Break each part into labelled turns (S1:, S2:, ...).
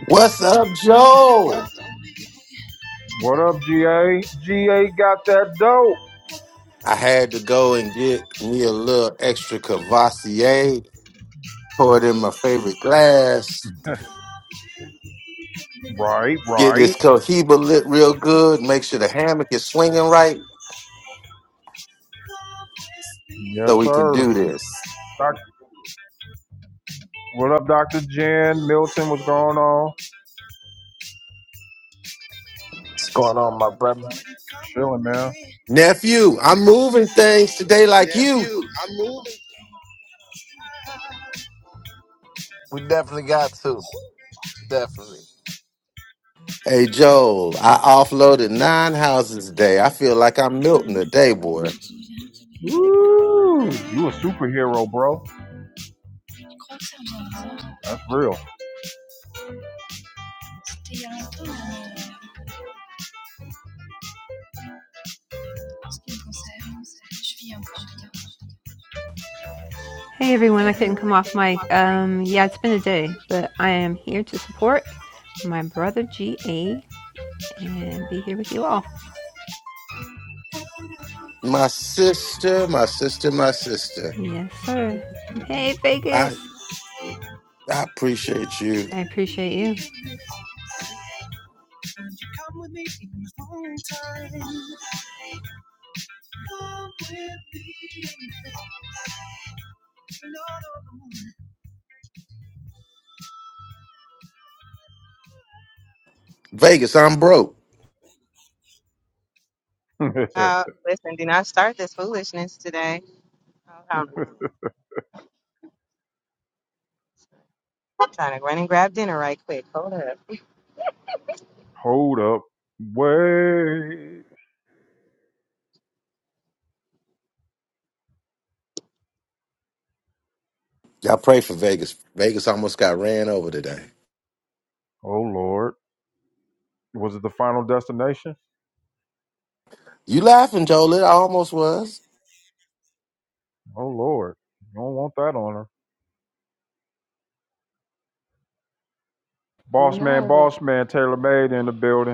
S1: What's up,
S2: What,
S1: Joe?
S2: up, GA? GA got that dope.
S1: I had to go and get me a little extra Cavassier, pour it in my favorite glass,
S2: Right,
S1: get
S2: right.
S1: this Cohiba lit real good, make sure the hammock is swinging right
S2: Yes,
S1: so we can
S2: sir.
S1: do this.
S2: Doc, what up, Dr. Jen? Milton, what's going on?
S3: What's going on, my brother?
S2: Chilling, man.
S1: Nephew, I'm moving things today like you.
S2: Nephew, I'm moving.
S3: We definitely got to. Definitely.
S1: Hey, Joel, I offloaded nine houses today. I feel like I'm Milton today, boy.
S2: Ooh, you a superhero, bro. That's real.
S4: Hey everyone, I couldn't come off mic. Um, yeah, it's been a day, but I am here to support my brother GA and be here with you all.
S1: My sister, my sister, my sister.
S4: Yes, sir. Hey
S1: I,
S4: Vegas,
S1: I appreciate you.
S4: I appreciate you.
S1: Vegas, I'm broke.
S5: Uh, listen, do not start this foolishness today. Oh, Hold on I'm trying to run and grab dinner right quick. Hold up.
S2: Hold up. Wait.
S1: Y'all pray for Vegas. Vegas almost got ran over today.
S2: Oh, Lord. Was it the final destination?
S1: You laughing, Jolette? I almost was.
S2: Oh, Lord. You don't want that on her. Boss man,
S5: No, that
S2: boss man, Taylor Made in the building.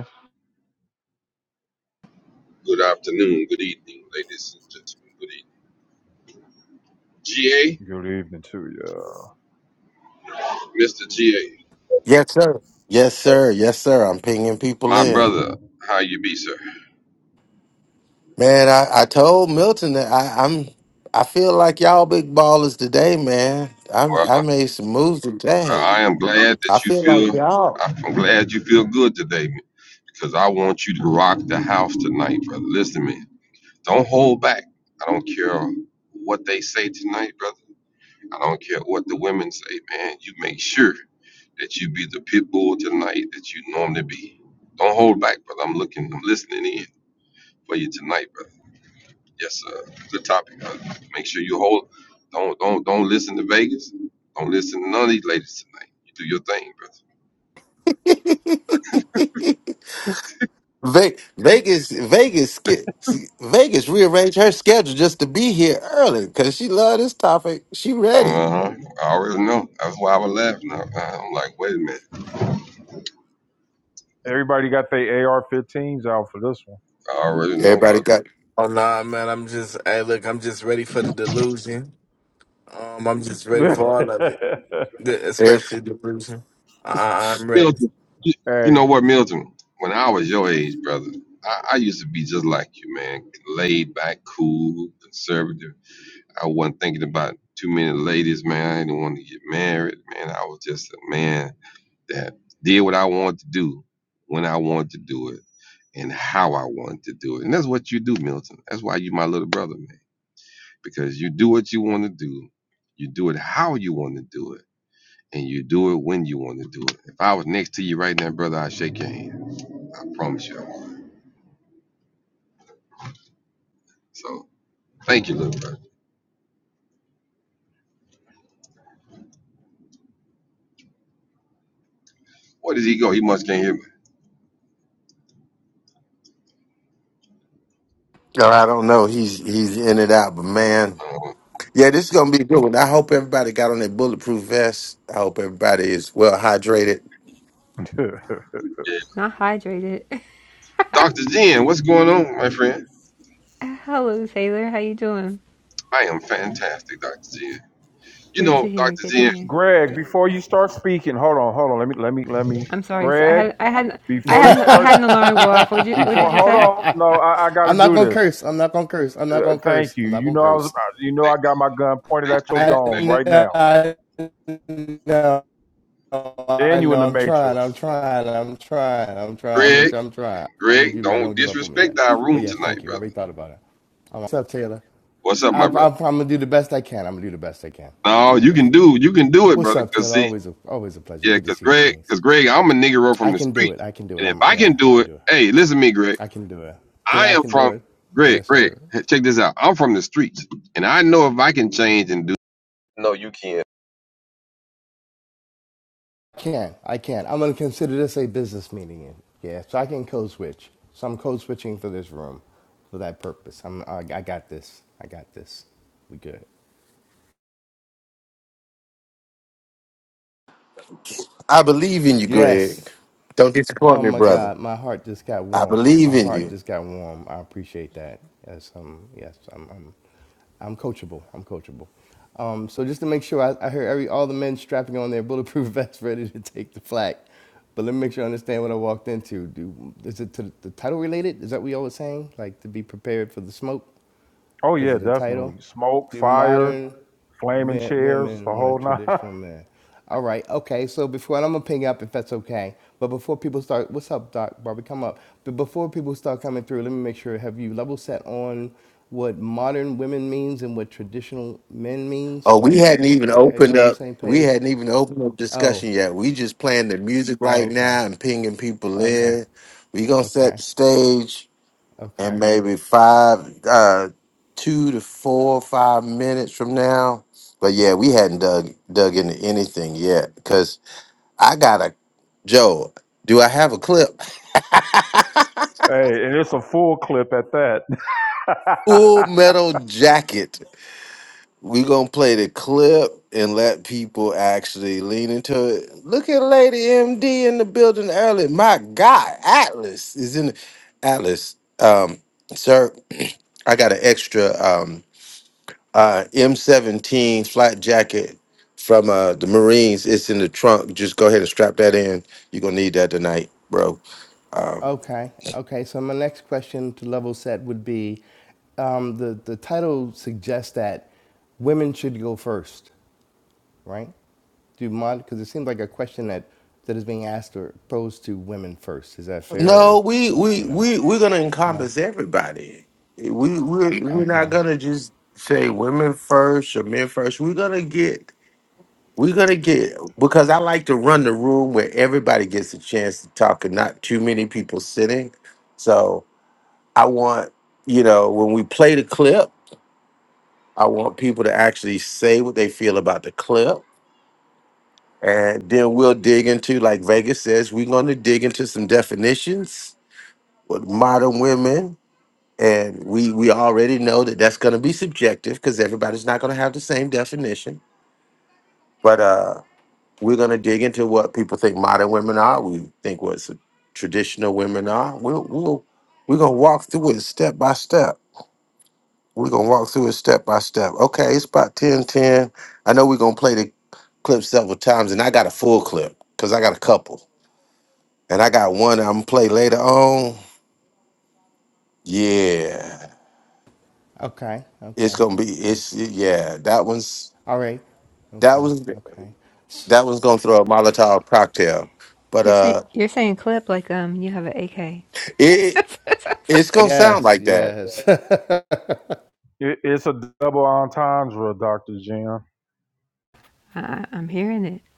S6: Good afternoon, good evening, ladies and gentlemen. Good evening. GA,
S2: Good evening to you.
S6: Mr. GA,
S1: Yes, sir. Yes, sir. Yes, sir. I'm pinging people
S6: my
S1: in.
S6: brother, how you be, sir?
S1: Man, I, I told Milton that I, I'm. I feel like y'all big ballers today, man. I I
S6: Well,
S1: made some moves
S6: I
S1: today.
S6: am glad
S1: I
S6: that you
S1: feel like
S6: feel,
S1: y'all.
S6: I'm glad you feel good today because I want you to rock the house tonight, brother. Listen to me. Don't hold back. I don't care what they say tonight, brother. I don't care what the women say, man. You make sure that you be the pit bull tonight that you normally be. Don't hold back, brother. I'm looking, I'm listening in for you tonight, brother. Yes, sir. Good topic. Uh, make sure you hold. Don't don't don't listen to Vegas. Don't listen to none of these ladies tonight. You do your thing, brother.
S1: Ve- Vegas, Vegas, ske- Vegas rearranged her schedule just to be here early because she loved this topic. She
S6: Uh
S1: ready.
S6: huh. I already know. That's why I was laughing. I, I'm like, wait a minute.
S2: Everybody got their AR-15s out for this
S6: I already know,
S1: Everybody
S6: brother.
S1: got.
S3: Oh nah, man. I'm just hey, look. I'm just ready for the delusion. Um, I'm just ready
S2: one.
S3: for all of it, the, especially the delusion. I, I- I'm ready.
S6: Milton, you, you
S2: hey,
S6: know what, Milton? When I was your age, brother, I, I used to be just like you, man. Laid back, cool, conservative. I wasn't thinking about too many ladies, man. I didn't want to get married, man. I was just a man that did what I wanted to do when I wanted to do it and how I wanted to do it. And that's what you do, Milton. That's why you my little brother, man. Because you do what you want to do, you do it how you want to do it, and you do it when you want to do it. If I was next to you right now, brother, I'd shake your hand. I promise you. I would. So thank you, little brother. Where does he go? He must can't hear me.
S1: No, I don't know. He's he's in and out, but man,
S6: Uh,
S1: yeah, this is gonna be a good one. I hope everybody got on their bulletproof vest. I hope everybody is well hydrated.
S6: yeah.
S4: Not hydrated.
S6: Dr. Jen, what's going on, my friend?
S4: Hello Taylor, how you doing?
S6: I am fantastic, Dr. Jen. You
S4: Good to
S6: know,
S4: hear.
S6: Dr.
S4: Good to
S6: Jen,
S4: hear.
S2: Greg, before you start speaking, hold on, hold on. Let me, let me, let me.
S4: I'm sorry. So I
S2: Greg,
S4: had I had I
S2: before you
S4: had I
S2: start,
S4: had an alarm go off. What you What
S2: before
S4: did you
S2: hold
S4: say?
S2: on. No, I, I got
S7: I'm
S2: to
S7: not
S2: do
S7: gonna
S2: this.
S7: curse. I'm not gonna curse. I'm not
S2: Uh,
S7: gonna
S2: thank
S7: curse.
S2: you.
S7: I'm not
S2: You
S7: gonna
S2: know I was,
S7: curse.
S2: you know I got my gun pointed at
S6: thanks,
S2: your
S7: I
S2: dome right
S7: know.
S2: now,
S7: I know. I
S2: and you in
S7: know.
S2: the
S7: I'm trying. I'm
S2: matrix.
S7: trying. I'm trying. I'm trying.
S6: thanks.
S7: I'm gonna. I'm trying. I'm gonna
S6: Greg,
S7: do better.
S6: don't
S7: Don't give up on me
S6: disrespect
S7: yet.
S6: our
S7: But
S6: room
S7: yes, thank
S6: tonight,
S7: you. I
S6: brother.
S7: already thought about it. All right. What's up, Taylor?
S6: What's up,
S7: I,
S6: my
S7: I,
S6: brother?
S7: I'm gonna do the best I can. I'm gonna do the best I can. I'm gonna
S6: No,
S7: do the
S6: you
S7: best
S6: can
S7: I
S6: do
S7: can.
S6: you can do it,
S7: What's
S6: brother.
S7: up,
S6: Cause
S7: Taylor?
S6: see,
S7: Always, a, always a pleasure.
S6: yeah,
S7: Good to
S6: cause
S7: see you,
S6: Greg,
S7: Kings.
S6: cause Greg, I'm a nigga right from
S7: I
S6: the
S7: can do
S6: street,
S7: it. I can do it.
S6: and if
S7: I'm
S6: I can
S7: yeah. I
S6: do
S7: can
S6: it,
S7: do it.
S6: hey, listen to me, Greg.
S7: I can do it. Then
S6: I
S7: I
S6: am
S7: can do
S6: from
S7: it.
S6: Greg.
S7: Yes,
S6: Greg,
S7: sir.
S6: check this out. I'm from the streets, and I know if I can change and do. No, you can't.
S7: I can. I can. I'm going to consider this a business meeting. Yeah, so I can code switch. So I'm code switching for this room for that purpose. I'm, I, I got this. I got this. We good.
S1: I believe in you, Greg.
S7: Yes.
S1: Don't disappoint
S7: Oh
S1: me,
S7: my
S1: brother.
S7: God, my heart just got
S1: I
S7: warm.
S1: believe
S7: My
S1: in
S7: heart
S1: you.
S7: just got warm. I appreciate that. Yes, um, yes, I'm, I'm, I'm coachable. I'm coachable. Um, so just to make sure, I, I heard every all the men strapping on their bulletproof vests, ready to take the flag. But let me make sure I understand what I walked into. Do is it to the title related? Is that what y'all was saying? Like to be prepared for the smoke?
S2: Oh
S7: because
S2: yeah,
S7: of the title.
S2: definitely. Smoke,
S7: Do
S2: fire,
S7: modern
S2: flaming
S7: men,
S2: chairs, the
S7: women want
S2: whole nine.
S7: traditional men? All right, okay. So before and I'm gonna ping up if that's okay. But before people start, what's up, Doc Barbie? Come up. But before people start coming through, let me make sure have you level set on what modern women means and what traditional men means?
S1: Oh, we
S7: Like,
S1: hadn't even
S7: e-
S1: opened
S7: everybody on the
S1: up.
S7: same
S1: We
S7: page?
S1: hadn't even opened up
S7: Oh,
S1: discussion yet. We just playing the music
S7: oh
S1: right
S7: okay,
S1: now and pinging people
S7: okay,
S1: in. We gonna set
S7: okay,
S1: the stage. and
S7: okay.
S1: maybe five, uh, two to four, five minutes from now. But yeah, we hadn't dug dug into anything yet because I got a Joe. Do I have a clip?
S2: hey, and it's a full clip at that.
S1: Full Metal Jacket. We gonna play the clip and let people actually lean into it. Look at Lady MD in the building early. My God, Atlas is in. Atlas, um, sir, I got an extra. um, uh, M17 flat jacket from uh, the Marines. It's in the trunk. Just go ahead and strap that in. You're gonna need that tonight, bro. Um,
S7: Okay, okay. So my next question to level set would be, um, the the title suggests that women should go first, right? Do you mind? Because it seems like a question that that is being asked or posed to women first. Is that fair
S1: no,
S7: or
S1: we we
S7: or no?
S1: we we're gonna
S7: No.
S1: encompass everybody. We we're, we're not
S7: Okay.
S1: gonna just say women first or men first. We're gonna get we're gonna get because I like to run the room where everybody gets a chance to talk and not too many people sitting. So I want you know when we play the clip I want people to actually say what they feel about the clip. And then we'll dig into, like Vegas says, we're going to dig into some definitions with modern women. And we, we already know that that's going to be subjective because everybody's not going to have the same definition. But uh, we're going to dig into what people think modern women are. We think what s- traditional women are. We'll, we'll, we're going to walk through it step by step. We're gonna walk through it step by step. Okay, it's about 10 10. I know we're gonna play the clip several times, and I got a full clip because I got a couple. And I got one I'm gonna play later on. Yeah.
S7: Okay.
S1: It's
S7: Okay.
S1: gonna be
S7: Okay.
S1: it's yeah, that one's
S7: All right.
S1: that
S7: Okay.
S1: was
S7: Okay.
S1: that one's gonna throw a Molotov cocktail. But
S4: You're saying
S1: uh
S4: you're saying clip like um you have an AK.
S1: it it's gonna sound
S7: Yes.
S1: like that.
S7: Yes.
S2: It, it's a double entendre, Dr. Jim.
S4: I'm hearing it,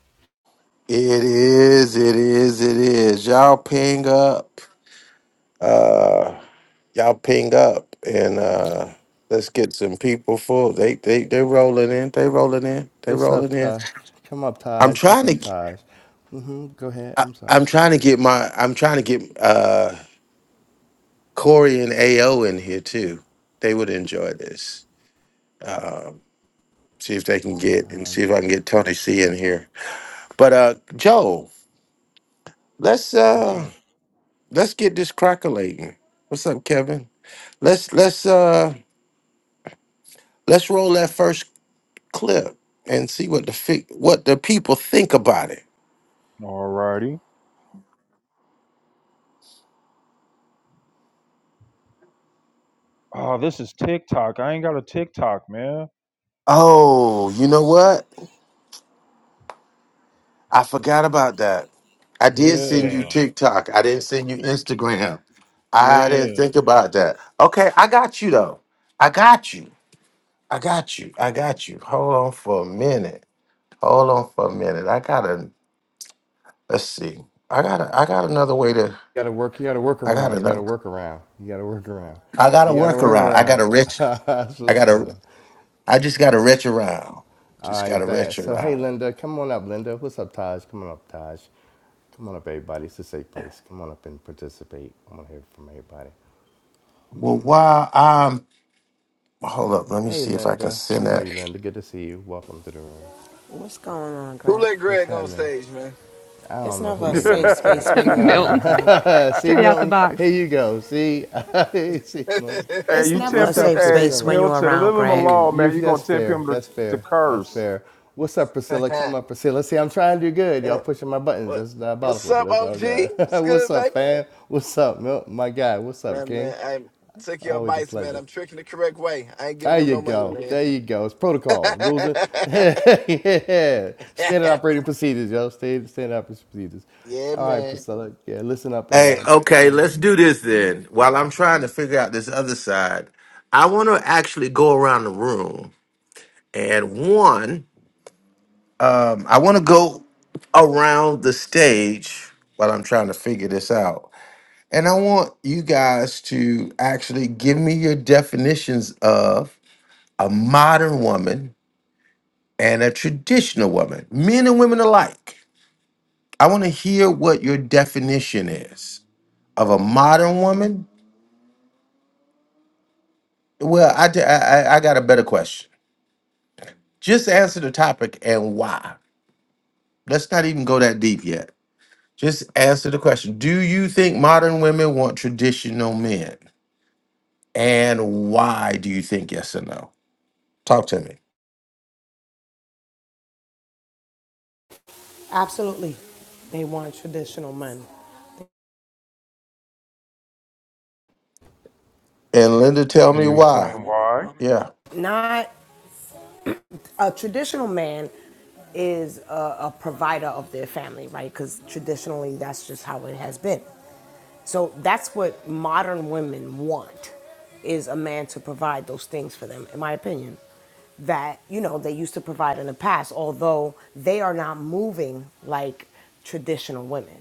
S1: It is, it is, it is. Y'all ping up. Uh. y'all ping up and uh let's get some people full. They they they rolling in. They rolling in. They
S7: What's up,
S1: rolling in.
S7: Taj? Come up,
S1: I'm
S7: Taj. What's
S1: trying to.
S7: up,
S1: g-
S7: Taj? mm hmm Go ahead.
S1: I,
S7: I'm sorry.
S1: am trying to get my. I'm trying to get uh Corey and Ao in here too. They would enjoy this. Um, see if they can get and
S7: You
S1: see if I can get Tony C in here. But uh Joe, let's
S2: Yes,
S1: uh
S2: sir.
S1: let's get this crackling. What's up, Kevin? Let's let's uh let's roll that first clip and see what the fi- what the people think about it.
S2: Alrighty. Oh, this is TikTok. I ain't got a TikTok, man.
S1: Oh, you know what? I forgot about that. I did send you
S2: Yeah.
S1: TikTok. I didn't send you Instagram. I didn't
S2: Yeah.
S1: think about that. Okay, I got you though. I got you. I got you. I got you. Hold on for a minute. Hold on for a minute. I gotta let's see. I gotta I got another way to
S7: gotta work. You gotta work
S1: I got
S7: around. You gotta
S1: another
S7: work around. You gotta work around.
S1: I got a
S7: You gotta work
S1: workaround. I got
S7: around.
S1: a rich
S7: That's
S1: I got
S7: what's
S1: to
S7: up.
S1: I just got to retch around.
S7: All
S1: Just
S7: right,
S1: got to
S7: bad.
S1: retch
S7: So hey,
S1: around.
S7: Linda, come on up. Linda, what's up, Taj? Come on up, Taj. Come on up, everybody. It's a safe place. Come on up and participate. I want to hear from everybody.
S1: Well, while I'm hold up, let me
S7: Hey,
S1: see if I can
S7: Linda,
S1: send
S7: how are
S1: that.
S7: you, Linda? Good to see you. Welcome to the room.
S8: What's going on,
S3: Who
S8: Greg?
S3: let
S7: What's
S3: Greg on
S7: happening?
S3: stage, man?
S7: I
S8: It's
S7: don't know who
S8: never a
S7: made that
S8: safe
S7: mistake.
S8: space when
S7: I
S8: you're around
S4: Milton,
S8: Greg.
S7: see,
S4: straight out the
S7: Milton,
S4: box.
S7: here you go. See, see, Milton.
S2: hey,
S8: It's
S2: you
S8: never a
S7: What's
S2: tempted
S7: up,
S8: safe
S2: hey
S8: space when
S7: Priscilla?
S8: you're
S2: Milton, leave
S8: around
S2: him
S8: Greg.
S7: You,
S2: alone,
S7: you.
S2: man. you gonna
S7: That's
S2: tempt
S7: fair.
S2: him to,
S7: That's
S2: to
S7: fair. That's
S2: curse.
S7: fair. What's up, Priscilla? Come up, Priscilla. See, I'm trying to do good. Y'all pushing my buttons.
S3: What-
S7: That's
S3: What's
S7: diabolical, but
S3: up,
S7: that's
S3: OG?
S7: all good.
S3: It's
S7: What's
S3: good,
S7: up,
S3: baby.
S7: fam? What's up, Milton? My guy. What's up,
S3: Man,
S7: King?
S3: man, I took your
S7: Always a
S3: advice, man.
S7: pleasure.
S3: I'm tricking the correct way. I ain't giving
S7: There
S3: them
S7: you
S3: no money,
S7: go.
S3: man.
S7: There you go. It's protocols, rules, and yeah. standard operating procedures, yo. Standard, standard operating procedures.
S3: yeah,
S7: All right,
S3: man.
S7: Priscilla. Yeah, listen up and
S1: Hey,
S7: um,
S1: okay,
S7: yeah.
S1: let's do this then. While I'm trying to figure out this other side, I want to actually go around the room and one, um, I want to go around the stage while I'm trying to figure this out. And I want you guys to actually give me your definitions of a modern woman and a traditional woman, men and women alike. I want to hear what your definition is of a modern woman. Well, I, d- I I- I got a better question. Just answer the topic and why. Let's not even go that deep yet. Just answer the question. Do you think modern women want traditional men? And why do you think yes or no? Talk to me.
S8: Absolutely. They want traditional men.
S1: And Linda, tell
S2: Can
S1: me
S2: you
S1: why.
S2: explain why?
S1: Yeah.
S8: Not a traditional man is a, a provider of their family, right? Because traditionally, that's just how it has been. So that's what modern women want is a man to provide those things for them, in my opinion, that, you know, they used to provide in the past, although they are not moving like traditional women.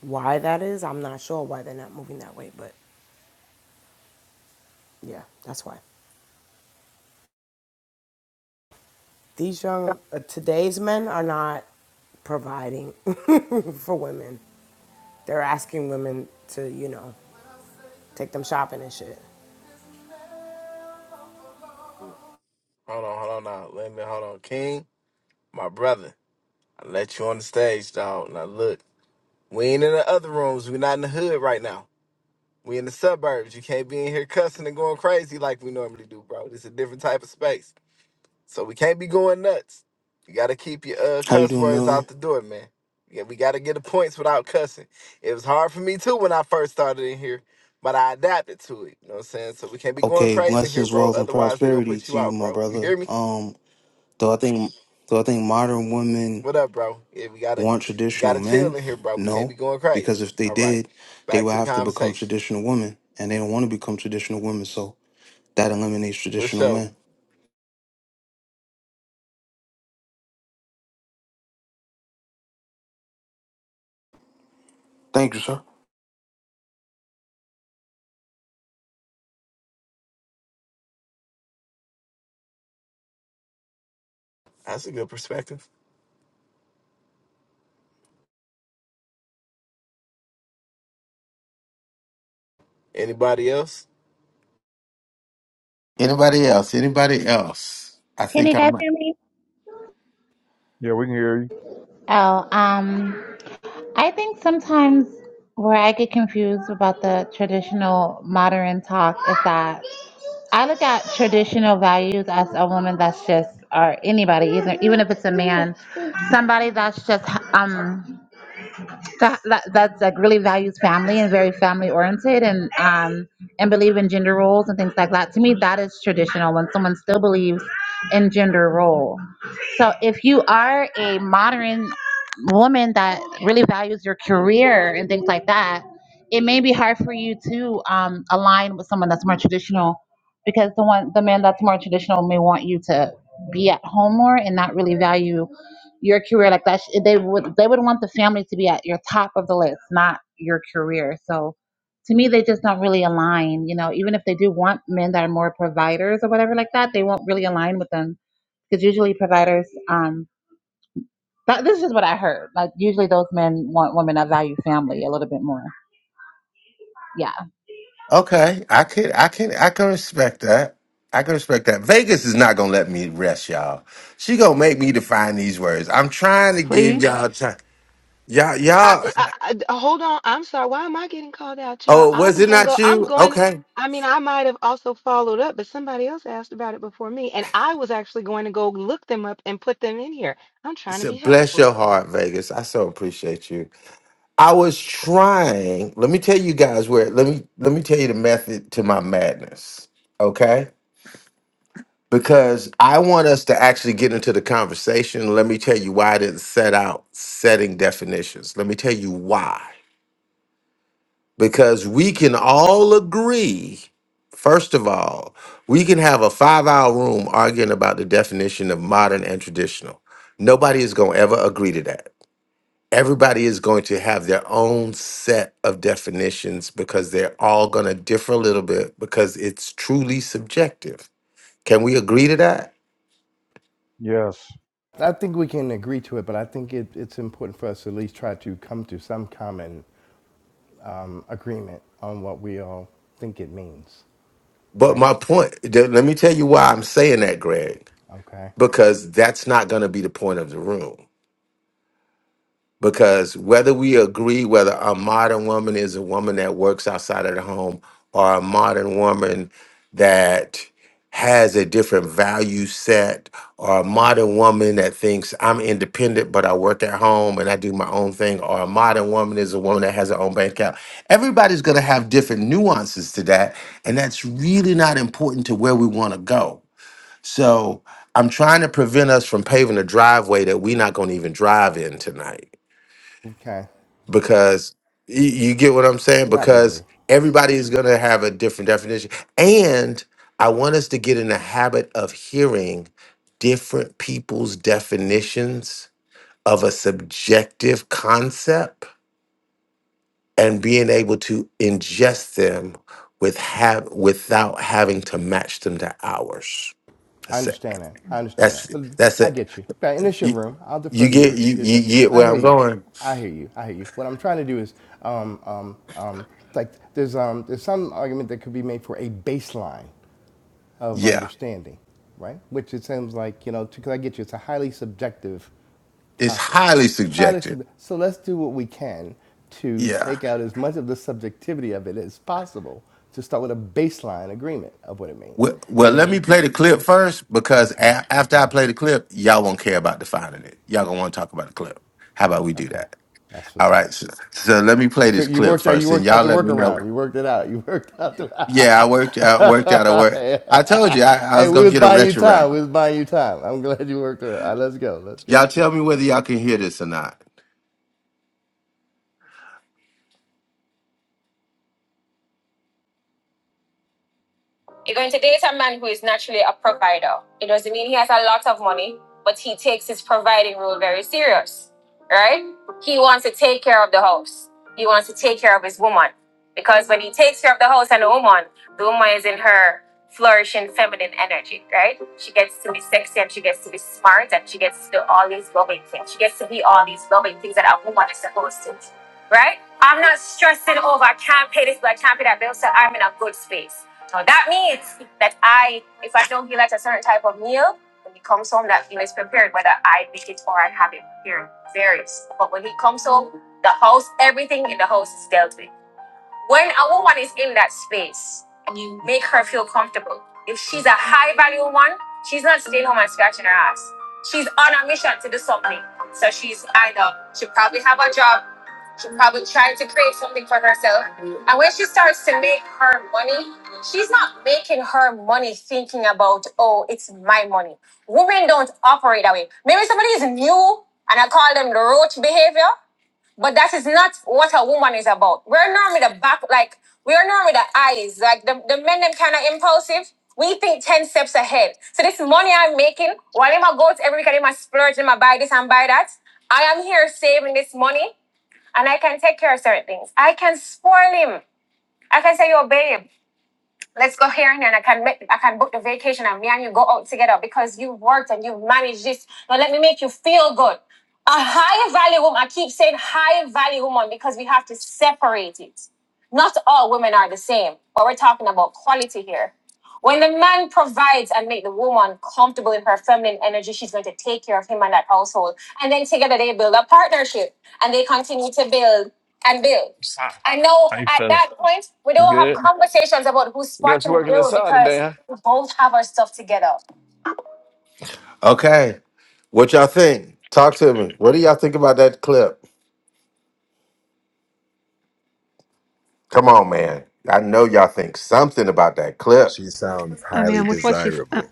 S8: Why that is, I'm not sure why they're not moving that way, but yeah, that's why. These young, uh, today's men are not providing for women. They're asking women to, you know, take them shopping and shit.
S3: Hold on, hold on now. Let me hold on, King. my brother, I let you on the stage, dog. Now look, we ain't in the other rooms. we not in the hood right now. We in the suburbs. You can't be in here cussing and going crazy like we normally do, bro. This a different type of space. So we can't be going nuts. You gotta keep your uh,
S9: How you
S3: cuss
S9: doing,
S3: words
S9: Milton?
S3: out the door, man. Yeah, we gotta get the points without cussing. It was hard for me too when I first started in here, but I adapted to it. You know what I'm saying? So we can't be going
S9: Okay,
S3: crazy in here,
S9: blessings,
S3: bro.
S9: wealth, and
S3: Otherwise they gonna
S9: prosperity
S3: put
S9: to
S3: you
S9: you,
S3: out,
S9: my
S3: bro. You
S9: brother.
S3: hear me?
S9: Um, do I think do I think modern women
S3: What up, bro? Yeah, we gotta
S9: want
S3: we
S9: traditional
S3: gotta chill
S9: men?
S3: in here, bro. We can't
S9: No,
S3: be going crazy.
S9: because if they
S3: All right.
S9: did, they
S3: Back
S9: would
S3: to the
S9: have to become
S3: conversation.
S9: traditional women, and they don't want to become traditional women, so that eliminates
S3: For
S9: traditional
S3: sure.
S9: men. Thank you, sir.
S3: That's a good perspective. Anybody else?
S1: Anybody else? Anybody else? I
S10: Can
S1: think
S10: you
S1: I
S10: guys
S1: might.
S10: hear me?
S2: Yeah, we can hear you.
S10: Oh, um, I think sometimes where I get confused about the traditional modern talk is that I look at traditional values as a woman that's just, or anybody, even even if it's a man, somebody that's just um that, that that's like really values family and very family oriented and um and believe in gender roles and things like that to me that is traditional when someone still believes in gender role so if you are a modern woman that really values your career and things like that it may be hard for you to um, align with someone that's more traditional because the one the man that's more traditional may want you to be at home more and not really value your career like that. They would they would want the family to be at your top of the list, not your career. So to me, they just don't really align. You know, even if they do want men that are more providers or whatever like that, they won't really align with them because usually providers. Um, but this is what I heard. Like usually those men want women that value family a little bit more. Yeah.
S1: Okay, I could, I can, I can respect that. I can respect that. Vegas is not gonna let me rest, y'all. She gonna make me define these words. I'm trying to give
S4: Please.
S1: y'all time. Y'all,
S5: I,
S1: y'all.
S5: I, I hold on. I'm sorry. Why am I getting called out, child?
S1: Oh,
S5: I
S1: was
S5: was
S1: it
S5: gonna
S1: not
S5: go. I'm
S1: you?
S5: going.
S1: Okay.
S5: I mean, I might have also followed up, but somebody else asked about it before me, and I was actually going to go look them up and put them in here. I'm trying to
S1: So
S5: be
S1: bless your
S5: helpful.
S1: heart, Vegas. I so appreciate you. I was trying. Let me tell you guys where. Let me let me tell you the method to my madness. Okay. because I want us to actually get into the conversation. Let me tell you why I didn't set out setting definitions. Let me tell you why. Because we can all agree, first of all, we can have a five hour room arguing about the definition of modern and traditional. Nobody is going to ever agree to that. Everybody is going to have their own set of definitions because they're all going to differ a little bit because it's truly subjective. Can we agree to that?
S2: Yes.
S7: I think we can agree to it, but I think it, it's important for us to at least try to come to some common um, agreement on what we all think it means,
S1: But
S7: right?
S1: my point, th- let me tell you why I'm saying that, Greg,
S7: Okay.
S1: because that's not going to be the point of the room because whether we agree whether a modern woman is a woman that works outside of the home or a modern woman that has a different value set or a modern woman that thinks I'm independent but I work at home and I do my own thing or a modern woman is a woman that has her own bank account. Everybody's going to have different nuances to that and that's really not important to where we want to go. So, I'm trying to prevent us from paving a driveway that we're not going to even drive in tonight
S7: Okay.
S1: because you, you get what I'm saying?
S7: Not
S1: Because
S7: really.
S1: everybody is going to have a different definition. And I want us to get in the habit of hearing different people's definitions of a subjective concept and being able to ingest them with have without having to match them to ours.
S7: I
S1: That's it.
S7: understand that. I understand
S1: That's
S7: that.
S1: it.
S7: But
S1: that's
S7: I
S1: it.
S7: get you. But and it's your
S1: You,
S7: room. I'll defer
S1: you
S7: to
S1: get
S7: your
S1: you,
S7: your
S1: you
S7: judge.
S1: get
S7: I
S1: where
S7: hear
S1: I'm
S7: you.
S1: going.
S7: I hear you. I hear you. What I'm trying to do is, um, um, um, like there's um, there's some argument that could be made for a baseline of
S1: Yeah,
S7: understanding, right? Which it seems like you know, because I get you, it's a highly subjective
S1: it's
S7: topic.
S1: highly
S7: Highly
S1: subjective.
S7: sub- so let's do what we can to
S1: Yeah.
S7: take out as much of the subjectivity of it as possible to start with a baseline agreement of what it means.
S1: Well, well,
S7: And
S1: let me
S7: then
S1: play the clip first because
S7: Okay.
S1: a- after I
S7: Okay.
S1: play the clip, y'all won't care about defining it. Y'all gonna want to talk about the clip. How about we do
S7: Okay.
S1: that?
S7: That's
S1: All
S7: what's up.
S1: right. So, so let me play this
S7: You
S1: clip
S7: worked out. You
S1: first, and
S7: worked out
S1: y'all
S7: the
S1: let me know.
S7: workaround. You worked it out. You worked out the.
S1: Yeah, I worked out. Worked out. I work. I told you I, I
S7: hey,
S1: was
S7: we
S1: gonna
S7: was
S1: get a
S7: buying you
S1: retro round.
S7: time. We was buying you time. I'm glad you worked through it. All right, let's go. Let's go.
S1: Y'all tell me whether y'all can hear this or not. You're going to date a man who is naturally a provider. It doesn't mean he has a lot of money, but he takes his providing role very serious, right? He wants to take care of the house. He wants to take care of his woman. Because when he takes care of the house and the woman, the woman is in her flourishing feminine energy, right? She gets to be sexy and she gets to be smart and she gets to do all these loving things. She gets to be all these loving things that a woman is supposed to, right? I'm not stressing over, I can't pay this, but I can't pay that bill, so I'm in a good space so that means that I, if I don't feel like a certain type of meal, when he comes home, that meal is prepared, whether I make it or I have it prepared. Varies. But when he comes home, the house, everything in the house is dealt with. When a woman is in that space, you make her feel comfortable. If she's a high value one, she's not staying home and scratching her ass. She's on a mission to do something. So she's either, she probably have a job, she probably trying to create something for herself. And when she starts to make her money, she's not making her money thinking about, oh, it's my money. Women don't operate that way. Maybe somebody is new and I call them the roach behavior. But that is not what a woman is about. We're normally the back, like, we're normally the eyes. Like, the, the men, them kind of impulsive. We think 10 steps ahead. So, this money I'm making, while I go to every weekend, I splurge, and I buy this and buy that. I am here saving this money and I can take care of certain things. I can spoil him. I can say, yo, babe. Let's go here and then I can make I can book the vacation and me and you go out together because you worked and you managed this. Now let me make you feel good. A high value woman, I keep saying high value woman because we have to separate it. Not all women are the same, but we're talking about quality here. When the man provides and make the woman comfortable in her feminine energy, she's going to take care of him and that household. And then together they build a partnership and they continue to build and build.
S3: What's
S1: I know
S3: How you
S1: at
S3: feeling?
S1: that point we
S3: You
S1: don't have
S3: good?
S1: conversations about who's
S3: Got
S1: squatting
S3: you
S1: the
S3: working
S1: bill
S3: inside today,
S1: because
S3: huh?
S1: we both have our stuff together. Okay. What y'all think? Talk to me. What do y'all think about that clip? Come on, man. I know y'all think something about that clip.
S11: She sounds
S4: I mean,
S11: highly
S4: I'm with what she's. I'm,
S11: desirable.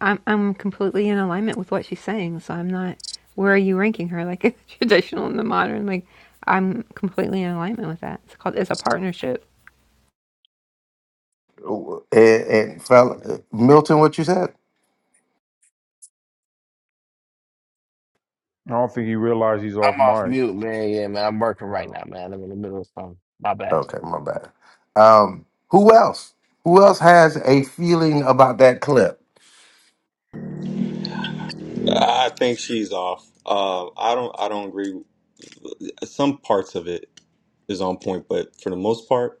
S4: I'm I'm completely in alignment with what she's saying. So I'm not. Where are you ranking her? Like traditional and the modern. Like I'm completely in alignment with that. It's called. It's a partnership.
S1: Ooh, And, and fella, Milton, what you said?
S2: I don't think he realized he's off
S3: I'm off
S2: mic.
S3: mute, man. Yeah, man. I'm working
S2: Yeah.
S3: right now, man. I'm in the middle of something. My bad.
S1: Okay, my bad. Um, who else? Who else has a feeling about that clip?
S12: I think she's off. Uh, I don't. I don't agree. Some parts of it is on point, but for the most part,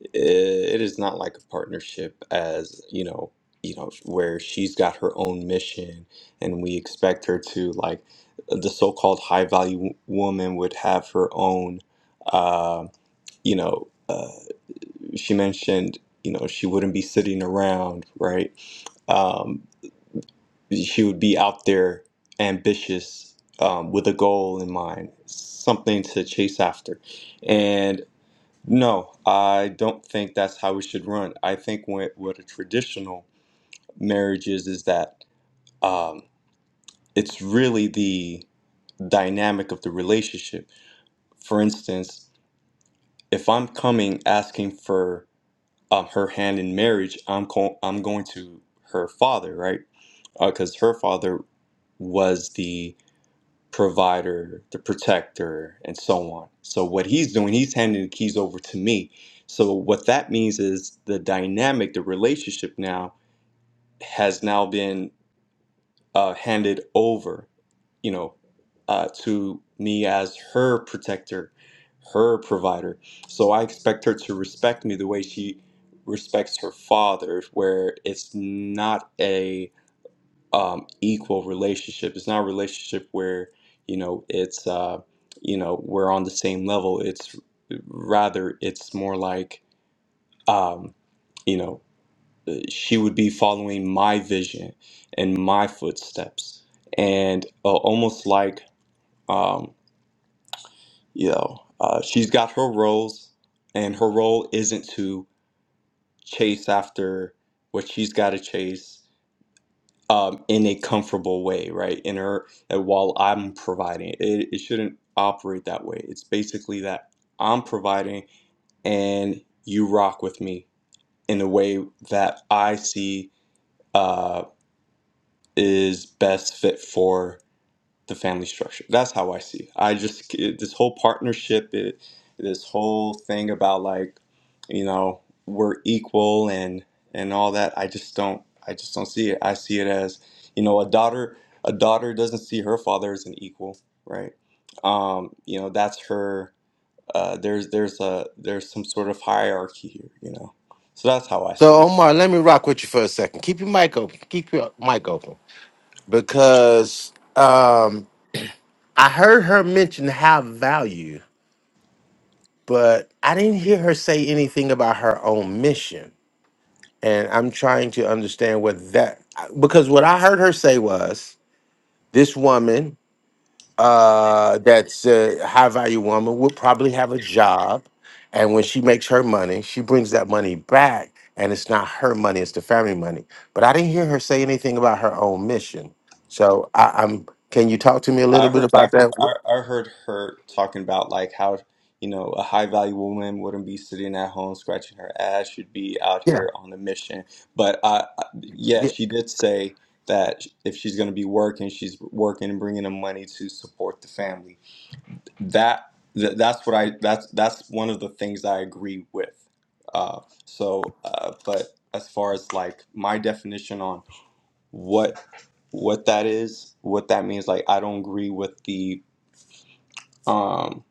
S12: i it is not like a partnership. As you know, you know where she's got her own mission, and we expect her to like the so-called high-value w- woman would have her own. Uh, you know, uh, she mentioned you know she wouldn't be sitting around, right? Um, she would be out there ambitious um, with a goal in mind, something to chase after. And no, I don't think that's how we should run. I think what, what a traditional marriage is is that um, it's really the dynamic of the relationship. For instance, if I'm coming asking for um, her hand in marriage, I'm co- I'm going to her father, right? Because her father was the provider, the protector, and so on. So what he's doing, he's handing the keys over to me. So what that means is the dynamic, the relationship now has now been uh, handed over, you know, uh, to me as her protector, her provider. So I expect her to respect me the way she respects her father, where it's not a um, equal relationship. It's not a relationship where you know it's uh, you know we're on the same level. It's rather it's more like um, you know she would be following my vision and my footsteps, and uh, almost like um, you know uh, she's got her roles, and her role isn't to chase after what she's got to chase um, in a comfortable way, right? In her, uh, while I'm providing it, it, it shouldn't operate that way. It's basically that I'm providing and you rock with me in a way that I see uh, is best fit for the family structure. That's how I see. It. I just it, this whole partnership, it, this whole thing about like, you know, we're equal and and all that. I just don't. I just don't see it. I see it as, you know, a daughter. A daughter doesn't see her father as an equal, right? Um, you know, that's her. Uh, there's there's a there's some sort of hierarchy here, you know. So that's how I see it.
S1: So Omar, let me rock with you for a second. Keep your mic open. Keep your mic open because um, I heard her mention high value, but I didn't hear her say anything about her own mission. And I'm trying to understand what that because what I heard her say was this woman uh that's a high value woman would probably have a job and when she makes her money, she brings that money back and it's not her money, it's the family money. But I didn't hear her say anything about her own mission. So I, I'm can you talk to me a
S12: I
S1: little bit
S12: heard
S1: about
S12: that part.
S1: that?
S12: I,
S1: Wh-
S12: I heard her talking about like how, you know, a high value woman wouldn't be sitting at home scratching her ass. She'd be out
S1: Yeah,
S12: here on a mission. But I, I yeah,
S1: yeah.
S12: she did say that if she's going to be working, she's working and bringing the money to support the family. That th- that's what I that's that's one of the things I agree with. Uh, so, uh, but as far as like my definition on what what that is, what that means. Like, I don't agree with the um,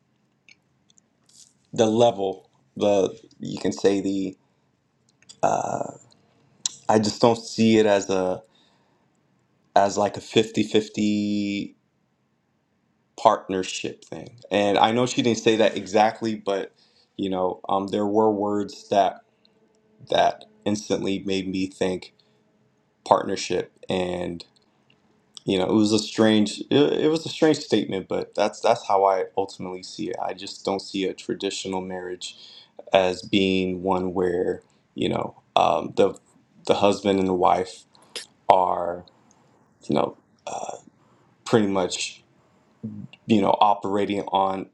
S12: the level, the you can say the uh, I just don't see it as a as like a fifty-fifty partnership thing. And I know she didn't say that exactly, but you know, um, there were words that that instantly made me think partnership and you know it was a strange it, it was a strange statement but that's that's how i ultimately see it i just don't see a traditional marriage as being one where you know um, the the husband and the wife are you know uh, pretty much you know operating on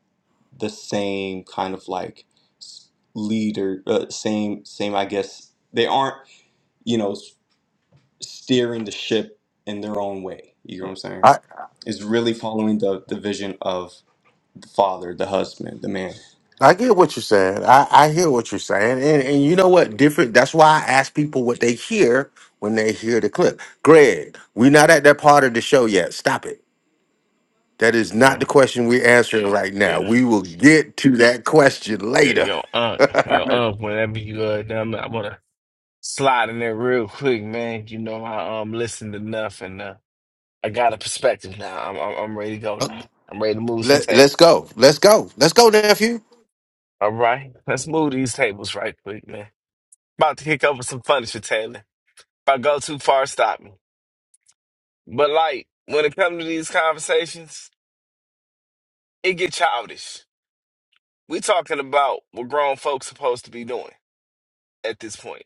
S12: the same kind of like s- leader uh, same same I guess they aren't you know s- steering the ship in their own way you know what I'm saying is really following the the vision of the father the husband the man
S1: I get what you're saying. I, I hear what you're saying. And and you know what? Different that's why I ask people what they hear when they hear the clip. Greg, we're not at that part of the show yet. Stop it. That is not
S3: Yeah,
S1: the question we're answering right now.
S3: yeah,
S1: We will get to that question
S3: yeah.
S1: later.
S3: Yo, uh, yo, uh. Whenever you uh, done, I wanna slide in there real quick, man. You know I um listened enough, and uh I got a perspective now. I'm, I'm I'm ready to go now. I'm ready to move some
S1: Let, let's
S3: tables.
S1: go. Let's go. Let's go, nephew.
S3: All right, let's move these tables right quick, man. About to kick over some furniture, Taylor. If I go too far, stop me. But like, when it comes to these conversations, it get childish. We talking about what grown folks supposed to be doing at this point.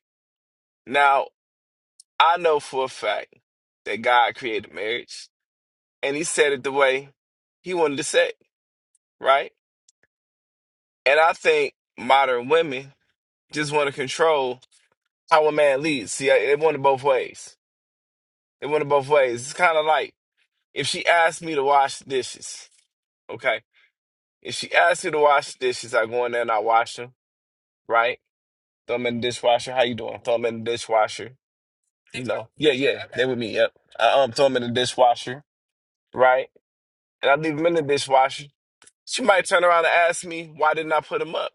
S3: Now, I know for a fact that God created marriage, and He said it the way He wanted to say, it, right? And I think modern women just want to control how a man leads. See, I- it went both ways. It went both ways. It's kind of like if she asked me to wash the dishes, okay? If she asked me to wash the dishes, I go in there and I wash them, right? Throw them in the dishwasher. How you doing? Throw them in the dishwasher. You know? Yeah, yeah. They with me. Yep. I um throw them in the dishwasher, right? And I leave them in the dishwasher. She might turn around and ask me why didn't I put them up.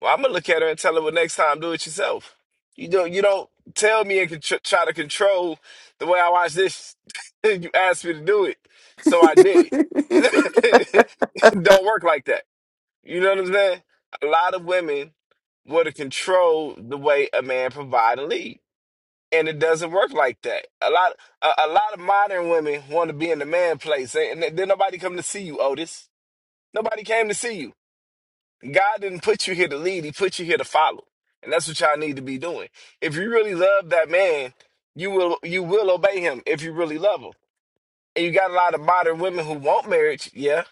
S3: Well, I'm gonna look at her and tell her, well, next time do it yourself. You don't you don't tell me and contr- try to control the way I wash dishes. you asked me to do it, so I did it. Don't work like that. You know what I'm saying? A lot of women want to control the way a man provide and lead, and it doesn't work like that. A lot, a, a lot of modern women want to be in the man place, and then then nobody come to see you, Otis. Nobody came to see you. God didn't put you here to lead; He put you here to follow, and that's what y'all need to be doing. If you really love that man, you will you will obey him if you really love him and you got a lot of modern women who want marriage, yeah.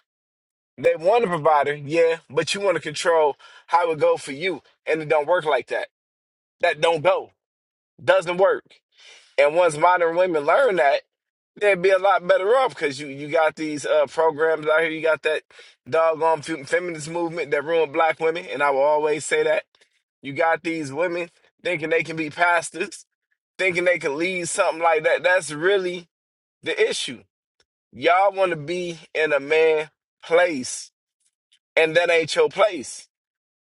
S3: They want a provider, yeah, but you want to control how it go for you. And it don't work like that. That don't go. Doesn't work. And once modern women learn that, they'd be a lot better off because you, you got these uh, programs out here. You got that doggone fe- feminist movement that ruined black women. And I will always say that. You got these women thinking they can be pastors, thinking they can lead something like that. That's really the issue. Y'all want to be in a man place, and that ain't your place.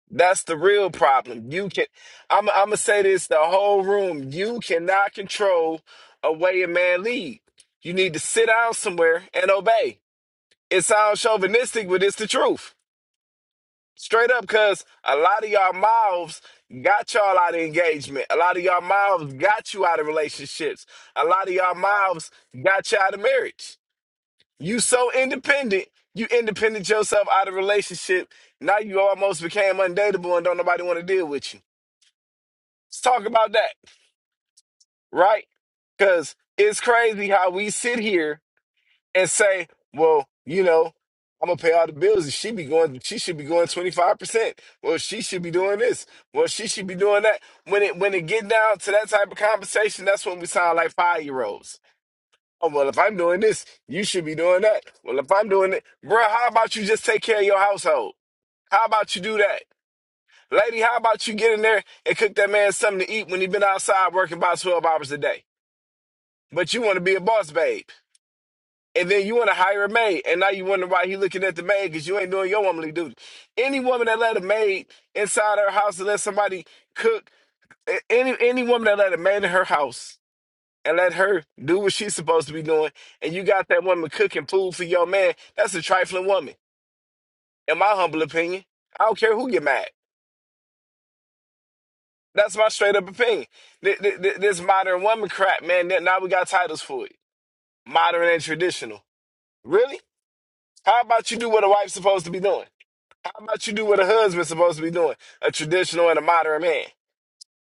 S3: That's the real problem. You can, I'm, I'm gonna say this: the whole room. You cannot control a way a man lead. You need to sit down somewhere and obey. It sounds chauvinistic, but it's the truth, straight up. Cause a lot of y'all mouths got y'all out of engagement. A lot of y'all mouths got you out of relationships. A lot of y'all mouths got you out of marriage. You so independent. You independent yourself out of relationship. Now you almost became undateable and don't nobody want to deal with you. Let's talk about that, right? Because it's crazy how we sit here and say, well, you know, I'm gonna pay all the bills and she be going she should be going 25%. Well, she should be doing this. Well, she should be doing that. When it when it get down to that type of conversation, that's when we sound like five year olds. Oh, well, if I'm doing this, you should be doing that. Well, if I'm doing it, bruh, how about you just take care of your household? How about you do that? Lady, how about you get in there and cook that man something to eat when he been outside working about 12 hours a day? But you want to be a boss babe. And then you want to hire a maid. And now you wonder why he looking at the maid because you ain't doing your womanly duty. Any woman that let a maid inside her house to let somebody cook, a- any any woman that let a maid in her house and let her do what she's supposed to be doing. And you got that woman cooking food for your man. That's a trifling woman, in my humble opinion. I don't care who get mad. That's my straight up opinion. Th- th- th- This modern woman crap, man. th- Now we got titles for it: modern and traditional. Really? How about you do what a wife's supposed to be doing? How about you do what a husband's supposed to be doing? A traditional and a modern man.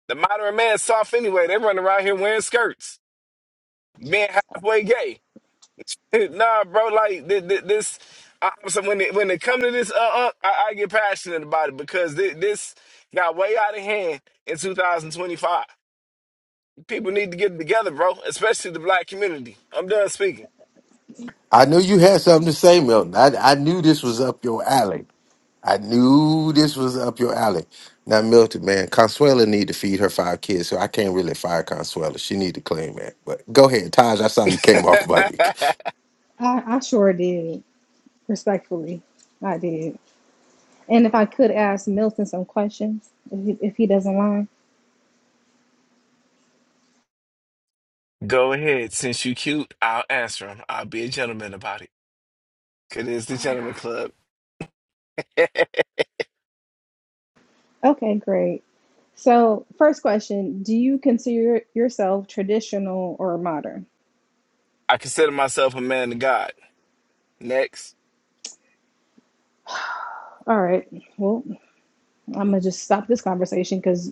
S3: The modern man's soft anyway. They run around here wearing skirts, being halfway gay. Hey, nah, bro. Like thi- thi- this, I, am so when it, when it come to this, uh, uh I, I get passionate about it because thi- this got way out of hand in 2025. People need to get together, bro. Especially the black community. I'm done speaking.
S1: I knew you had something to say, Milton. I, I knew this was up your alley. I knew this was up your alley. Now, Milton, man, Consuela need to feed her five kids, so I can't really fire Consuela. She need to claim that. But go ahead, Taj. I saw you came off mic.
S13: I, I sure did. Respectfully, I did. And if I could ask Milton some questions, if he, if he doesn't mind.
S3: Go ahead. Since you cute, I'll answer him. I'll be a gentleman about it. Cause it's
S4: Oh
S3: the
S4: my god.
S3: gentleman club.
S13: Okay, great. So, first question Do you consider yourself traditional or modern?
S3: I consider myself a man of God. Next,
S13: All right. Well, I'm going to just stop this conversation because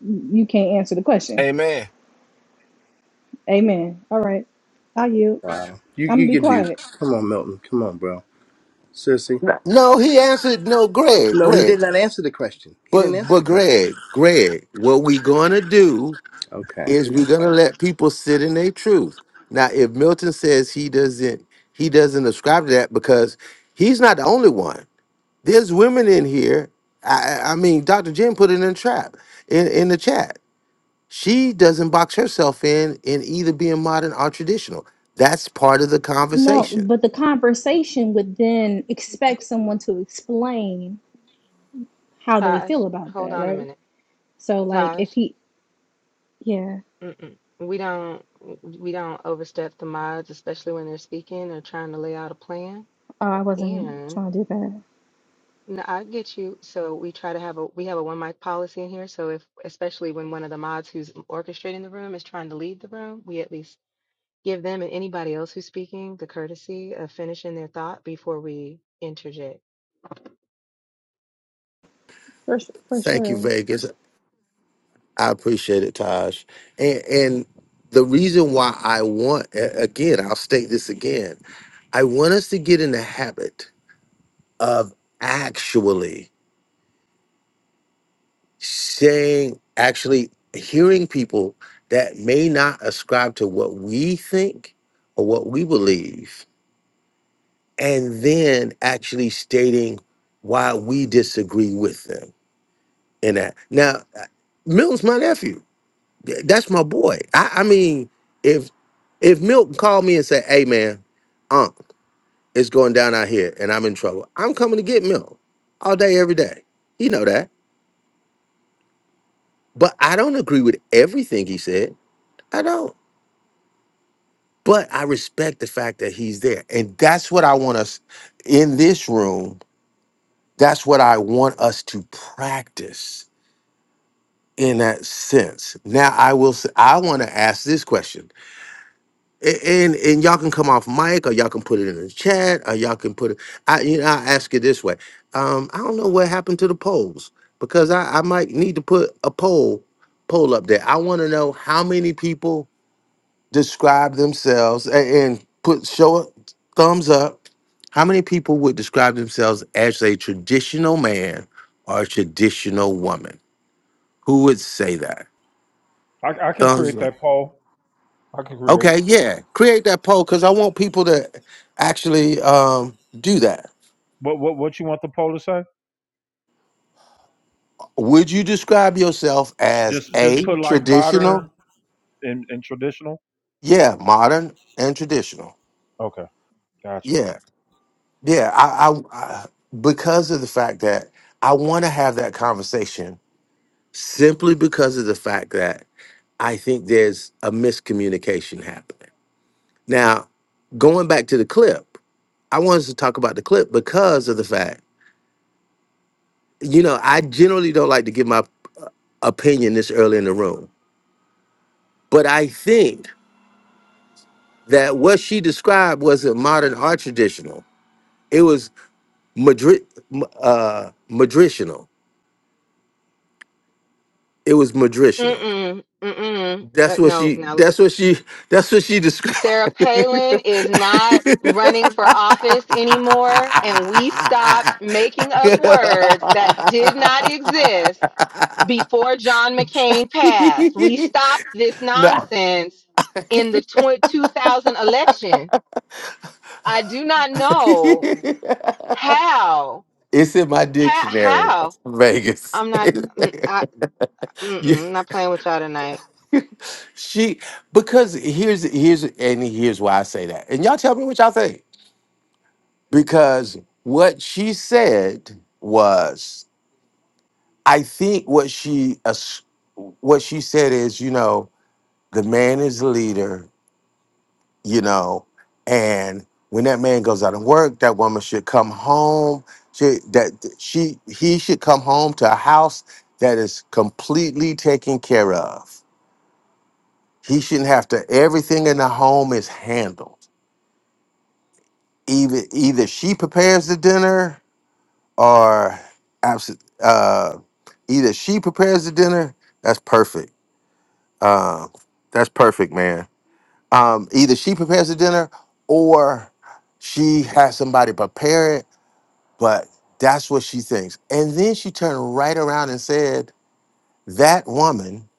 S13: you can't answer the question.
S3: Amen.
S13: Amen. All right. I yield.
S7: Wow. You
S13: I'm going
S7: you
S13: to be
S7: can do.
S13: quiet.
S7: Come on, Milton. Come on, bro. Seriously.
S1: No, no, he answered. No, Greg,
S7: No, he
S1: Greg,
S7: did not answer the question. He
S1: but
S7: didn't answer
S1: but
S7: the question.
S1: Greg, Greg, what we gonna do
S7: Okay.
S1: is we're gonna
S7: Okay.
S1: let people sit in their truth. Now, if Milton says he doesn't, he doesn't ascribe to that because he's not the only one. There's women in here. I, I I mean, Dr. Jim put it in the trap in, in the chat She doesn't box herself in in either being modern or traditional. That's part of the
S13: No,
S1: conversation.
S13: but the conversation would then expect someone to explain how they
S5: Taj,
S13: feel about
S5: hold
S13: that,
S5: on a
S13: right?
S5: minute.
S13: So, like,
S5: Taj,
S13: if he Yeah,
S5: mm-mm. we don't we don't overstep the mods, especially when they're speaking or trying to lay out a plan.
S13: oh, I wasn't trying to do that.
S5: No, I get you. So we try to have a we have a one mic policy in here. So if especially when one of the mods who's orchestrating the room is trying to leave the room, we at least give them and anybody else who's speaking the courtesy of finishing their thought before we interject.
S13: For s- for
S1: Thank you,
S13: sure,
S1: Vegas. I appreciate it, Taj. And, and the reason why I want, a- again, I'll state this again I want us to get in the habit of actually saying, actually hearing people that may not ascribe to what we think or what we believe and then actually stating why we disagree with them in that. Now, uh, Milton's my nephew. Th- That's my boy. I, I mean, if if Milton called me and said, "Hey, man, Unc, it's going down out here, and I'm in trouble," I'm coming to get Milton all day, every day. He know that, but I don't agree with everything he said. I don't. But I respect the fact that he's there. And that's what I want us in this room. That's what I want us to practice in that sense. Now I will say I want to ask this question. A- And and y'all can come off mic or y'all can put it in the chat or y'all can put it I you know I ask it this way. Um I don't know what happened to the polls because I, I might need to put a poll poll up there. I want to know how many people describe themselves and, and put show a thumbs up. How many people would describe themselves as a traditional man or a traditional woman? Who would say that?
S2: I, I can
S1: Thumbs
S2: create
S1: up.
S2: that poll. I can create it.
S1: Okay, yeah. Create that poll because I want people to actually um, do that.
S2: What what what you want the poll to say?
S1: Would you describe yourself as
S2: Just just
S1: a
S2: put like
S1: traditional?
S2: modern in, in traditional?
S1: Yeah, modern and traditional.
S2: Okay, got you.
S1: Yeah, yeah. I, I, I because of the fact that I want to have that conversation simply because of the fact that I think there's a miscommunication happening. Now, going back to the clip, I wanted to talk about the clip because of the fact you know, I generally don't like to give my uh, opinion this early in the room, but I think that what she described was a modern art traditional. It was Madrid, uh, madritional. It was madritional.
S5: Mm-mm, mm-mm.
S1: That's
S5: Uh,
S1: what
S5: no,
S1: she.
S5: now let
S1: That's what she. That's what she described.
S5: Sarah Palin is not running for office anymore, and we stopped making up words that did not exist before John McCain passed. We stopped this
S1: no.
S5: nonsense in the tw- 2000 election. I do not know
S1: it's
S5: how,
S1: in my
S5: how,
S1: dictionary,
S5: how.
S1: Vegas.
S5: I'm not, mm, I,
S1: You-
S5: mm-mm, not playing with y'all tonight.
S1: she because here's here's and here's why I say that. And y'all tell me what y'all think. Because what she said was, I think what she as- what she said is, you know, the man is the leader, you know. And when that man goes out and work, that woman should come home. She, that she he should come home to a house that is completely taken care of. He shouldn't have to. Everything in the home is handled. Either either she prepares the dinner or absent. Uh, either she prepares the dinner. That's perfect. Uh, that's perfect, man. Um, either she prepares the dinner or she has somebody prepare it But that's what she thinks. And then she turned right around and said, That woman,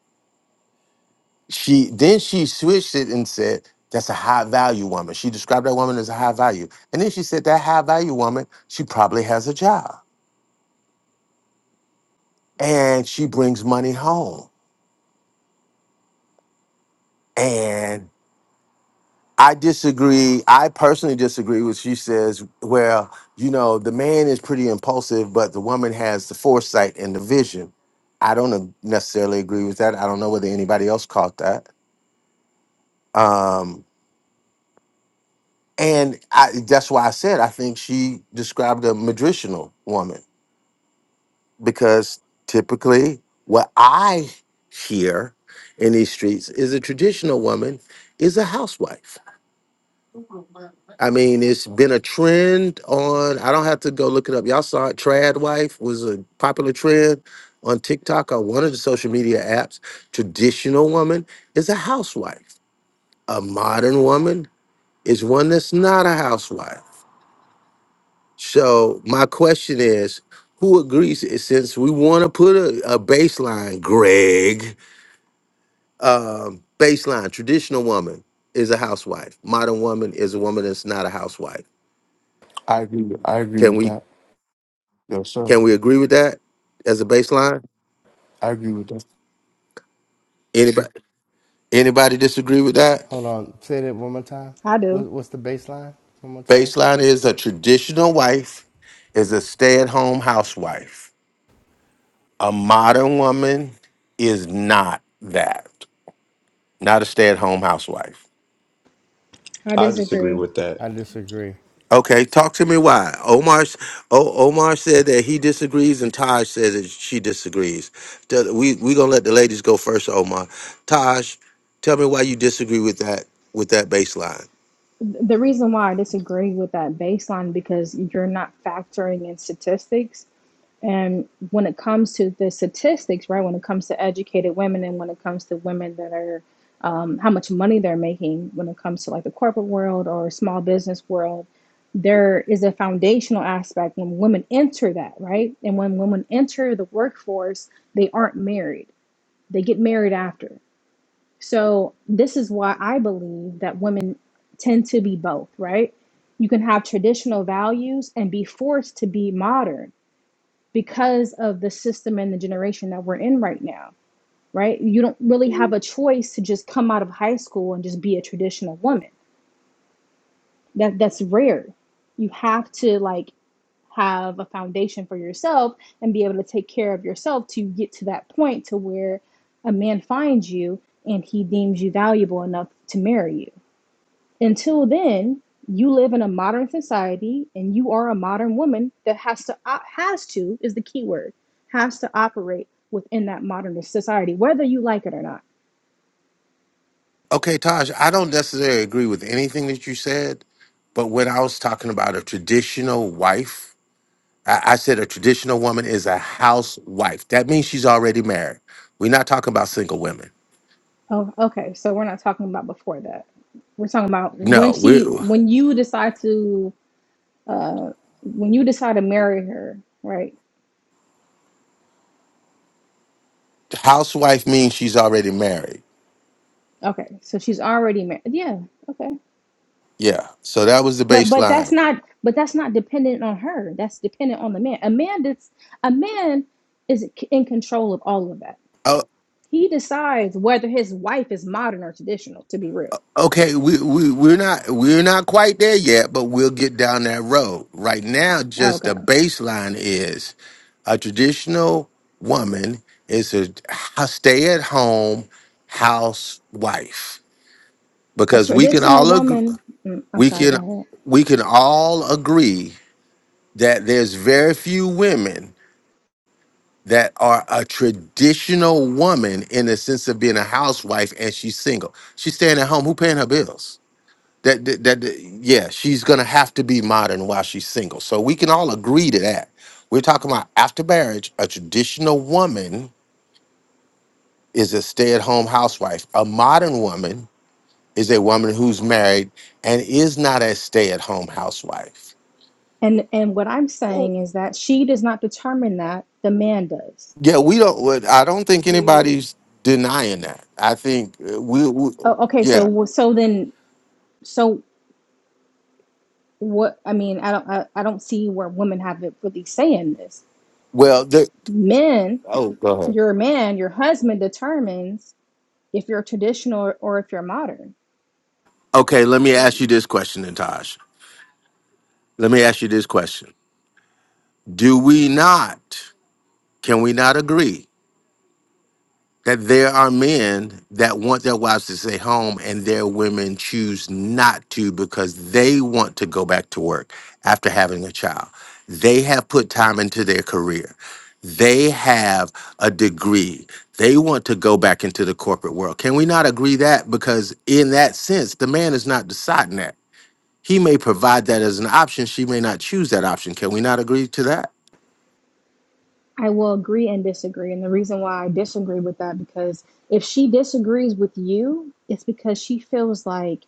S1: she then she switched it and said, That's a high value woman. She described that woman as a high value. And then she said, That high value woman, she probably has a job and she brings money home. And I disagree. I personally disagree with she says, well, you know, the man is pretty impulsive, but the woman has the foresight and the vision. I don't necessarily agree with that. I don't know whether anybody else caught that Um, and I, that's why I said I think she described a madritional woman because typically what I hear in these streets is a traditional woman is a housewife. I mean, it's been a trend on, I don't have to go look it up. Y'all saw it, trad wife was a popular trend on TikTok or one of the social media apps. Traditional woman is a housewife. A modern woman is one that's not a housewife. So my question is, who agrees? eh, Since we want to put a, a baseline, Greg, um, baseline, traditional woman is a housewife. Modern woman is a woman that's not a housewife.
S9: I agree. With, I agree
S1: Can
S9: with
S1: we
S9: that. Yes, sir.
S1: can we agree with that as a baseline?
S9: I agree with that.
S1: Anybody anybody disagree with that?
S7: Hold on. Say that one more time.
S13: I
S7: What,
S13: do.
S7: what's the baseline? One more time.
S1: Baseline is a traditional wife is a stay at home housewife. A modern woman is not that. Not a stay at home housewife.
S13: I
S12: I disagree
S13: disagree.
S12: with that
S7: I disagree.
S1: Okay, talk to me why. Omar s- o, Omar said that he disagrees and Taj said that she disagrees. Do- We we going to let the ladies go first, Omar. Taj, tell me why you disagree with that with that baseline.
S13: The reason why I disagree with that baseline because you're not factoring in statistics. And when it comes to the statistics, right? When it comes to educated women and when it comes to women that are um, how much money they're making, when it comes to like the corporate world or small business world, there is a foundational aspect when women enter that, right? And when women enter the workforce, they aren't married They get married after. So this is why I believe that women tend to be both, right? You can have traditional values and be forced to be modern because of the system and the generation that we're in right now, right? You don't really have a choice to just come out of high school and just be a traditional woman. That that's rare. You have to like have a foundation for yourself and be able to take care of yourself to get to that point to where a man finds you and he deems you valuable enough to marry you. Until then, you live in a modern society and you are a modern woman that has to op- has to is the key word has to operate within that modern society whether you like it or not.
S1: Okay, Taj, I don't necessarily agree with anything that you said, but when I was talking about a traditional wife, I, I said a traditional woman is a housewife. That means she's already married. We're not talking about single women.
S13: Oh, okay. So we're not talking about before that. We're talking about
S1: No,
S13: when
S1: we
S13: she when you decide to Uh, when you decide to marry her, right?
S1: housewife means she's already married
S13: Okay, so she's already married. Yeah, okay.
S1: Yeah. So that was the
S13: But but that's
S1: baseline.
S13: not but that's not dependent on her. That's dependent on the man. A man that's a man is c- in control of all of that.
S1: Oh,
S13: He decides whether his wife is modern or traditional. To be real,
S1: okay. We we we're not we're not quite there yet, but we'll get down that road. Right now, just the
S13: okay.
S1: baseline is a traditional woman is a stay at home housewife
S13: A
S1: because we can
S13: traditional
S1: all agree
S13: woman. mm, I'm
S1: we
S13: sorry. Go
S1: can
S13: ahead.
S1: we can all agree that there's very few women that are a traditional woman in the sense of being a housewife and she's single. She's staying at home. Who paying her bills? That, that, that that- yeah, she's gonna have to be modern while she's single. So we can all agree to that. We're talking about after marriage, a traditional woman is a stay-at-home housewife. A modern woman is a woman who's married and is not a stay-at-home housewife.
S13: And and what I'm
S5: Ooh,
S13: saying is that she does not determine that. The man does.
S1: Yeah, we don't. what- I don't think
S5: mm,
S1: anybody's denying that. I think uh, we, we
S13: Oh, okay.
S1: yeah.
S13: So so then so what I mean, I don't I, I don't see where women have it really saying this.
S1: Well,
S13: Men,
S1: Oh, go ahead.
S13: your man, your husband determines if you're traditional or, or if you're modern.
S1: Okay, let me ask
S5: mm,
S1: you this question, then, Taj. Let me ask you this question. Do we not, can we not agree that there are men that want their wives to stay home and their women choose not to because they want to go back to work after having a child? They have put time into their career, they have a degree, they want to go back into the corporate world. Can we not agree that? Because in that sense, the man is not deciding that. He may provide that as an option. She may not choose that option. Can we not agree to that?
S13: I will agree and disagree. And the reason why I disagree with that because if she disagrees with you, it's because she feels like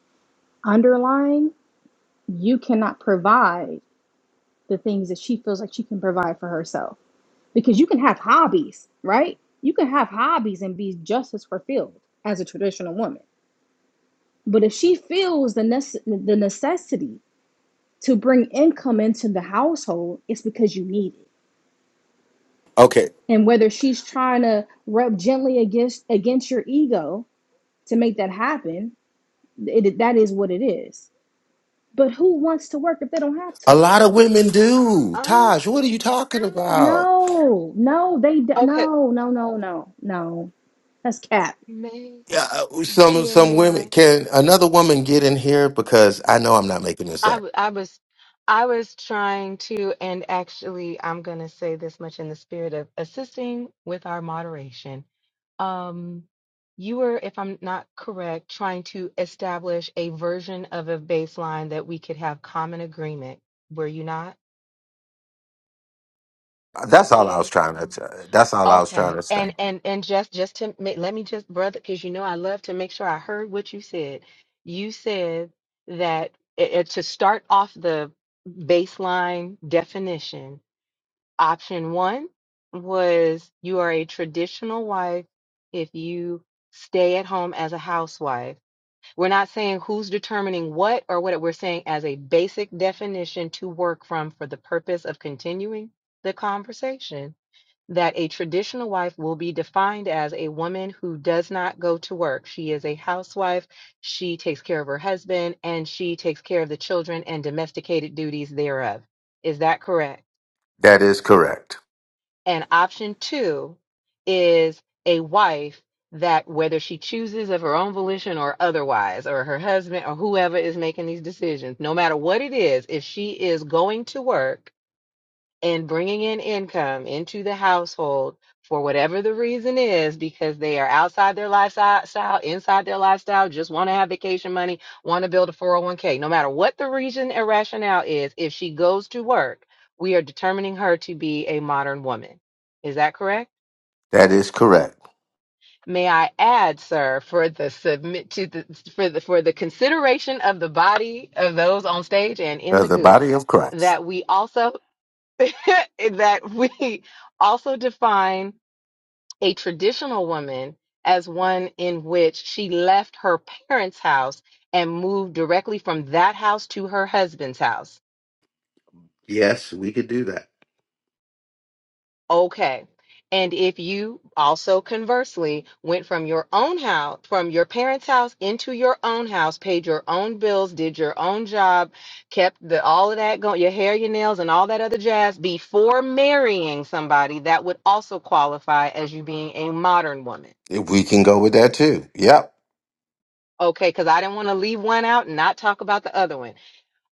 S13: underlying you cannot provide the things that she feels like she can provide for herself. Because you can have hobbies, right? You can have hobbies and be just as fulfilled as a traditional woman But if she feels the nece- the necessity to bring income into the household, it's because you need it.
S1: Okay.
S13: And whether she's trying to rub gently against against your ego to make that happen, it, that is what it is. But who wants to work if they don't have
S1: A
S13: to?
S1: lot of women do.
S5: uh,
S1: Taj, what are you talking about?
S13: No, no, they d-
S5: okay,
S13: no, no, no, no, no. That's cap.
S5: may,
S1: Yeah, uh, some
S5: GA,
S1: some
S5: may
S1: women
S5: I?
S1: can another woman get in here because I know I'm not making this
S5: I,
S1: up.
S5: w- I was I was trying to, and actually, I'm going to say this much in the spirit of assisting with our moderation. Um, you were, if I'm not correct, trying to establish a version of a baseline that we could have common agreement. Were you not,
S1: That's all I was
S5: GA?
S1: trying to. t- That's all I was trying
S5: Okay.
S1: to
S5: And
S1: say.
S5: and and just just to ma- let me just brother because you know I love to make sure I heard what you said. You said that i- i- to start off the baseline definition, option 1 was you are a traditional wife if you stay at home as a housewife. We're not saying who's determining what or what we're saying as a basic definition to work from for the purpose of continuing the conversation that a traditional wife will be defined as a woman who does not go to work. She is a housewife. She takes care of her husband and she takes care of the children and domesticated duties thereof. Is that correct?
S1: That is correct.
S5: And option two is a wife that, whether she chooses of her own volition or otherwise, or her husband or whoever is making these decisions, no matter what it is, if she is going to work, and bringing in income into the household for whatever the reason is because they are outside their lifestyle inside their lifestyle just want to have vacation money want to build a 401k no matter what the reason or rationale is if she goes to work we are determining her to be a modern woman is that correct
S1: That is correct.
S5: may i add sir for the submit to the for the for the consideration of the body of those on stage and in
S1: Uh,
S5: the
S1: the
S5: goo
S1: body of Christ.
S5: that we also that we also define a traditional woman as one in which she left her parents' house and moved directly from that house to her husband's house.
S1: Yes, we could do that.
S5: Okay. And if you also conversely went from your own house, from your parents' house into your own house, paid your own bills, did your own job, kept the all of that going, your hair, your nails, and all that other jazz before marrying somebody, that would also qualify as you being a modern woman.
S1: If We can go with that too. Yep.
S5: Okay, because I didn't want to leave one out and not talk about the other one.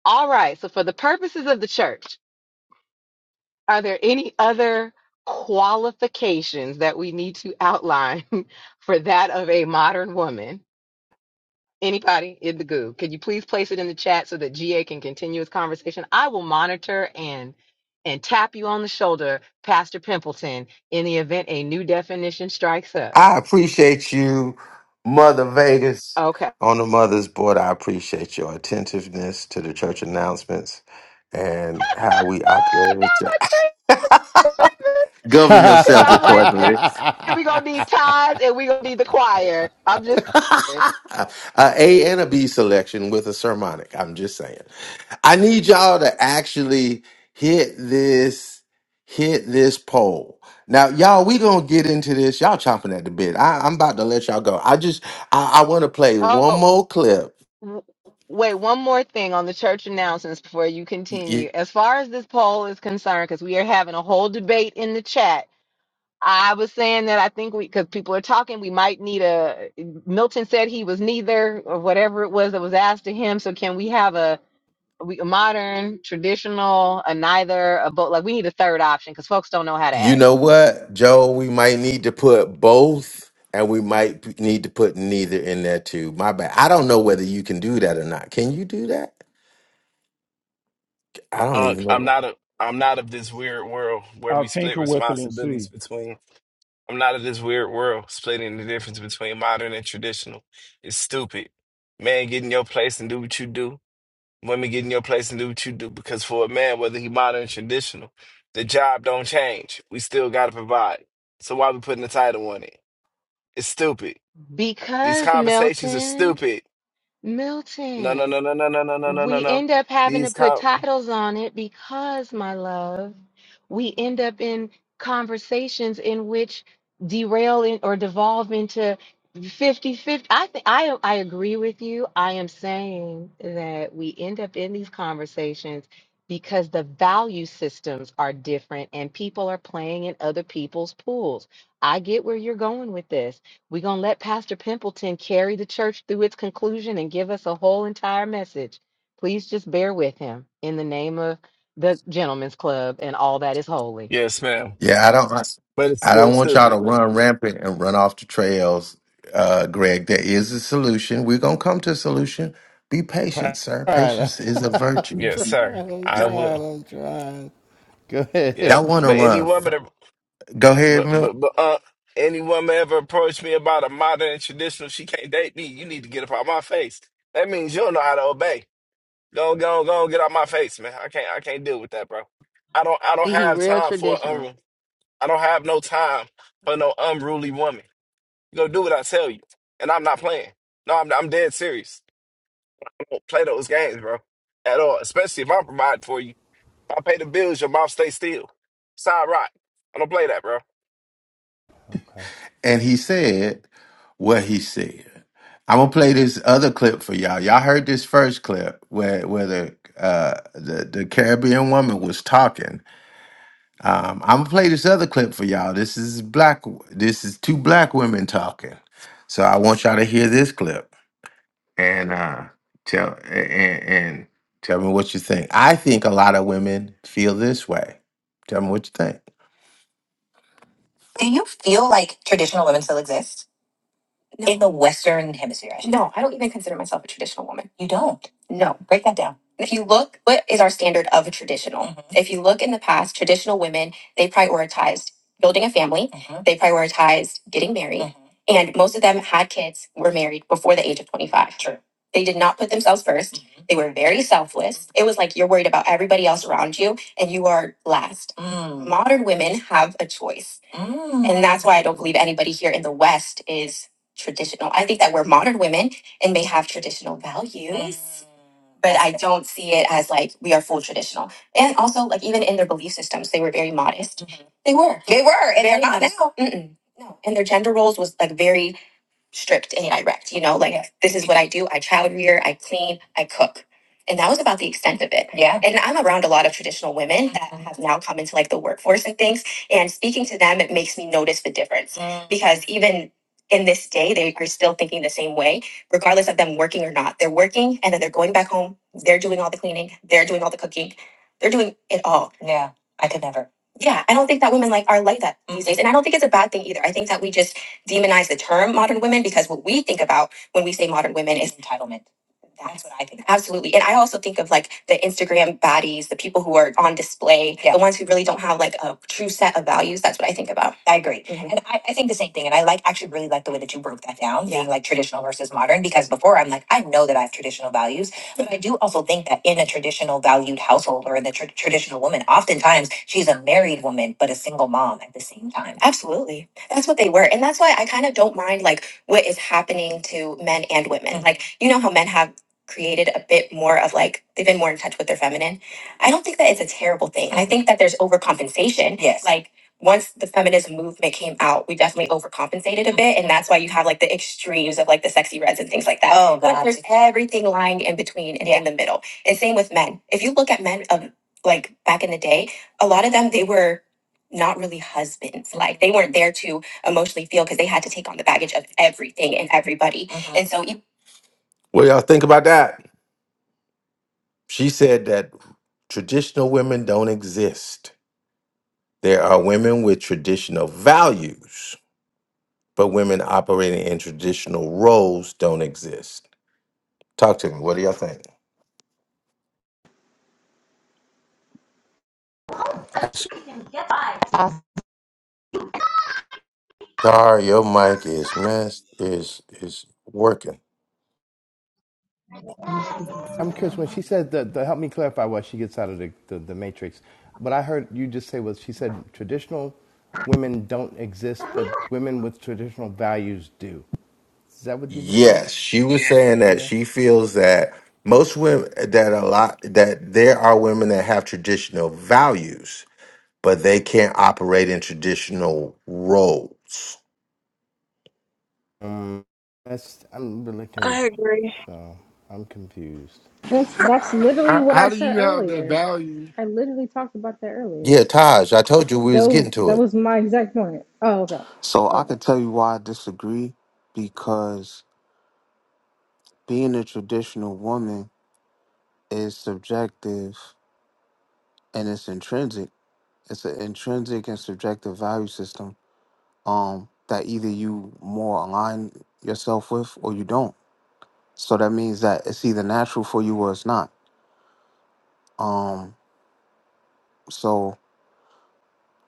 S5: All right, so for the purposes of the church, Are there any other qualifications that we need to outline for that of a modern woman? Anybody in the goo? Could you please place it in the chat so that GA can continue his conversation? I will monitor and and tap you on the shoulder, Pastor Pimpleton, in the event a new definition strikes up.
S1: I appreciate you, Mother Vegas,
S5: Okay.
S1: on the Mother's Board. I appreciate your attentiveness to the church announcements and how we
S5: Ah,
S1: operate.
S5: not my
S1: Govern
S5: Because
S1: yourselves
S5: I'm like,
S1: accordingly.
S5: we going to need ties and we going to need the choir. I'm just, saying.
S1: a A and a B selection with a sermonic. I'm just saying. I need y'all to actually hit this, hit this poll. Now, y'all, we gonna get into this. Y'all chomping at the bit. I, I'm about to let y'all go. I just, I, I want to play one
S5: oh.
S1: more clip.
S5: W- Wait, one more thing on the church announcements before you
S1: You,
S5: continue. As far as this poll is concerned, because we are having a whole debate in the chat, I was saying that I think we, because people are talking, we might need a. Milton said he was neither, or whatever it was that was asked to him. So can we have a, we, a modern, traditional, a neither, a both? Like we need a third option because folks don't know how to
S1: you
S5: act.
S1: know what, Joe? We might need to put both, and we might p- need to put neither in there too. My bad. I don't know whether you can do that or not. Can you do that? I don't
S3: Unc,
S1: even
S3: I'm
S1: know.
S3: not a. I'm not of this weird world where
S2: I'll
S3: we split
S2: tinker with it and see.
S3: responsibilities between I'm not of this weird world, splitting the difference between modern and traditional. It's stupid. Man, get in your place and do what you do. Women get in your place and do what you do. Because for a man, whether he modern or traditional, the job don't change. We still gotta provide. So why we putting a title on it? It's stupid. These
S5: Because
S3: conversations are
S5: Milton,
S3: stupid. No, no,
S5: Milton.
S3: no, no, no, no, no, no, no, no,
S5: We
S3: no.
S5: end up having to
S3: These
S5: put
S3: con
S5: titles on it because, my love, we end up in conversations in which derail in, or devolve into fifty-fifty. I, think I, I agree with you. I am saying that we end up in these conversations because the value systems are different and people are playing in other people's pools. I get where you're going with this. We're going to let Pastor Pimpleton carry the church through its conclusion and give us a whole entire message. Please just bear with him in the name of the gentleman's club and all that is holy.
S3: yes, ma'am.
S1: Yeah, I don't. I
S3: But it's
S1: I
S3: still
S1: don't want y'all to
S3: stupid.
S1: run rampant and run off the trails, uh, Greg. There is a solution. We're gonna come to a solution. Be
S7: I'm
S1: patient, sir.
S7: trying. I'm
S1: Patience is a virtue.
S3: Yes, sir.
S7: trying. I'm
S3: I
S1: Yeah,
S3: will.
S7: trying. I'm trying. Go
S3: Yeah.
S1: y'all
S7: ahead.
S1: want to
S3: But
S7: Go
S3: any
S7: ahead.
S1: run?
S3: woman
S1: Go ahead,
S3: But
S1: Milk.
S3: but but uh, any woman ever approached me about a modern and traditional, she can't date me. You need to get up out my face. That means you don't know how to obey. Go go go get out my face, man. I can't I can't deal with that, bro. I don't I don't
S5: See, he
S3: have
S5: real
S3: time for
S5: traditional.
S3: um I don't have no time for no unruly woman. You gonna do what I tell you, and I'm not playing. No, I'm I'm dead serious. Don't play those games, bro, at all. Especially if I'm providing for you. If I pay the bills, your mouth stay still. Side rock. I don't play that, bro.
S7: Okay.
S1: And he said what he said. I'm gonna play this other clip for y'all. Y'all heard this first clip where where the uh, the the Caribbean woman was talking, Um, I'm gonna play this other clip for y'all. This is black. This is two black women talking. So I want y'all to hear this clip and uh, tell and, and tell me what you think. I think a lot of women feel this way. Tell me what you think. Do you feel like traditional women still exist? No. in the Western Hemisphere. I should No, I don't even consider myself a traditional woman. You don't? No. Break that down. If you look, what is our standard of a traditional? Mhm. If you look in the past, traditional women, they prioritized building a family, Mhm. they prioritized getting married, Mhm. and most of them had kids, were married before the age of 25. True. They did not put themselves 1st They were very selfless. It was like you're worried about everybody else around you and you are last. Mm. Modern women have a choice. Mm. And that's why I don't believe anybody here in the West is traditional. I think that we're modern women and may have traditional values, Mm. but I don't see it as like we are full traditional. And also, like even in their belief systems, they were very modest. Mhm. They were. They were, and they're not now. Mm-mm. No, and their gender roles was like very stripped and direct. You know, like Yeah. this is what I do. I child rear, I clean, I cook. And that was about the extent of it. Yeah. And I'm around a lot of traditional women that Mhm. have now come into like the workforce and things. And speaking to them, it makes me notice the difference Mm. because even in this day, they are still thinking the same way, regardless of them working or not. They're working and then they're going back home. They're doing all the cleaning. They're doing all the cooking. They're doing it all. Yeah. I could never. Yeah. I don't think that women like are like that these days. And I don't think it's a bad thing either. I think that we just demonize the term modern women because what we think about when we say modern women is entitlement. That's what I think. Absolutely. And I also think of like the Instagram baddies, the people who are on display, Yeah. the ones who really don't have like a true set of values. That's what I think about. I agree. Mhm. And I, I think the same thing. And I like actually really like the way that you broke that down, being Yeah. like traditional versus modern, because before I'm like, I know that I have traditional values, but I do also think that in a traditional valued household or in the tr- traditional woman, oftentimes she's a married woman, but a single mom at the same time. Absolutely. That's what they were. And that's why I kind of don't mind like what is happening to men and women. Mhm. Like, you know how men have created a bit more of like they've been more in touch with their feminine. I don't think that it's a terrible thing. I think that there's overcompensation. Yes. Like once the feminist movement came out, we definitely overcompensated a bit. And that's why you have like the extremes of like the sexy reds and things like that. Oh, But God. there's everything lying in between and in Yeah. the middle. And same with men. If you look at men of like back in the day, a lot of them, they were not really husbands. Like they weren't there to emotionally feel because they had to take on the baggage of everything and everybody. Mhm. And so, e- What y'all think about that? She said that traditional women don't exist. There are women with traditional values, but women operating in traditional roles don't exist. Talk to me. What do y'all think?
S9: I see.
S1: Dar, your mic is messed, is is working.
S7: I'm curious when she said the To help me clarify what she gets out of the, the, the matrix. What I heard you just say was she said traditional women don't exist, but women with traditional values do. Is that what you just said?
S1: Yes, she
S7: Like,
S1: was saying that
S7: yeah.
S1: she feels that most women that a lot that there are women that have traditional values but they can't operate in traditional roles.
S7: Um, that's. I'm really con-
S14: I agree.
S7: so I'm confused.
S13: That's that's literally
S15: How,
S13: what
S15: how
S13: I
S15: do
S13: said
S15: you have the
S13: earlier.
S15: value?
S13: I literally talked about that earlier.
S1: Yeah, Taj, I told you we was getting
S13: Though
S1: to
S13: that
S1: it.
S13: was my exact point. Oh, okay.
S9: So I
S13: Okay.
S9: can tell you why I disagree, because being a traditional woman is subjective and it's intrinsic. it's an intrinsic and subjective value system um that either you more align yourself with or you don't so that means that it's either natural for you or it's not um so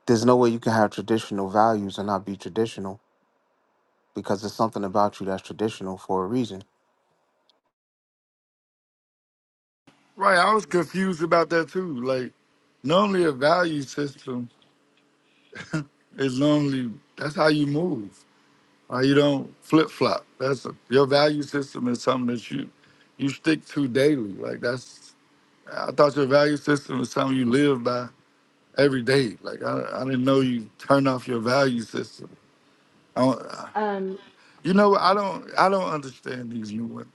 S9: there's no way you can have traditional values and not be traditional because there's something about you that's traditional for a reason
S15: Right, I was confused about that too. Like, normally a value system is normally that's how you move. Or you don't flip flop. That's a, your value system is something that you you stick to daily. Like that's I thought your value system is something you live by every day. Like I, I didn't know you turn off your value system. I don't,
S5: Oh,
S15: You know,
S5: sorry.
S15: I don't I don't understand these new ones.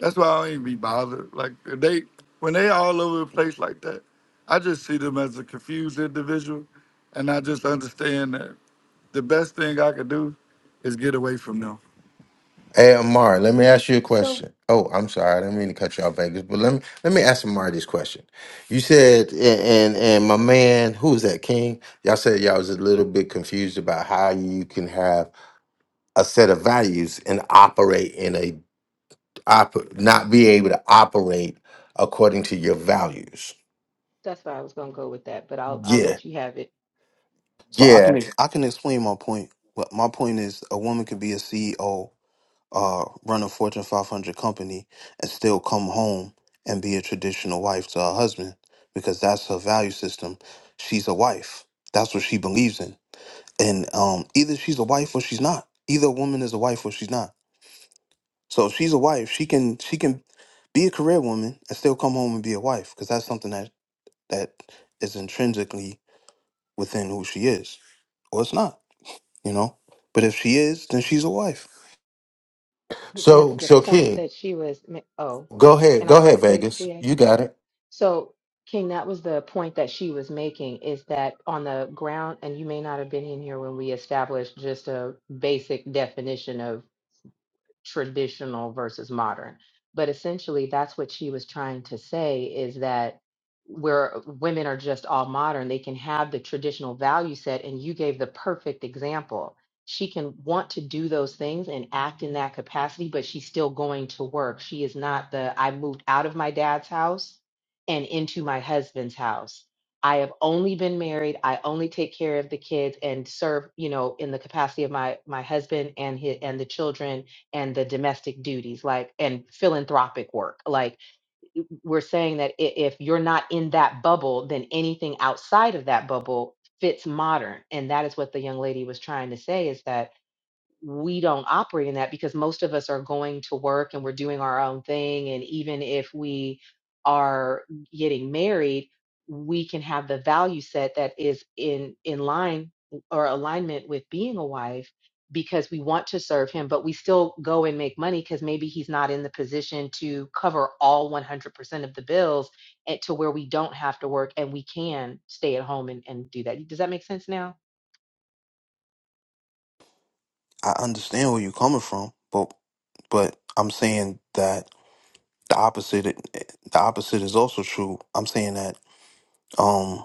S15: That's why I don't even be bothered. Like they when they all over the place like that, I just see them as a confused individual and I just understand that the best thing I could do is get away from them.
S1: Hey, Amari, let me ask you a
S5: So
S1: question. Oh, I'm sorry, I didn't mean to cut you off, Vegas, but let me let me ask Amari this question. You said, and and, and my man, who was that, King? Y'all said y'all was a little bit confused about how you can have a set of values and operate in a op- not be able to operate according to your values.
S5: that's where I was gonna go with that, but I'll I'll
S1: Yeah,
S5: let you have it.
S9: so i
S1: yeah.
S9: can ex- i can explain my point but my point is a woman could be a ceo uh, run a Fortune 500 company and still come home and be a traditional wife to her husband because that's her value system. She's a wife. That's what she believes in. And um, either she's a wife or she's not. Either woman is a wife or she's not. So if she's a wife, she can she can be a career woman and still come home and be a wife because that's something that that is intrinsically within who she is, or it's not. You know. But if she is, then she's a wife.
S5: But that's
S1: So,
S5: the
S1: so
S5: point
S1: King,
S5: that she was. ma- Oh,
S1: Go ahead.
S5: can
S1: Go
S5: I write
S1: ahead,
S5: quick,
S1: Vegas.
S5: GA?
S1: You got it.
S5: So King, that was the point that she was making is that on the ground, and you may not have been in here when we established just a basic definition of traditional versus modern. But essentially, that's what she was trying to say is that where women are just all modern, they can have the traditional value set. And you gave the perfect example. She can want to do those things and act in that capacity, but she's still going to work. She is not the I moved out of my dad's house and into my husband's house. I have only been married. I only take care of the kids and serve, you know, in the capacity of my my husband and his, and the children and the domestic duties like and philanthropic work like we're saying that i- if you're not in that bubble then anything outside of that bubble fits modern and that is what the young lady was trying to say is that we don't operate in that because most of us are going to work and we're doing our own thing. And even if we are getting married, we can have the value set that is in, in line or alignment with being a wife because we want to serve him, but we still go and make money because maybe he's not in the position to cover all 100% of the bills and to where we don't have to work and we can stay at home and, and do that. Does that make sense now?
S9: I understand where you're coming from, but but I'm saying that the opposite the opposite is also true. I'm saying that um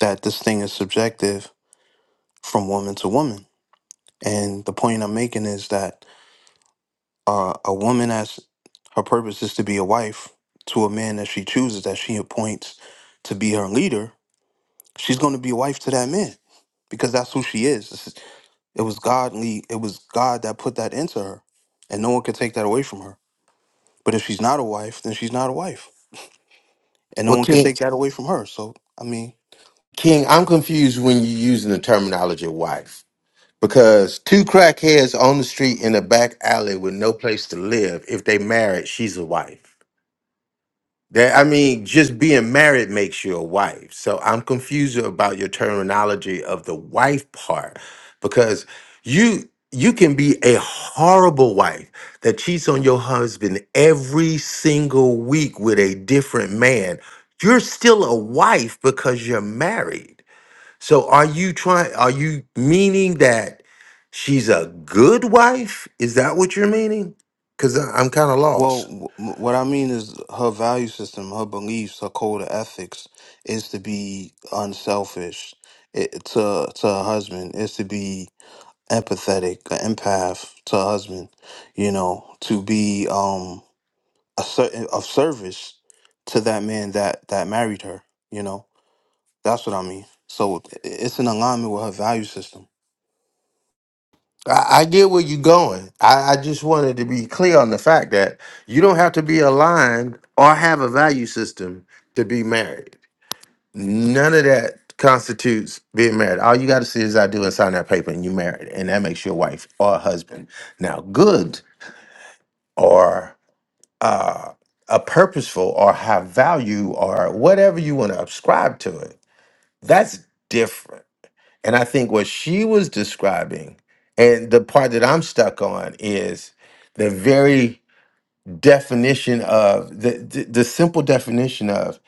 S9: that this thing is subjective from woman to woman. And the point I'm making is that uh, a woman has her purpose is to be a wife to a man that she chooses that she appoints to be her leader. She's going to be a wife to that man because that's who she is. This is- It was godly. It was God that put that into her, and no one could take that away from her. But if she's not a wife, then she's not a wife, and no
S1: Well,
S9: one can
S1: King,
S9: take that away from her. So I mean,
S1: King, I'm confused when you're using the terminology wife because two crackheads on the street in a back alley with no place to live, if they married, she's a wife. That I mean, just being married makes you a wife. So I'm confused about your terminology of the wife part because you you can be a horrible wife that cheats on your husband every single week with a different man. You're still a wife because you're married. So are you trying are you meaning that she's a good wife? Is that what you're meaning? Cuz I'm kind of
S9: well,
S1: lost.
S9: w- what I mean is her value system, her beliefs, her code of ethics is to be unselfish it, to to her husband, is to be empathetic, an empath to her husband, you know, to be um a certain of service to that man that that married her, you know. That's what I mean. So i- it's in alignment with her value system.
S1: I, I get where you're going. I, I just wanted to be clear on the fact that you don't have to be aligned or have a value system to be married. None of that constitutes being married. All you got to see is I do and sign that paper, and you married, and that makes your wife or husband now good or uh, a purposeful or high value or whatever you want to ascribe to it. That's different. And I think what she was describing, and the part that I'm stuck on is the very definition of the the, the simple definition of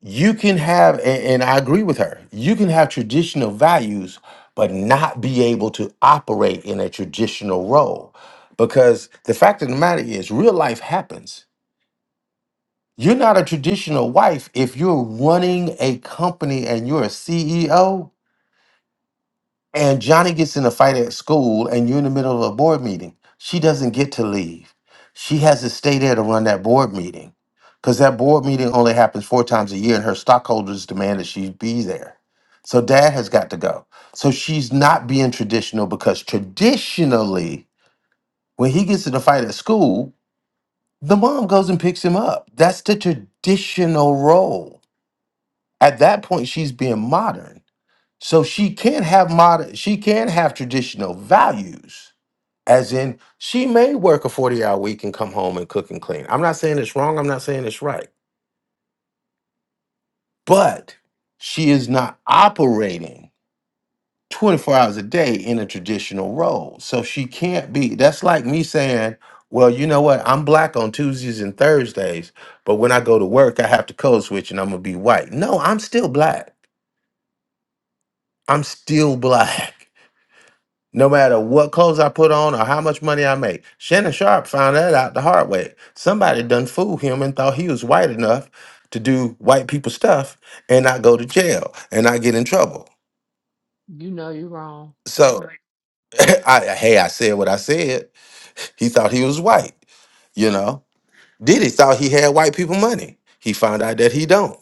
S1: you can have and, and I agree with her. You can have traditional values but not be able to operate in a traditional role because the fact of the matter is real life happens. You're not a traditional wife if you're running a company and you're a CEO and Johnny gets in a fight at school, and you're in the middle of a board meeting, she doesn't get to leave. She has to stay there to run that board meeting because that board meeting only happens four times a year, and her stockholders demand that she be there. So dad has got to go. So she's not being traditional because traditionally, when he gets in a fight at school, the mom goes and picks him up. That's the traditional role. At that point, she's being modern so she can have mod she can have traditional values. As in, she may work a 40 hour week and come home and cook and clean. I'm not saying it's wrong, I'm not saying it's right, but she is not operating 24 hours a day in a traditional role. So she can't be that's like me saying, Well, you know what, I'm black on Tuesdays and Thursdays, but when I go to work, I have to code switch and I'm gonna be white. No, I'm still black. I'm still black. no matter what clothes I put on or how much money I make. Shannon Sharp found that out the hard way. Somebody done fooled him and thought he was white enough to do white people stuff and not go to jail and not get in trouble.
S5: You know, you're wrong.
S1: So, Right. I, hey, I said what I said. He thought he was white, you know. Diddy thought he had white people money. He found out that he don't.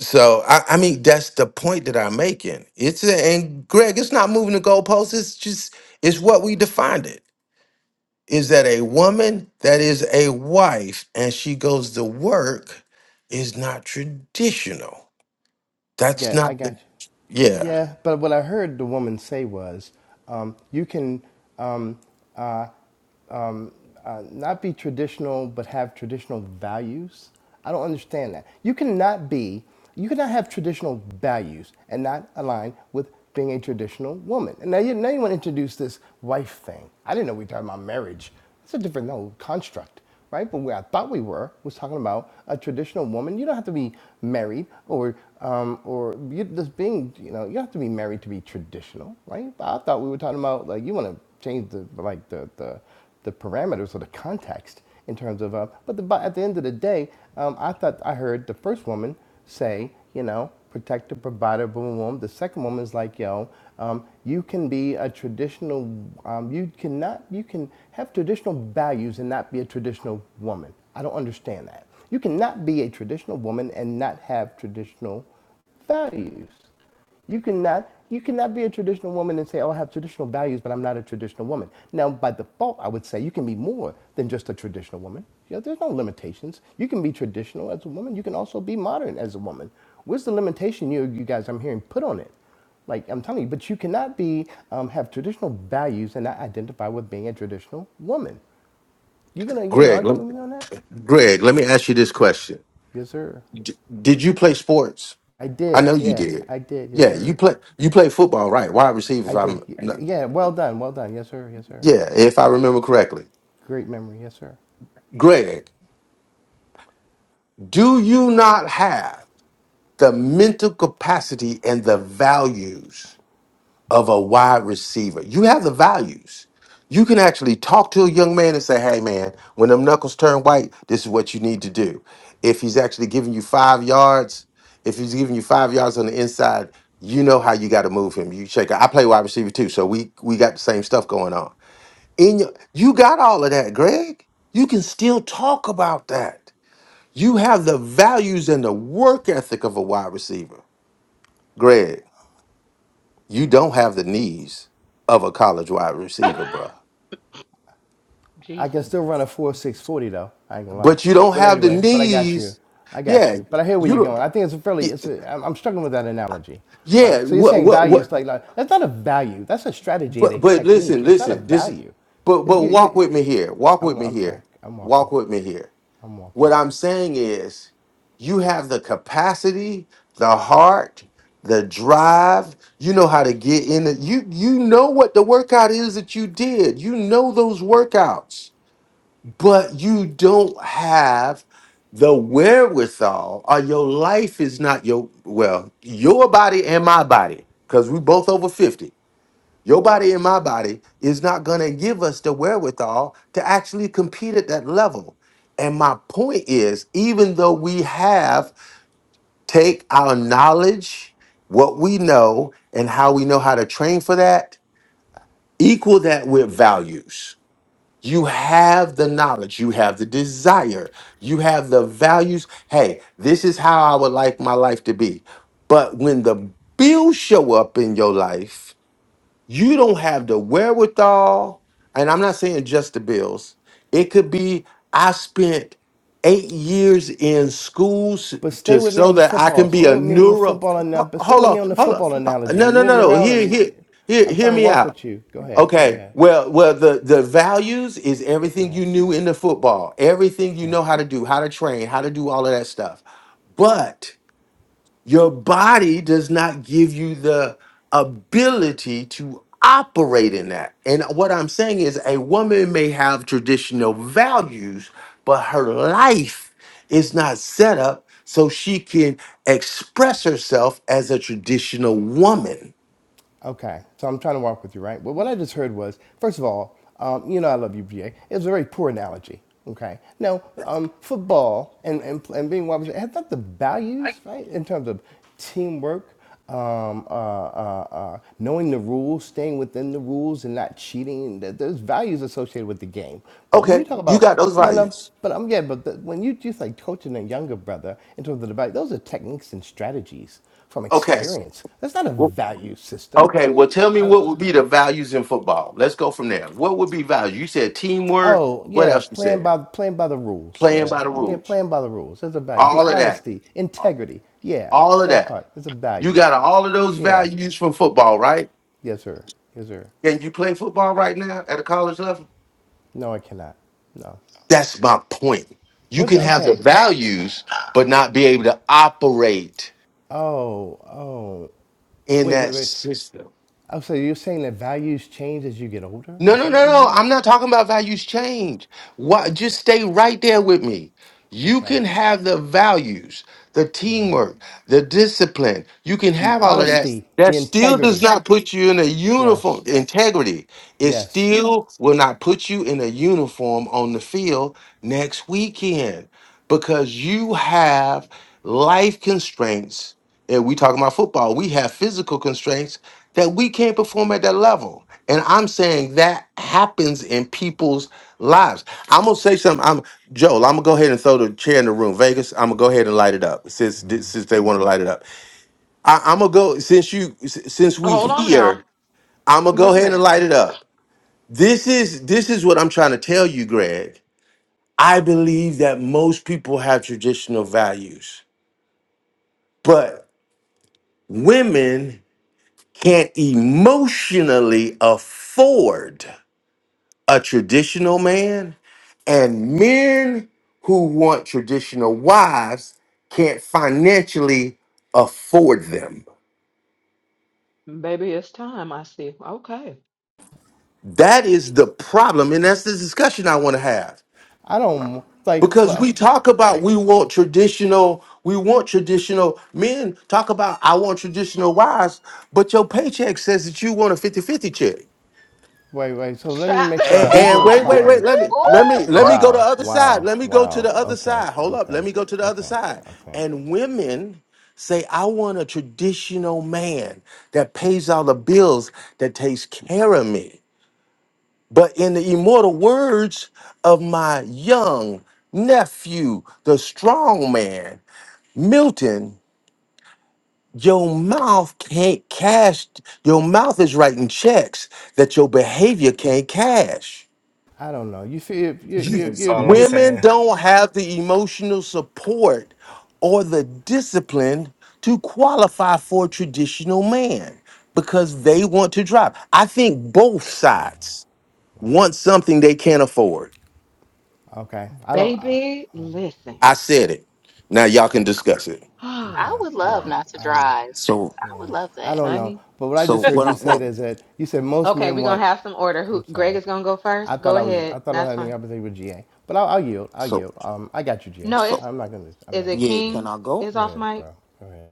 S1: So, I, I mean, that's the point that I'm making. It's a, and Greg, it's not moving the goalposts. It's just it's what we defined it. is that a woman that is a wife and she goes to work is not traditional. That's
S7: Get. I
S1: not
S7: got
S1: the
S7: you.
S1: yeah.
S7: Yeah, but what I heard the woman say was, um, you can um, uh, not be traditional, but have traditional values. I don't understand that. You cannot be, you cannot have traditional values and not align with being a traditional woman. And now you, now you want to introduce this wife thing. I didn't know we were talking about marriage. It's a different no, construct right? But where I thought we were was talking about a traditional woman. You don't have to be married or um, or you, just being, you know, you don't have to be married to be traditional, right? I thought we were talking about like you want to change the like the the the parameters or the context in terms of, uh, but the, but at the end of the day, um, I thought I heard the first woman say, you know, protector, provider, boom, boom, boom. The second woman is like, yo, um, you can be a traditional, um, you cannot, you can have traditional values and not be a traditional woman. I don't understand that. You cannot be a traditional woman and not have traditional values. You cannot you cannot be a traditional woman and say, "Oh, I have traditional values, but I'm not a traditional woman." Now, by default, I would say you can be more than just a traditional woman. You know, there's no limitations. You can be traditional as a woman. You can also be modern as a woman. Where's the limitation you you guys I'm hearing put on it? Like I'm telling you, but you cannot be um, have traditional values and not identify with being a traditional woman. You gonna you gonna
S1: Greg,
S7: argue
S1: let,
S7: with me on that?
S1: Greg, let me ask you this question:
S7: Yes, sir.
S1: D- Did you play sports?
S7: I
S1: I
S7: did.
S1: know you
S7: Yeah,
S1: did.
S7: I did. Yes,
S1: Yeah, you
S7: sir.
S1: play you play football, right? Wide receiver. If
S7: I did.
S1: I'm
S7: Y-
S1: not,
S7: Yeah, well done. Well done. Yes, sir. Yes, sir.
S1: yeah, if I remember correctly.
S7: Great memory, yes, sir.
S1: Greg, do you not have the mental capacity and the values? of a wide receiver. You have the values. You can actually talk to a young man and say, hey, man, when them knuckles turn white, this is what you need to do. If he's actually giving you five yards, if he's giving you five yards on the inside, you know how you got to move him. You check. I play wide receiver too, so we we got the same stuff going on. In your, you got all of that, Greg. You can still talk about that. You have the values and the work ethic of a wide receiver, Greg. You don't have the knees of a college wide receiver, bruh.
S7: I can
S5: Jesus.
S7: still run a four six forty though. I ain't gonna lie.
S1: But you don't
S7: But
S1: have the
S7: anyway, but I got you.
S1: knees.
S7: I got
S1: Yeah,
S7: you. But I hear where
S1: you
S7: you're
S1: don't.
S7: going. I think it's a fairly.
S1: y-
S7: It's a. I'm, I'm struggling with that analogy,
S1: Yeah,
S7: right? So you're
S1: what,
S7: saying
S1: what,
S7: values
S1: what?
S7: like, like that's not a value. That's a strategy,
S1: But,
S7: a
S1: but
S7: technique.
S1: listen,
S7: It's not a
S1: listen. This,
S7: value.
S1: but,
S7: It's,
S1: but
S7: you,
S1: walk
S7: you,
S1: with me here. Walk
S7: I'm,
S1: with me
S7: I'm trying.
S1: here.
S7: I'm walking.
S1: Walk with me here.
S7: I'm walking.
S1: What I'm saying is, you have the capacity, the heart, the drive. You know how to get in. The, you, you know what the workout is that you did. You know those workouts but you don't have the wherewithal or your life is not your well your body and my body because we both over 50 your body and my body is not going to give us the wherewithal to actually compete at that level and my point is even though we have take our knowledge what we know and how we know how to train for that equal that with values you have the knowledge, you have the desire, you have the values. Hey, this is how I would like my life to be. But when the bills show up in your life, you don't have the wherewithal. And I'm not saying just the bills, it could be I spent eight years in schools
S7: But stay
S1: to
S7: with me
S1: so
S7: on the
S1: that I
S7: football.
S1: can be
S7: Stay
S1: a
S7: with me on the
S1: neuro.
S7: football analogy.
S1: Ho-
S7: But stay
S1: Hold
S7: with me
S1: on,
S7: on the
S1: hold
S7: football
S1: on.
S7: analogy.
S1: No,
S7: You're
S1: no, no,
S7: moving
S1: no.
S7: around. or
S1: Hear.
S7: You,
S1: Hear.
S7: you-
S1: Hear.
S7: I'm
S1: hear
S7: trying to
S1: me
S7: walk
S1: out
S7: with you. Go ahead. Go
S1: Okay.
S7: ahead.
S1: Well, well, the the values is everything
S7: Yeah.
S1: you knew in the football, everything you
S7: Okay.
S1: know how to do, how to train, how to do all of that stuff. But your body does not give you the ability to operate in that. And what I'm saying is a woman may have traditional values, but her life is not set up so she can express herself as a traditional woman.
S7: Okay, so I'm trying to walk with you, right? Well, what I just heard was, first of all, um, you know I love you, BA. It was a very poor analogy. Okay, now um, football and, and and being wide receiver has not the values, right, in terms of teamwork, um, uh, uh, uh, knowing the rules, staying within the rules, and not cheating. Th- There's values associated with the game. But when you
S1: Okay,
S7: talk
S1: you
S7: about
S1: got those
S7: no, no,
S1: values.
S7: but um, yeah, but the, when you do like coaching a younger brother in terms of the debate, those are techniques and strategies from
S1: Okay.
S7: experience. That's not a
S1: well,
S7: value system.
S1: Okay, well,
S7: Eh,
S1: tell me
S7: I don't.
S1: what
S7: know.
S1: would be the values in football. Let's go from there. What would be values? You said teamwork.
S7: Oh
S1: What
S7: yeah,
S1: else you
S7: playing
S1: said?
S7: by playing by the rules.
S1: Playing
S7: Yeah,
S1: by the
S7: yeah,
S1: rules.
S7: playing by the rules. That's a value. Be
S1: All of that.
S7: honesty, integrity. Yeah,
S1: All of
S7: that
S1: that.
S7: part. That's a
S1: You
S7: value.
S1: got all of those
S7: Yeah,
S1: values from football, right?
S7: yes sir, yes sir.
S1: Can you play football right now at a college level?
S7: No, I cannot. No.
S1: That's my point. You
S7: What?
S1: can
S7: The,
S1: have the
S7: okay.
S1: values, but not be able to operate
S7: Oh, oh.
S1: in
S7: Wait, wait,
S1: that.
S7: wait. Oh, so you're saying that values change as you get older?
S1: No,
S7: Is
S1: no,
S7: that what
S1: no,
S7: I'm
S1: no.
S7: hearing?
S1: I'm not talking about values change. Why, just stay right there with me. You
S7: Okay.
S1: can have the values, the
S7: Yeah.
S1: teamwork, the discipline. You can
S7: The
S1: have all of that.
S7: honesty,
S1: That
S7: the
S1: still does
S7: integrity.
S1: not put you in a uniform.
S7: Yes.
S1: Integrity. It
S7: Yes.
S1: still will not put you in a uniform on the field next weekend because you have life constraints. And we talking about football. We have physical constraints that we can't perform at that level. And I'm saying that happens in people's lives. I'm gonna say something. I'm Joel. I'm gonna go ahead and throw the chair in the room. Vegas. I'm gonna go ahead and light it up since since they want to light it up. I, I'm gonna go since you s- since we
S5: Hold on now.
S1: here. I'm gonna go
S5: Wait a
S1: ahead and
S5: minute.
S1: light it up. This is this is what I'm trying to tell you, Greg. I believe that most people have traditional values, but women can't emotionally afford a traditional man, and men who want traditional wives can't financially afford them.
S5: Baby, it's time. I see. Okay.
S1: That is the problem, and that's the discussion I want to have
S7: I don't like.
S1: because
S7: Well,
S1: we
S7: okay.
S1: talk about we want traditional, we want traditional men talk about I want traditional wives, but your paycheck says that you want a fifty-fifty check.
S7: Wait, wait. So let me
S5: Shut.
S7: make sure
S9: But
S1: And,
S7: I,
S9: there's
S7: I'm,
S1: and
S9: a
S7: I'm
S1: wait,
S9: but-
S1: wait, wait.
S7: following.
S1: Let me, let
S16: Oop,
S1: me, let me
S16: oop.
S1: go to the
S7: Wow.
S1: other side.
S7: Wow.
S1: Let me go to
S7: Wow.
S1: the other
S7: Okay.
S1: side. Hold up.
S7: Okay.
S1: Let me go to the other
S7: Okay.
S1: side.
S7: Okay.
S1: And women say, I want a traditional man that pays all the bills, that takes care of me. But in the immortal words of my young nephew, the strong man, Milton, your mouth can't cash, your mouth is writing checks that your behavior can't cash.
S7: I don't know. You feel you you you
S1: You-
S3: That's
S7: you.
S3: all I'm
S7: you
S1: Women
S3: saying.
S1: don't have the emotional support or the discipline to qualify for a traditional man because they want to drive. I think both sides want something they can't afford.
S7: okay. I don't. Uh,
S5: Baby, listen.
S1: I said it. Now y'all can
S7: okay.
S1: discuss it.
S5: Oh,
S16: I
S7: Okay.
S16: would
S7: All
S16: love
S5: God.
S7: right.
S16: not to
S7: Um.
S16: drive.
S9: so
S16: I would
S7: Yeah,
S16: love
S7: I
S16: that.
S7: don't know.
S5: Honey.
S7: But what I just
S9: So
S7: heard
S9: what?
S7: you
S9: I'm,
S7: say
S9: well,
S7: is that you said most
S5: Okay,
S7: men
S5: we're going
S7: want.
S5: to have some order.
S7: I'm
S5: Who? Greg
S7: sorry.
S5: is going to go
S7: I
S5: first.
S7: thought
S5: Go
S7: I was. I
S5: ahead.
S7: thought I was
S5: That's
S7: having an
S5: fine.
S7: opportunity with GA. But I'll, I'll yield. I'll
S9: so
S7: yield. Um, I got you, GA.
S5: No,
S9: so
S5: it's,
S7: I'm not gonna. I'm
S5: is
S7: not gonna
S5: it
S9: yeah.
S7: disagree.
S9: Can
S5: King
S9: I go?
S5: is
S7: Go
S5: off
S7: ahead,
S5: mic?
S7: bro. Go ahead.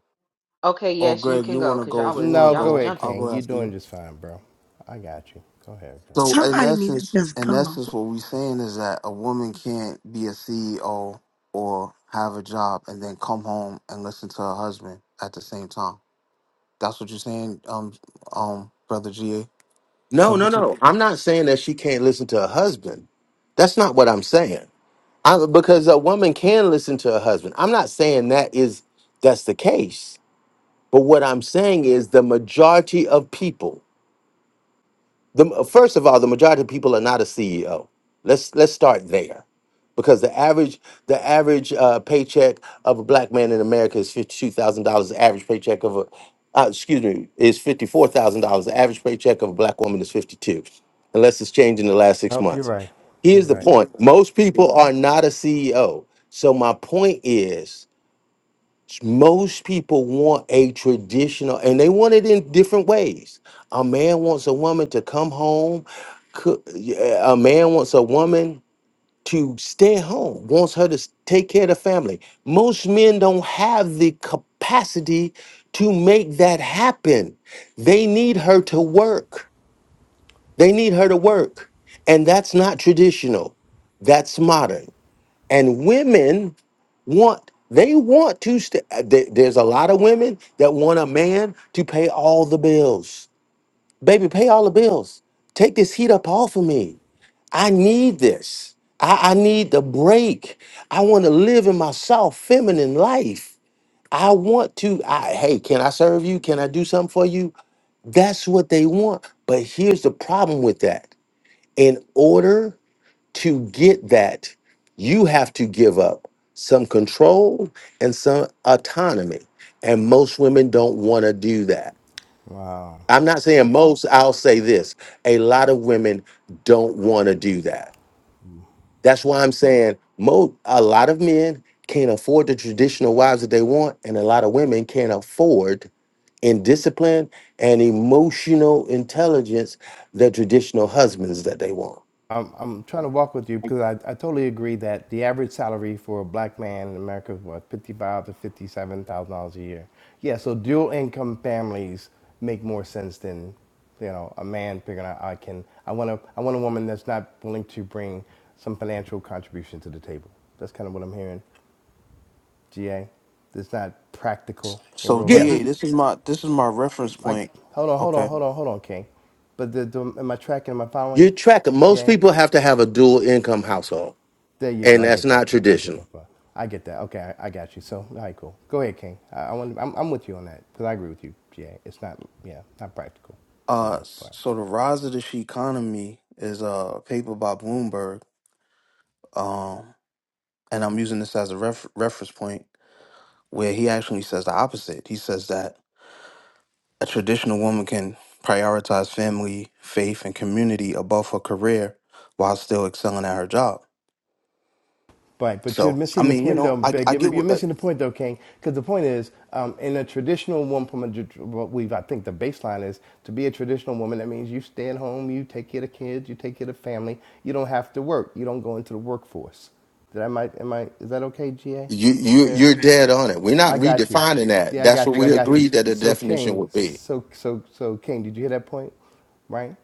S5: Okay,
S9: Or
S5: yes, you
S9: Greg,
S5: can
S9: you
S5: go
S9: want to
S5: because
S9: go?
S5: y'all
S9: If you
S5: was,
S9: want to
S7: No,
S5: y'all was
S7: go
S9: go,
S7: ahead,
S5: jumping.
S9: I'll
S7: King.
S9: go
S7: You're
S9: after
S7: doing
S9: you.
S7: just fine, bro. I got you. Go ahead, bro.
S9: So in essence, in essence, what we're saying is that a woman can't be a CEO or have a job and then come home and listen to her husband at the same time. That's what you're saying, um, um, brother GA.
S1: No,
S9: Come-
S1: no, no. I'm not saying that she can't listen to her husband. That's not what I'm saying. I, because a woman can listen to her husband. I'm not saying that is that's the case. But what I'm saying is the majority of people, the first of all, the majority of people are not a CEO. Let's let's start there. Because the average the average uh, paycheck of a black man in America is fifty two thousand dollars. The average paycheck of a uh, excuse me is fifty four thousand dollars. The average paycheck of a black woman is fifty two, unless it's changed in the last six
S7: Nope, you're
S1: months.
S7: right. You're
S1: Here's the
S7: right.
S1: point: most people are not a CEO. So my point is, most people want a traditional, and they want it in different ways. A man wants a woman to come home. cook- yeah, A man wants a woman to stay home, wants her to s- take care of the family. Most men don't have the capacity to make that happen. They need her to work. They need her to work. And that's not traditional, that's modern and women want they want to st- there- there's a lot of women that want a man to pay all the bills baby pay all the bills take this heat up off of me i need this i, I need the break i want to live in my soft feminine life i want to I, hey can i serve you can i do something for you that's what they want but here's the problem with that in order to get that, you have to give up some control and some autonomy. And most women don't want to do that.
S7: Wow.
S1: I'm not saying most, I'll say this. A lot of women don't want to do that. That's why I'm saying mo- a lot of men can't afford the traditional wives that they want, and a lot of women can't afford in discipline and emotional intelligence the traditional husbands that they want.
S7: I'm, I'm trying to walk with you because I, I totally agree that the average salary for a black man in America is what fifty five to fifty seven thousand dollars a year. Yeah, so dual income families make more sense than you know a man figuring out I can I want a I want a woman that's not willing to bring some financial contribution to the table. That's kind of what I'm hearing. GA, that's not practical in
S9: So
S7: real
S9: GA,
S7: life.
S9: this is my this is my reference
S7: Like
S9: point.
S7: hold on hold on
S9: Okay.
S7: hold on hold on King, but the, the am I tracking am I following?
S1: You're tracking. Most
S7: GA.
S1: people have to have a dual income household,
S7: There you go.
S1: and
S7: I
S1: that's
S7: get
S1: not
S7: that part. I get
S1: traditional.
S7: that part. I get that. Okay, I, I got you. So, all right, cool. Go ahead, King. I, I want. I'm, I'm with you on that because I agree with you. Yeah, it's not. Yeah, not practical for the
S9: Uh,
S7: most part.
S9: so the rise of the she economy is a paper by Bloomberg. Um. and I'm using this as a ref- reference point where he actually says the opposite. He says that a traditional woman can prioritize family, faith, and community above her career while still excelling at her job.
S7: But but you're
S9: So, I
S7: missing the
S9: mean, you
S7: point though,
S9: know, I,
S7: Big.
S9: I
S7: You're,
S9: get
S7: you're
S9: what. Uh,
S7: missing the point though, King. Because the point is, um, in a traditional woman, what we've I think the baseline is to be a traditional woman. That means you stay at home, you take care of kids, you take care of family. You don't have to work. You don't go into the workforce. Did I might am I is that okay, GA?
S1: You
S7: Is that
S1: you
S7: fair?
S1: you're dead on it. We're not
S7: I got you.
S1: redefining that.
S7: Yeah, I
S1: That's what
S7: got you. I
S1: we
S7: got you.
S1: agreed that the
S7: So
S1: definition
S7: King,
S1: would be.
S7: so so so King, did you hear that point? Right?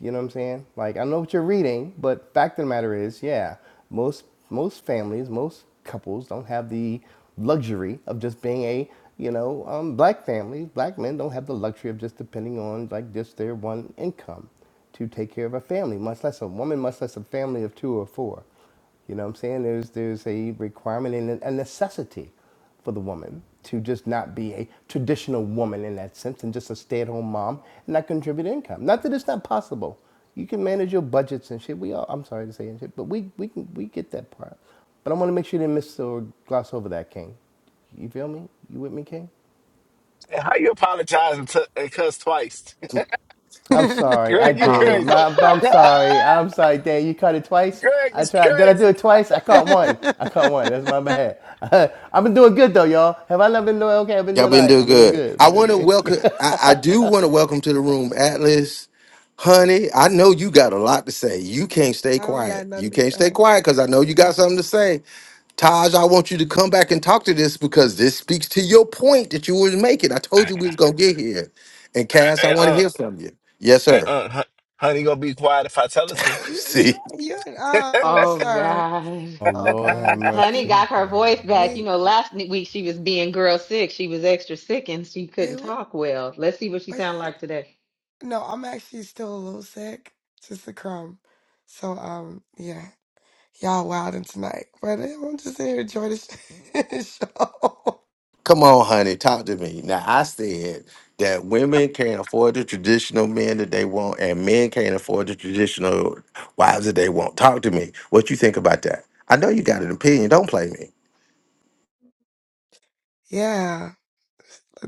S7: You know what I'm saying? Like I know what you're reading, but fact of the matter is, yeah, most most families, most couples don't have the luxury of just being a you know um, black family. Black men don't have the luxury of just depending on like just their one income to take care of a family, much less a woman, much less a family of two or four. You know what I'm saying? There's there's a requirement and a necessity for the woman to just not be a traditional woman in that sense and just a stay-at-home mom and not contribute income. Not that it's not possible. You can manage your budgets and shit. We all I'm sorry to say and shit, but we we can we get that part. But I want to make sure you didn't miss or gloss over that, King. You feel me? You with me, King?
S3: And How you apologize and, t- and cuss twice?
S7: I'm
S17: I
S7: sorry. I
S3: Greg, you
S9: nah.
S7: did.
S3: crazy.
S7: My, I'm sorry. I'm sorry, Dan. You caught it twice.
S3: Greg
S7: I
S3: is
S7: tried. Did I do
S3: crazy.
S7: it twice? I caught one. I caught one. That's my bad. I've been doing good though, y'all. Have I not been doing okay? I've been
S1: Y'all
S7: doing all
S1: been
S7: right.
S1: doing
S7: I've been doing
S1: good.
S7: good. I've
S1: I
S7: been
S1: want to
S7: doing good.
S1: welcome. I, I do want to welcome to the room, Atlas, honey. I know you got a lot to say. You can't stay
S17: don't got
S1: quiet. You
S17: nothing to
S1: can't stay
S17: say.
S1: quiet because I know you got something to say. Taj, I want you to come back and talk to this because this speaks to your point that you was making. I told you we was
S3: And
S1: gonna get here. And Cass, I want to
S3: uh,
S1: hear from you. Yes,
S3: and
S1: sir.
S3: uh, hon- honey, gonna be quiet if I tell her to. Uh,
S17: You,
S1: See?
S17: you, oh,
S5: oh,
S17: sorry.
S5: God.
S7: oh
S17: Oh,
S7: Lord, have
S17: God.
S5: Honey
S7: mercy.
S5: got her
S7: Here
S5: voice
S7: we
S5: back.
S7: go.
S5: You
S17: Wait,
S5: know, last n- week she was being girl sick. She was extra sick and she
S17: wait,
S5: couldn't
S17: what?
S5: talk well. Let's see what she sound
S17: What's it?
S5: like today.
S17: No, I'm actually still a little sick. Just a crumb. So, um, yeah. Y'all wildin' tonight. But eh, I'm just here to enjoy the show.
S1: Come on, honey, talk to me. Now I said that women can't afford the traditional men that they want, and men can't afford the traditional wives that they want. Talk to me. What you think about that? I know you got an opinion. Don't play me.
S17: Yeah.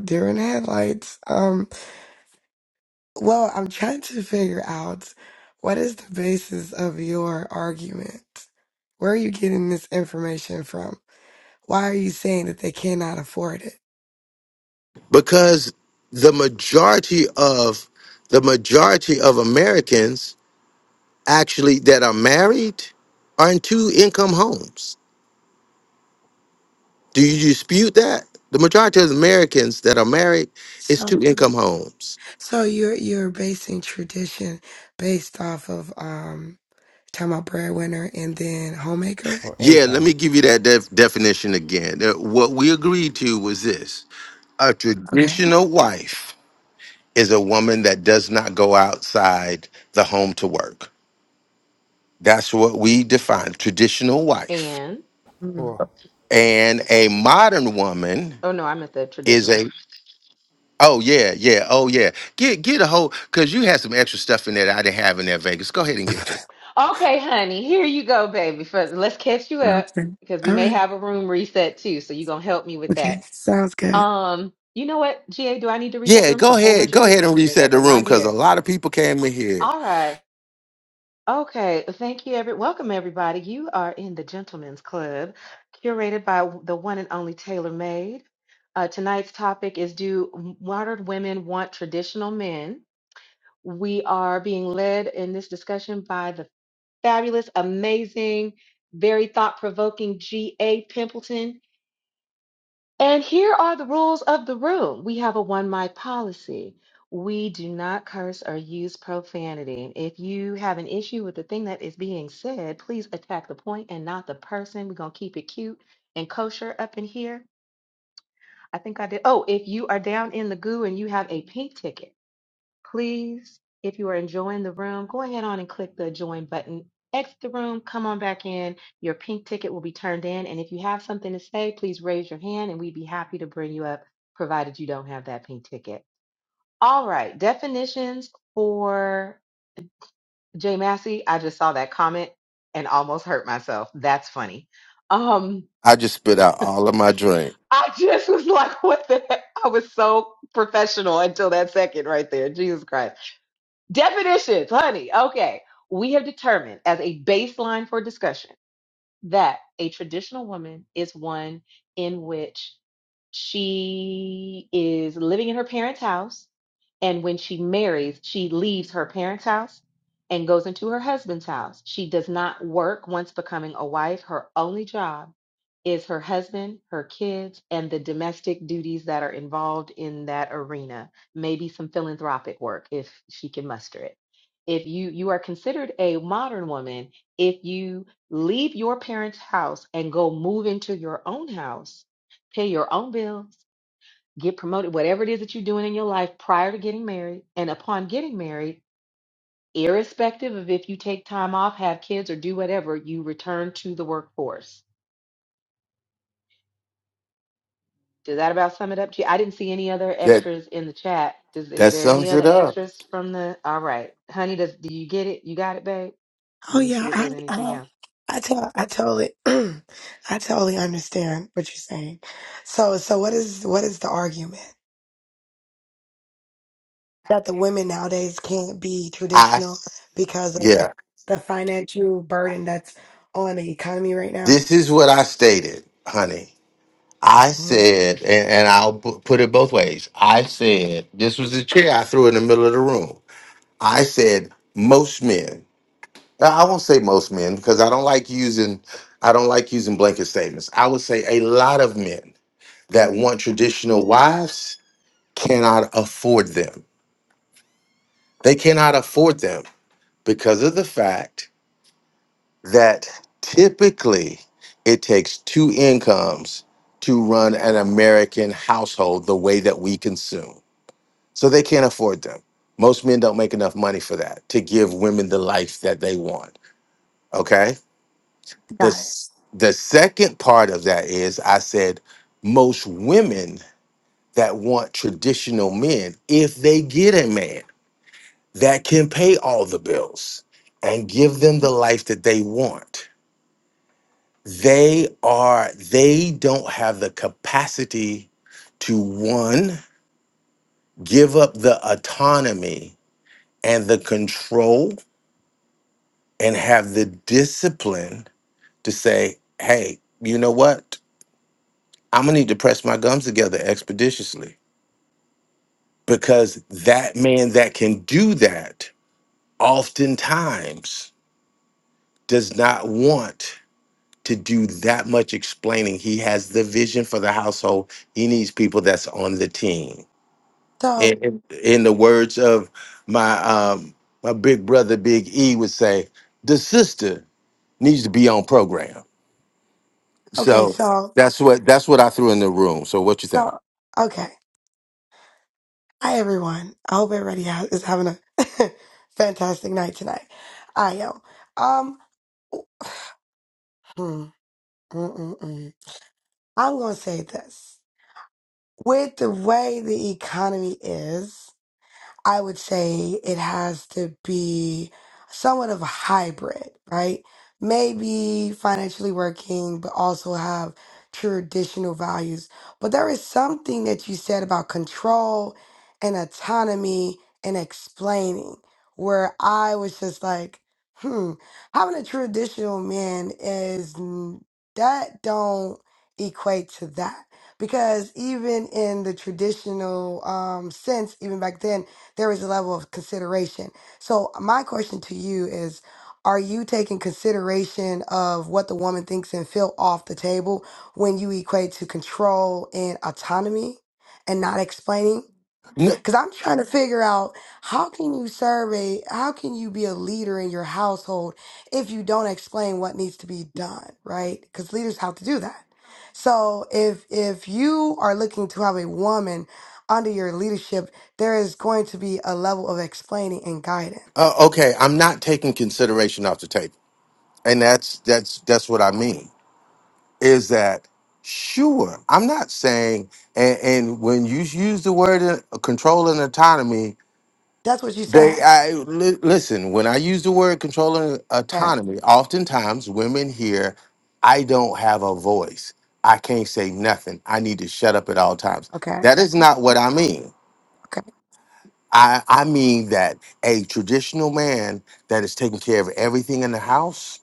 S17: Deer in the headlights. Um. Well, I'm trying to figure out what is the basis of your argument? Where are you getting this information from? Why are you saying that they cannot afford it?
S1: Because the majority of the majority of Americans actually that are married are in two income homes. Do you dispute that? The majority of Americans that are married is two
S17: So,
S1: income homes.
S17: so you're you're basing tradition based off of um talking about breadwinner and then homemaker.
S7: Or
S1: Yeah, let
S7: income.
S1: me give you that def- definition again. Uh, What we agreed to was this a
S17: Okay.
S1: traditional wife is a woman that does not go outside the home to work. That's what we define traditional wife.
S5: And
S17: Mm,
S7: Or
S1: And a modern woman
S5: oh no, I meant the
S1: is
S5: traditional.
S1: a Oh yeah, yeah. Oh yeah. Get get a whole because you had some extra stuff in there that I didn't have in there Vegas. Go ahead and give it to him.
S5: Okay, honey, here you go, baby. For let's catch you up
S17: okay.
S5: because we
S17: All
S5: may
S17: right.
S5: have a room reset too. So you gonna help me with
S17: Okay.
S5: that.
S17: Sounds good.
S5: Um, you know what, GA, do I need to reset the
S1: Yeah,
S5: room? It's a
S1: go
S5: whole
S1: ahead.
S5: bunch of
S1: Go ahead
S5: people
S1: and
S5: in here
S1: reset
S5: that
S1: the
S5: were
S1: room
S5: not
S1: because a
S5: here.
S1: lot of people came in here.
S5: All right. Okay, well, thank you. Every welcome, everybody. You are in the Gentlemen's Club, curated by w- the one and only Taylor Made. Uh, tonight's topic is: Do m- modern women want traditional men? We are being led in this discussion by the fabulous, amazing, very thought-provoking G.A. Pimpleton. And here are the rules of the room. We have a one mic policy. We do not curse or use profanity. If you have an issue with the thing that is being said, please attack the point and not the person. We're going to keep it cute and kosher up in here. I think I did. Oh, if you are down in the goo and you have a pink ticket, please, if you are enjoying the room, go ahead on and click the join button. Exit the room, come on back in. Your pink ticket will be turned in. And if you have something to say, please raise your hand and we'd be happy to bring you up, provided you don't have that pink ticket. All right, definitions for Jay Massey. I just saw that comment and almost hurt myself. That's funny. Um,
S1: I just spit out all of my drink.
S5: I just was like, what the heck? I was so professional until that second right there. Jesus Christ. Definitions, honey. Okay. We have determined as a baseline for discussion that a traditional woman is one in which she is living in her parents' house and when she marries, she leaves her parents' house and goes into her husband's house. She does not work once becoming a wife. Her only job is her husband, her kids, and the domestic duties that are involved in that arena. Maybe some philanthropic work if she can muster it. If you you are considered a modern woman if you leave your parents' house and go move into your own house, pay your own bills, get promoted, whatever it is that you're doing in your life prior to getting married and upon getting married, irrespective of if you take time off, have kids, or do whatever, you return to the workforce. Does that about sum it up to you? I didn't see any other
S1: That
S5: extras in the chat. Does, is
S1: that
S5: there any
S1: sums it
S5: other
S1: up.
S5: extras from the? All right, honey, does do you get it? You got it, babe.
S17: Oh
S5: Let me
S17: yeah,
S5: see if
S17: I
S5: there's anything
S17: uh,
S5: else.
S17: I tell I totally I totally understand what you're saying. So so what is what is the argument that the women nowadays can't be
S1: I
S17: traditional
S1: s-
S17: because of
S1: yeah.
S17: the financial burden that's on the economy right now?
S1: This is what I stated, honey. I
S17: Mhm,
S1: said, and, and I'll pu- put it both ways. I said this was the chair I threw in the middle of the room. I said most men. I I won't say most men because I don't like using I don't like using blanket statements. I would say a lot of men that want traditional wives cannot afford them. They cannot afford them because of the fact that typically it takes two incomes to run an American household the way that we consume. So they can't afford them. Most men don't make enough money for that to give women the life that they want. Okay The
S17: Got it.
S1: s- the second part of that is I said most women that want traditional men, if they get a man that can pay all the bills and give them the life that they want, they are they don't have the capacity to one give up the autonomy and the control and have the discipline to say, "Hey, you know what? I'm gonna need to press my gums together expeditiously because that man that can do that oftentimes does not want to do that much explaining. He has the vision for the household. He needs people that's on the team. In,
S17: So
S1: in in the words of my um, my big brother Big E would say, the sister needs to be on program.
S17: okay,
S1: So
S17: so
S1: that's what that's what I threw in the room. So what you think?
S17: so okay. Hi everyone. I hope everybody ha- is having a fantastic night tonight. I am. Um. hmm, mm, mm, mm. I'm gonna say this. with the way the economy is, I would say it has to be somewhat of a hybrid, right? Maybe financially working, but also have traditional values. But there is something that you said about control and autonomy and explaining where I was just like, hmm, having a traditional man is n- that don't equate to that because even in the traditional um, sense, even back then there is a level of consideration. So my question to you is are you taking consideration of what the woman thinks and feel off the table when you equate to control and autonomy and not explaining?
S1: No,
S17: Cause I'm trying to figure out how can you survey, how can you be a leader in your household if you don't explain what needs to be done, right? Because leaders have to do that. So if if you are looking to have a woman under your leadership, there is going to be a level of explaining and
S1: Uh,
S17: guidance.
S1: okay, I'm not taking consideration off the table, and that's that's that's what I mean. Is that sure? I'm not saying, and, and when you use the word uh, control and autonomy,
S17: That's what you said.
S1: they I li- listen. When I use the word control and
S17: Okay.
S1: autonomy, oftentimes women hear, "I don't have a voice. I can't say nothing. I need to shut up at all times."
S17: Okay.
S1: That is not what I mean.
S17: Okay.
S1: I, I mean that a traditional man that is taking care of everything in the house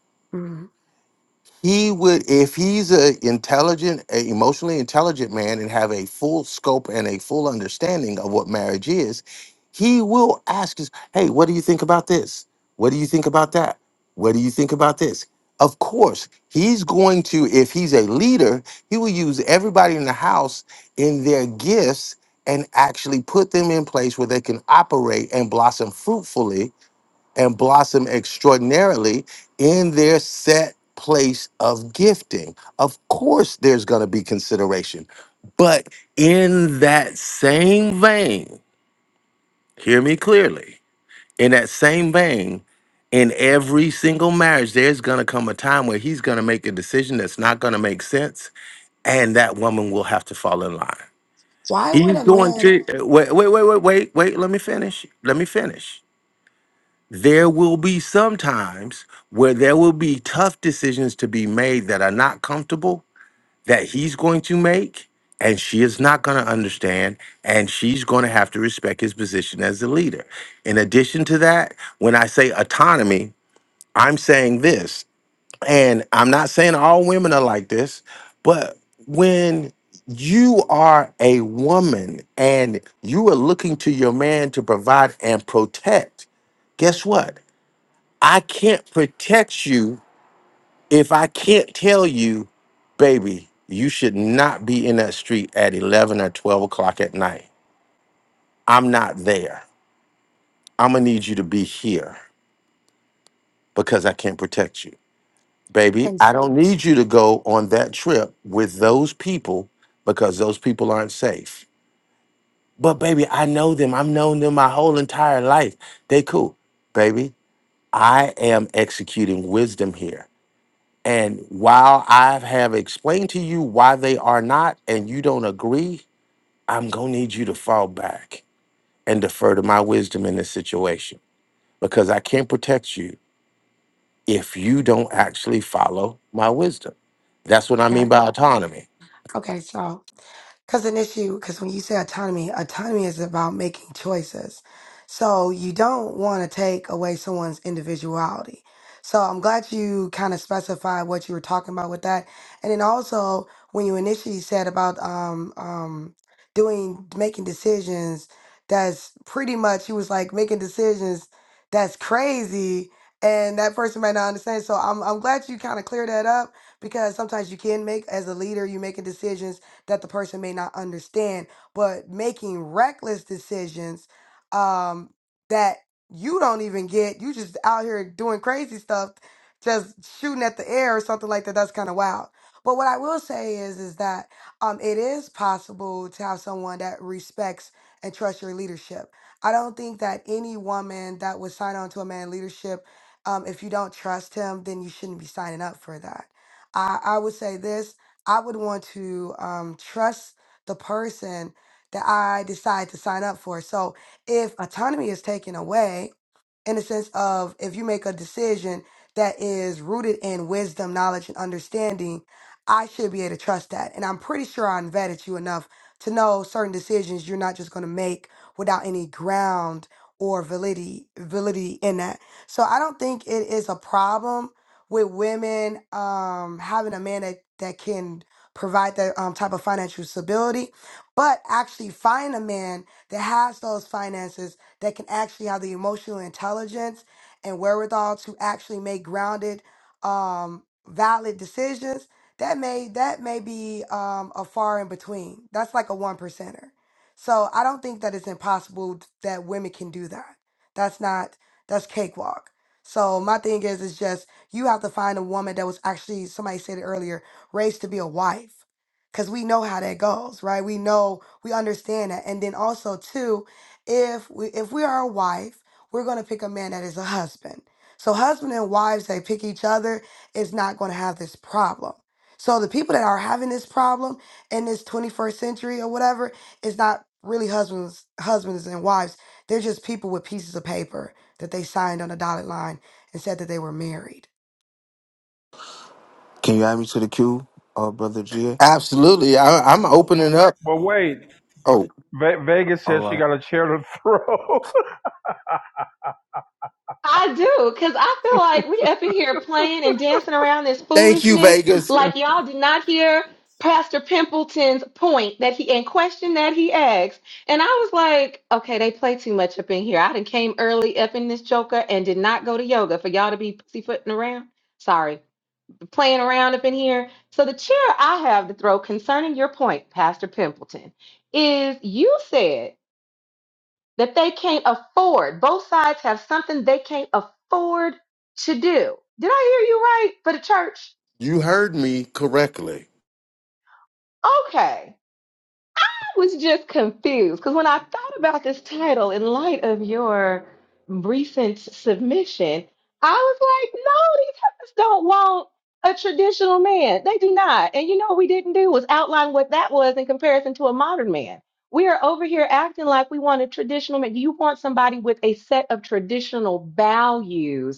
S1: he would if he's a intelligent a emotionally intelligent man and have a full scope and a full understanding of what marriage is he will ask us hey what do you think about this what do you think about that what do you think about this of course he's going to if he's a leader he will use everybody in the house in their gifts and actually put them in place where they can operate and blossom fruitfully and blossom extraordinarily in their set place of gifting. Of course, there's going to be consideration. But in that same vein, hear me clearly, in that same vein, in every single marriage, there's going to come a time where he's going to make a decision that's not going to make sense, and that woman will have to fall in line.
S17: Why would
S1: He's
S17: a
S1: going
S17: man?
S1: to wait, wait, wait, wait, wait, wait. Let me finish. Let me finish there will be some times where there will be tough decisions to be made that are not comfortable that he's going to make and she is not going to understand and she's going to have to respect his position as a leader in addition to that when i say autonomy i'm saying this and i'm not saying all women are like this but when you are a woman and you are looking to your man to provide and protect guess what I can't protect you if I can't tell you, baby, you should not be in that street at 11 or 12 o'clock at night. I'm not there. I'm going to need you to be here because I can't protect you. Baby, I don't need you to go on that trip with those people because those people aren't safe. But baby, I know them. I've known them my whole entire life. They cool. Baby, I am executing wisdom here. And while I have explained to you why they are not and you don't agree, I'm going to need you to fall back and defer to my wisdom in this situation because I can't protect you if you don't actually follow my wisdom. That's what I mean
S17: Okay.
S1: by autonomy.
S17: Okay. So. Because an issue, because when you say autonomy, autonomy is about making choices. So you don't want to take away someone's individuality. So I'm glad you kind of specified what you were talking about with that. And then also, when you initially said about um, um, doing, making decisions, that's pretty much, he was like, making decisions that's crazy. And that person might not understand. So I'm, I'm glad you kind of cleared that up because sometimes you can make, as a leader, you're making decisions that the person may not understand, but making reckless decisions um, that you don't even get, you just out here doing crazy stuff, just shooting at the air or something like that. That's kind of wild. But what I will say is, is that um, it is possible to have someone that respects and trusts your leadership. I don't think that any woman that would sign on to a man leadership, um, if you don't trust him, then you shouldn't be signing up for that. I, I would say this. I would want to um, trust the person that I decide to sign up for. So if autonomy is taken away, in the sense of if you make a decision that is rooted in wisdom, knowledge, and understanding, I should be able to trust that. And I'm pretty sure I vetted you enough to know certain decisions you're not just going to make without any ground or validity validity in that. So I don't think it is a problem with women um, having a man that, that can provide that um, type of financial stability, but actually find a man that has those finances that can actually have the emotional intelligence and wherewithal to actually make grounded, um, valid decisions, that may that may be um, a far in between. That's like a one percenter. So I don't think that it's impossible that women can do that. That's not that's cakewalk. So my thing is, is just you have to find a woman that was actually somebody said it earlier, raised to be a wife, because we know how that goes, right? We know we understand that, and then also too if we if we are a wife, we're going to pick a man that is a husband. So husband and wives they pick each other is not going to have this problem. So the people that are having this problem in this 21st century or whatever is not really husbands husbands and wives. They're just people with pieces of paper that they signed on a dotted line and said that they were married.
S9: Can you add me to the queue, uh, brother GA?
S1: Absolutely. I, I'm opening up.
S2: But wait,
S1: Oh,
S2: Ve- Vegas
S9: All
S2: says she
S9: right.
S2: got a chair to throw.
S5: I do, because I feel like we up in here playing and dancing around this
S1: thank you,
S5: foolishness.
S1: Vegas.
S5: Like y'all did not hear Pastor Pimpleton's point that he and question that he asked. And I was like, okay, they play too much up in here. I done came early up in this joker and did not go to yoga for y'all to be pussyfooting around. Sorry, playing around up in here. So the chair I have to throw concerning your point, Pastor Pimpleton, is you said that they can't afford. Both sides have something they can't afford to do. Did I hear you right for the church?
S1: You heard me correctly.
S5: Okay. I was just confused because when I thought about this title in light of your recent submission, I was like, no, these heifers don't want a traditional man. They do not. And you know what we didn't do was outline what that was in comparison to a modern man. We are over here acting like we want a traditional man. You want somebody with a set of traditional values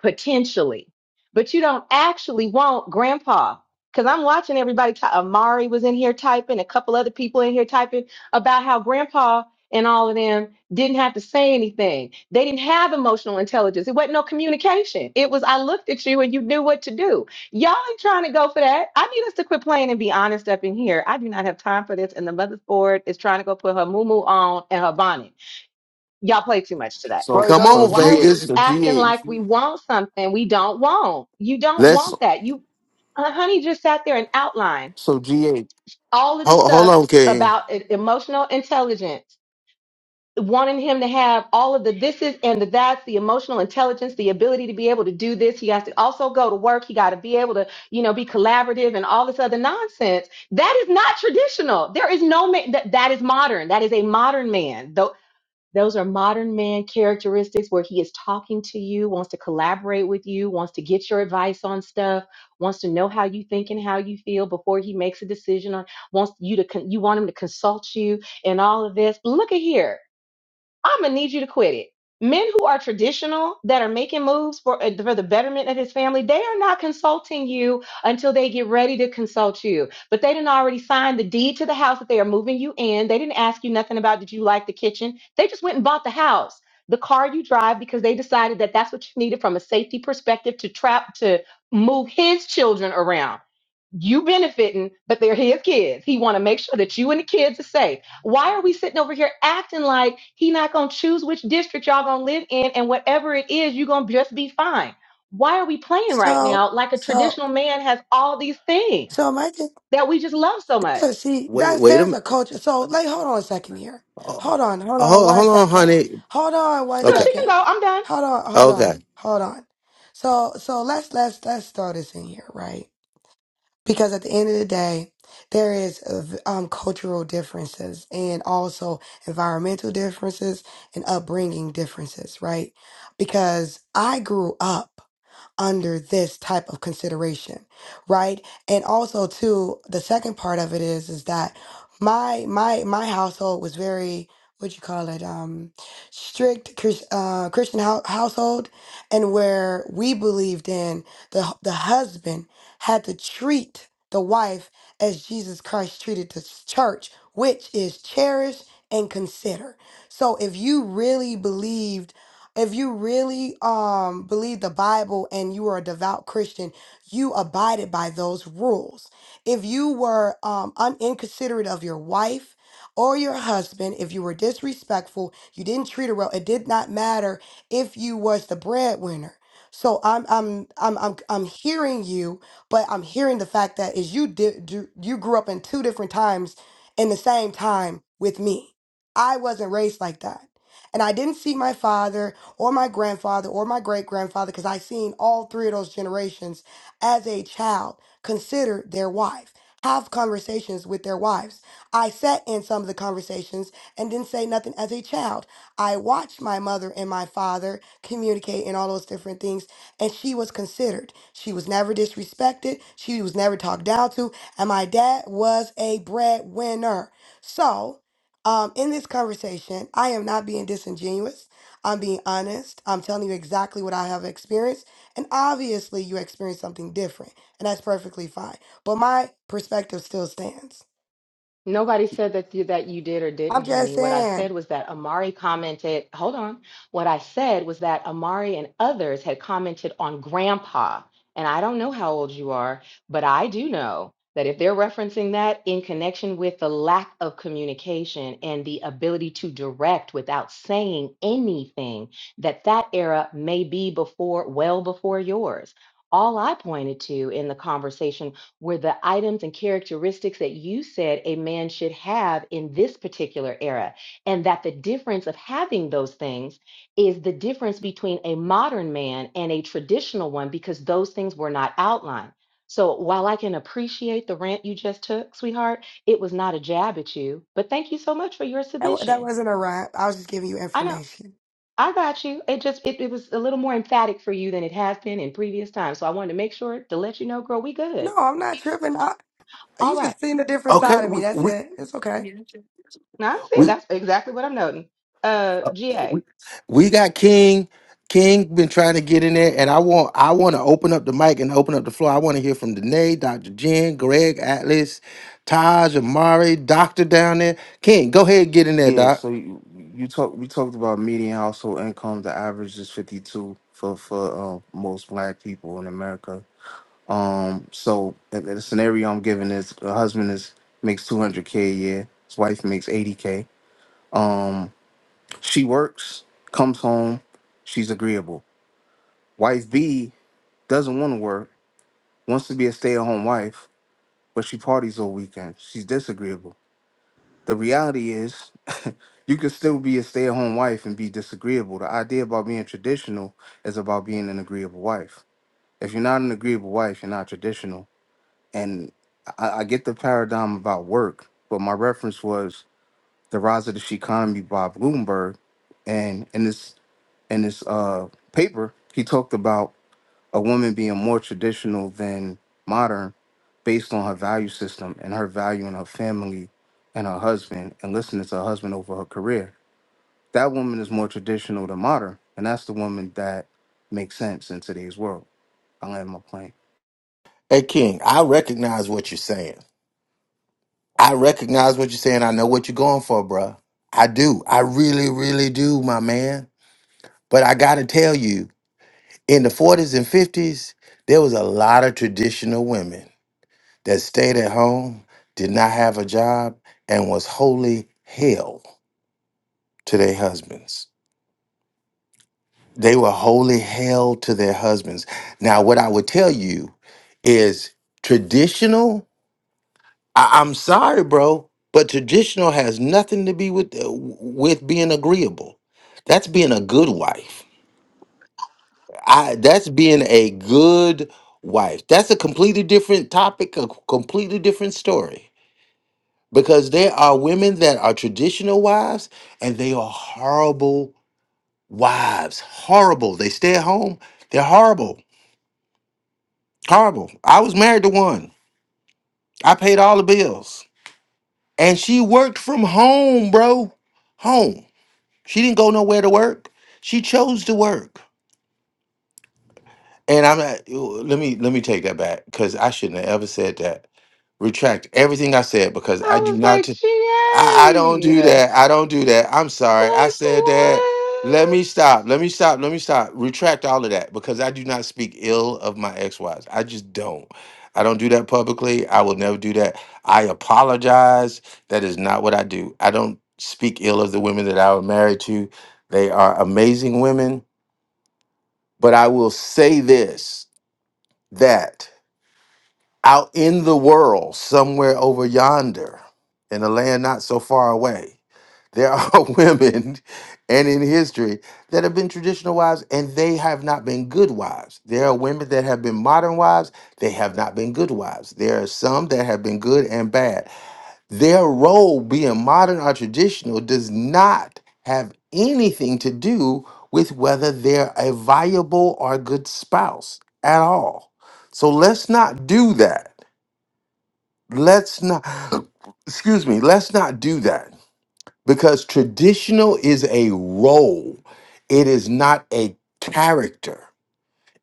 S5: potentially, but you don't actually want grandpa. Because I'm watching everybody. Ty- Amari was in here typing, a couple other people in here typing about how grandpa and all of them didn't have to say anything. They didn't have emotional intelligence. It wasn't no communication. It was I looked at you and you knew what to do. Y'all ain't trying to go for that. I need us to quit playing and be honest up in here. I do not have time for this. And the mother's board is trying to go put her moo on and her bonnet. Y'all play too much today.
S9: So,
S15: Right,
S1: Come
S15: that
S9: so
S1: on,
S15: was.
S5: Why are
S9: GA,
S5: we
S1: Vegas.
S9: so
S5: acting
S9: GA,
S5: like we want something we don't want? You don't
S1: Let's
S5: want
S9: so,
S5: that. You, uh, honey, just sat there and outlined
S9: so GA,
S5: all of this
S1: hold, hold
S5: stuff
S1: on, King.
S5: about e- emotional intelligence, wanting him to have all of the thises and the that's, the emotional intelligence, the ability to be able to do this. He has to also go to work. He got to be able to, you know, be collaborative and all this other nonsense. That is not traditional. There is no man that, that is modern. That is a modern man. Those are modern man characteristics where he is talking to you, wants to collaborate with you, wants to get your advice on stuff, wants to know how you think and how you feel before he makes a decision on wants you to con- you want him to consult you and all of this. But look at here. I'm gonna need you to quit it. Men who are traditional that are making moves for uh, for the betterment of his family, they are not consulting you until they get ready to consult you. But they didn't already sign the deed to the house that they are moving you in. They didn't ask you nothing about did you like the kitchen. They just went and bought the house, the car you drive because they decided that that's what you needed from a safety perspective to trap to move his children around you benefiting, but they're his kids. He want to make sure that you and the kids are safe. Why are we sitting over here acting like he not gonna choose which district y'all gonna live in, and whatever it is, you gonna just be fine? Why are we playing right
S17: So,
S5: now like a
S17: so,
S5: traditional man has all these things
S17: so my thing,
S5: that we just love so
S17: so
S5: much?
S17: see,
S1: Wait,
S17: that's,
S1: wait a
S17: there's a
S1: minute.
S17: culture. So, like, hold on a second here.
S1: Hold,
S17: Hold on, hold on one
S1: hold on,
S17: second.
S1: honey.
S17: Hold on one
S5: No,
S1: Okay.
S5: she can
S17: second.
S5: go. I'm done.
S17: Hold on, hold on,
S1: Okay.
S17: hold on. So, so let's, let's, let's throw this in here, right? because at the end of the day there is uh, v- um, cultural differences and also environmental differences and upbringing differences right because i grew up under this type of consideration, right? And also too, the second part of it is is that my my my household was very what you call it um strict Chris- uh, Christian hou- household and where we believed in the hu- the husband had to treat the wife as Jesus Christ treated the church, which is cherish and consider. So if you really believed if you really um believe the Bible and you are a devout Christian, you abided by those rules. If you were um un- inconsiderate of your wife or your husband, if you were disrespectful, you didn't treat her well, it did not matter if you was the breadwinner. So I'm I'm I'm I'm I'm hearing you, but I'm hearing the fact that is you did do, you grew up in two different times in the same time with me. I wasn't raised like that. And I didn't see my father or my grandfather or my great grandfather, because I seen all three of those generations as a child consider their wife, have conversations with their wives. I sat in some of the conversations and didn't say nothing as a child. I watched my mother and my father communicate and all those different things, and she was considered. She was never disrespected, she was never talked down to, and my dad was a breadwinner. So, um, in this conversation, I am not being disingenuous. I'm being honest. I'm telling you exactly what I have experienced. And obviously, you experienced something different, and that's perfectly fine. But my perspective still stands.
S5: Nobody said that you, that you did or
S17: I'm
S5: didn't,
S17: just
S5: honey. What I
S17: saying
S5: said was that Amari commented, hold on. What I said was that Amari and others had commented on grandpa. And I don't know how old you are, but I do know that if they're referencing that in connection with the lack of communication and the ability to direct without saying anything, that that era may be before, well before yours. All I pointed to in the conversation were the items and characteristics that you said a man should have in this particular era. And that the difference of having those things is the difference between a modern man and a traditional one because those things were not outlined. So while I can appreciate the rant you just took, sweetheart, it was not a jab at you. But thank you so much for your
S17: that, wa- that
S5: submission.
S17: wasn't a rap. I was just giving you
S5: I know.
S17: information.
S5: I got you. It just it, it was a little more emphatic for you than it has been in previous times. So I wanted to make sure to let you know, girl, we good.
S17: No, I'm not tripping. I,
S5: All
S17: you
S5: right.
S17: just seen a different
S1: Okay.
S17: side of me.
S1: We
S17: That's
S1: we
S17: it. It's okay.
S5: No, I see,
S1: we,
S5: that's exactly what I'm noting. Uh,
S1: uh,
S5: G A.
S1: we
S5: I
S1: we got King. King been trying to get in there, and I want I want to open up the mic and open up the floor. I want to hear from Danae, Dr. Jen, Greg, Atlas, Taj, Amari, Doctor down there. King, go ahead and get in there,
S9: yeah. So
S1: Doc.
S9: you, you talk, we talked about median household income. The average is 52 for, for, uh, most black people in America Um, so uh, the scenario I'm giving is a husband is makes 200k a year, his wife makes 80k. Um, she works, comes home, she's agreeable. Wife B doesn't want to work, wants to be a stay-at-home wife, but she parties all weekend. She's disagreeable. The reality is, you can still be a stay-at-home wife and be disagreeable. The idea about being traditional is about being an agreeable wife. If you're not an agreeable wife, you're not traditional and I, I get the paradigm about work, but my reference was the rise of the economy by Bloomberg, and in this in this uh, paper, he talked about a woman being more traditional than modern, based on her value system and her value in her family and her husband, and listening to her husband over her career. That woman is more traditional than modern, and that's the woman that makes sense in today's world. I land my plane.
S1: Hey King, I recognize what you're saying. I recognize what you're saying. I know what you're going for, bruh. I do. I really, really do, my man. But I gotta tell you, in the 40s and 50s, there was a lot of traditional women that stayed at home, did not have a job, and was wholly hell to their husbands. They were wholly hell to their husbands. Now, what I would tell you is traditional. I- I'm sorry, bro, but traditional has nothing to be with uh, with being agreeable. That's being a good wife. I that's being a good wife. That's a completely different topic, a completely different story. because there are women that are traditional wives and they are horrible wives. Horrible. They stay at home. They're horrible. Horrible. I was married to one. I paid all the bills. And she worked from home, bro. Home. She didn't go nowhere to work. She chose to work. And I'm not, let me let me take that back because I shouldn't have ever said that. Retract everything I said because I do
S5: was
S1: not.
S5: like,
S1: I, I don't do
S5: GA.
S1: that. I don't do that. I'm sorry. I
S5: Like,
S1: said that. Let me
S5: what?
S1: stop. Let me stop. Let me stop. Retract all of that because I do not speak ill of my ex-wives. I just don't. I don't do that publicly. I will never do that. I apologize. That is not what I do. I don't speak ill of the women that I was married to. They are amazing women. But I will say this that out in the world, somewhere over yonder, in a land not so far away. There are women and in history that have been traditional wives and they have not been good wives. There are women that have been modern wives, they have not been good wives. There are some that have been good and bad. Their role being modern or traditional does not have anything to do with whether they're a viable or good spouse at all. So let's not do that. Let's not, excuse me, let's not do that because traditional is a role it is not a character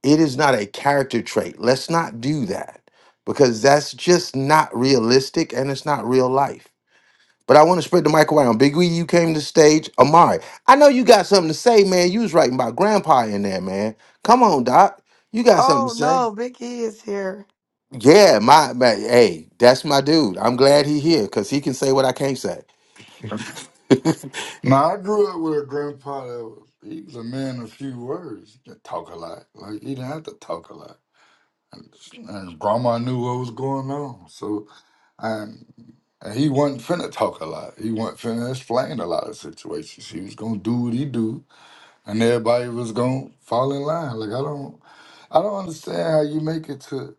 S1: it is not a character trait let's not do that because that's just not realistic and it's not real life but i want to spread the mic around big wee you came to the stage amari i know you got something to say man you was writing about grandpa in there man come on doc you got something to
S17: Oh
S1: say
S17: no, Big E is here.
S1: yeah my, my hey that's my dude i'm glad he here because he can say what i can't say
S15: Now I grew up with a grandpa that was. He was a man of few words. He did talk a lot. Like he didn't have to talk a lot. And grandma knew what was going on. So and and he wasn't finna talk a lot. He wasn't finna explain a lot of situations. He was gonna do what he do, and everybody was gonna fall in line. Like I don't, I don't understand how you make it to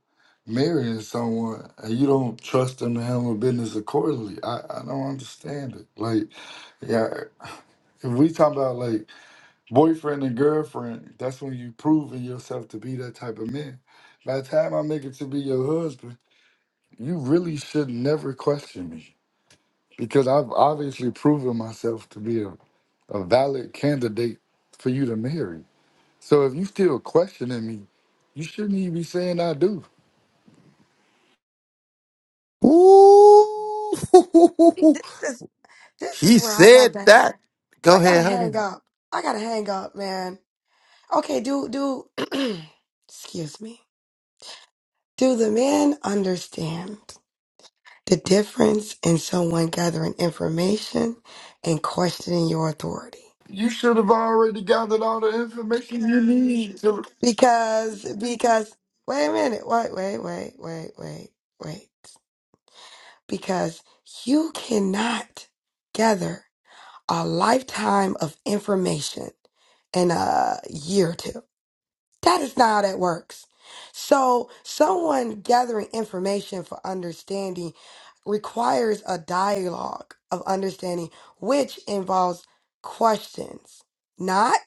S15: marrying someone and you don't trust them to handle business accordingly. I, I don't understand it. Like, yeah, if we talk about like boyfriend and girlfriend, that's when you proving yourself to be that type of man. By the time I make it to be your husband you really should never question me because I've obviously proven myself to be a, a valid candidate for you to marry. So if you still questioning me, you shouldn't even be saying I do.
S1: Ooh,
S17: This is this is
S1: he
S17: where I got
S1: said
S17: that.
S1: that. Go
S17: I gotta
S1: ahead, honey.
S17: hang up. I gotta hang up, man. Okay, do do. excuse me. Do the men understand? The difference in someone gathering information and questioning your authority.
S15: You should have already gathered all the information you need. to-
S17: Because, because, wait a minute, wait, wait, wait, wait, wait, wait. Because you cannot gather a lifetime of information in a year or two. That is not how that works. So, someone gathering information for understanding requires a dialogue of understanding, which involves questions, not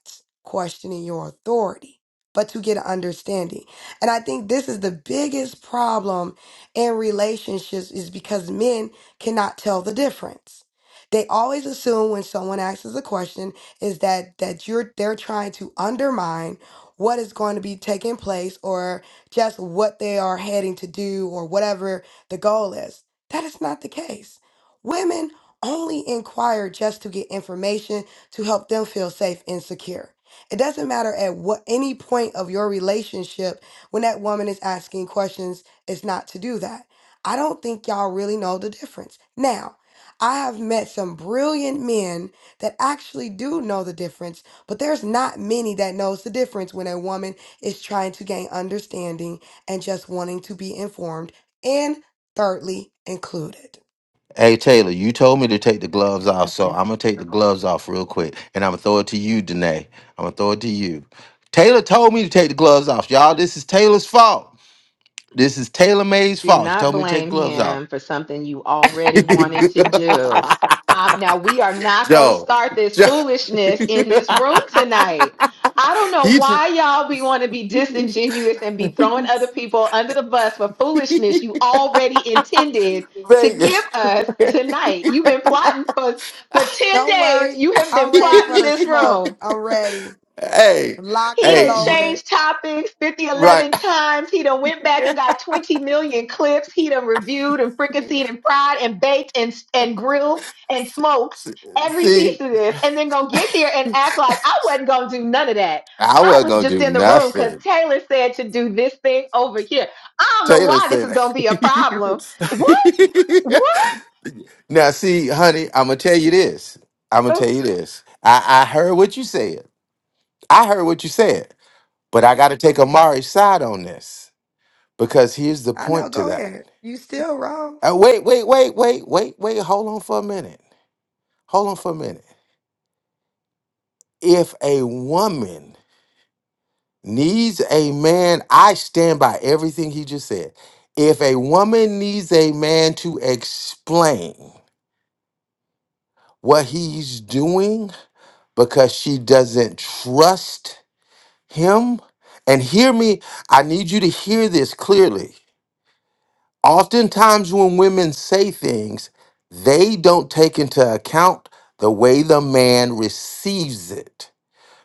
S17: questioning your authority, but to get an understanding. And I think this is the biggest problem in relationships is because men cannot tell the difference. They always assume when someone asks us a question is that that you're they're trying to undermine what is going to be taking place or just what they are heading to do or whatever the goal is. That is not the case. Women only inquire just to get information to help them feel safe and secure. It doesn't matter at what any point of your relationship when that woman is asking questions, it's not to do that. I don't think y'all really know the difference. Now, I have met some brilliant men that actually do know the difference but there's not many that knows the difference when a woman is trying to gain understanding and just wanting to be informed and thirdly included.
S1: Hey Taylor, you told me to take the gloves off, so
S16: Okay.
S1: I'm gonna take the gloves off real quick, and I'm gonna throw it to you, Danae. I'm gonna throw it to you. Taylor told me to take the gloves off, y'all. This is Taylor's fault. This is Taylor May's
S5: Do
S1: fault. She
S5: not
S1: told me to take
S5: blame
S1: gloves off.
S5: him for something you already wanted to do. Um, now, we are not going to
S1: Joe,
S5: start this
S1: Joe.
S5: foolishness in this room tonight. I don't know
S1: he. Just-
S5: why y'all be want to be disingenuous and be throwing other people under the bus for foolishness you already intended to give
S1: Vegas.
S5: us tonight. You've been plotting for for 10
S17: Don't
S5: days.
S17: worry,
S5: You have
S17: I'm
S5: been
S17: ready for
S5: plotting
S17: the
S5: this
S17: smoke.
S5: room.
S17: I'm ready.
S1: hey,
S17: Locked
S5: He
S17: and
S1: hey,
S5: done
S1: you-
S17: loaded.
S5: changed topics 50
S1: right.
S5: eleven times. He done went back and got 20 million clips. He done reviewed and fricasseed and fried and baked and, and grilled and smoked every
S1: See,
S5: piece of this and then gonna get here and act like I wasn't gonna do none of that.
S1: I
S5: I
S1: wasn't
S5: was
S1: gonna
S5: just
S1: do
S5: in the room because
S1: nothing.
S5: Taylor said to do this thing over here. I don't know
S1: Taylor
S5: why this is
S1: said
S5: gonna be a problem. What?
S1: it.
S5: What?
S1: now, see, honey, I'm gonna tell you this. I'm gonna tell you this. I, I heard what you said. I heard what you said, but I got to take Amari's side on this because here's the
S17: I know,
S1: point to
S17: go
S1: that.
S17: ahead. You still wrong.
S1: Uh, wait, wait, wait, wait, wait, wait. Hold on for a minute. Hold on for a minute. If a woman needs a man, I stand by everything he just said. If a woman needs a man to explain what he's doing because she doesn't trust him, and hear me, I need you to hear this clearly. Oftentimes, when women say things, they don't take into account the way the man receives it.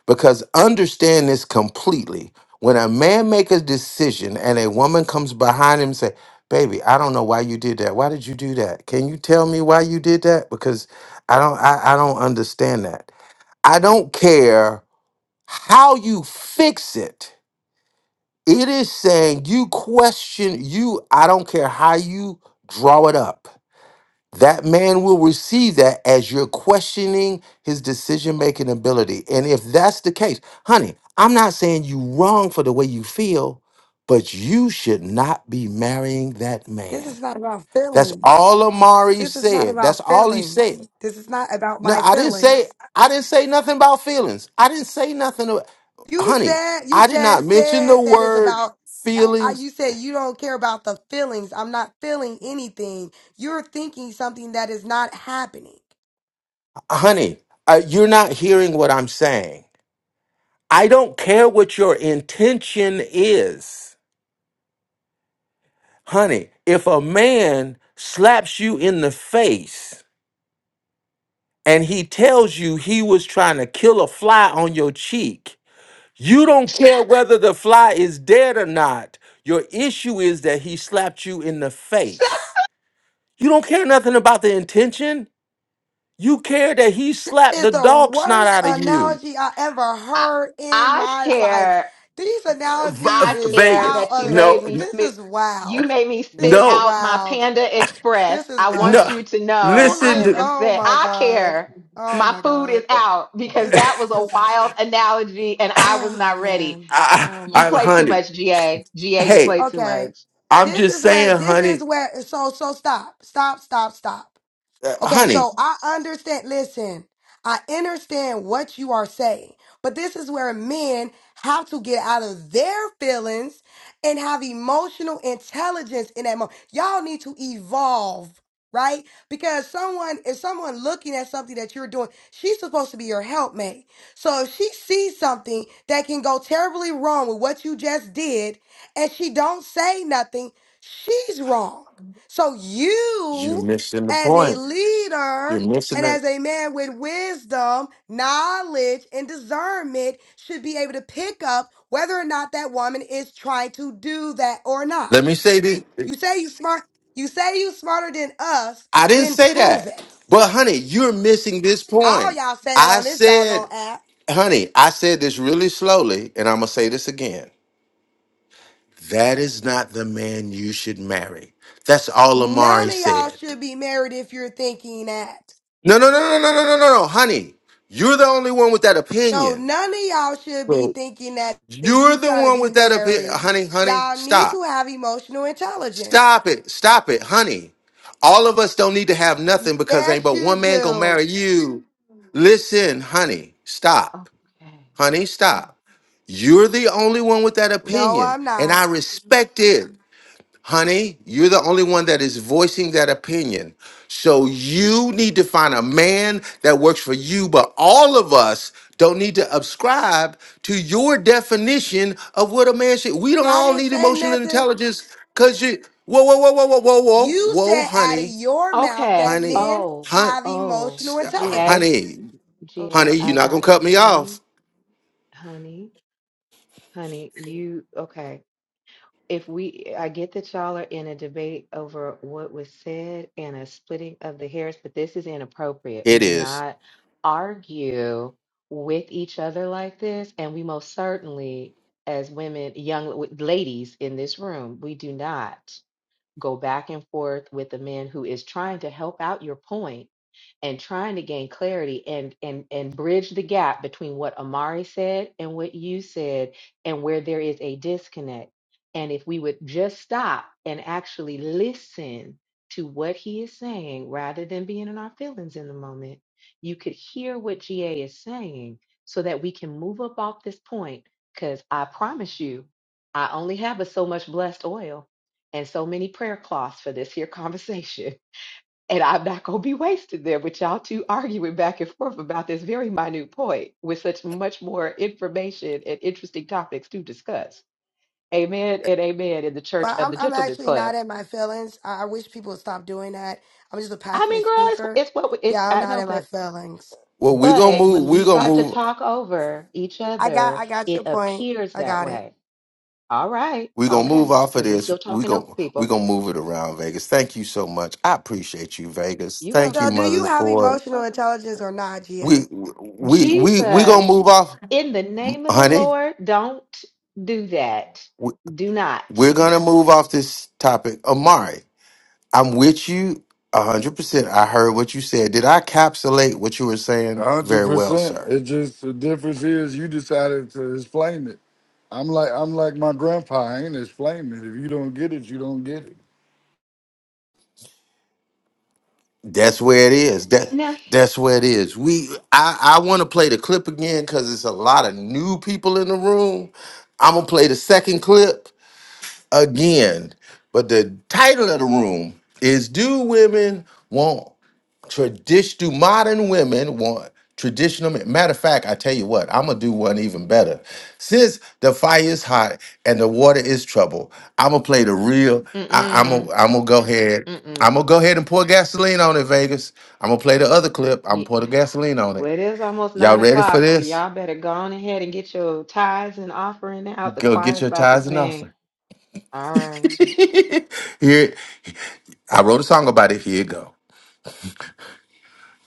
S1: Because understand this completely. When a man make a decision and a woman comes behind him and say, "Baby, I don't know why you did that. Why did you do that? Can you tell me why you did that? Because I don't I, I don't understand that. I don't care how you fix it. It is saying you question you I don't care how you draw it up that man will receive that as you're questioning his decision making ability. And if that's the case, honey, I'm not saying you wrong for the way you feel, but you should not be marrying that
S17: This
S1: man.
S17: is not about
S1: That's
S17: feelings.
S1: all Amari
S17: This is not
S1: said. That's
S17: about
S1: all he
S17: feelings.
S1: said.
S17: This is not about
S1: No,
S17: my
S1: I didn't say
S17: feelings.
S1: I didn't say nothing about feelings. I didn't say nothing about,
S17: You
S1: honey,
S17: said you
S1: I did not
S17: just
S1: mention the
S17: said that is
S1: word
S17: about. I,
S1: feelings.
S17: you said you don't care about the feelings. I'm not feeling anything. You're thinking something that is not happening.
S1: Honey, uh, you're not hearing what I'm saying I don't care what your intention is. Honey, if a man slaps you in the face and he tells you he was trying to kill a fly on your cheek, you don't care whether the fly is dead or not. Your issue is that he slapped you in the face. You don't care nothing about the intention. You care that he slapped the
S17: It's the
S1: dog snot
S17: worst
S1: out of you.
S17: analogy I ever
S5: I,
S17: heard in
S5: I
S17: my life.
S5: care.
S17: These analogies
S5: I
S1: V-
S17: is
S5: care
S17: out.
S1: Vegas.
S5: that you
S17: Of,
S1: No,
S5: made me
S1: n-
S17: this is
S5: spit. You
S17: wild.
S5: made me
S17: This
S5: spit
S17: is
S1: no,
S5: out my
S17: wild.
S5: Panda
S17: This
S5: Express.
S17: is
S5: I want
S1: no.
S17: wild.
S5: you to know
S17: You
S5: I
S1: Listen
S17: is
S5: am
S1: to
S17: oh
S5: upset.
S17: my
S5: I
S17: god.
S5: care.
S17: Oh
S5: My
S17: my
S5: food
S17: god.
S5: is out because
S17: This
S5: that
S17: is
S5: was a
S17: this is
S5: wild analogy and I was
S17: Oh
S5: not ready.
S17: man.
S1: I,
S17: Oh my
S5: You
S1: I, I-
S5: play too
S17: God.
S1: honey,
S5: much, GA. GA, you
S1: hey,
S5: play too
S17: Okay.
S5: much.
S1: I'm
S17: This
S1: just
S17: is where
S1: saying,
S17: this is
S1: honey,
S17: where so so stop. Stop, stop, stop.
S1: uh,
S17: Okay,
S1: honey,
S17: so I understand. Listen, I understand what you are saying, but this is where men have to get out of their feelings and have emotional intelligence in that moment. Y'all need to evolve, right? Because someone, if someone looking at something that you're doing, she's supposed to be your helpmate. So if she sees something that can go terribly wrong with what you just did, and she don't say nothing, she's wrong. So
S1: you're
S17: you
S1: missing the
S17: as a
S1: point. You're
S17: leader
S1: missing
S17: and
S1: it.
S17: as a man with wisdom, knowledge, and discernment should be able to pick up whether or not that woman is trying to do that or not.
S1: Let me say this.
S17: You say you smart, you say you smarter than us,
S1: I didn't
S17: then
S1: say
S17: prove
S1: that,
S17: it.
S1: but honey, you're missing this
S17: All
S1: point.
S17: y'all said it
S1: I
S17: on this doggone
S1: said,
S17: app.
S1: honey, I said this really slowly, and I'm gonna say this again. That is not the man you should marry. That's all Amari
S17: None of y'all
S1: said.
S17: should be married if you're thinking that.
S1: No, no, no, no, no, no, no, no, no, honey. You're the only one with that
S17: No,
S1: opinion.
S17: none of y'all should be
S18: So
S17: thinking that if
S1: You're
S17: you
S1: the
S17: trying to
S1: one
S17: be
S1: with that opinion.
S17: married.
S1: Honey, honey,
S17: Y'all need
S1: stop.
S17: to have emotional intelligence.
S1: Stop it. Stop it, honey. All of us don't need to have nothing because ain't
S17: Yes,
S1: but
S17: you
S1: one man gonna
S17: do.
S1: marry you. Listen, honey, stop.
S5: Okay.
S1: Honey,
S5: Ooh.
S1: stop. You're the only one with that
S17: No,
S1: opinion,
S17: I'm
S1: and
S17: not.
S1: I respect it. Honey, you're the only one that is voicing that opinion. So you need to find a man that works for you, but all of us don't need to subscribe to your definition of what a man should. We don't
S17: I
S1: all
S17: didn't
S1: need
S17: say
S1: emotional
S17: nothing.
S1: intelligence because you, whoa, whoa, whoa, whoa, whoa, whoa, whoa,
S17: You
S1: whoa,
S17: said out of
S1: honey,
S17: your mouth
S5: Okay.
S17: that
S1: honey,
S17: men
S5: Oh,
S1: hun,
S17: have
S5: oh,
S17: emotional
S1: uh,
S5: GA,
S17: intelligence.
S1: honey,
S17: Oh.
S1: honey,
S5: GA,
S1: you're
S5: I
S1: not going
S5: got
S1: to
S5: it.
S1: cut me
S5: Honey,
S1: off.
S5: honey, honey, you, okay. if we i get that y'all are in a debate over what was said and a splitting of the hairs but this is inappropriate
S1: It
S5: we do
S1: is.
S5: not argue with each other like this and we most certainly as women young w- ladies in this room we do not go back and forth with the man who is trying to help out your point and trying to gain clarity and and and bridge the gap between what Amari said and what you said and where there is a disconnect. And if we would just stop and actually listen to what he is saying rather than being in our feelings in the moment, you could hear what GA is saying so that we can move up off this point cuz I promise you I only have but so much blessed oil and so many prayer cloths for this here conversation. And I'm not going to be wasted there with y'all two arguing back and forth about this very minute point with such much more information and interesting topics to discuss. Amen and amen in the Church
S17: But
S5: of
S17: I'm
S5: the
S17: I'm
S5: Gentlemen's
S17: actually not
S5: Club.
S17: in my feelings. I, I wish people would stop doing that. I'm just a
S5: I
S17: passionate
S5: mean, girl, it's,
S17: speaker.
S5: it's what we, it,
S17: Yeah, I'm
S5: I
S17: not
S5: know,
S17: in my
S5: but
S17: feelings.
S1: Well, we're going to
S5: but when
S1: move,
S5: we
S1: we're going to
S5: start to
S1: move
S5: talk over each
S17: I got
S5: other,
S17: I got
S5: it
S17: your point.
S5: appears
S17: I
S5: that
S17: got it.
S5: way. All right,
S1: We're gonna move
S5: okay,
S1: off of
S5: because we
S1: this.
S5: still
S1: We're
S5: talking over
S1: gonna we
S5: people.
S1: gonna move it around, Vegas. Thank you so much. I appreciate you, Vegas.
S5: You
S1: Thank you,
S17: So,
S5: welcome.
S17: do you
S1: Mother's
S17: have
S1: Board.
S5: You
S17: emotional
S5: welcome.
S17: intelligence or not,
S1: We
S17: GA?
S1: we we we
S5: Jesus,
S1: gonna move off,
S5: in the
S1: m-
S5: name of the
S1: honey.
S5: Lord, don't do that.
S1: We,
S5: Do not.
S1: we're gonna move off this topic. Amari, I'm with you a hundred percent. I heard what you said. Did I capsulate what you were
S15: A
S1: saying
S15: hundred
S1: very well,
S15: percent.
S1: sir?
S15: It just the difference is you decided to explain it. I'm like I'm like my grandpa. I ain't explaining it. If you don't get it, you don't get it.
S1: That's where it is. That
S5: No.
S1: that's where it is. We I I want to play the clip again because it's a lot of new people in the room. I'm gonna play the second clip again. But the title of the room is Do Women Want Tradition? Do Modern Women Want Traditional Men? Matter of fact, I tell you what, I'm going to do one even better. Since the fire is hot and the water is trouble, I'm going to play the real. I, I'm going
S5: Mm-mm.
S1: I'm to go ahead.
S5: Mm-mm.
S1: I'm going to go ahead and pour gasoline on it, Vegas. I'm going to play the other clip. I'm going to
S5: Ye-
S1: pour the gasoline on
S5: Well,
S1: it.
S5: it is almost
S1: Y'all
S5: nine
S1: ready for
S5: o'clock, so
S1: this?
S5: y'all better go on ahead and get your tithes and offering out. The
S1: Go get
S5: choir's
S1: your
S5: about to
S1: tithes and
S5: sing.
S1: offering.
S5: All right.
S1: Here, I wrote a song about it. Here you go.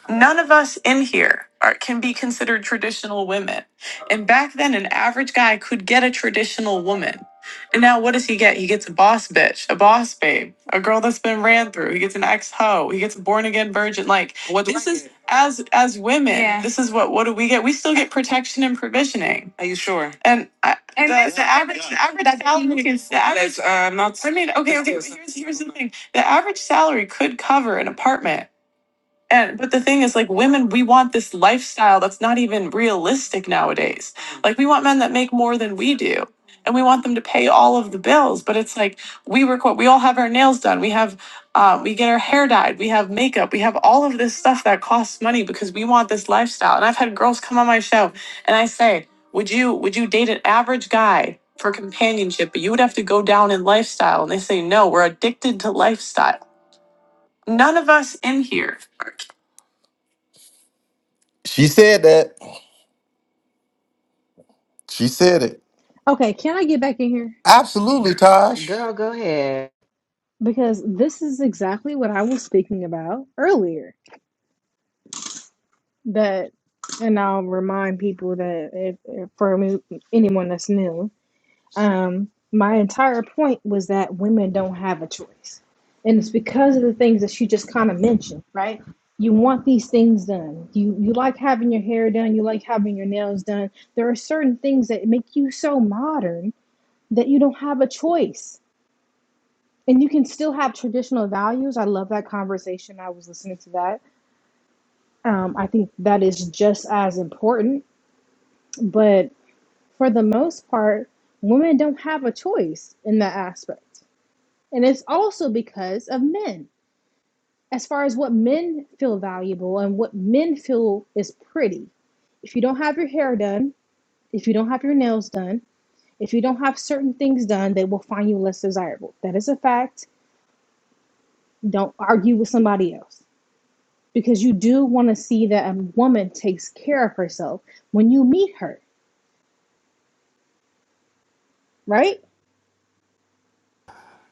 S1: None of us in here are, can be considered traditional women. And back then, an average guy could get a traditional woman. And now, what does he get? He gets a boss bitch, a boss babe, a girl that's been ran through. He gets an ex hoe. He gets a born again virgin. Like what this is as as women. Yeah. This is what what do we get? We still get protection and provisioning. Are you sure? And, I, and the, that's- the average the average salary can the average. That's, uh, not. I mean, okay, okay. but Here's here's the thing. The average salary could cover an apartment and but the thing is, like women, we want this lifestyle that's not even realistic nowadays. Like we want men that make more than we do, and we want them to pay all of the bills. But it's like we record, we all have our nails done, we have, uh, we get our hair dyed, we have makeup, we have all of this stuff that costs money because we want this lifestyle. And I've had girls come on my show, and I say, would you would you date an average guy? For companionship, but you would have to go down in lifestyle. And they say, no, we're addicted to lifestyle. None of us in here she said that. She said it.
S13: Okay, can I get back in here?
S1: Absolutely, Taj.
S5: Girl, go ahead.
S13: Because this is exactly what I was speaking about earlier. That, and I'll remind people that if, if for me, anyone that's new, um, my entire point was that women don't have a choice, and it's because of the things that she just kind of mentioned, right? You want these things done. You you like having your hair done. You like having your nails done. There are certain things that make you so modern that you don't have a choice and you can still have traditional values. I love that conversation. I was listening to that. Um, I think that is just as important. But for the most part, women don't have a choice in that aspect. And it's also because of men, as far as what men feel valuable and what men feel is pretty. If you don't have your hair done, if you don't have your nails done, if you don't have certain things done, they will find you less desirable. That is a fact. Don't argue with somebody else because you do want to see that a woman takes care of herself when you meet her, right?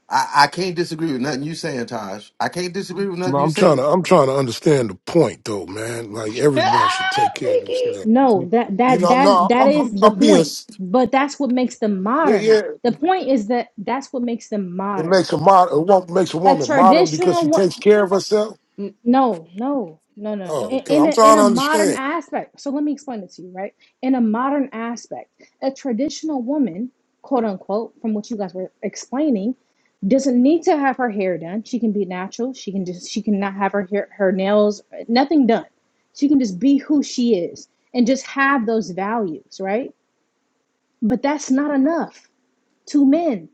S1: I, I can't disagree with nothing you saying, Taj. I can't disagree with
S18: but
S1: nothing you
S18: I'm trying to
S1: saying.
S18: I'm trying to understand the point though, man. Like everyone should
S5: ah,
S18: take care of
S5: Vicky.
S18: themselves.
S13: No,
S18: You,
S13: that
S18: you
S13: that
S18: know,
S13: that
S18: no,
S13: that
S18: I'm,
S13: is
S18: I'm
S13: the
S18: I'm being
S13: point.
S18: s-
S13: But that's what makes them
S18: yeah.
S13: modern.
S18: yeah.
S13: The point is that that's what makes them
S18: It
S13: modern.
S18: makes a mod it won't makes a
S13: A
S18: woman modern because
S13: traditional
S18: she
S13: one.
S18: takes care of herself.
S5: N-
S13: No, no, no, no. no.
S18: Oh,
S13: In,
S18: okay.
S13: in a
S18: I'm
S13: in
S18: trying
S13: a
S18: to
S13: modern
S18: understand.
S13: aspect. So let me explain it to you, right? In a modern aspect, a traditional woman, quote unquote, from what you guys were explaining, doesn't need to have her hair done. She can be natural. She can just she can not have her hair, her nails, nothing done. She can just be who she is and just have those values, right? But that's not enough to men.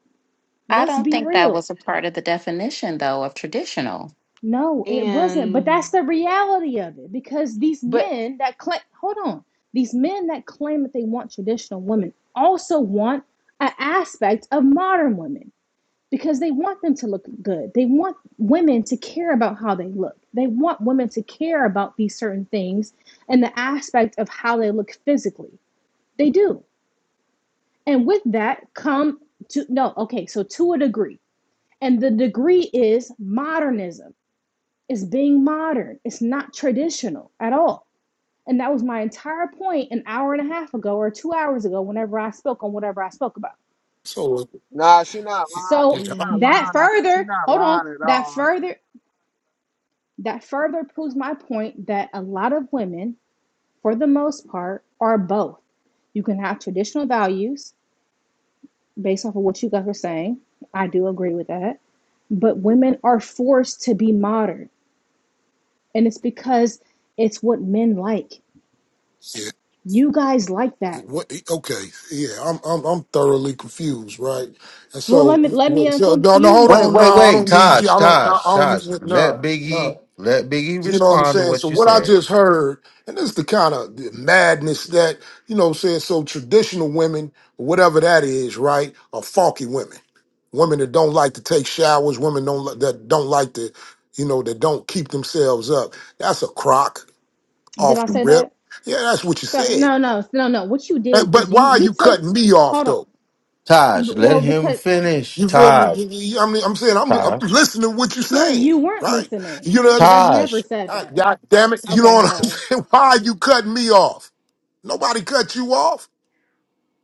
S16: I
S13: Let's
S16: don't
S13: be
S16: think that
S13: real.
S16: was a part of the definition, though, of traditional.
S13: No, it wasn't. But
S5: And,
S13: that's the reality of it because these
S5: but,
S13: men that claim, hold on, these men that claim that they want traditional women also want an aspect of modern women because they want them to look good. They want women to care about how they look. They want women to care about these certain things and the aspect of how they look physically. They do. And with that come to no, okay, so to a degree. And the degree is modernism it's being modern. It's not traditional at all. And that was my entire point an hour and a half ago or two hours ago, whenever I spoke on whatever I spoke about.
S18: So
S19: Nah, she not lying.
S18: yeah,
S13: So
S19: She
S18: I-
S19: not
S13: that
S5: mm,
S19: lying. I- She
S13: further,
S19: not
S13: hold on,
S19: lying at
S13: that
S19: all.
S13: further, that further proves my point that a lot of women, for the most part, are both. You can have traditional values based off of what you guys are saying. I do agree with that. But women are forced to be modern. And it's because it's what men like.
S18: yeah.
S13: You guys like that.
S18: What? Okay, yeah. I'm I'm I'm thoroughly confused, right? And
S13: Well, let
S18: so,
S13: me let me
S18: so no, no. Hold
S13: unconfuse
S1: Wait,
S18: on, no.
S13: you.
S1: wait,
S18: I
S1: wait,
S18: don't need
S16: Oh.
S18: you.
S1: Taj,
S18: I don't. No, I
S1: Taj,
S18: don't
S1: Taj.
S18: need.
S1: Let
S18: No,
S1: Biggie,
S18: no.
S1: let Biggie
S18: You know what I'm
S1: respond to
S18: saying? So
S1: what you
S18: what I
S1: said.
S18: just heard, and this is the kind of the madness that, you know what I'm saying? So traditional women, whatever that is, right, are funky women. Women that don't like to take showers, women don't li- that don't like to, you know, that don't keep themselves up. That's a crock
S13: Did
S18: off
S13: I
S18: the
S13: say
S18: rip.
S13: that?
S18: Yeah, that's what you
S13: So
S18: said.
S13: no, no, no, no. What you
S18: Uh,
S13: did
S18: But
S13: is you
S18: why are
S13: you
S18: you
S13: took.
S18: cutting me off
S13: Hold on.
S18: though?
S1: Taj, let
S13: Well,
S1: him
S13: because
S1: finish.
S18: You feel me?
S1: Taj,
S18: You- you- I mean, I'm saying I'm, I'm
S1: Taj,
S18: listening to what you're
S13: no,
S18: saying,
S13: you weren't
S18: right?
S13: listening
S18: You know,
S13: because
S18: what
S13: I
S1: Taj.
S13: never said
S18: I-
S13: that.
S18: God damn it! You
S13: Okay,
S18: know
S13: I'm
S18: what I'm
S13: sorry.
S18: saying? Why are you cutting me off? Nobody cut you off.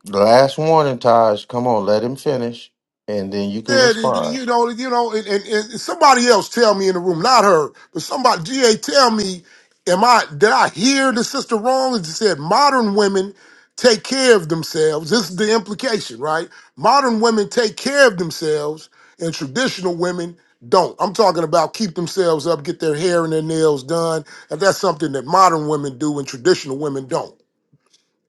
S1: Last warning, Taj. Come on, let him finish, and then you can
S18: Said
S1: respond.
S18: you know, you know, and, and, and somebody else tell me in the room, not her, but somebody GA tell me, am I did I hear the sister wrong? And she said modern women take care of themselves. This is the implication, right? Modern women take care of themselves and traditional women don't. I'm talking about keep themselves up, get their hair and their nails done. And that's something that modern women do and traditional women don't.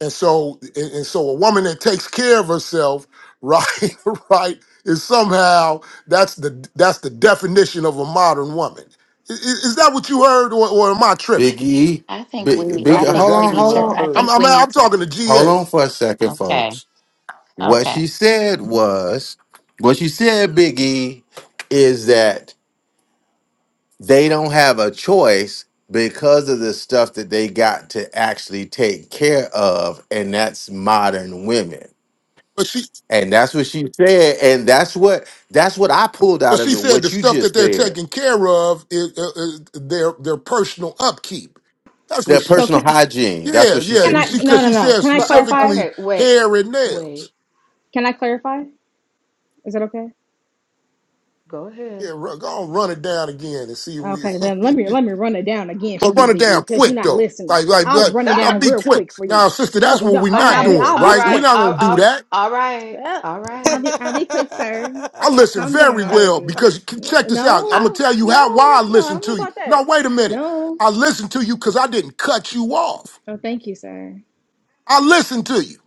S18: And so, and and so, a woman that takes care of herself, right, right, is somehow that's the that's the definition of a modern woman. I- i- Is, that what you heard, or, or am I tripping?
S1: Big E,
S16: I think
S1: big
S16: we, I
S1: big.
S15: That's
S5: I-
S16: think
S1: Hold
S16: we
S1: on,
S15: exactly
S16: need
S1: hold
S15: what
S16: to,
S15: I
S1: on,
S16: I
S15: heard.
S18: I'm,
S16: think
S18: I'm
S16: we need
S18: I'm
S16: to.
S18: talking to
S1: hold
S18: GA,
S1: on for a second,
S16: Okay.
S1: folks. What she
S16: Okay.
S1: said was, what she said, Big E, is that they don't have a choice because of the stuff that they got to actually take care of, and that's modern women.
S18: but she
S1: And that's what she said, and that's what that's what I pulled
S18: but
S1: out of
S18: she
S1: it.
S18: said
S1: What
S18: the
S1: you
S18: stuff that
S1: just
S18: they're
S1: said,
S18: taking care of is, uh, is their their personal upkeep. That's what
S1: the
S18: she.
S13: So
S1: personal
S13: can
S1: hygiene. That's
S18: Yeah,
S1: what she
S13: can
S18: yeah.
S13: I?
S1: said.
S18: She
S13: No,
S18: because
S13: no,
S18: she
S13: no.
S18: said
S13: Can I
S5: but okay,
S13: clarify?
S18: specifically
S5: okay, wait,
S18: hair and nails.
S5: wait,
S13: Can I clarify? Is that okay?
S5: go ahead.
S18: Yeah, run, go on, run it down again and see if we.
S13: Okay, Let let me let me run it down again for
S18: But
S13: you,
S18: run it
S13: Big E,
S18: down
S13: because you're
S18: quick
S13: not
S18: though.
S13: listening.
S18: Like, like,
S13: I'll
S18: but
S13: run it
S18: now
S13: down
S18: be
S13: real
S18: quick.
S13: quick for you.
S18: Now, sister, that's
S13: Don't
S18: what
S13: don't.
S18: we're
S13: And I'll
S18: not
S5: Okay.
S13: be
S18: doing,
S13: I'll be
S5: All
S18: right? We're
S5: right.
S13: quick.
S18: not
S5: All,
S18: gonna do
S5: all,
S18: that.
S5: all right.
S13: Well,
S5: All
S13: I'll
S5: right.
S13: be I'll be quick, sir.
S18: I listen
S13: Calm
S18: very
S13: down,
S5: Cha-
S18: well
S13: baby.
S18: because c-
S13: Yeah,
S18: check this out. I'm
S5: I,
S18: gonna
S13: No,
S18: tell you how
S13: no,
S18: why
S13: no,
S18: I
S13: no. I
S18: listen
S13: don't know
S18: to you.
S13: about that.
S18: No, wait a minute.
S13: No.
S18: I listen to you because I didn't cut you off.
S13: Oh, thank you, sir.
S18: I listen to you.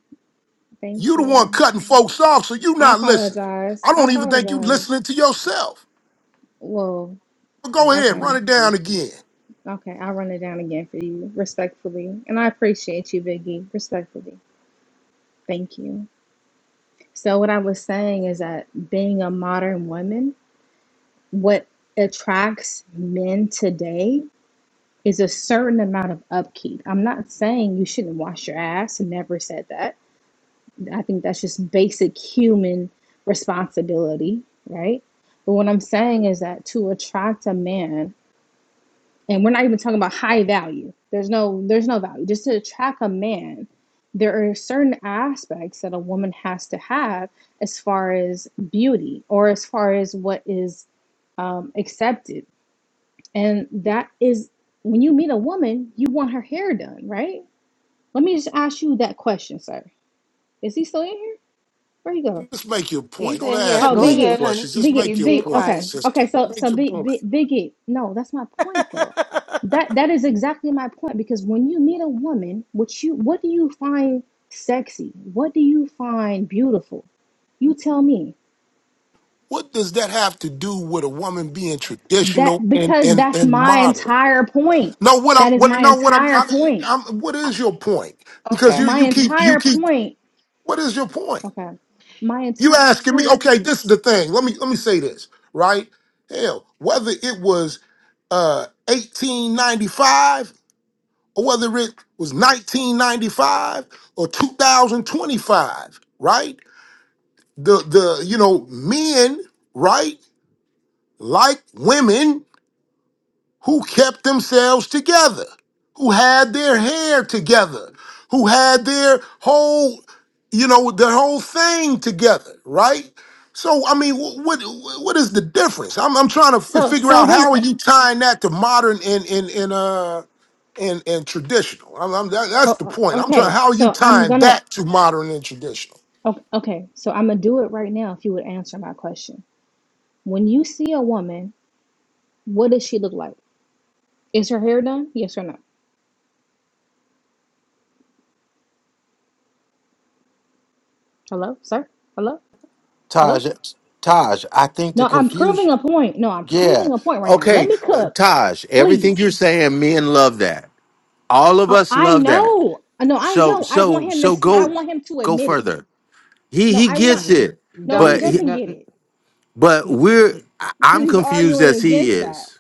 S13: Thank
S18: You the one
S13: you.
S18: cutting folks off, so you
S13: I
S18: not listening.
S13: apologize.
S18: I
S13: I
S18: don't even think you
S13: apologize.
S18: listening to yourself.
S13: Whoa.
S18: But go
S5: mm,
S18: ahead,
S13: Okay.
S18: run
S5: you,
S18: it
S5: you,
S18: down again.
S13: Okay. I'll run it down again for you, respectfully. And I appreciate you, Biggie, respectfully. Thank you. So what I was saying is that being a modern woman, what attracts men today is a certain amount of upkeep. I'm not saying you shouldn't wash your ass, never said that. I think that's just basic human responsibility, right? But what I'm saying is that to attract a man, and we're not even talking about high value. There's no there's no value. Just to attract a man, there are certain aspects that a woman has to have as far as beauty or as far as what is um, accepted and that is when you meet a woman, you want her hair done, right? Let me just ask you that question, sir. Is he still in here? Where you go?
S18: Just make your point.
S5: he's
S18: Don't
S5: in here.
S18: ask
S13: Oh,
S5: Go
S18: me any
S13: Biggie.
S5: ahead, honey.
S18: questions. Just make
S5: He's
S13: Biggie,
S18: your
S5: being
S13: big
S18: point,
S5: quiet.
S13: okay.
S18: sister.
S13: Okay, so
S18: Make
S13: so
S18: your
S13: big
S18: point.
S13: big biggie. No, that's my point though. That that is exactly my point because when you meet a woman, what you what do you find sexy? What do you find beautiful? You tell me.
S18: What does that have to do with a woman being traditional
S13: That
S18: and
S13: because
S18: and
S13: that's
S18: and
S13: my
S18: modern?
S13: entire point.
S18: No, what
S13: That
S18: I'm
S13: is
S18: what
S13: my
S18: no what I'm,
S13: entire
S18: I'm,
S13: point.
S18: I'm what
S5: I,
S18: is your point? Because you
S5: okay.
S13: My
S18: you keep you
S13: entire
S18: keep
S13: point
S18: what is your point?
S13: Okay. My
S18: You
S13: entire
S18: asking me?
S13: point.
S18: Okay, this is the thing. Let me let me say this right. Hell, whether it was uh 1895 or whether it was 1995 or 2025, right? The the you know men right like women who kept themselves together, who had their hair together, who had their whole, you know, their whole thing together, right? So I mean, wh- what what is the difference? I'm I'm trying to f-
S13: So
S18: figure
S13: so
S18: out how
S13: then.
S18: are
S13: it-
S18: you
S13: s-
S18: tying that to modern and and and uh and and traditional. I'm, I'm that, that's
S13: Oh,
S18: the point.
S13: oh,
S18: I'm trying
S13: okay.
S18: how are you
S13: So I'm
S18: tying
S13: gonna.
S18: that to modern and traditional.
S13: o- Okay. So I'm gonna do it right now. If you would answer my question, when you see a woman, what does she look like? Is her hair done? Yes or no? Hello, sir. Hello. Hello.
S1: Taj, Taj, I think the
S13: No, I'm proving
S1: confusion.
S13: a point. No, I'm
S1: Yeah.
S13: proving a point right now. Let
S1: Okay,
S13: me
S1: uh,
S13: cook,
S1: Taj, everything you're
S13: please.
S1: saying, men love that. All of
S13: Oh,
S1: us
S13: I
S1: love that.
S13: know. No, I
S1: So,
S13: know. I want
S1: so,
S13: him to.
S1: so
S13: s- I
S1: go,
S13: want him to
S1: go
S13: admit it.
S1: further. He
S13: No,
S1: he
S13: I want.
S1: gets
S5: Mm,
S1: it,
S13: No, he
S5: don't
S1: but
S5: do.
S1: he,
S13: doesn't
S5: No,
S13: get
S5: mm,
S13: it
S1: but
S5: mm,
S1: we're
S5: mm.
S1: I-
S13: because
S1: I'm
S13: he's
S1: confused
S13: arguing
S1: as he
S13: against that.
S1: is.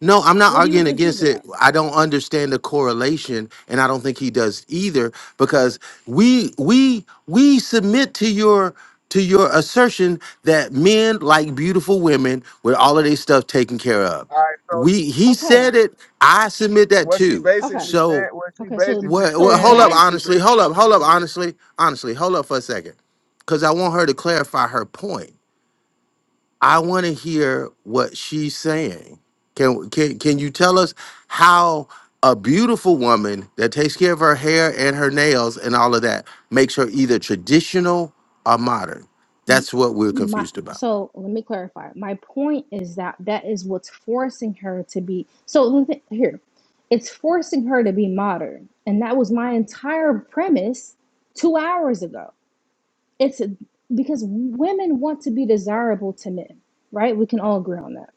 S1: No, I'm not
S13: What are you
S1: arguing
S13: confused
S1: against it.
S13: about?
S1: I don't understand the correlation, and I don't think he does either, because we we we submit to your to your assertion that men like beautiful women with all of their stuff taken care of.
S19: All right. So
S1: We he
S13: Okay.
S1: said it. I submit that
S19: what she
S1: too.
S13: Okay.
S19: basically
S1: So
S19: said, what she
S13: Okay. So
S19: basically
S1: what?
S13: so
S1: Well,
S19: saying
S1: hold up,
S13: that
S19: is, she
S1: honestly.
S19: basically,
S1: Hold up. Hold up,
S19: saying,
S1: honestly. Honestly, hold up for a second, because I want her to clarify her point. I want to hear what she's saying. Can can can you tell us how a beautiful woman that takes care of her hair and her nails and all of that makes her either traditional or modern? That's what we're
S13: my
S1: confused about.
S13: so let me clarify. My point is that that is what's forcing her to be so let me- here. It's forcing her to be modern. And that was my entire premise 2 hours ago. It's because women want to be desirable to men, right? We can all agree on that,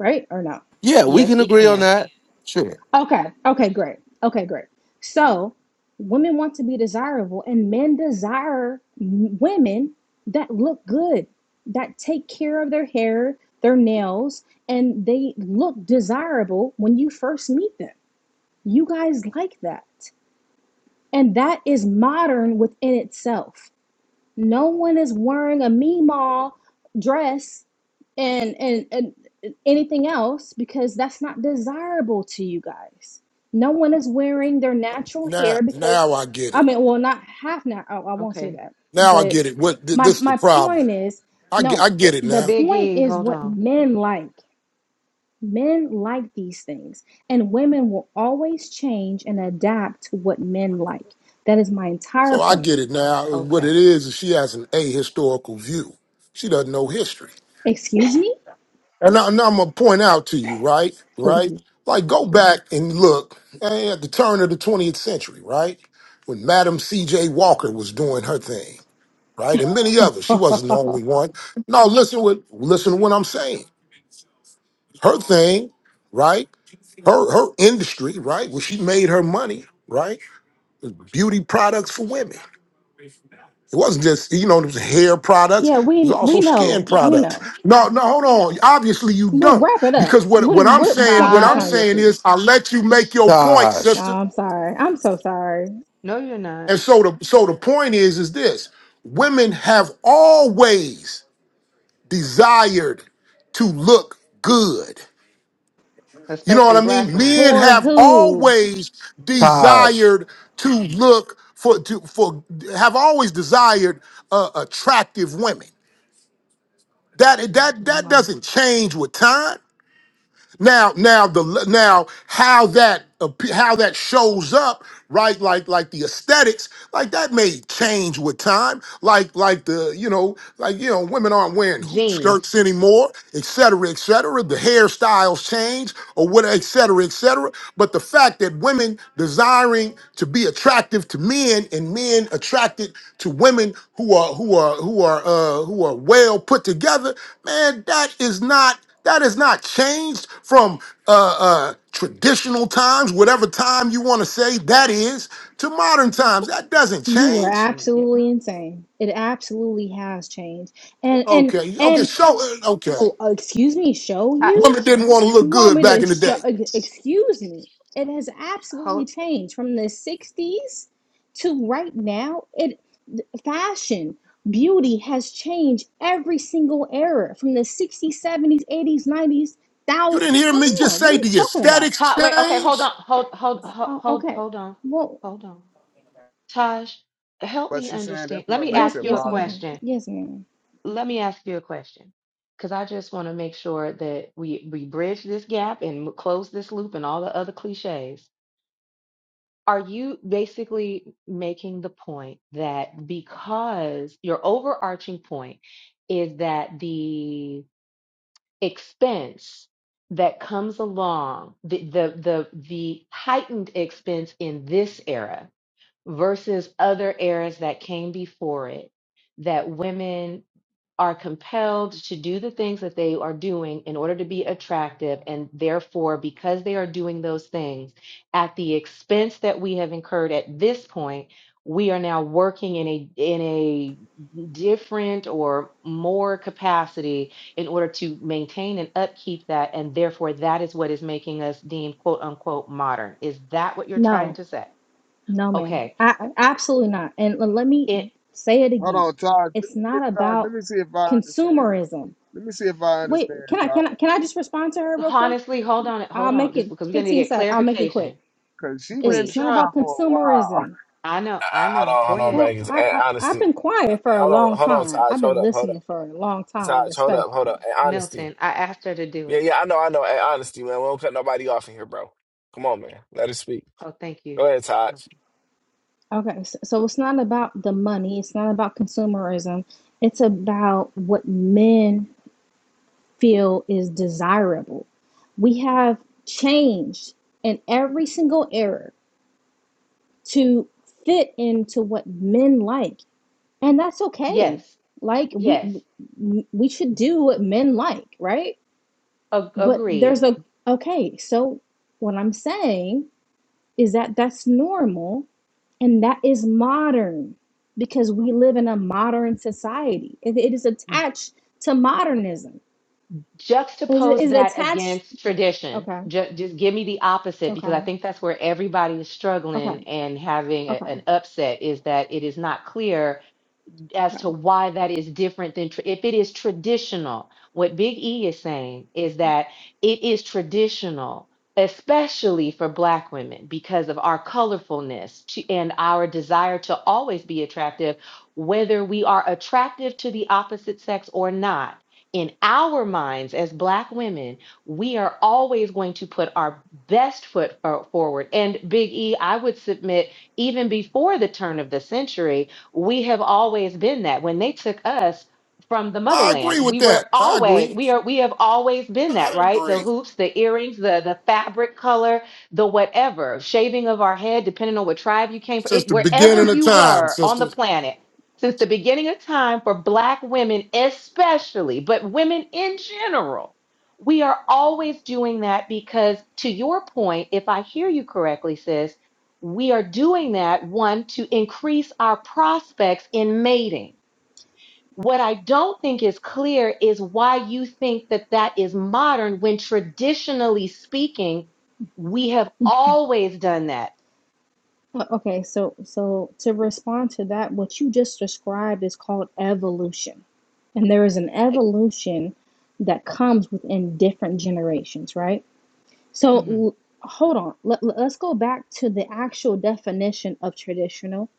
S13: right? Or no?
S1: Yeah, we
S5: yes,
S1: can
S5: we
S1: agree on
S5: can.
S1: that. Sure.
S13: Okay. Okay, great. Okay, great. So, women want to be desirable and men desire m- women that look good, that take care of their hair, their nails, and they look desirable when you first meet them. You guys like that. And that is modern within itself. No one is wearing a Meemaw dress and, and and anything else because that's not desirable to you guys. No one is wearing their natural
S18: Now
S13: hair because
S18: now I get
S13: I
S18: it.
S13: mean, well, not half now. Oh, I won't say
S5: Okay.
S13: that.
S18: Now I
S13: But
S18: get it. What th-
S13: my
S18: this is the
S13: my
S18: problem?
S13: point is,
S18: I get, I
S13: no. It,
S18: get it
S13: the
S18: now.
S13: point
S5: Biggie,
S13: is
S5: hold
S13: what
S5: on.
S13: men like. Men like these things, and women will always change and adapt to what men like. That is my entire
S18: So I
S13: point.
S18: get it now. What
S5: Okay.
S18: it is is she has an ahistorical view. She doesn't know history.
S13: Excuse me,
S18: And now, now I'm gonna point out to you, right? Right?
S13: please.
S18: Like go back and look eh, at the turn of the 20th century, right? When Madam C.J. Walker was doing her thing, right? And many others. She wasn't the only one. No, listen what listen to what I'm saying. Her thing, right? Her her industry, right? Where she made her money, right? Was beauty products for women. It wasn't just, you know, it was hair products. It
S13: yeah,
S18: was
S13: we we
S18: also skin
S13: know, we
S18: products.
S13: know.
S18: No, no, hold on. Obviously, you
S13: We'll
S18: don't,
S13: wrap it up.
S18: because what
S13: What
S18: what I'm
S13: what
S18: saying,
S13: point are
S18: what
S13: you
S18: I'm
S13: trying to get
S18: saying
S5: Taj.
S13: to?
S18: is, I let you make your point,
S13: Oh,
S1: Tosh,
S18: sister.
S13: I'm sorry. I'm so sorry.
S5: No, you're not.
S18: And so the so the point is, is this: women have always desired to look good. You know what
S5: Especially
S18: I
S5: black
S18: mean?
S5: women.
S18: Men
S13: For
S18: have
S13: who?
S18: always
S1: Tosh,
S18: desired to look for to for have always desired uh, attractive women. That
S5: She got
S18: that
S5: one
S18: that
S5: more.
S18: doesn't change with time. Now, now the now how that appe- how that shows up, right? Like like the aesthetics, like that may change with time. Like like the you know like you know women aren't wearing hoop
S5: Jeans.
S18: skirts anymore, et cetera, et cetera. The hairstyles change or what, et cetera, et cetera. But the fact that women desiring to be attractive to men and men attracted to women who are who are who are uh, who are well put together, man, that is not. That has not changed from uh, uh, traditional times, whatever time you want to say that is, to modern times. That doesn't
S13: You are.
S18: change.
S5: Can we get
S13: absolutely
S5: my?
S13: insane. It absolutely has changed. And and
S18: Okay, okay,
S13: and
S5: mm,
S18: so uh, okay.
S13: oh, excuse me. Show
S5: I,
S13: you?
S18: Women didn't want to
S13: You
S18: look
S13: want
S18: good
S13: me to
S18: back in the day.
S13: sh- excuse me? It has absolutely
S5: hold.
S13: changed from the 60s to right now. It fashion, beauty has changed every single era from the 60s, 70s, 80s, 90s.
S18: You
S13: Thou,
S18: didn't hear
S13: come
S18: me just
S13: on, what are
S18: say
S13: you
S18: the
S13: talking about?
S18: aesthetics
S5: Taj. Wait. Okay. Hold
S18: change.
S5: on. Hold. Hold.
S13: Uh,
S5: Hold.
S13: uh,
S5: Hold.
S13: okay,
S5: Hold on.
S13: well,
S5: Hold on. Taj, help
S19: but
S5: me
S19: she saying
S5: understand.
S19: that's
S5: Let
S19: what
S5: me
S13: yes,
S19: makes
S5: ask
S19: it
S5: you a
S13: yes,
S19: modern.
S13: ma'am,
S5: question.
S13: yes, ma'am.
S5: Let me ask you a question because I just want to make sure that we we bridge this gap and m- close this loop and all the other cliches. Are you basically making the point that because your overarching point is that the expense that comes along, the the the, the heightened expense in this era versus other eras that came before it, that women are compelled to do the things that they are doing in order to be attractive. And therefore, because they are doing those things at the expense that we have incurred at this point, we are now working in a in a different or more capacity in order to maintain and upkeep that and therefore that is what is making us deemed quote unquote modern is that what you're trying
S13: No,
S5: to say
S13: no, ma'am,
S5: okay
S13: I, I- absolutely not. And l- let me say it
S19: Hold
S13: again.
S19: on, Todd. Let
S13: It's
S19: me see
S13: not
S19: if Todd. Let
S13: about
S19: me see if I understand.
S13: consumerism.
S19: Let me see if I
S13: Wait,
S19: understand,
S13: can I
S19: Todd.
S13: can I can I just respond to her real quick?
S5: Honestly, hold on it.
S13: I'll
S5: Hold on.
S13: make
S5: Just
S13: it
S5: because we're going to
S13: 15
S5: get
S13: sec. I'll make it quick.
S5: clarification,
S19: Cause she
S13: It's
S19: been
S13: it's
S5: please.
S13: not
S19: trying
S13: about
S19: for a while.
S13: consumerism.
S5: I know.
S3: uh,
S5: I
S3: hold
S5: know.
S3: on,
S5: Go
S3: hold on,
S5: ahead.
S13: Well,
S3: Greg.
S13: I,
S3: And
S13: I I've
S3: honesty.
S13: been
S3: Uh, uh,
S13: quiet for a
S3: hold on,
S13: long
S3: hold on,
S13: time.
S3: Taj.
S13: I've
S3: Hold
S13: been
S3: up, hold up.
S13: listening for a long time,
S3: Taj, hold up, hold up.
S13: respectfully.
S3: And honesty.
S5: Milton, I asked her to do
S3: Yeah,
S5: it.
S3: yeah, I know, I know. And honesty, man. We don't cut nobody off in here, bro. Come on, man. Let her speak.
S5: Oh, thank you.
S3: Go ahead, Taj.
S5: Milton.
S13: Okay, so, so it's not about the money. It's not about consumerism. It's about what men feel is desirable. We have changed in every single era to fit into what men like And that's okay.
S5: Yes.
S13: Like we
S5: Yes.
S13: we should do what men like, right?
S5: A-
S13: But there's
S5: agreed.
S13: a okay, so what I'm saying is that that's normal and that is modern because we live in a modern society. It, it is attached to modernism. Is it
S5: Juxtapose
S13: is
S5: that
S13: attached
S5: against tradition.
S13: okay,
S5: Ju- just give me the opposite because I
S13: okay,
S5: think that's where everybody is
S13: okay,
S5: struggling and having a-
S13: okay,
S5: an upset is that it is not clear as
S13: okay.
S5: to why that is different than tr if it is traditional. What Big E is saying is that it is traditional, especially for Black women, because of our colorfulness to, and our desire to always be attractive, whether we are attractive to the opposite sex or not. In our minds as Black women, we are always going to put our best foot for- forward. And Big E, I would submit, even before the turn of the century, we have always been that. When they took us from the
S18: I agree
S5: motherland,
S18: with
S5: we
S18: that.
S5: were
S18: I
S5: always
S18: agree.
S5: we are we have always been that,
S18: I
S5: right? The
S18: agree.
S5: hoops, the earrings, the the fabric color, the whatever, shaving of our head, depending on what tribe you came from.
S18: Since
S5: It
S18: the
S5: wherever
S18: beginning of
S5: you
S18: time,
S5: were on the
S18: sister.
S5: planet. Since the beginning of time for black women, especially, but women in general, we are always doing that because, to your point, if I hear you correctly, sis, we are doing that one to increase our prospects in mating. What I don't think is clear is why you think that that is modern when traditionally speaking, we have always done that.
S13: Well, okay, so so to respond to that, what you just described is called evolution. And there is an
S5: I,
S13: evolution that comes within different generations, right? So
S5: mhm.
S13: l- hold on. Let, let- let's go back to the actual definition of traditional.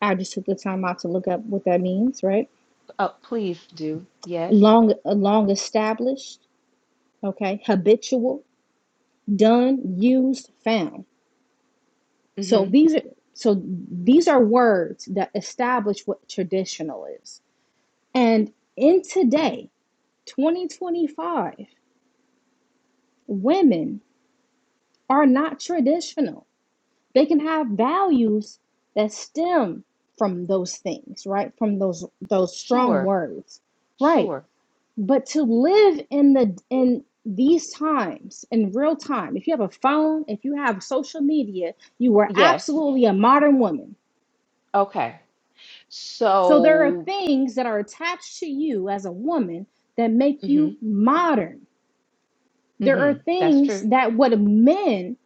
S13: I just took the time out to look up what that means, right?
S5: Oh, please do. Yes.
S13: Long uh, long established, okay? Habitual, done, used, found. So
S5: hmm
S13: these are so these are words that establish what traditional is And in today, 2025, women are not traditional. They can have values that stem from those things, right? From those those strong
S5: Sure.
S13: words. Right.
S5: Sure.
S13: But to live in the in these times in real time, if you have a phone, if you have social media, you are
S5: Yes.
S13: absolutely a modern woman.
S5: Okay.
S13: So there are
S5: So,
S13: things that are attached to you as a woman that make
S5: hmm
S13: you modern There
S5: hmm
S13: are
S5: that's
S13: things
S5: true.
S13: that what men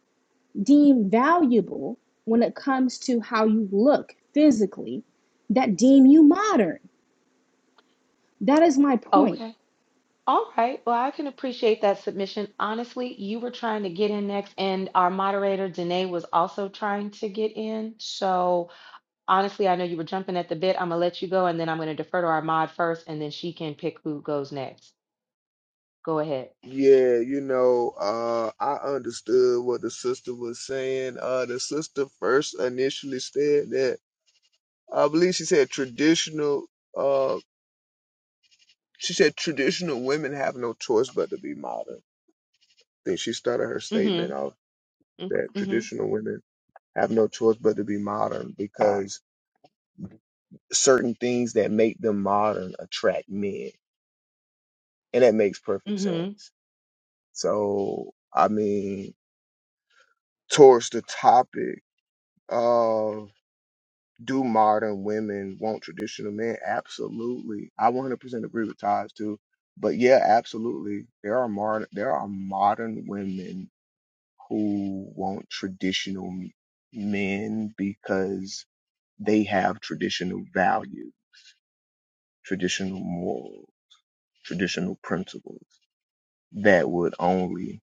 S13: deem valuable when it comes to how you look physically that deem you modern. That is my point.
S5: Okay. All right. Well, I can appreciate that submission. Honestly, you were trying to get in next, and our moderator, Danae, was also trying to get in. So, honestly, I know you were jumping at the bit. I'm going to let you go, and then I'm going to defer to our mod first, and then she can pick who goes next. Go ahead.
S19: Yeah, you know, uh, I understood what the sister was saying. Uh, the sister first initially said that I believe she said traditional. She said traditional women have no choice but to be modern. Then she started her
S5: Mm
S19: statement off
S5: hmm.
S19: that
S5: Mm
S19: traditional women have no choice but to be modern because certain things that make them modern attract men. And that makes
S5: hmm. Mm
S19: perfect
S5: hmm.
S19: sense. So, I mean, towards the topic of do modern women want traditional men? Absolutely. I 100% agree with Taj too. But yeah, absolutely. There are modern, there are modern women who want traditional m- men because they have traditional value, traditional moral, traditional principles that would only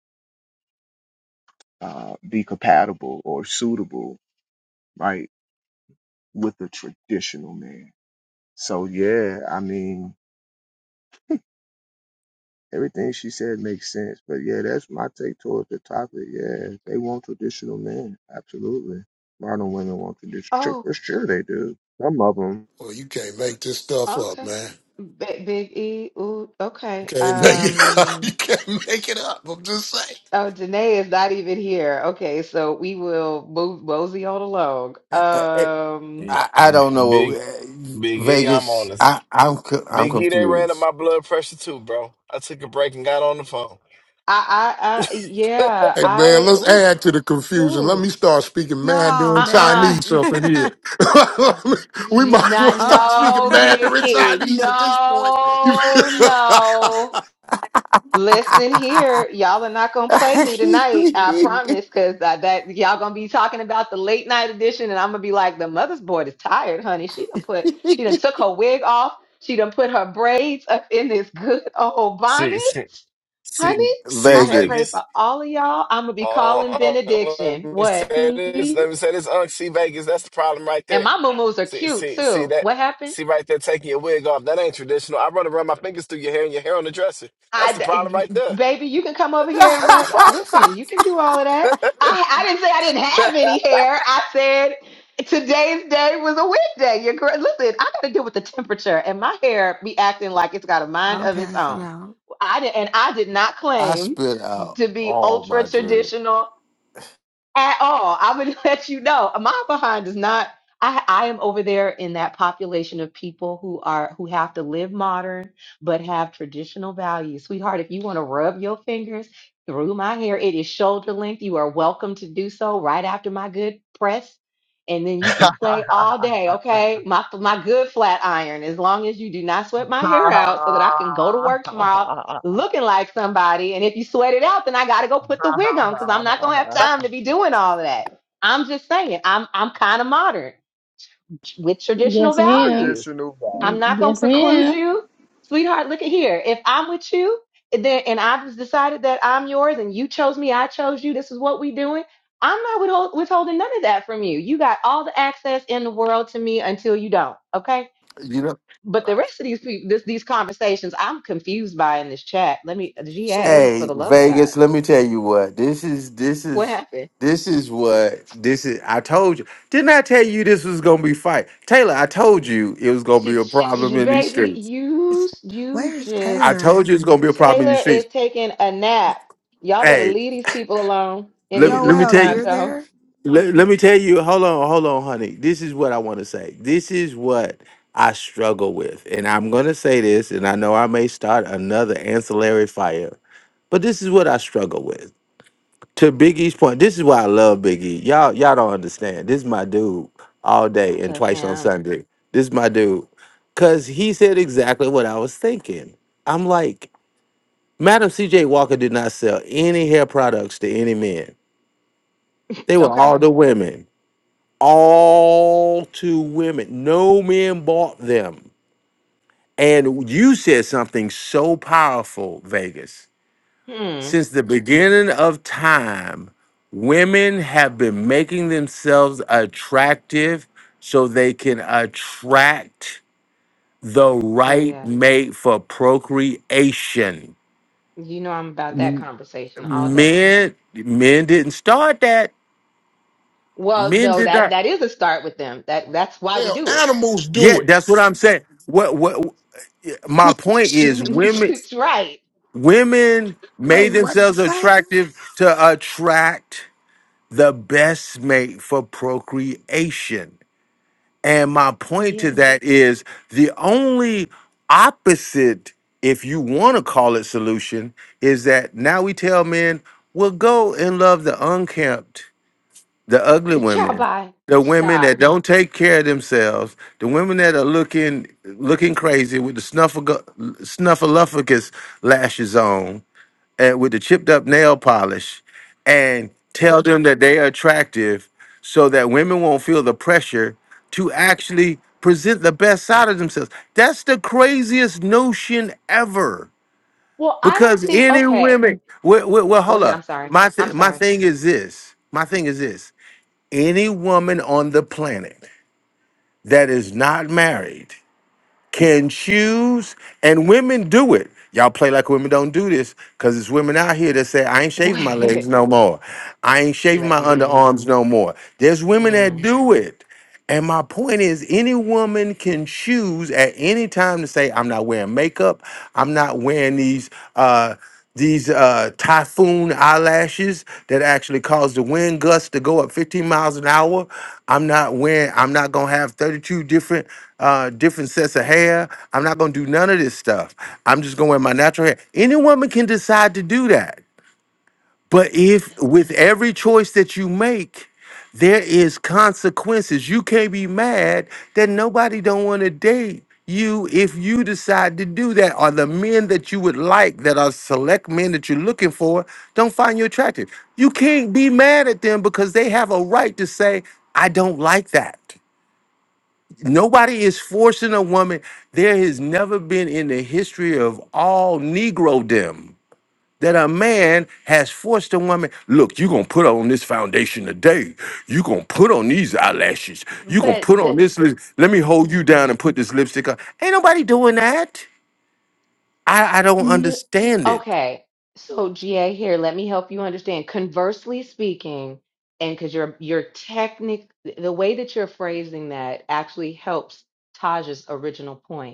S19: uh, be compatible or suitable, right, with a traditional man. So yeah, I mean, everything she said makes sense. But yeah, that's my take towards the topic. Yeah, they want traditional men, absolutely. Modern women want traditional,
S5: Oh,
S19: for sure they do. Some of them.
S18: Well, you can't make this stuff up,
S5: okay.
S18: man.
S5: Big, big E. Ooh,
S18: You
S5: okay.
S18: can't make it up. You
S5: Um,
S18: can't make it up. I'm just saying.
S5: oh, Danae is not even here. Okay. So, we will move Mosey on along.
S1: I,
S5: Um,
S3: Yeah,
S1: I, I don't
S3: b-
S1: know. what
S3: Big,
S1: we- eh,
S3: Big E, I'm on
S1: Vegas,
S3: this.
S1: I, I'm co- I'm
S3: Big E, they ran up
S1: confused.
S3: my blood pressure too, bro. I took a break and got on the phone.
S5: I, I, I, yeah,
S18: Hey man,
S5: I,
S18: let's
S5: ooh,
S18: add to the confusion. Let
S5: ooh,
S18: me start speaking
S17: Nah,
S18: Mandarin
S17: man.
S5: uh-uh,
S18: Chinese
S5: n-
S18: up in
S17: uh
S18: here. we
S5: she-
S18: might as well
S5: not,
S18: start
S17: uh.
S18: speaking
S5: no, Big
S18: Mandarin
S5: E,
S18: Chinese at this point. You-
S5: no, no. Listen here, y'all are not gonna play me tonight. I promise, cause that, that y'all gonna be talking about the late night edition, and I'm gonna be like, the mother's board is tired, honey. She done put, she done took her wig off. She done put her braids up in this good old
S3: See.
S5: bonnet,
S3: See,
S5: honey.
S3: see
S5: I have
S1: Vegas.
S5: prayed
S3: Vegas.
S5: for all of y'all. I'm gonna be calling
S3: Oh, uh, let
S5: benediction.
S3: me
S5: What?
S3: say this.
S5: Mhm.
S3: Let me say this. Uh, see Vegas. That's the problem right
S5: And
S3: there.
S5: my moo-moos are
S3: See,
S5: cute
S3: see, see
S5: too.
S3: that.
S5: What happened?
S3: See right there, taking your wig off. That ain't traditional. I run around my fingers through your hair and your hair on the dresser. That's the problem
S5: I,
S3: right there.
S5: baby, you can come
S3: That,
S5: over
S3: that,
S5: here and
S3: that's the
S5: rub.
S3: problem.
S1: I
S5: Listen, you can do all of that. I, I didn't say I didn't have any hair. I said today's day was a wet day. You're correct. Listen, I got to deal with the temperature, and my hair be acting like it's got a mind of its own. I did, and I did not claim
S1: spit out
S5: to be
S1: all
S5: ultra
S1: my drink.
S5: traditional at all. I would let you know. My behind is not. I, I am over there in that population of people who are who have to live modern but have traditional values. Sweetheart, if you want to rub your fingers through my hair, it is shoulder length. You are welcome to do so right after my good press. And then you can play all day, okay? My my good flat iron, as long as you do not sweat my hair out so that I can go to work tomorrow looking like somebody. And if you sweat it out, then I gotta go put the wig on because I'm not gonna have time to be doing all of that. I'm just saying, I'm I'm kind of modern with traditional
S13: Yes, ma'am.
S5: values.
S19: Traditional
S5: I'm
S19: value.
S5: not gonna
S13: Yes,
S5: preclude
S13: ma'am.
S5: you, sweetheart. Look at here. If I'm with you, and then and I've just decided that I'm yours, and you chose me, I chose you. This is what we doing. I'm not withhold, withholding none of that from you. You got all the access in the world to me until you don't. Okay
S1: You know,
S5: but the rest of these people, this, these conversations, I'm confused by in this chat. Let me,
S18: so when
S5: GA, for
S1: hey
S5: the love of God,
S1: Vegas, let me tell you what this is. This
S5: what
S1: is
S5: happened?
S1: this is what this is. I told you, didn't I tell you this was gonna be fight, Taylor? I told you it was gonna be
S5: She,
S1: a problem
S5: she-
S1: in these
S5: baby,
S1: streets.
S5: you, you
S17: Where's
S1: I
S5: just,
S17: Taylor
S1: told
S17: at?
S1: you it's gonna be a problem in these
S5: Taylor
S1: streets.
S5: is taking a nap. Y'all better
S1: Hey,
S5: leave these people alone in
S1: let me
S5: these
S1: let me
S5: different
S17: Joel,
S1: tell you.
S5: time
S17: you're there?
S5: zones.
S1: let, let me tell you hold on hold on honey this is what i want to say this is what i struggle with and i'm going to say this and i know i may start another ancillary fire but this is what i struggle with to biggie's point this is why i love biggie y'all y'all don't understand this is my dude all
S5: I
S1: day and
S5: love
S1: twice on
S5: him.
S1: sunday this is my dude because he said exactly what i was thinking i'm like madam cj walker did not sell any hair products to any men they were
S5: Okay.
S1: all the women all to women. No men bought them. And you said something so powerful, Vegas.
S5: Hmm.
S1: Since the beginning of time, women have been making themselves attractive so they can attract the
S5: Oh
S1: right
S5: yeah.
S1: mate for procreation.
S5: You know I'm about that
S1: M-
S5: conversation all day.
S1: Men men didn't start that.
S5: Well,
S1: Men
S5: no,
S1: did not
S5: that that is a start with them. That that's why we
S18: hell
S5: do it.
S18: animals
S1: Yeah,
S18: do it,
S1: that's what I'm saying. What what my point is women
S5: it's right.
S1: women made themselves attractive to attract the best mate for procreation. And my point to
S5: Yes.
S1: that is the only opposite, if you want to call it solution, is that now we tell men, well, go and love the unkempt the ugly
S5: Child
S1: women
S5: bye.
S1: the women
S5: Stop.
S1: that don't take care of themselves the women that are looking looking crazy with the snuffle snuffleupagus lashes on and with the chipped up nail polish and tell them that they are attractive so that women won't feel the pressure to actually present the best side of themselves that's the craziest notion ever
S5: Well, I
S1: because
S5: don't think
S1: any
S5: okay.
S1: women well, well, well
S5: Go
S1: hold
S5: ahead. I'm
S1: up
S5: sorry.
S1: my,
S5: I'm
S1: th- my
S5: sorry.
S1: thing is this my thing is this any woman on the planet that is not married can choose, and women do it. Y'all play like women don't do this because it's women out here that say, I ain't shaving my legs
S5: Wait.
S1: no more. I ain't shaving my
S5: Let, mm,
S1: underarms no more. There's women that
S5: mm.
S1: do it. And my point is, any woman can choose at any time to say, I'm not wearing makeup. I'm not wearing these. Uh, these uh, typhoon eyelashes that actually cause the wind gusts to go up 15 miles an hour. I'm not wearing. I'm not gonna have 32 different uh, different sets of hair. I'm not gonna do none of this stuff. I'm just gonna wear my natural hair. Any woman can decide to do that. But if with every choice that you make, there is consequences. You can't be mad that nobody don't want to date you if you decide to do that. Or the men that you would like that are select men that you're looking for don't find you attractive. You can't be mad at them because they have a right to say, I don't like that. Nobody is forcing a woman. There has never been in the history of all Negro that a man has forced a woman look you're gonna put on this foundation today you're gonna put on these eyelashes you're gonna
S5: But
S1: put
S5: the
S1: on this lip- let me hold you
S5: Mhm.
S1: down and put this lipstick on ain't nobody doing that i, I don't
S5: n-
S1: understand it
S5: okay. So GA here, let me help you understand. Conversely speaking, and because you're you're technic the way that you're phrasing that actually helps Taj's original point.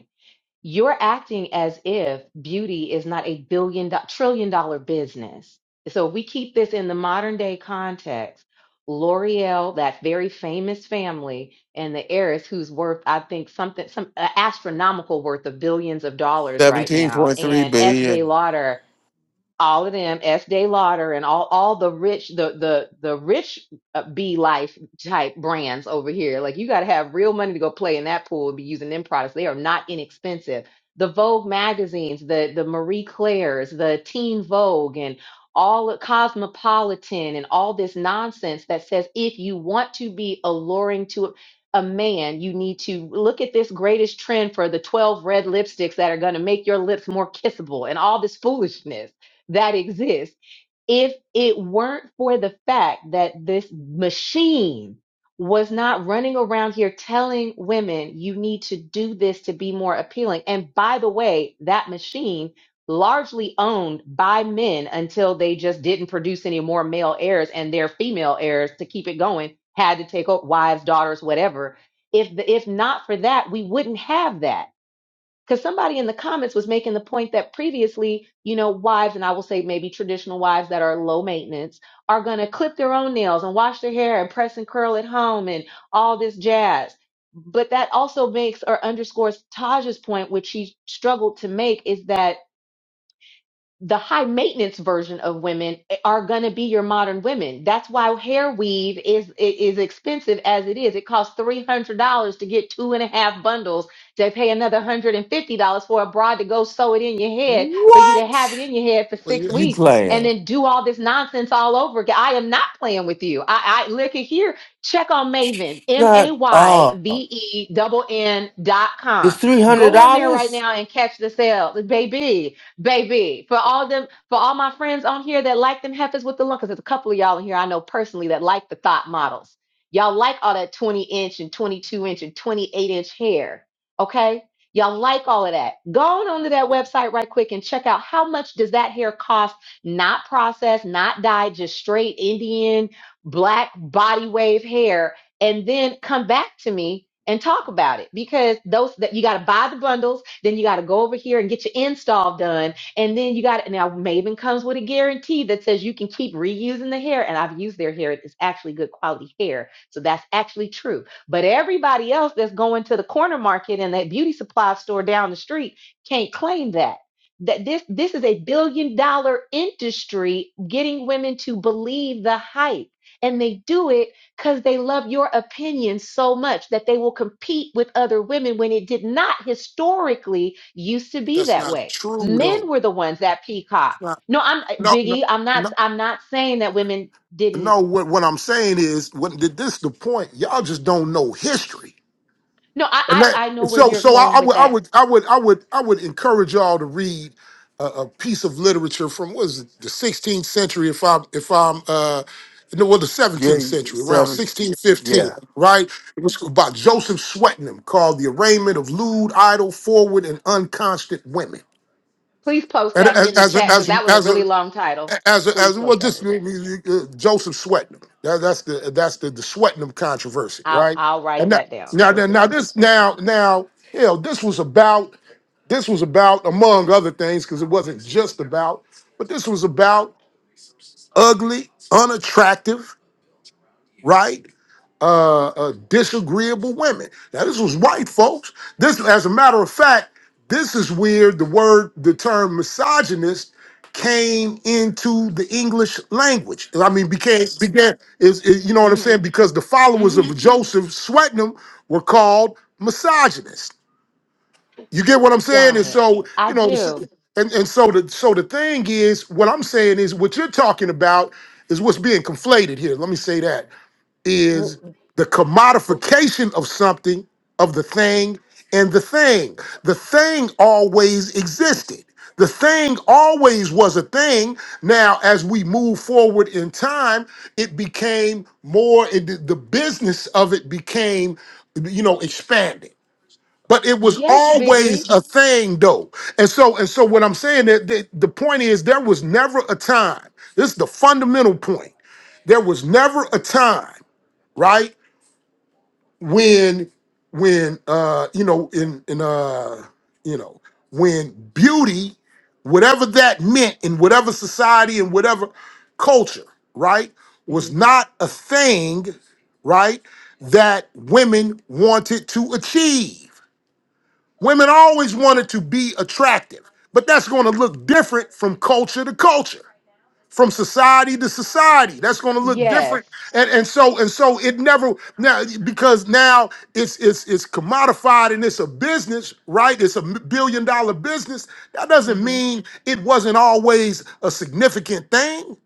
S5: You're acting as if beauty is not a billion do- trillion dollar business. So if we keep this in the modern day context, L'Oreal, that very famous family, and the heiress who's worth, I think, something some uh, astronomical worth of billions of dollars right now,
S1: 17.3
S5: and S. Day
S1: billion
S5: Lauder all of them, Estee Lauder, and all all the rich the the the rich uh, B Life type brands over here. Like you got to have real money to go play in that pool and be using them products. They are not inexpensive. The Vogue magazines, the the Marie Claire's, the Teen Vogue, and all of Cosmopolitan, and all this nonsense that says if you want to be alluring to a man, you need to look at this greatest trend for the 12 red lipsticks that are going to make your lips more kissable and all this foolishness that exists if it weren't for the fact that this machine was not running around here telling women you need to do this to be more appealing. And by the way, that machine largely owned by men until they just didn't produce any more male heirs and their female heirs to keep it going had to take up wives, daughters, whatever. If the, if not for that, we wouldn't have that because somebody in the comments was making the point that previously, you know, wives, and I will say maybe traditional wives that are low maintenance, are going to clip their own nails and wash their hair and press and curl at home and all this jazz. But that also makes or underscores Taj's point, which she struggled to make, is that the high maintenance version of women are going to be your modern women. That's why hair weave is is expensive as it is. It costs three hundred dollars to get two and a half bundles. They pay another hundred and fifty dollars for a broad to go sew it in your head for you to
S1: what
S5: have it in your head for
S18: but
S5: six
S18: yeah,
S1: you
S5: weeks and
S1: playing
S5: then do all this nonsense all over again. I am not playing with you. I, I look at here. Check on Maven M A
S1: shut
S5: Y
S1: up
S5: V E double N dot
S1: it's
S5: com. Go on there right
S1: $300
S5: now and catch the sale, baby Baby, for all them, for all my friends on here that like them heifers with the lung, because there's a couple of y'all in here I know personally that like the thought models. Y'all like all that 20 inch and 22 inch and 28 inch hair. Okay. Y'all like all of that. Go on onto that website right quick and check out how much does that hair cost, not processed, not dyed, just straight Indian black body wave hair and then come back to me and talk about it because those that you got to buy the bundles then you got to go over here and get your install done and then you got to now maven comes with a guarantee that says you can keep reusing the hair and i've used their hair it's actually good quality hair so that's actually true but everybody else that's going to the corner market and that beauty supply store down the street can't claim that that this this is a billion dollar industry getting women to believe the hype and they do it because they love your opinion so much that they will compete with other women when it did not historically used to
S18: but
S5: be
S18: that's
S5: that
S18: not
S5: way.
S18: true
S5: Men
S18: though.
S5: were the ones that peacock.
S18: It's not
S5: No, I'm
S18: no no
S5: Biggie. I'm not.
S18: no
S5: I'm not saying that women didn't.
S18: no. What what I'm saying is, what this is the point? Y'all just don't know history.
S5: No,
S18: And
S5: I
S18: that,
S5: I, I know where
S18: so,
S5: you're
S18: so I,
S5: going
S18: I
S5: with
S18: would, I
S5: that.
S18: would, I would, I would, I would encourage y'all to read a, a piece of literature from what is it, the 16th century, if I'm, if I'm, uh, no, well, the 17th
S1: yeah
S18: century, around
S1: seven
S18: 1615,
S1: yeah
S18: right? It was by Joseph Swetnam called "The Arraignment of Lewd, Idle, Forward, and Unconstant Women."
S5: Please post
S18: And
S5: that in
S18: as,
S5: the
S18: as a,
S5: chat because
S18: as a,
S5: that was a
S18: as a,
S5: really long title.
S18: as
S5: Please
S18: as well
S5: post that
S18: just
S5: in the
S18: you-
S5: chat.
S18: you- you- uh, Joseph Sweatnam. That, that's the that's the the Sweatnam controversy,
S5: I'll
S18: right?
S5: I'll write
S18: And that,
S5: that down.
S18: now now
S5: Joseph
S18: now this
S5: Swindle.
S18: now now hell this was about this was about among other things because it wasn't just about, but this was about ugly, unattractive, right? uh, uh, disagreeable women. Now, this was white folks. This, as a matter of fact, this is where the word, the term misogynist came into the English language. I mean, became, began, is, is- you know what I'm saying?
S5: Mm-hmm.
S18: Because the followers
S5: Mm-hmm.
S18: of Joseph Swetnam were called misogynists. You get what I'm saying?
S5: Got
S18: And
S5: it.
S18: so,
S5: I
S18: you know,
S5: do.
S18: the- and, and so the so the thing is, what I'm saying is what you're talking about is what's being conflated here. Let me say that is
S5: W-
S18: the
S5: bef-
S18: commodification of something, of the thing, and the thing. The thing always existed. The thing always was a thing. Now, as we move forward in time, it became more, it, the the business of it became, you know, expanded. But it was
S5: yes,
S18: always
S5: Biggie.
S18: a thing, though. And so, and so, what I'm saying that the, the point is, there was never a time. This is the fundamental point. There was never a time right? When when uh you know in in uh you know when beauty, whatever that meant in whatever society and whatever culture, right,
S5: Mm-hmm.
S18: was not a thing, right, that women wanted to achieve. Women always wanted to be attractive, but that's going to look different from culture to culture from society to society. That's going to look different,
S5: Yes.
S18: and and so and so it never now because now it's it's it's commodified and it's a business, right? It's a billion dollar business. That doesn't
S5: hmm
S18: mean it wasn't always a significant thing.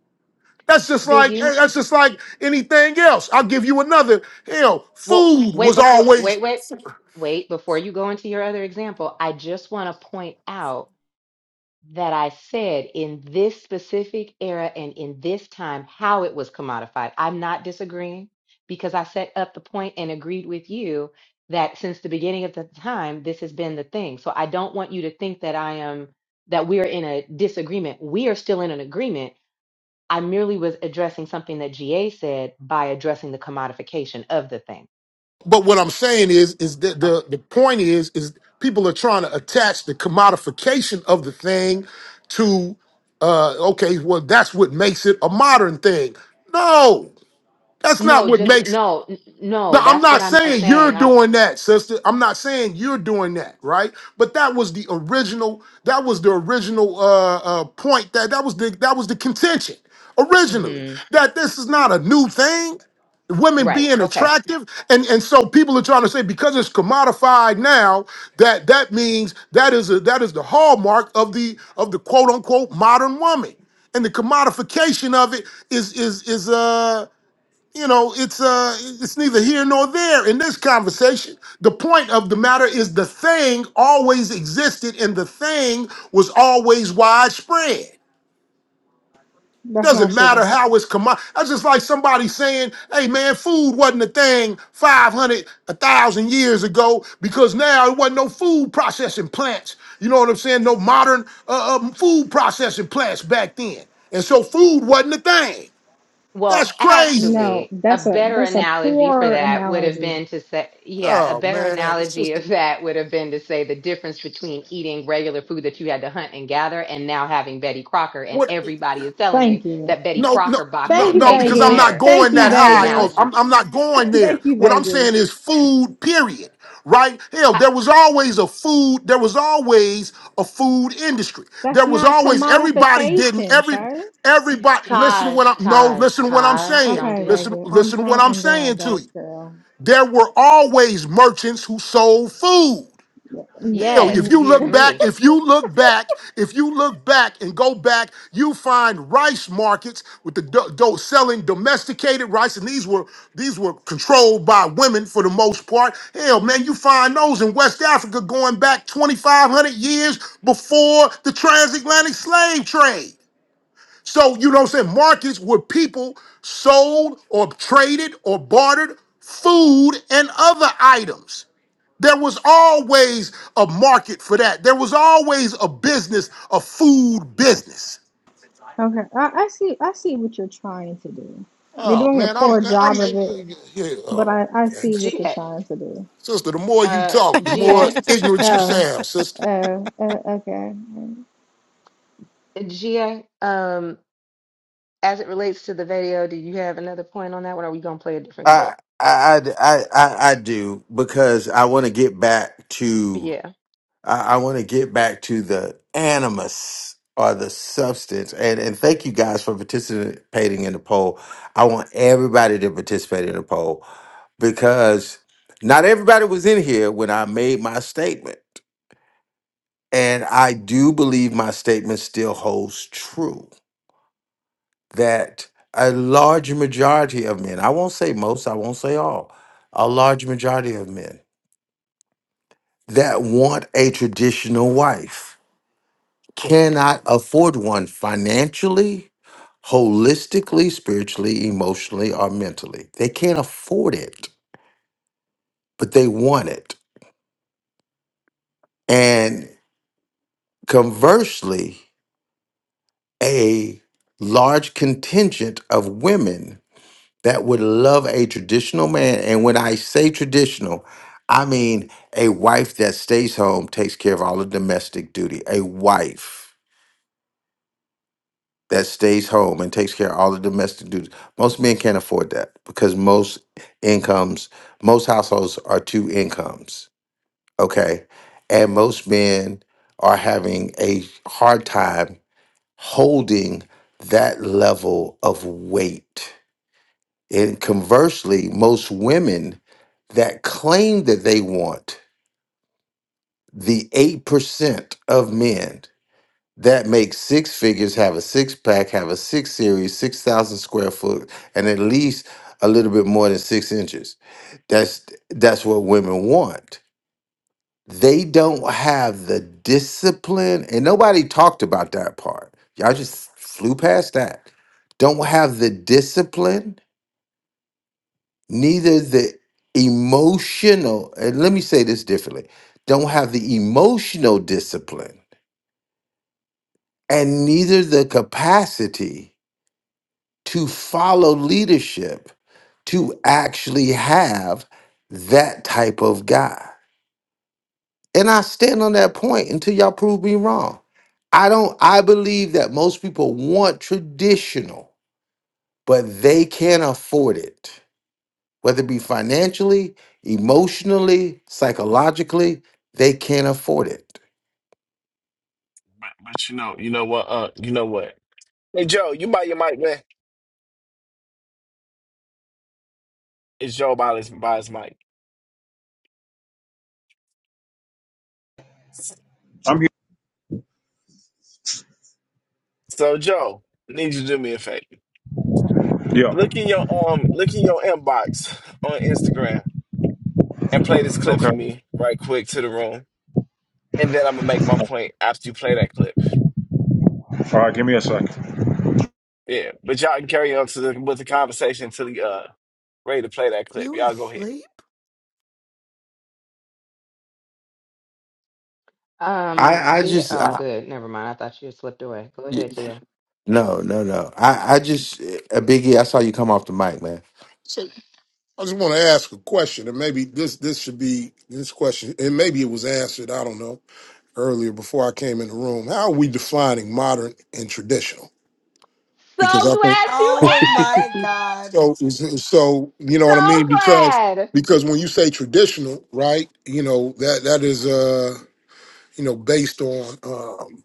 S18: That's just like
S5: Biggie.
S18: eh, that's just like anything else. I'll give you another. Hell,
S5: Well,
S18: food
S5: wait
S18: was
S5: before
S18: always.
S5: wait wait wait before you go into your other example. I just want to point out that I said in this specific era and in this time how it was commodified. I'm not disagreeing because I set up the point and agreed with you that since the beginning of the time this has been the thing. So I don't want you to think that I am that we are in a disagreement. We are still in an agreement. I merely was addressing something that GA said by addressing the commodification of the thing.
S18: But what I'm saying is, is that
S5: Okay.
S18: the the point is, is people are trying to attach the commodification of the thing to, uh, okay, well, that's what makes it a modern thing. No, that's not
S5: No,
S18: what
S5: just
S18: makes
S5: no, n-
S18: no,
S5: no.
S18: I'm
S5: That's
S18: not
S5: what I'm uh,
S18: saying you're
S5: saying. I'm
S18: doing that, sister. I'm not saying you're doing that, right? But that was the original. That was the original uh, uh, point. That that was the that was the contention originally.
S5: hmm
S18: That this is not a new thing. Women
S5: right.
S18: being
S5: Okay.
S18: attractive, and and so people are trying to say because it's commodified now that that means that is a that is the hallmark of the of the quote unquote modern woman, and the commodification of it is is is uh you know, it's uh, it's neither here nor there in this conversation. The point of the matter is the thing always existed, and the thing was always widespread.
S13: That's not
S18: Doesn't matter
S13: true.
S18: how it's come. That's just like somebody saying, "Hey, man, food wasn't a thing 500, a 1,000 years ago because now it wasn't no food processing plants. You know what I'm saying? No modern uh, um, food processing plants back then, and so food wasn't a thing. That's
S5: Well,
S18: crazy.
S13: No,
S5: actually, a
S13: that's a
S5: better
S13: that's a
S5: analogy for
S13: poor
S5: that would have
S13: analogy.
S5: been to say, yeah, a
S18: Oh
S5: better
S18: man, it's
S5: analogy
S18: just
S5: of that would have been to say the difference between eating regular food that you had to hunt and gather and now having Betty Crocker and
S18: What?
S5: everybody is telling you
S13: Thank you.
S5: that Betty
S18: No, no,
S5: Crocker boxes
S18: no,
S13: Thank
S5: of
S13: you,
S18: no.
S5: cake is
S18: Because I'm
S13: Vegas.
S18: not
S5: better.
S13: Thank
S18: going
S13: you,
S18: that
S5: That's the
S18: high. Oh,
S13: Vegas.
S5: analogy.
S18: I'm, I'm not going there.
S13: Thank you,
S18: What I'm
S13: Vegas.
S18: saying is food. Period. Right? Hell, there was always a food. There was always a food industry.
S13: That's
S18: There was
S13: not
S18: always everybody didn't
S13: commodification,
S18: every
S13: sir.
S18: everybody. Listen to
S5: Taj,
S18: what I'm. No,
S5: Taj,
S18: listen to what I'm
S5: Taj,
S18: saying.
S5: don't
S13: Okay,
S5: do that.
S18: Listen,
S13: Vegas. I'm
S18: listen to what
S13: trying
S18: I'm
S13: I'm doing my
S18: saying to you.
S13: best, girl.
S18: There were always merchants who sold food.
S13: N-
S18: Hell,
S13: n-
S18: if
S5: Yes,
S18: you
S5: we
S18: look back,
S5: agree.
S18: if you look back, if you look back and go back, you find rice markets with the do- do- selling domesticated rice, and these were these were controlled by women for the most part. Hell, man, you find those in West Africa going back 2,500 years before the transatlantic slave trade. So you know what I'm saying? Markets where people sold or traded or bartered food and other items. There was always a market for that. There was always a business, a food business.
S13: Okay, I, I see. I see what you're trying to do. You're
S18: Oh
S13: doing a
S18: man, I'm
S13: poor
S18: I'm
S13: job of it,
S18: yeah,
S13: but
S18: oh,
S13: I, I
S18: man.
S13: see what you're
S5: GA,
S13: trying to do.
S18: sister. The more you
S5: uh,
S18: talk, the more
S5: GA,
S18: ignorant you
S13: Oh,
S18: sound, sister.
S13: oh, oh okay.
S5: um, as it relates to the video, do you have another point on that one? Or are we gonna play a different
S1: I
S5: clip?
S1: I I I, I I do because I want to get back to.
S5: Yeah.
S1: I, I want to get back to the animus or the substance. And and thank you guys for participating in the poll. I want everybody to participate in the poll because not everybody was in here when I made my statement. And I do believe my statement still holds true that a large majority of men, I won't say most, I won't say all, a large majority of men that want a traditional wife cannot afford one financially, holistically, spiritually, emotionally, or mentally. They can't afford it, but they want it. And conversely, a large contingent of women that would love a traditional man. And when I say traditional, I mean a wife that stays home, takes care of all the domestic duty, a wife that stays home and takes care of all the domestic duties. Most men can't afford that because most incomes, most households are two incomes, okay? And most men are having a hard time holding that level of weight. And conversely, most women that claim that they want the 8% of men that makes six figures, have a six pack, have a six series, 6,000 square foot, and at least a little bit more than six inches. That's that's what women want. They don't have the discipline, and nobody talked about that part. Y'all just flew past that. Don't have the discipline, neither the emotional, and let me say this differently. Don't have the emotional discipline and neither the capacity to follow leadership to actually have that type of guy. And I stand on that point until y'all prove me wrong. I don't I believe that most people want traditional, but they can't afford it. Whether it be financially, emotionally, psychologically, they can't afford it.
S3: But, but you know, you know what? Uh, you know what? Hey Joe, you buy your mic, man. It's Joe by his by his mic.
S2: I'm here.
S3: So Joe, need you to do me a favor.
S2: Yeah.
S3: Look in your um, look in your inbox on Instagram and play this clip
S2: Okay.
S3: for me right quick to the room. And then I'm gonna make my point after you play that clip.
S2: Second.
S3: Yeah, but y'all can carry on to the, with the conversation until you uh ready to play that clip. Y'all go ahead.
S5: Um,
S1: I I
S5: GA,
S1: just
S5: oh,
S1: I,
S5: good. Never mind. I thought you had slipped away. Go
S1: y-
S5: ahead, GA.
S1: no, no, no. I I just uh, Biggie, I saw you come off the mic,
S18: So I just want to ask a question, and maybe this this should be this question, and maybe it was answered. I don't know earlier before I came in the room. How are we defining modern and traditional?
S5: So
S18: Because I think.
S5: glad you
S17: oh
S1: man.
S5: asked
S17: my God.
S18: So, so you know
S5: it!
S18: what I
S5: So
S18: mean? Because
S5: glad.
S18: because when you say traditional, right? You know that that is uh you know based on um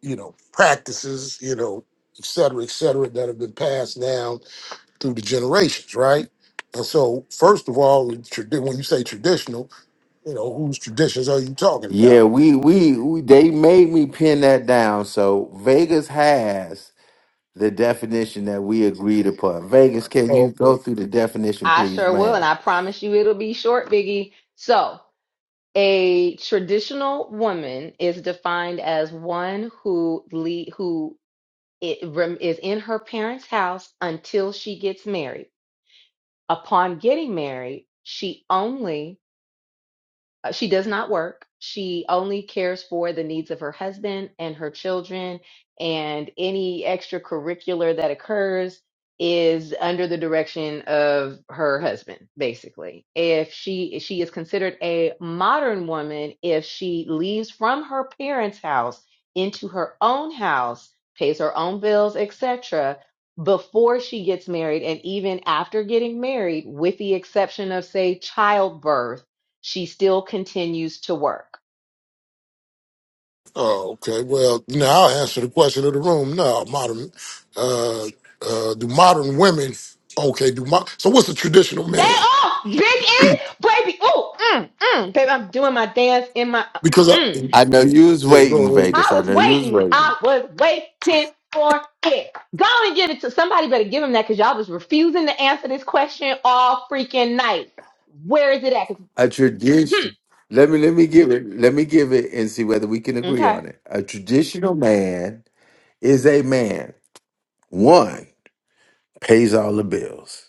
S18: you know practices, you know, et cetera, et cetera, that have been passed down through the generations, right? And so, first of all, trad- when you say traditional, you know whose traditions are you talking
S1: Yeah,
S18: about?
S1: we, we we they made me pin that down. So Vegas has the definition that we agreed upon. Vegas, can you go through the definition,
S5: I
S1: please,
S5: sure will, and
S1: ma'am?
S5: I promise you it'll be short, Biggie. So. A traditional woman is defined as one who le who i- rem- is in her parents' house until she gets married. Upon getting married, she only uh, She does not work. She only cares for the needs of her husband and her children, and any extracurricular that occurs is under the direction of her husband, basically. If she she is considered a modern woman if she leaves from her parents' house into her own house, pays her own bills, etc., before she gets married and even after getting married, with the exception of say childbirth she still continues to work.
S18: Oh, okay. Well, now I'll answer the question of the room. No, modern. Uh, uh, do modern women? Okay. Do mo- so? What's a traditional
S5: They
S18: man?
S5: oh, big in, baby. Oh, mm, mm, baby, I'm doing my dance in my. uh,
S18: Because I
S5: Mm.
S1: I know you was
S18: yeah,
S1: waiting,
S18: go ahead.
S1: Vegas.
S5: I
S1: I
S5: was
S1: know you was
S5: waiting.
S1: waiting.
S5: I was waiting for it. Go and give it to somebody. Better give him that because y'all was refusing to answer this question all freaking night. Where is it at? 'Cause-
S1: A
S5: hmm,
S1: tradition. Let me let me give it. Let me give it and see whether we can agree
S5: okay.
S1: on it. A traditional man is a man. One pays all the bills.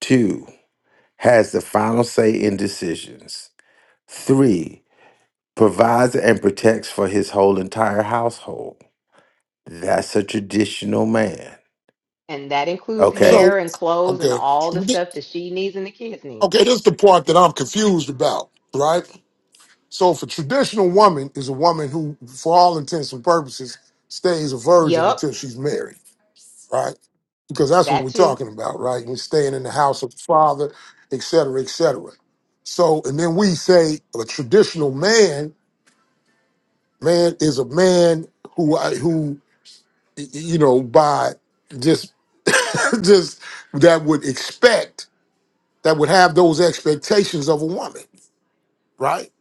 S1: Two has the final say in decisions. Three provides and protects for his whole entire household. That's a traditional man.
S5: And that includes
S1: Okay.
S18: So
S5: hair and clothes and
S18: okay,
S5: all the stuff that she needs and the kids need.
S18: okay. This is the part that I'm confused about, right? So, if a traditional woman is a woman who, for all intents and purposes, stays a virgin
S5: Yup,
S18: until she's married, right? because that's what
S5: that
S18: we're
S5: too.
S18: talking about, right? We're staying in the house of the Father, et cetera, et cetera. So, and then we say a traditional man, man is a man who, who, you know, by just, just that would expect, that would have those expectations of a woman, right?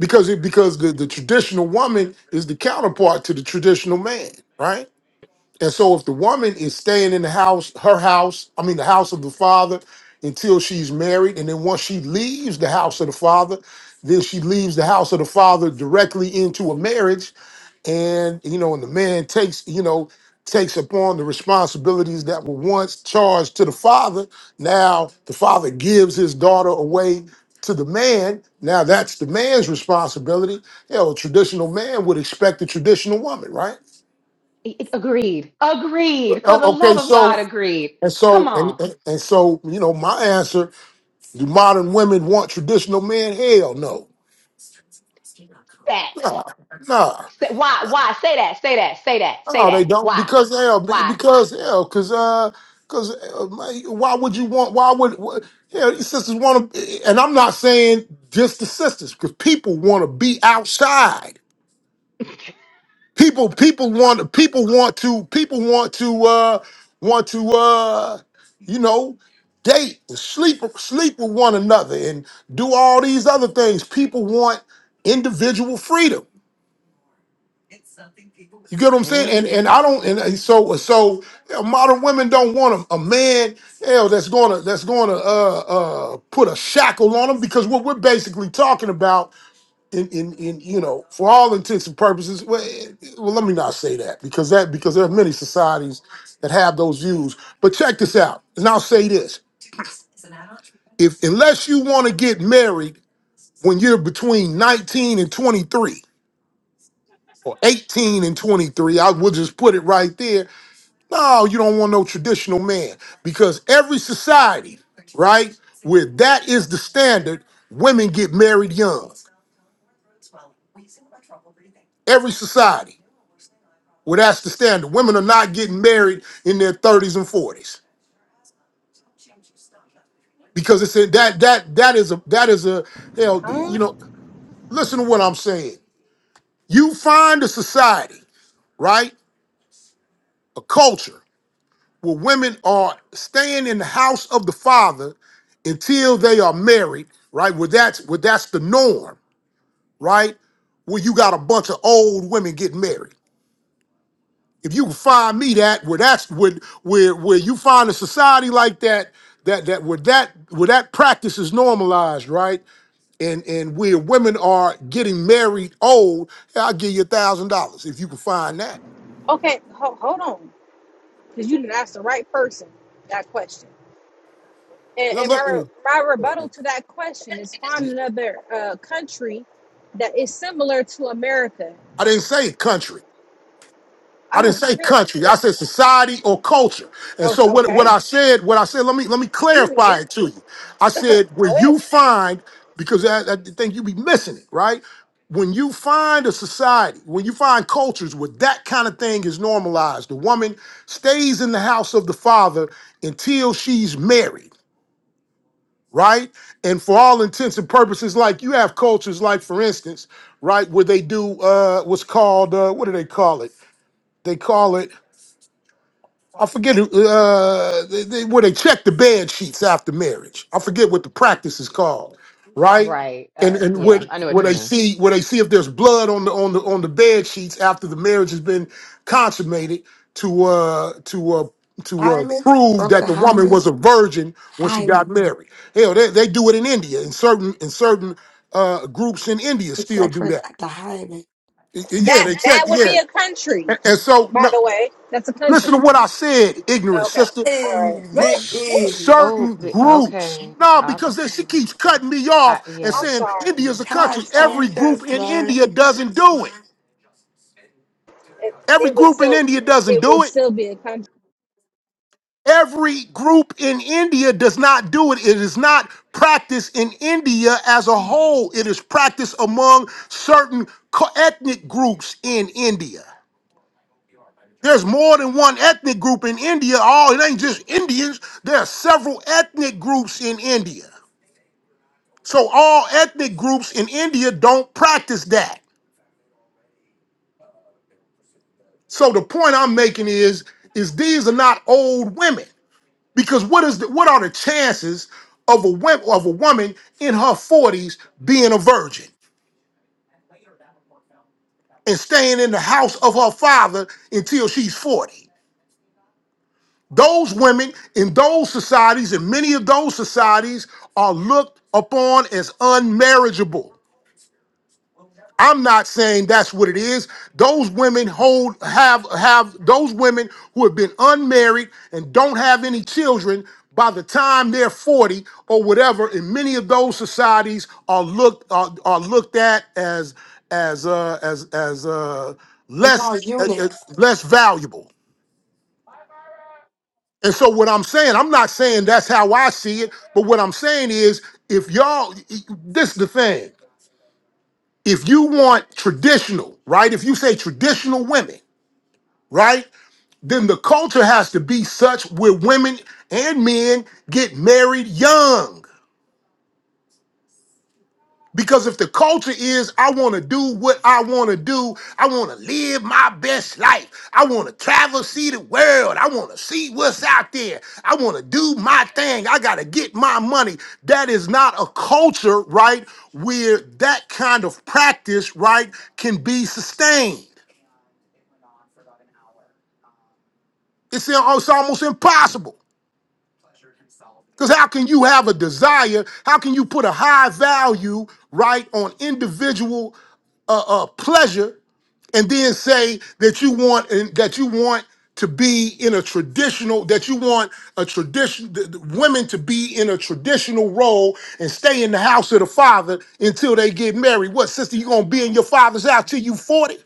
S18: Because it, because the, the traditional woman is the counterpart to the traditional man, right? And so if the woman is staying in the house, her house, I mean the house of the father until she's married, and then once she leaves the house of the father, then she leaves the house of the father directly into a marriage. And you know, and the man takes, you know, takes upon the responsibilities that were once charged to the father. Now the father gives his daughter away to the man. Now that's the man's responsibility. You know, a traditional man would expect a traditional woman, right?
S5: A- Agreed. Agreed. For the
S18: O- Okay,
S5: love of
S18: so
S5: God, agreed.
S18: and
S5: Come
S18: so, and,
S5: on.
S18: and and so, you know, my answer: Do modern women want traditional men? Hell, no,
S5: Facts.
S18: nah, nah,
S5: Say, why? Why? Say that. Say that. Say that. Say
S18: no,
S5: that.
S18: they don't.
S5: Why?
S18: Because hell, be-
S5: Why?
S18: because hell, because uh, because uh, man, why would you want? Why would wh- hell? These sisters want to, and I'm not saying just the sisters, because people want to be outside. people people want people want to people want to uh want to uh you know date and sleep sleep with one another and do all these other things people want individual freedom you get what i'm saying
S5: hmm
S18: and and i don't and and so so you modern women don't want a, a man hell that's gonna that's gonna uh uh put a shackle on them because what we're basically talking about in, in, in you know, for all intents and purposes, well, eh, well, let me not say that because that because there are many societies that have those views. But check this out, and I'll say this: if unless you want to get married when you're between 19 and 23 or 18 and 23, I will just put it right there. No, you don't want no traditional man because every society, right, where that is the standard, women get married young. Every society. Well, that's the standard. Women are not getting married in their 30s and 40s because it's a, that that that is a that is a hell.
S13: Huh?
S18: You know, listen to what I'm saying. You find a society, right, a culture where women are staying in the house of the father until they are married, right? Where that's where that's the norm, right? Where you got a bunch of old women getting married. if you can find me that where that's where where where you find a society like that that that where that where that practice is normalized, right? And and where women are getting married old, yeah, I'll give you a thousand dollars if you can find that.
S13: Okay, ho- hold on, because you didn't ask the right that question.
S18: Look,
S13: For my uh, country that is similar to America,
S18: I didn't say country.
S13: I
S18: I didn't
S13: don't
S18: say
S13: care.
S18: country. I
S13: That,
S18: said society or culture. And
S13: o-
S18: so what, what
S13: okay,
S18: I said, what I said, let me let me
S13: excuse
S18: clarify
S13: me.
S18: it to you. I said where
S13: What?
S18: you find, because I, I think you be missing it, right? When you find a society, when you find cultures where that kind of thing is normalized, the woman stays in the house of the father until she's married right? And for all intents and purposes, like you have cultures, like for instance, right, where they do uh, what's called uh, what do they call it? They call it. I forget who, uh, they, they, where they check the bed sheets after marriage. I forget what the practice is called, right?
S5: Right.
S18: And
S5: Uh,
S18: and where
S5: yeah, I know
S18: where
S5: what you
S18: they
S5: mean.
S18: see where they see if there's blood on the on the on the bed sheets after the marriage has been consummated to uh to uh to uh, prove that the woman was a virgin when she got married. Hell, they, they do it in India. In certain in certain uh groups in India still
S17: Check
S18: do
S17: for
S18: that.
S17: the hive.
S18: Y- Yeah,
S13: That
S18: they check.
S13: that would
S18: Yeah,
S13: be a country,
S18: and so
S13: by
S18: no,
S13: the way. That's a
S18: listen to
S13: country.
S18: what I said, ignorant
S13: Okay,
S18: sister.
S13: all right. No.
S5: Oh,
S18: certain
S5: be-
S18: groups.
S5: okay.
S18: No,
S5: I,
S18: because then she keeps cutting me
S5: I,
S18: off and
S5: yeah.
S13: I'm
S18: saying
S13: sorry.
S18: India's a
S13: I'm
S18: country.
S13: sorry.
S18: Every group in India doesn't do it.
S13: It,
S18: Every
S13: it would
S18: group in
S13: still
S18: India doesn't
S13: it
S18: do
S13: would
S18: it.
S13: still be a country.
S18: Every group in India does not do it. It is not practiced in India as a whole. It is practiced among certain co- ethnic groups in India. There's more than one ethnic group in India. Oh, it ain't just Indians. There are several ethnic groups in India. So all ethnic groups in India don't practice that. So the point I'm making is is these are not old women because what is the, what are the chances of a wimp, of a woman in her 40s being a virgin and staying in the house of her father until she's 40? Those women in those societies in many of those societies are looked upon as unmarriageable. I'm not saying that's what it is. Those women hold have have those women who have been unmarried and don't have any children by the time they're 40 or whatever in many of those societies are looked are, are looked at as as uh as as uh
S17: They call
S18: less as,
S17: eunuchs.
S18: as less valuable. And so what I'm saying, I'm not saying that's how I see it, but what I'm saying is if y'all this is the thing. If you want traditional, right? If you say traditional women, right? Then the culture has to be such where women and men get married young. Because if the culture is, I want to do what I want to do, I want to live my best life, I want to travel, see the world, I want to see what's out there, I want to do my thing, I got to get my money. That is not a culture, right, where that kind of practice, right, can be sustained. It's, in- it's almost impossible. Because how can you have a desire? How can you put a high value, right, on individual uh, uh, pleasure and then say that you want and that you want to be in a traditional that you want a tradition th- th- women to be in a traditional role and stay in the house of the father until they get married what sister you gonna be in your father's house till you 40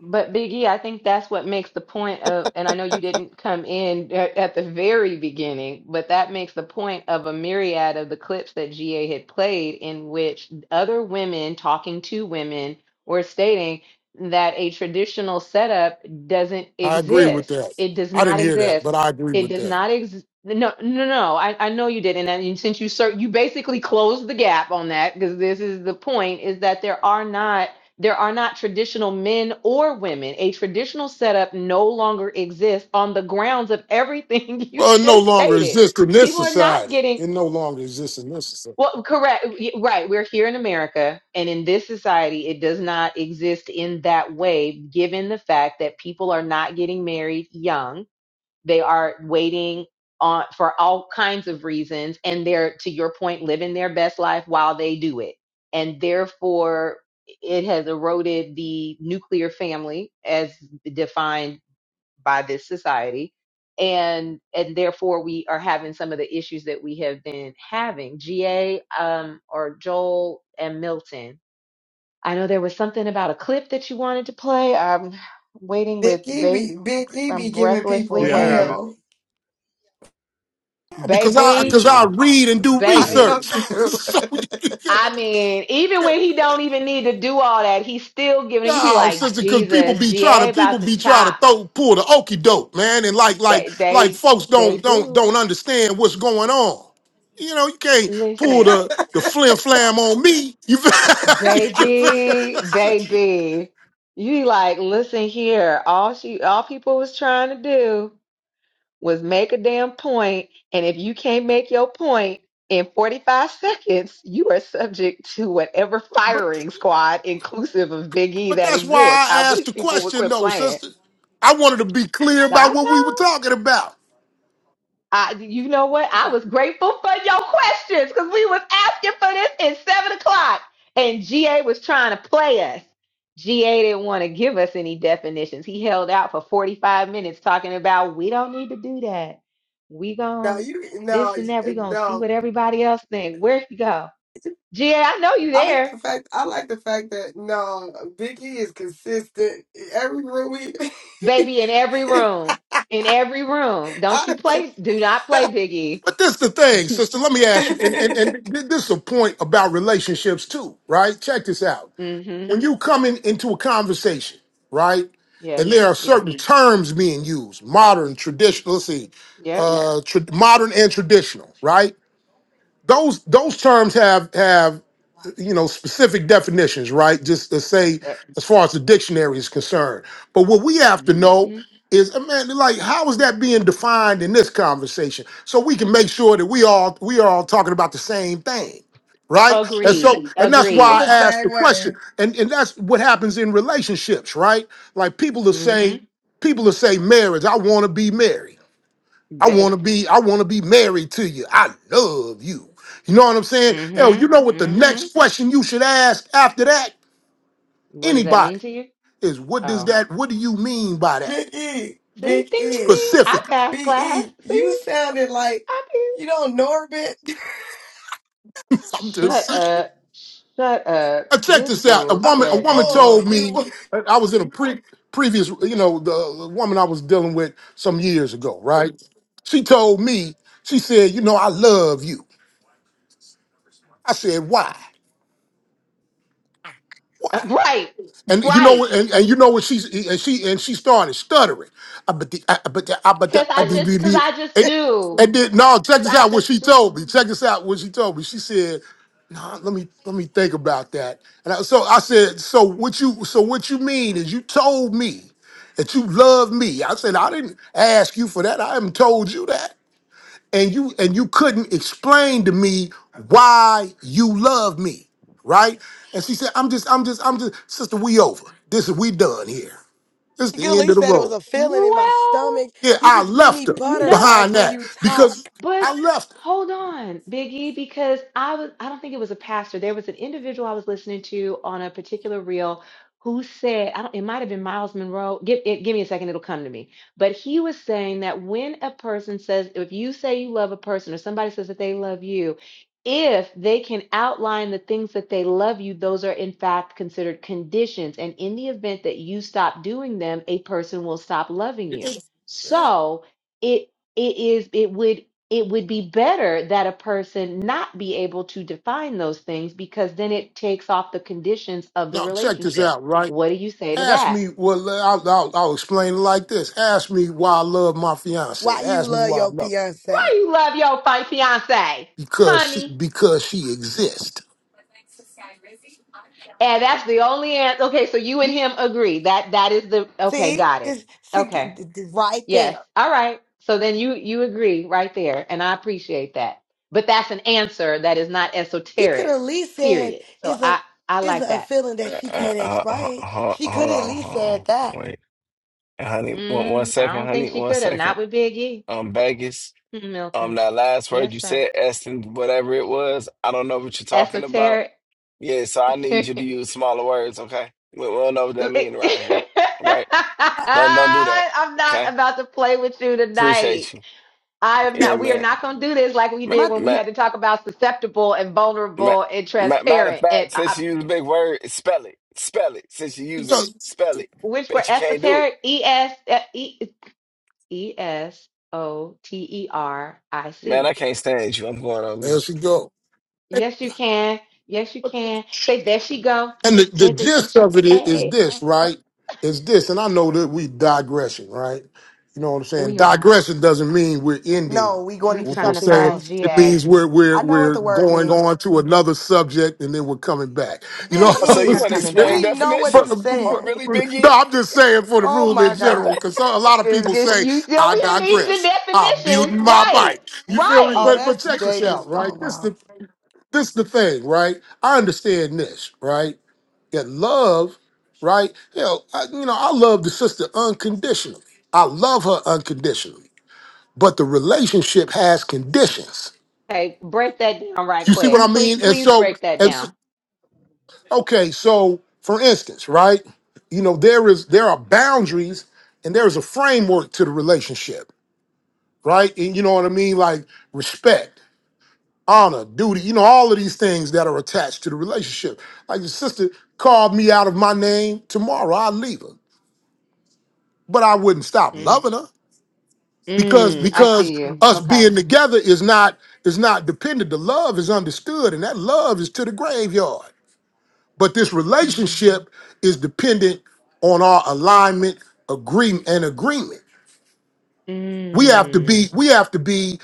S5: But Biggie, I think that's what makes the point of, and I know you didn't come in a- at the very beginning, but that makes the point of a myriad of the clips that GA had played in which other women talking to women were stating that a traditional setup doesn't
S18: i agree with
S5: exist.
S18: that
S5: It does
S18: i didn't
S5: not
S18: hear that
S5: exist.
S18: but i agree
S5: It
S18: with
S5: does
S18: that
S5: not exist. No, no, no. I, I know you didn't. And and since you, sir, you basically closed the gap on that, because this is the point, is that there are not there are not traditional men or women. A traditional setup no longer exists on the grounds of everything you
S18: Well, it no
S5: just
S18: longer
S5: stated.
S18: exists in this
S5: People are not
S18: society.
S5: getting
S18: It no longer exists in this society
S5: well, correct. y- Right. We're here in America, and in this society, it does not exist in that way, given the fact that people are not getting married young they are waiting on for all kinds of reasons, and they're to your point, living their best life while they do it, and therefore it has eroded the nuclear family as defined by this society. And and therefore we are having some of the issues that we have been having. GA um, or Joel and Milton. I know there was something about a clip that you wanted to play. I'm waiting
S17: Big
S5: with
S17: E
S5: bait.
S17: be, Big E be
S5: I'm
S17: giving people
S5: breathlessly
S2: Yeah, I have
S5: waiting.
S2: it.
S17: hell.
S18: Yeah, because I
S3: Get
S5: baby,
S18: because I
S3: your.
S18: read and do
S17: I
S5: baby.
S17: know
S18: research.
S17: you do.
S18: so you can't-
S5: I mean, even when he don't even need to do all that, he's still giving. it. You be
S18: no,
S5: like,
S18: sister, because people
S5: Jesus,
S18: be trying to
S5: GA
S18: people
S5: about to
S18: be trying to
S5: chop.
S18: throw pull the okey doke, man, and like like
S5: They,
S18: like
S5: they,
S18: folks
S5: they
S18: don't don't
S5: do.
S18: don't understand what's going on. You know, you can't pull
S5: Listen,
S18: the the flim flam on me. You feel? you
S5: baby,
S18: feel?
S5: baby. You be like, listen here. All she, all people was trying to do. was make a damn point, and if you can't make your point in 45 seconds, you are subject to whatever firing squad, inclusive of Big E,
S18: But
S5: that
S18: that's why
S5: exists. I
S18: I asked
S5: wish
S18: the
S5: people would
S18: question,
S5: quit
S18: though,
S5: playing.
S18: sister. I wanted to be clear about
S5: I
S18: what we were
S5: know.
S18: talking about.
S5: I, you know what? I was grateful for your questions because we was asking for this at seven o'clock, and GA was trying to play us. GA didn't want to give us any definitions. He held out for forty-five minutes talking about we don't need to do that. We
S17: No,
S5: gon'
S17: you, no,
S5: this and that. We gonna see
S17: no.
S5: what everybody else think. Where you go, GA? I know you
S17: I like
S5: there,
S17: the fact I like the fact that no, Big E is consistent every real week.
S5: baby. In every room, in every room. Don't
S17: I,
S5: you
S18: But
S5: play? Do not play, Biggie.
S18: but this the thing, sister. Let me ask you, and, and, and th- this is a point about relationships too, right? Check this out.
S5: mm-hmm.
S18: When you come in, into a conversation, right,
S5: Yes.
S18: and there are
S5: Yes.
S18: certain terms being used, modern, traditional. Let's see, uh, tra- modern and traditional, right? those those terms have have you know specific definitions right just to say
S5: Yep.
S18: as far as the dictionary is concerned but what we have to know
S5: Mm-hmm.
S18: is uh, man like how is that being defined in this conversation so we can make sure that we all we are all talking about the same thing right and
S5: Agreed.
S18: so and that's
S17: I'm
S18: why
S5: Agreed.
S17: the
S18: i asked the
S17: same
S18: question
S17: way.
S18: and and that's what happens in relationships right like people will say
S5: Mm-hmm.
S18: people will say marriage i want to be married I
S5: Be-
S18: want to be I want to be married to you. I love you. You know what I'm saying? Hell,
S5: Mm-hmm.
S18: you know what the
S5: Mm-hmm.
S18: next question you should ask after that?
S5: What does that
S18: Anybody
S5: mean to you?
S18: is what does
S5: Oh,
S18: that what do you mean by that?
S17: Big E,
S5: see,
S17: Big
S5: ding, ding,
S17: E,
S5: ding. I
S18: Specific.
S5: passed
S17: B E.
S5: class.
S17: You
S5: See,
S17: sounded like
S5: I did.
S17: you don't Norbit.
S18: I'm just
S5: Shut
S18: saying.
S5: up. Shut up.
S18: Uh, check
S5: This
S18: this out. A
S5: fool
S17: oh
S18: woman a
S5: said
S18: woman
S17: Lord,
S18: told
S5: Norbit.
S18: me
S17: you.
S18: I I was in a pre previous you know the the woman I was dealing with some years ago, right? She told me she said, "You know, I love you." I said, "Why?
S5: Uh,
S18: Why?"
S5: Right.
S18: And you know,
S5: Right.
S18: and, and you know what she's and she and she started stuttering. Uh, but the, uh, but the, uh, but
S5: Because
S18: the, uh,
S5: I
S18: the,
S5: just,
S18: the,
S5: because
S18: the-
S5: I just
S18: and,
S5: do.
S18: and then no, check
S5: Because
S18: this
S5: I
S18: out. What she
S5: just
S18: told
S5: do.
S18: me. Check this out. What she told me. She said, "No, let me let me think about that." And I, so I said, "So what you so what you mean is you told me that you love me?" I said, "I didn't ask you for that. I haven't told you that." and you and you couldn't explain to me why you love me, right? And she said, "I'm just, I'm just, I'm just, sister. We over. This is we done here. This is
S17: You could at
S18: the end of
S17: least
S18: the
S17: said it was
S18: road."
S17: a feeling in my
S5: Well,
S17: stomach.
S18: Yeah,
S17: You
S18: I
S17: just give
S18: left
S17: me
S18: her
S5: no.
S17: butterflies
S18: behind
S17: when
S18: that
S17: you talk.
S18: because
S5: But
S18: I left her.
S5: hold on, Biggie, because I was I don't think it was a pastor. There was an individual I was listening to on a particular reel who said, I don't, it might have been Miles Monroe. Give it, give me a second, it'll come to me. But he was saying that when a person says, if you say you love a person or somebody says that they love you, if they can outline the things that they love you, those are in fact considered conditions. And in the event that you stop doing them, a person will stop loving you. So it it is it would it would be better that a person not be able to define those things because then it takes off the conditions of the
S18: Now check this
S5: relationship.
S18: out, right?
S5: What do you say to
S18: Ask
S5: that?
S18: me. Well, I'll, I'll, I'll explain it like this. Ask me why I love my fiance.
S17: Why you
S18: Ask me
S17: love
S18: why I
S17: your
S18: love her.
S5: Why
S17: fiance?
S5: you love your fi- fiance,
S18: because she
S5: honey?
S18: because she exists.
S5: And that's the only answer. Okay, so you and him agree that that is the okay.
S17: See,
S5: Got it.
S17: it's see,
S5: Okay.
S17: right there.
S5: Yes. All right. So then you you agree right there, and I appreciate that. But that's an answer that is not
S17: She could at
S5: esoteric.
S17: least said
S5: Period. So
S17: it's a
S5: I I
S17: it's
S5: like
S17: a
S5: that.
S17: feeling
S3: Uh,
S17: that
S3: uh,
S17: she can't
S3: uh, ho-
S17: explain.
S3: ho-
S17: She could
S3: hold
S17: at
S3: on,
S17: least
S3: hold on,
S17: said that.
S3: wait, honey. One, one
S5: Mm, I
S3: second,
S5: don't think
S3: honey.
S5: she
S3: One
S5: could have. Not
S3: second.
S5: with Big E.
S3: Um, Vegas.
S5: Mm,
S3: Um,
S5: Milton.
S3: that last word
S5: Yes,
S3: you
S5: sir.
S3: said, Eston, whatever it was. I don't know what you're talking about.
S5: Esoteric.
S3: Yeah, so I need you to use smaller words. Okay, we, we don't know what that means around here. All right? Don't don't do that.
S5: I'm not
S3: Okay.
S5: about to play with you tonight.
S3: Appreciate you.
S5: I am
S3: Yeah,
S5: not. We are
S3: man.
S5: not going to do this like we
S3: Ma-
S17: My
S5: did when we
S3: ma-
S5: had to talk about susceptible and
S3: ma-
S5: vulnerable and
S3: ma- Matter of
S5: transparent and
S3: fact,
S5: uh, uh,
S3: since you use a big word, spell it. Spell it. Since you're using it,
S18: Because
S3: spell it.
S5: which were
S3: Bet you can't do it.
S5: esoteric. E S uh, E E S O T E R I
S3: Man,
S5: C.
S3: I can't stand you. I'm going on
S18: there
S3: mute.
S18: she go.
S5: Yes, you can. Yes, you can. Say there she go.
S18: And the, the
S5: There, there, there
S18: gist
S5: she.
S18: of it is
S5: Hey,
S18: this,
S5: hey, hey.
S18: right? Is this, and I know that we digressing, right? You know what I'm saying?
S5: we are.
S18: Digression doesn't mean we're ending
S17: no, we going
S5: We
S17: into
S18: what we're
S5: trying to
S17: something
S18: saying.
S5: find
S17: else.
S18: It means
S5: GA.
S18: we're we're
S17: I know what
S18: we're
S17: the word
S18: going
S17: means.
S18: on to another subject and then we're coming back. You know
S17: Big
S3: Oh,
S18: what
S3: So
S5: We
S18: I'm
S3: you
S5: are
S17: E,
S3: want to
S5: coming
S18: saying?
S3: explain
S17: we
S5: back.
S17: know what
S18: But,
S17: you
S3: definitions?
S18: but,
S3: Oh,
S18: but-
S17: saying.
S3: really, Biggie?
S18: no, I'm just saying for the
S17: Oh
S18: room in
S17: my
S18: general,
S17: God.
S18: because a lot of
S5: Cause,
S18: people
S5: 'cause
S18: say
S5: you you
S18: I
S5: over here needing the
S18: digress. I'm
S5: definitions.
S18: muting my
S5: Right.
S18: mic. You feel me?
S5: Right.
S17: Oh,
S18: But but
S17: that's
S18: check
S17: they
S18: this out,
S17: just oh
S18: right? This
S17: wow.
S18: this is the thing, right? I understand this, right? That love, right? Hell, I, you know, I love the sister unconditionally. I love her unconditionally, but the relationship has conditions.
S5: Okay, break that down right
S18: You see what
S5: quick.
S18: I
S5: Please
S18: mean? And
S5: please
S18: so,
S5: break that
S18: and so,
S5: down.
S18: okay, so for instance, right? You know, there is there are boundaries and there is a framework to the relationship, right? And you know what I mean, like respect honor, duty, you know, all of these things that are attached to the relationship. Like your sister called me out of my name tomorrow, I'd leave her. But I wouldn't stop
S5: Mm.
S18: loving her because Mhm.
S5: Mm. I
S18: because
S5: see you.
S18: us
S5: Okay.
S18: being together is not is not dependent. The love is understood, and that love is to the graveyard. But this
S5: Mm.
S18: relationship is dependent on our alignment, agreement, and agreement. We have to
S5: Mm.
S18: be, we have to be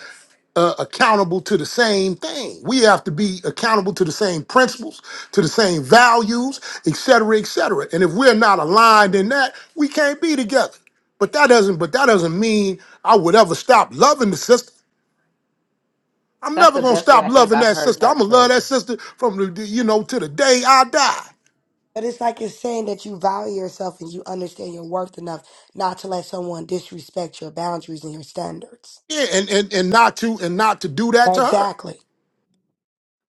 S18: uh, accountable to the same thing. We have to be accountable to the same principles, to the same values, et cetera, et cetera. And if we're not aligned in that, we can't be together. But that doesn't. But that doesn't mean I would ever stop loving the sister. I'm
S5: That's
S18: never
S5: the
S18: gonna
S5: best way
S18: stop
S5: I think
S18: loving
S5: I've
S18: that
S5: heard
S18: sister. I'm
S5: that
S18: gonna love
S5: put.
S18: that sister from the the- you know to the day I die.
S17: But it's like it's saying that you value yourself and you understand your worth enough not to let someone disrespect your boundaries and your standards.
S18: Yeah, and and and not to and not to do that to her.
S17: Exactly.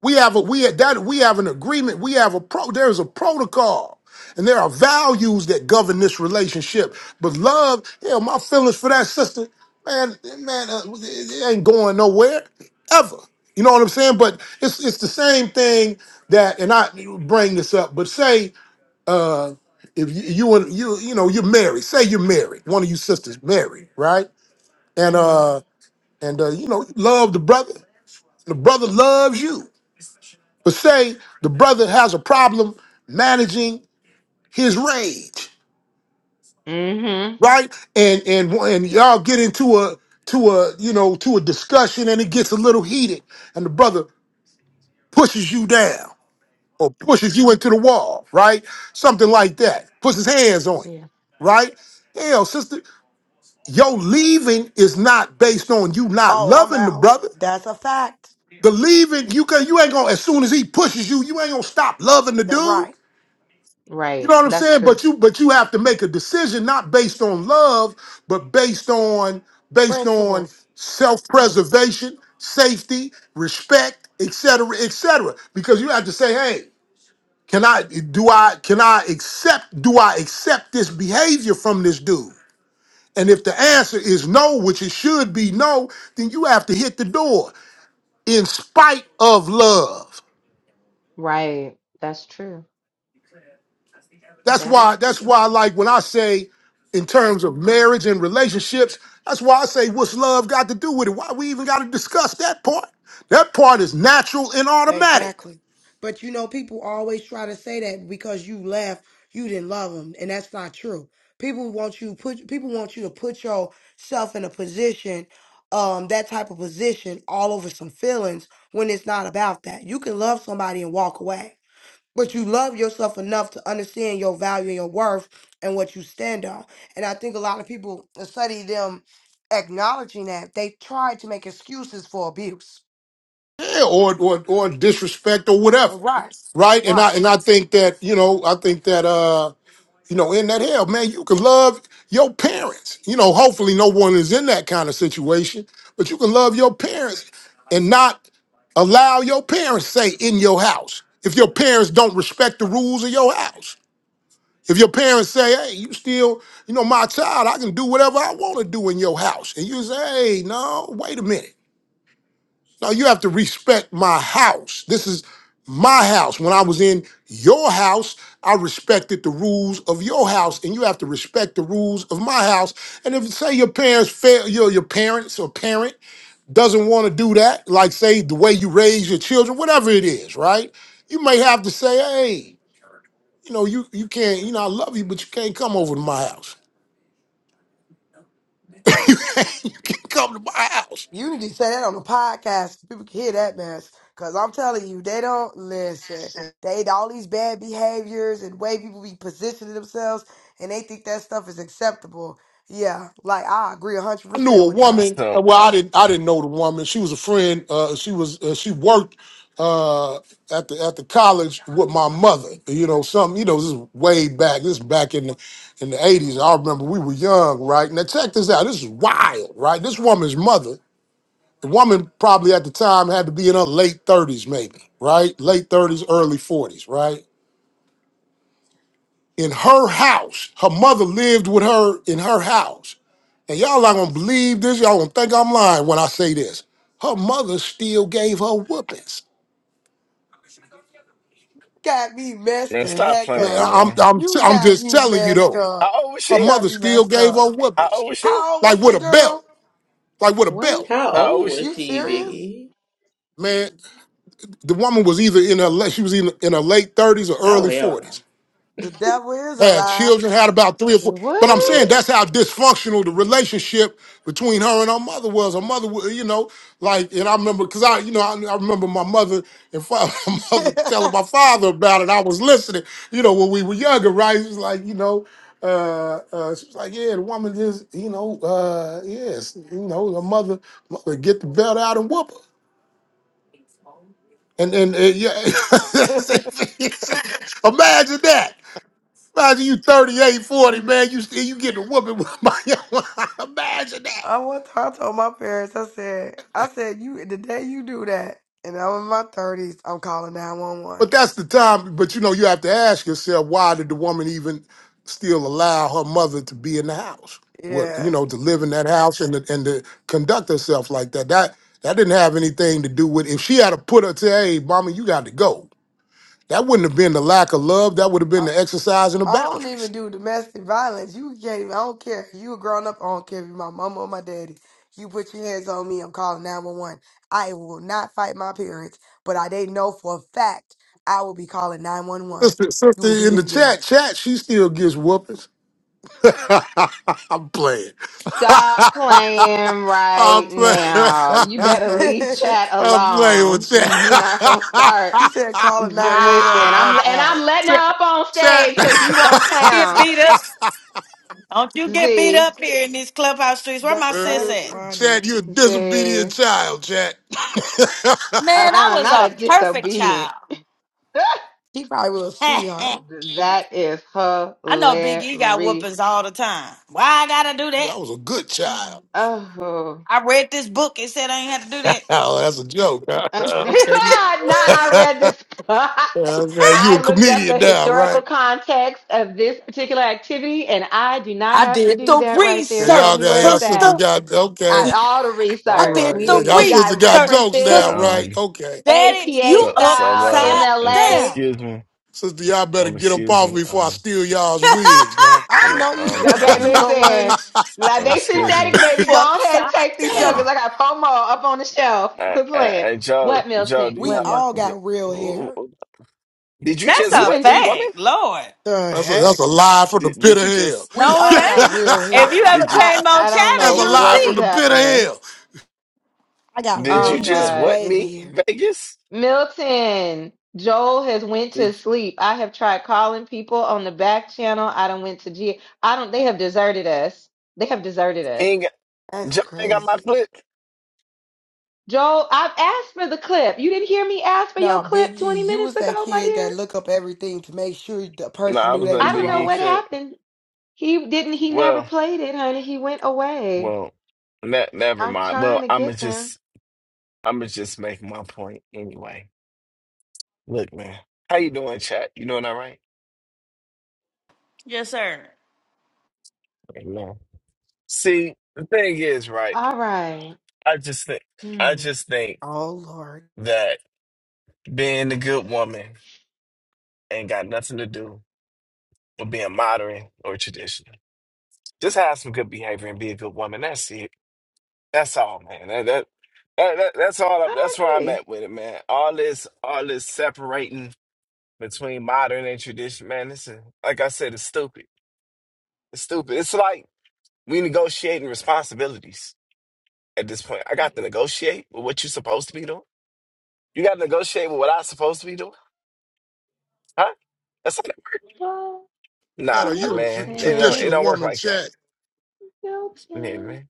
S18: We have a we have, that we have an agreement. We have a pro. There is a protocol, and there are values that govern this relationship. But love, yeah, my feelings for that sister, man, man, uh, it it ain't going nowhere ever. You know what I'm saying? But it's it's the same thing that, and I bring this up. But say if you, you and you you know you're married. Say you're married. One of you sisters married, right? And
S5: Mm-hmm.
S18: uh and uh, you know love the brother. The brother loves you but say the brother has a problem managing his rage,
S5: Mm-hmm.
S18: right? And and and y'all get into a to a you know to a discussion and it gets a little heated, and the brother pushes you down or pushes you into the wall, right? Something like that. Puts his hands on
S5: Yeah.
S18: you, right? Hell, sister, your leaving is not based on you not
S17: Oh, I'm
S18: loving the
S17: out.
S18: brother.
S17: That's a fact.
S18: The leaving, you can you ain't gonna as soon as he pushes you, you ain't gonna stop loving the
S17: That
S18: dude.
S17: right.
S18: You
S5: Right.
S18: know what I'm
S5: That's
S18: saying?
S5: true.
S18: But you but you have to make a decision not based on love, but based on based
S17: Prince.
S18: on self-preservation, safety, respect, et cetera, et cetera. Because you have to say, hey, can I do I can I accept do I accept this behavior from this dude? And if the answer is no, which it should be no, then you have to hit the door in spite of love.
S5: Right. That's true.
S18: That's
S5: That
S18: why.
S5: is
S18: That's
S5: true.
S18: why. I Like when I say, in terms of marriage and relationships, that's why I say, what's love got to do with it? Why we even got to discuss that part? That part is natural and automatic.
S17: Exactly. But you know, people always try to say that because you left, you didn't love them, and that's not true. People want you put people want you to put yourself in a position, um, that type of position, all over some feelings when it's not about that. You can love somebody and walk away, but you love yourself enough to understand your value and your worth and what you stand on. And I think a lot of people study them acknowledging that they try to make excuses for abuse.
S18: Yeah, or, or or disrespect or whatever,
S17: Right
S18: right? And I and I think that you know I think that uh you know in that hell, man, you can love your parents. You know, hopefully no one is in that kind of situation, but you can love your parents and not allow your parents say in your house if your parents don't respect the rules of your house. If your parents say, "Hey, you still, you know, my child, I can do whatever I want to do in your house," and you say, "Hey, no, wait a minute." No, you have to respect my house. This is my house. When I was in your house, I respected the rules of your house, and you have to respect the rules of my house. And if say your parents fail, your your parents or parent doesn't want to do that, like say the way you raise your children, whatever it is, right? You may have to say, hey, you know, you you can't, you know, I love you, but you can't come over to my house. you can't come to my house.
S17: You need to say that on the podcast. People can hear that mess. Cause I'm telling you, they don't listen. They all these bad behaviors and way people be positioning themselves, and they think that stuff is acceptable. Yeah, like I agree a hundred
S18: I knew
S17: percent
S18: a
S17: with that.
S18: woman. uh,
S3: So,
S18: Well, I didn't. I didn't know the woman. She was a friend. Uh, she was. Uh, she worked uh, at the at the college with my mother. You know, some. You know, this is way back. This is back in the in the eighties. I remember we were young, right? Now check this out. This is wild, right? This woman's mother. The woman probably at the time had to be in her late thirties, maybe, right? Late thirties, early forties, right? in her house. Her mother lived with her in her house. And y'all not gonna believe this. Y'all gonna think I'm lying when I say this. Her mother still gave her whoopings.
S17: Got me messed
S3: man,
S17: the
S3: stop
S17: heck
S18: Man,
S3: playing,
S17: up.
S18: I- I'm,
S3: man.
S18: I'm, t-
S17: You
S18: I'm
S17: got
S18: just
S17: me
S18: telling you
S17: messed
S18: though.
S3: How
S17: up.
S3: old was
S18: Her
S17: You
S3: she?
S17: got
S18: mother
S17: me
S18: still
S17: messed
S18: gave
S17: up.
S18: her
S3: How
S18: whoopings,
S3: old was she?
S17: How old
S18: like
S17: was this
S18: with a belt,
S17: girl?
S18: like with a
S5: What?
S18: belt.
S20: How
S3: How old
S20: old
S3: was she?
S20: was
S17: You
S20: she,
S17: serious?
S20: Biggie?
S18: Man, the woman was either in her la- she was in, in her late 30s or
S20: Oh
S18: early
S20: hell
S18: 40s.
S17: The devil is a
S18: had
S17: lie.
S18: children, had about three or four. But I'm
S20: no.
S18: saying
S5: What?
S18: that's
S20: Hell.
S18: how dysfunctional the relationship between her and her mother was. Her mother, wa- you know, like, and I remember because I, you know, I, I remember my mother and father, my mother telling my father about it. I was listening, you know, when we were younger, right? It was like, you know. Uh, uh, she was like, yeah, the woman just, you know, uh, yes, you know, her mother, mother get the belt out and whoop her. And and uh, yeah, imagine that. Imagine you 38, 40 man. You still you getting a whooping with my imagine that.
S17: I one time I told my parents, I said, I said, you the day you do that, and I was in my thirties, I'm calling nine one
S18: But
S17: one.
S18: that's the time. But you know, you have to ask yourself, why did the woman even still allow her mother to be in the house? What you
S17: Yeah.
S18: know, to live in that house and to, and to conduct herself like that. That that didn't have anything to do with if she had to put her to, hey, mama, you got to go. That wouldn't have been the lack of love. That would have been
S17: I,
S18: the exercising of
S17: I don't even
S18: boundaries.
S17: do domestic violence. You can't even, I don't care. You a grown up, I don't care if you my mama or my daddy. You put your hands on me, I'm calling 911. I will not fight my parents, but I they know for a fact I will be calling 911.
S18: Sister,
S17: You will
S18: sister
S17: be
S18: in the
S17: in
S18: chat,
S17: jail.
S18: chat, she still gives whoopings. I'm playing.
S5: Stop playing
S18: I'm
S5: right
S18: playing.
S5: now. You
S17: she
S5: better leave chat
S18: I'm playing
S5: alone.
S18: with Chad.
S5: You're not gonna start.
S17: said, calling 911,
S5: Listen, I'm
S17: I'm
S5: and I'm
S17: out.
S5: letting her up on
S18: Chad.
S5: stage because you want
S21: Don't
S5: a
S21: you get
S5: clown.
S21: beat up. Don't you get beat
S5: Z
S21: up here in these clubhouse streets. Where
S17: That,
S21: my sis
S18: Uh,
S17: that's
S21: at?
S17: funny.
S18: Chad, you're a disobedient
S5: Z.
S18: child, Chad. I
S21: Man, I
S5: Uh-uh,
S21: was
S5: not a
S21: a perfect
S5: disobedient.
S21: child.
S17: He probably was a sweetheart.
S21: I
S5: that is
S21: know Big E got
S5: hilarious.
S21: whoopings all the time. Why I gotta do that?
S18: was a good child.
S5: Oh.
S21: I read this book It said I ain't had to do
S18: oh, that's a joke.
S5: Uh, not
S18: okay.
S5: I
S21: that.
S5: read this.
S18: okay, you a
S5: I looked up
S18: comedian
S5: the
S18: now,
S5: historical
S18: right?
S5: context of this particular activity, and I do not
S21: I
S5: have to
S21: did
S5: do
S21: the
S5: that right
S18: Yeah,
S5: there. Show
S21: research,
S18: Y'all
S5: me
S18: got
S5: where
S18: y'all
S5: it's
S18: sisters
S5: at.
S21: sister.
S18: got okay.
S5: I, all the
S18: All
S21: I
S5: research
S21: did
S18: right.
S5: we
S18: Yeah,
S21: the
S5: didn't.
S18: y'all
S5: We
S18: sister
S5: got
S18: got
S21: research,
S18: jokes
S5: references,
S18: now,
S3: Uh,
S21: sister.
S18: right?
S3: Um,
S18: Okay.
S21: Daddy,
S5: APA
S21: you
S3: so, so,
S5: style,
S3: uh,
S21: upside
S3: uh,
S5: MLA.
S21: down.
S3: excuse me.
S18: Sister, y'all better
S3: Um,
S18: get up
S3: excuse
S18: off
S3: me.
S18: me before I
S3: Um,
S18: steal y'all's wigs now.
S17: I
S3: yeah,
S17: know you.
S3: um,
S5: Okay,
S17: You
S3: um,
S17: know what?
S5: listen. Like
S3: um,
S5: they
S3: excuse me.
S5: synthetic, baby. Go ahead and
S21: Upside
S5: take these jokers.
S3: Yeah.
S21: down.
S5: I got FOMO up on the shelf.
S3: I,
S5: Quit
S3: I,
S5: playing.
S3: I, Joe,
S5: What
S3: Joe,
S5: Milton?
S3: do you
S17: We
S5: What
S3: have
S17: all
S5: Milton?
S17: got real hair.
S3: my, Did you
S21: That's
S3: just
S5: We've
S21: a
S3: what
S5: been.
S3: me, woman?
S21: fact, Lord.
S17: The
S18: That's a, that's a
S17: heck?
S18: lie from the
S3: Did,
S18: pit
S3: did you
S18: of hell.
S3: just
S17: We
S21: No, it
S17: all got
S21: ain't.
S17: real
S21: If you
S17: hair.
S21: ever
S3: did you
S5: I
S21: came on
S5: I don't
S21: chatter,
S18: that's
S5: know
S18: a
S21: you would
S18: lie
S5: what
S18: from
S5: is
S18: the
S21: see.
S18: pit of
S5: happening.
S18: hell.
S17: I got
S3: did
S17: real
S3: you
S5: Oh
S3: just
S17: thick
S5: God.
S3: what me,
S17: wavy hair.
S3: Vegas?
S5: Milton, Joel has went to
S3: Did
S5: sleep. I have tried calling people on the back channel. I don't went to G. I don't they have deserted us. They have deserted us.
S3: King
S17: That's
S3: John ain't got my
S17: crazy.
S3: clip?
S5: Joel, I've asked for the clip. You didn't hear me ask for your
S17: Nah,
S5: clip 20
S17: Biggie, you
S5: minutes
S17: was that
S5: ago, my
S17: kid that
S5: dear.
S17: look up everything to make sure the
S3: No,
S17: person
S3: I
S17: knew
S3: was
S17: they
S5: I
S3: letting
S17: was
S5: don't
S3: Big
S5: know
S3: E
S5: what
S17: wrong.
S3: cook.
S5: happened. He didn't he never
S3: Well,
S5: played it, honey. He went away.
S3: well, ne never
S5: I'm
S3: mind.
S5: trying
S3: Well,
S5: to
S3: I'ma
S5: get them.
S3: just I'ma just make my point anyway. Look, man, how you doing, chat? You doing all right?
S21: Yes, sir.
S3: No. See, the thing is, right?
S5: All right.
S3: I just think I
S5: Hmm.
S3: just think
S17: Oh Lord.
S3: that being a good woman ain't got nothing to do with being modern or traditional. Just have some good behavior and be a good woman. That's it. That's all, man. That, that, that, that- that's all. I,
S5: I
S3: that's where I'm
S5: agree.
S3: at with it, man. All this, all this separating between modern and tradition, man. This is, like I said, it's stupid. It's stupid. It's like we negotiating responsibilities at this point. I got to negotiate with what you're supposed to be doing. You got to negotiate with what I'm supposed to be doing, huh? That's not
S5: Well,
S18: Shadow,
S3: Nah,
S18: you're a tr-
S3: man, it don't, it
S5: Milton,
S18: traditional
S3: don't work
S18: woman,
S3: like that.
S18: chat.
S3: Yeah,
S5: Milton,
S3: man,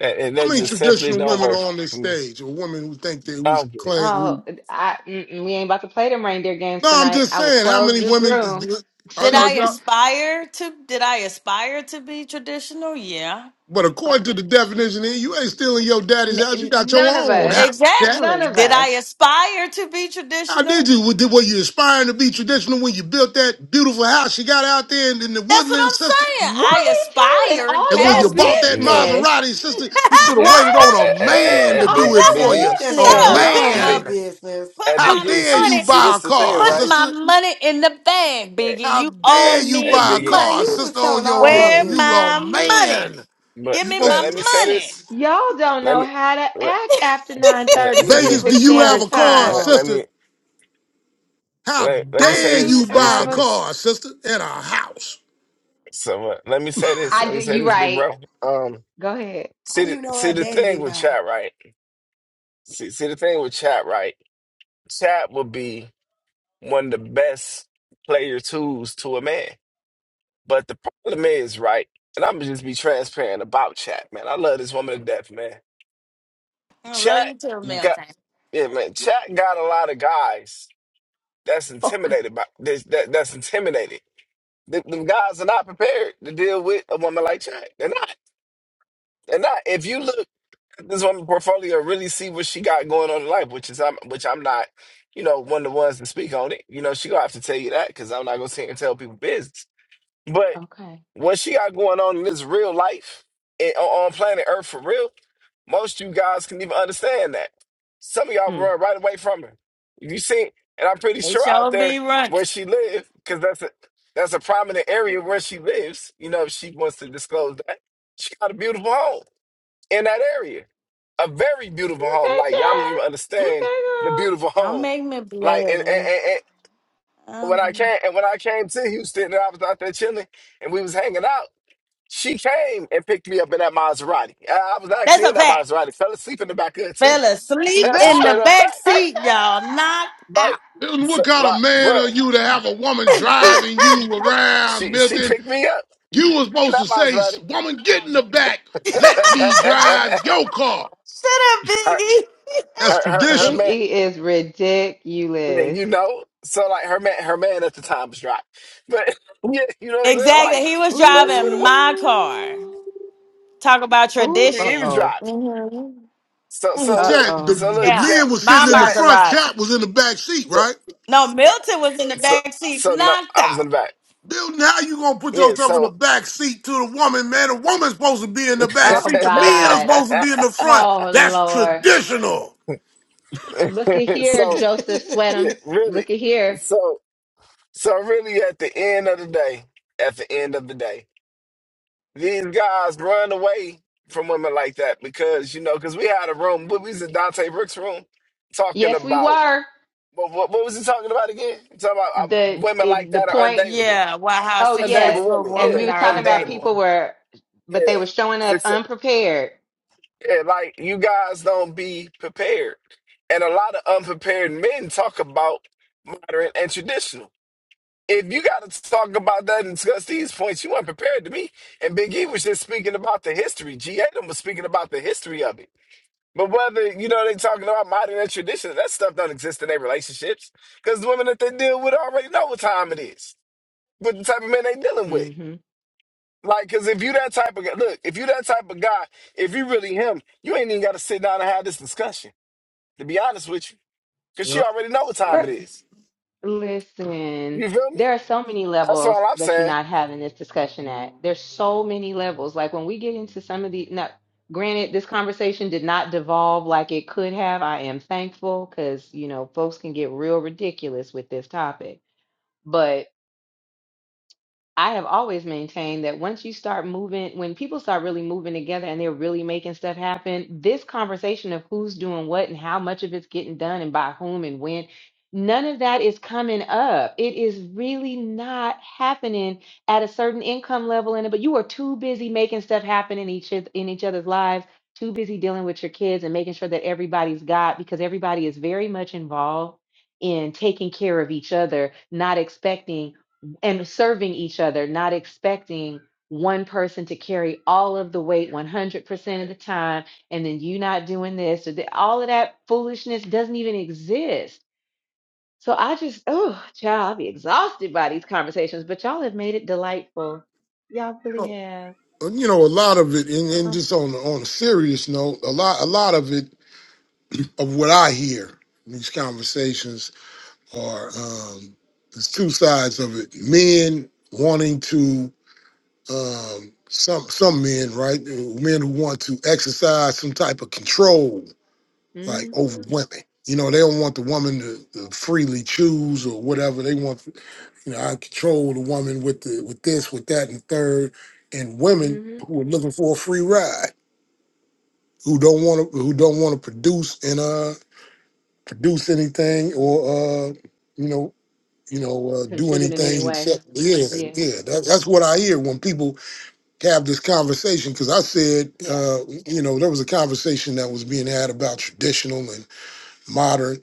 S3: that, and
S18: How
S3: that
S18: many
S3: just
S5: Milton.
S3: simply
S18: traditional
S3: don't
S18: women are
S3: work
S18: on this
S3: for me.
S18: stage? Or women who think they
S3: I
S18: who's
S3: don't get it.
S18: claim
S5: Oh,
S18: who?
S5: I, mm-mm, we ain't about to play them reindeer games
S18: No, I'm
S5: tonight.
S18: just
S5: I will
S18: saying. How
S5: close
S18: many
S5: this
S18: women
S5: room.
S18: is are,
S21: Did
S18: are
S21: I
S5: N-
S18: y'all?
S21: aspire to did I aspire to be traditional? Yeah.
S18: But according
S21: But-
S18: to the definition, here, you ain't stealing your daddy's house. You
S5: n-
S18: got your
S5: none of
S18: own
S5: us,
S18: house,
S5: none
S21: Exactly.
S5: of
S21: Did I
S5: us.
S21: aspire to be
S18: How did
S21: traditional?
S18: you? Were were you aspiring to be traditional when you built that beautiful house you got out there in, in the
S21: That's what
S18: woodland,
S21: I'm
S18: sister?
S21: saying.
S5: Why
S21: I
S5: he telling
S21: aspired
S18: And
S5: all
S18: when you
S5: your
S21: past
S3: You,
S18: bought
S21: tense.
S18: that
S3: you know.
S5: business?
S18: Maserati, sister, you should have
S3: Hey,
S5: Why
S18: waited
S3: hey,
S18: on
S3: hey,
S18: a
S5: is
S3: hey,
S5: he
S18: man
S3: hey,
S18: to
S5: sharing
S18: do
S3: big,
S18: it
S17: Now
S18: for
S3: biggie,
S17: you
S18: you.
S5: all
S17: just
S18: A
S21: Shut
S5: your
S17: telling
S5: business?
S21: up,
S3: big,
S17: all
S3: big,
S17: her
S21: Biggie.
S18: man.
S17: business.
S3: hey,
S21: Put
S18: How
S21: my
S3: biggie.
S18: dare
S3: See,
S18: you
S21: money,
S3: see,
S18: buy a
S3: this the thing,
S18: car,
S21: put
S3: right?
S21: my
S18: sister?
S21: money in the bag,
S3: Hey,
S21: Biggie.
S18: How
S21: You owe
S18: dare
S3: hey,
S18: you
S3: hey,
S21: me
S18: buy a
S3: biggie,
S17: Now
S21: money.
S18: car,
S17: you just
S18: sister, on
S17: telling
S18: your
S17: all
S3: big.
S17: her
S21: Where
S18: own? You
S17: business.
S18: a
S21: my money?
S18: man.
S3: But
S21: Give
S18: You
S21: me my
S3: let, let
S18: supposed
S3: me say
S18: to
S21: money.
S3: this.
S5: Y'all don't
S3: Let
S5: know
S3: me,
S5: how to
S3: let,
S5: act after
S3: let,
S5: 9:30
S17: He
S3: let
S17: just
S18: Vegas,
S3: me,
S18: do
S5: Pacific
S17: put you
S18: you have
S5: Standard
S17: on
S18: a
S17: front
S18: car,
S5: Time.
S3: let,
S17: row.
S3: let
S18: sister?
S3: me,
S18: How
S3: let, let me
S5: I
S3: say
S18: dare
S3: this.
S5: do
S18: you
S3: Let me
S18: buy a
S5: have
S3: say
S5: a.
S3: this.
S18: car, sister, and a house?
S3: So uh, let me say this.
S5: I
S3: Let
S5: do.
S3: me say
S5: You
S3: this, big
S5: right.
S3: bro. Um,
S5: Go ahead.
S17: How
S3: see, the,
S17: you know her
S3: see the
S17: daddy
S3: thing
S17: didn't
S3: with
S17: buy?
S3: chat, right? See, see the thing with chat, right? Chat will be one of the best player tools to a man. But the problem is, right, and I'm gonna just be transparent about Chat, man. I love this woman to death, man.
S21: I love
S3: Chat
S21: you too,
S3: got
S21: Milton.
S3: yeah, man. Chat got a lot of guys that's
S5: Oh God.
S3: intimidated by that's, that, that's intimidated. The, them guys are not prepared to deal with a woman like Chat. They're not. They're not. If you look at this woman's portfolio, really see what she got going on in life, which is I'm, which I'm not, you know, one of the ones to speak on it. You know, she gonna have to tell you that because I'm not gonna sit here and tell people business. but.
S5: Okay.
S3: What she got going on in this real life and on on planet Earth for real, most of you guys can even understand that. Some of y'all
S5: Mm.
S3: run right away from her. you see, and I'm pretty
S21: They
S3: sure out
S21: sure
S3: there
S21: be running.
S3: where she lives, because that's a that's a prominent area where she lives. You know, if she wants to disclose that, she got a beautiful home in that area, a very beautiful home.
S5: Okay,
S3: Like y'all don't even
S5: Chad. Okay,
S3: understand the
S5: girl.
S3: beautiful
S21: Don't
S3: home.
S21: make me
S3: Like
S21: blood.
S3: and and, and, and when I
S21: Um,
S3: came and when I came to Houston, and I was out there chilling, and we was hanging out. She came and picked me up in that Maserati. I I was
S21: that's
S3: actually
S21: a
S3: in that
S21: fact.
S3: Maserati. Fell asleep in the back of it too.
S21: Fell asleep
S5: Big
S3: That's a
S21: in the
S3: straight up
S21: back
S3: fact,
S21: seat, y'all. Knocked
S3: right?
S21: out.
S18: And
S3: So,
S18: What kind of
S3: like,
S18: man are
S3: bruh,
S18: you to have a woman
S3: yeah,
S18: driving you around,
S3: she she
S18: Milton?
S3: picked me up
S18: You were
S3: in
S18: supposed to say,
S3: that Maserati.
S18: woman, get in the back. Let me drive your car.
S21: Shut up,
S3: her
S21: Biggie.
S18: That's
S3: her her her
S18: traditional.
S3: man,
S5: E is
S3: yeah,
S5: ridiculous.
S3: you know. So like her man her man at the time was driving, but yeah, you know what I'm saying.
S21: Exactly.
S3: Like
S21: He was
S3: that's what it
S21: driving
S3: was.
S21: my car.
S5: Ooh.
S21: Talk about
S5: Ooh,
S3: He, he was
S21: tradition.
S5: uh-oh.
S3: driving.
S21: hmm
S3: So
S18: What was
S3: so look
S18: that? The,
S5: Uh-oh.
S3: so
S18: the
S3: look
S21: Yeah.
S3: chat
S18: men was
S21: My
S18: sitting in the
S3: chat
S18: front,
S21: Maserati.
S18: chap was in the back seat,
S3: so
S18: right?
S21: No, Milton was in the
S3: so
S21: back seat,
S3: so no
S21: knocked
S3: I was
S21: out.
S3: in the back.
S18: Bill, now you gonna put
S3: Yeah,
S18: yourself in the
S3: so
S18: back seat to the woman, man. The woman's supposed to be in the back
S5: Oh
S18: seat. The men are
S5: God.
S18: supposed to be in the front.
S5: Oh
S18: That's
S5: Lord.
S18: traditional.
S5: Look at here,
S3: so
S5: Joseph
S3: yeah,
S5: Sweatham.
S3: really,
S5: Look at here.
S3: so so really, at the end of the day, at the end of the day, these guys run away from women like that because you know, because we had a room, we was in Dante Brooks' room talking
S5: Yes, we
S3: about
S5: were.
S3: what what, what was he talking about again? Talking about uh,
S5: The
S3: women
S5: it,
S3: like
S5: the
S3: that are
S5: point.
S3: undateable,
S21: Yeah. Wow, how
S5: Oh yes.
S3: undateable
S21: successful
S3: women,
S5: And we
S3: yeah,
S21: women
S5: were
S21: are
S5: talking about
S3: undateable,
S21: undateable.
S5: people were but they were
S3: yeah,
S5: showing up
S3: Success,
S5: unprepared.
S3: yeah, like you guys don't be prepared, and a lot of unprepared men talk about modern and traditional. if you got to talk about that and discuss these points, you weren't prepared to me. And Big E was just speaking about the history. G. Adam was speaking about the history of it. But whether, you know, they talking about modern and traditional, that stuff don't exist in their relationships because the women that they deal with already know what time it is, what the type of men they dealing with.
S5: Mm-hmm.
S3: Like, because if you that type of guy, look, if you that type of guy, if you really him, you ain't even got to sit down and have this discussion, to be honest with you, because she
S18: Yep.
S3: already know what time it is.
S5: Listen,
S3: You feel me?
S5: there are so many
S3: That's
S5: levels
S3: all I'm
S5: that you're
S3: saying.
S5: not having this discussion at. There's so many levels. Like when we get into some of the, now, granted, this conversation did not devolve like it could have. I am thankful because, you know, folks can get real ridiculous with this topic. but. I have always maintained that once you start moving, when people start really moving together and they're really making stuff happen, this conversation of who's doing what and how much of it's getting done and by whom and when, none of that is coming up. It is really not happening at a certain income level in it, but you are too busy making stuff happen in each oth- in each other's lives, too busy dealing with your kids and making sure that everybody's got because everybody is very much involved in taking care of each other, not expecting and serving each other, not expecting one person to carry all of the weight 100% of the time, and then you not doing this or that. All of that foolishness doesn't even exist. So I just, oh, child, I'll be exhausted by these conversations, but y'all have made it delightful. Y'all really have.
S18: you know, a lot of it, and, and just on on a serious note, a lot a lot of it of what I hear in these conversations are um, there's two sides of it. Men wanting to um, some some men, right? Men who want to exercise some type of control, like
S5: hmm
S18: over women. You know, they don't want the woman to, to freely choose or whatever. They want, you know, I control the woman with the with this, with that, and third. And women
S5: hmm
S18: who are looking for a free ride who don't want to who don't want to produce and uh produce anything or uh you know you know uh, do
S5: Contribute in any
S18: anything
S5: way.
S18: except yeah
S5: Yeah,
S18: yeah that, that's what I hear when people have this conversation because I said
S5: yeah.
S18: uh you know there was a conversation that was being had about traditional and modern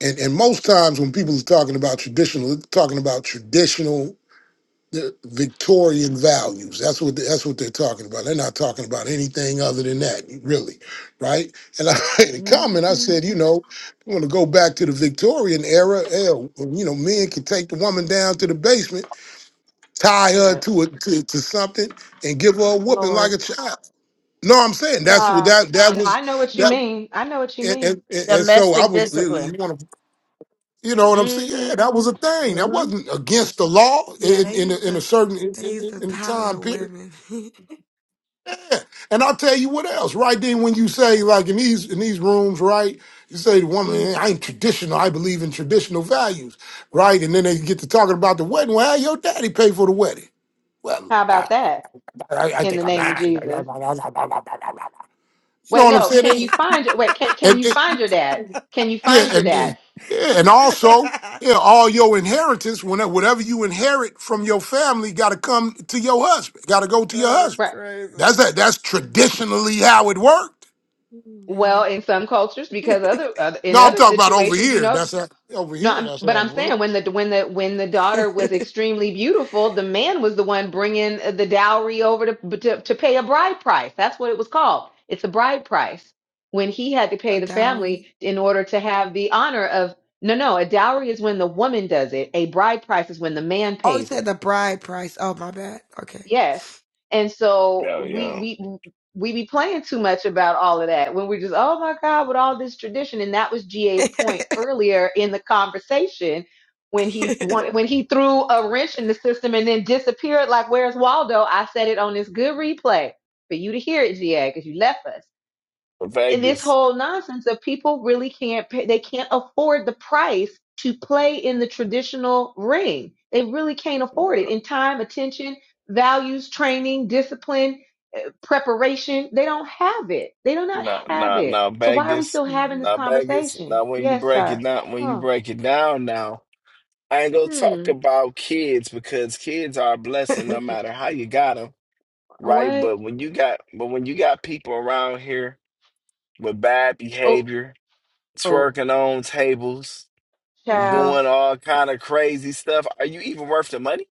S18: and and most times when people are talking about traditional they're talking about traditional the Victorian values. That's what that's what they're talking about. They're not talking about anything other than that, really, right? And I made a
S5: Mm
S18: comment. I
S5: hmm
S18: said, you know, you want to go back to the Victorian era? Hell, you know, men could take the woman down to the basement, tie
S5: Shut
S18: her
S5: up,
S18: to a to, to something, and give her a whooping like
S5: Lord
S18: a child. No, I'm saying that's what
S5: God.
S18: that that
S5: No,
S18: was
S5: I know what you
S18: that.
S5: mean. I know what you
S18: And,
S5: mean.
S18: and, and and so I
S21: Domestic
S18: was, you
S21: discipline.
S18: want to, you know what I'm saying? Yeah,
S5: Mm
S18: that was a thing. That
S21: hmm
S18: wasn't against the law
S17: Yeah,
S18: in
S17: they
S18: in a,
S17: used
S18: in a
S17: to
S18: certain in,
S17: they used
S18: in,
S17: to
S18: in
S17: powder
S18: time
S17: the
S18: period.
S17: women.
S18: And I'll tell you what else, right then when you say like in these in these rooms, right? You say the woman,
S5: hmm
S18: "Eh, I ain't traditional, I believe in traditional values, right? And then they get to talking about the wedding. Well, how your daddy paid for the wedding. Well,
S5: How
S18: I,
S5: about that?
S18: I, I
S5: In the
S18: think I'm
S5: name of
S18: mad. You
S5: Jesus.
S18: know
S5: Wait,
S18: what I'm
S5: no. Can
S18: saying?
S5: you find your wait? Can can
S18: And
S5: you
S18: then,
S5: find your dad? Can you
S18: yeah,
S5: find your
S18: and
S5: dad?
S18: then, yeah, and also, yeah, all your inheritance, whenever whatever you inherit from your family, got to come to your husband, got to go to your
S17: That's
S18: husband.
S5: Right.
S17: crazy.
S18: That's that. That's traditionally how it worked.
S17: Oh,
S5: Well,
S17: man.
S5: in some cultures, because other, other in
S18: No, I'm
S5: other
S18: talking about over
S5: situations, you
S18: here.
S5: know.
S18: That's how, over
S5: No,
S18: here.
S5: I'm,
S18: That's how
S5: but
S18: it
S5: I'm
S18: works.
S5: saying when the when the when the daughter was extremely beautiful, the man was the one bringing the dowry over to to, to pay a bride price. That's what it was called. It's a bride price. When he had to
S17: A
S5: pay the family
S17: dowry.
S5: in order to have the honor of no, no, a dowry is when the woman does it. A bride price is when the man
S17: Oh, you
S5: pays
S17: said
S5: it.
S17: the bride price. Oh, my bad. Okay.
S5: Yes. And so we
S3: Yeah,
S5: we we be playing too much about all of that when we're just, oh my God, with all this tradition. And that was GA's point earlier in the conversation when he
S3: yeah.
S5: want- when he threw a wrench in the system and then disappeared like where's Waldo? I said it on this good replay for you to hear it, GA, because you left us and this
S3: Vegas,
S5: whole nonsense that people really can't pay, they can't afford the price to play in the traditional ring. They really can't afford it in time, attention, values, training, discipline, eh, preparation. They don't have it. They do not
S3: nah,
S5: have
S3: nah,
S5: it.
S3: nah,
S5: So why are we
S3: Vegas,
S5: still having this
S3: nah, Vegas.
S5: conversation?
S3: Now, when you
S5: Yes,
S3: break
S5: sir.
S3: it down, when you
S5: Oh,
S3: break it down, now I ain't gonna talk
S5: hmm.
S3: about kids because kids are a blessing
S5: We
S3: no
S5: can
S3: matter how you got them, right?
S5: what?
S3: But when you got, but when you got people around here with bad
S5: Oh,
S3: behavior,
S5: oh,
S3: twerking on tables,
S17: What?
S5: child.
S3: doing all kind of crazy stuff, are you even worth the money?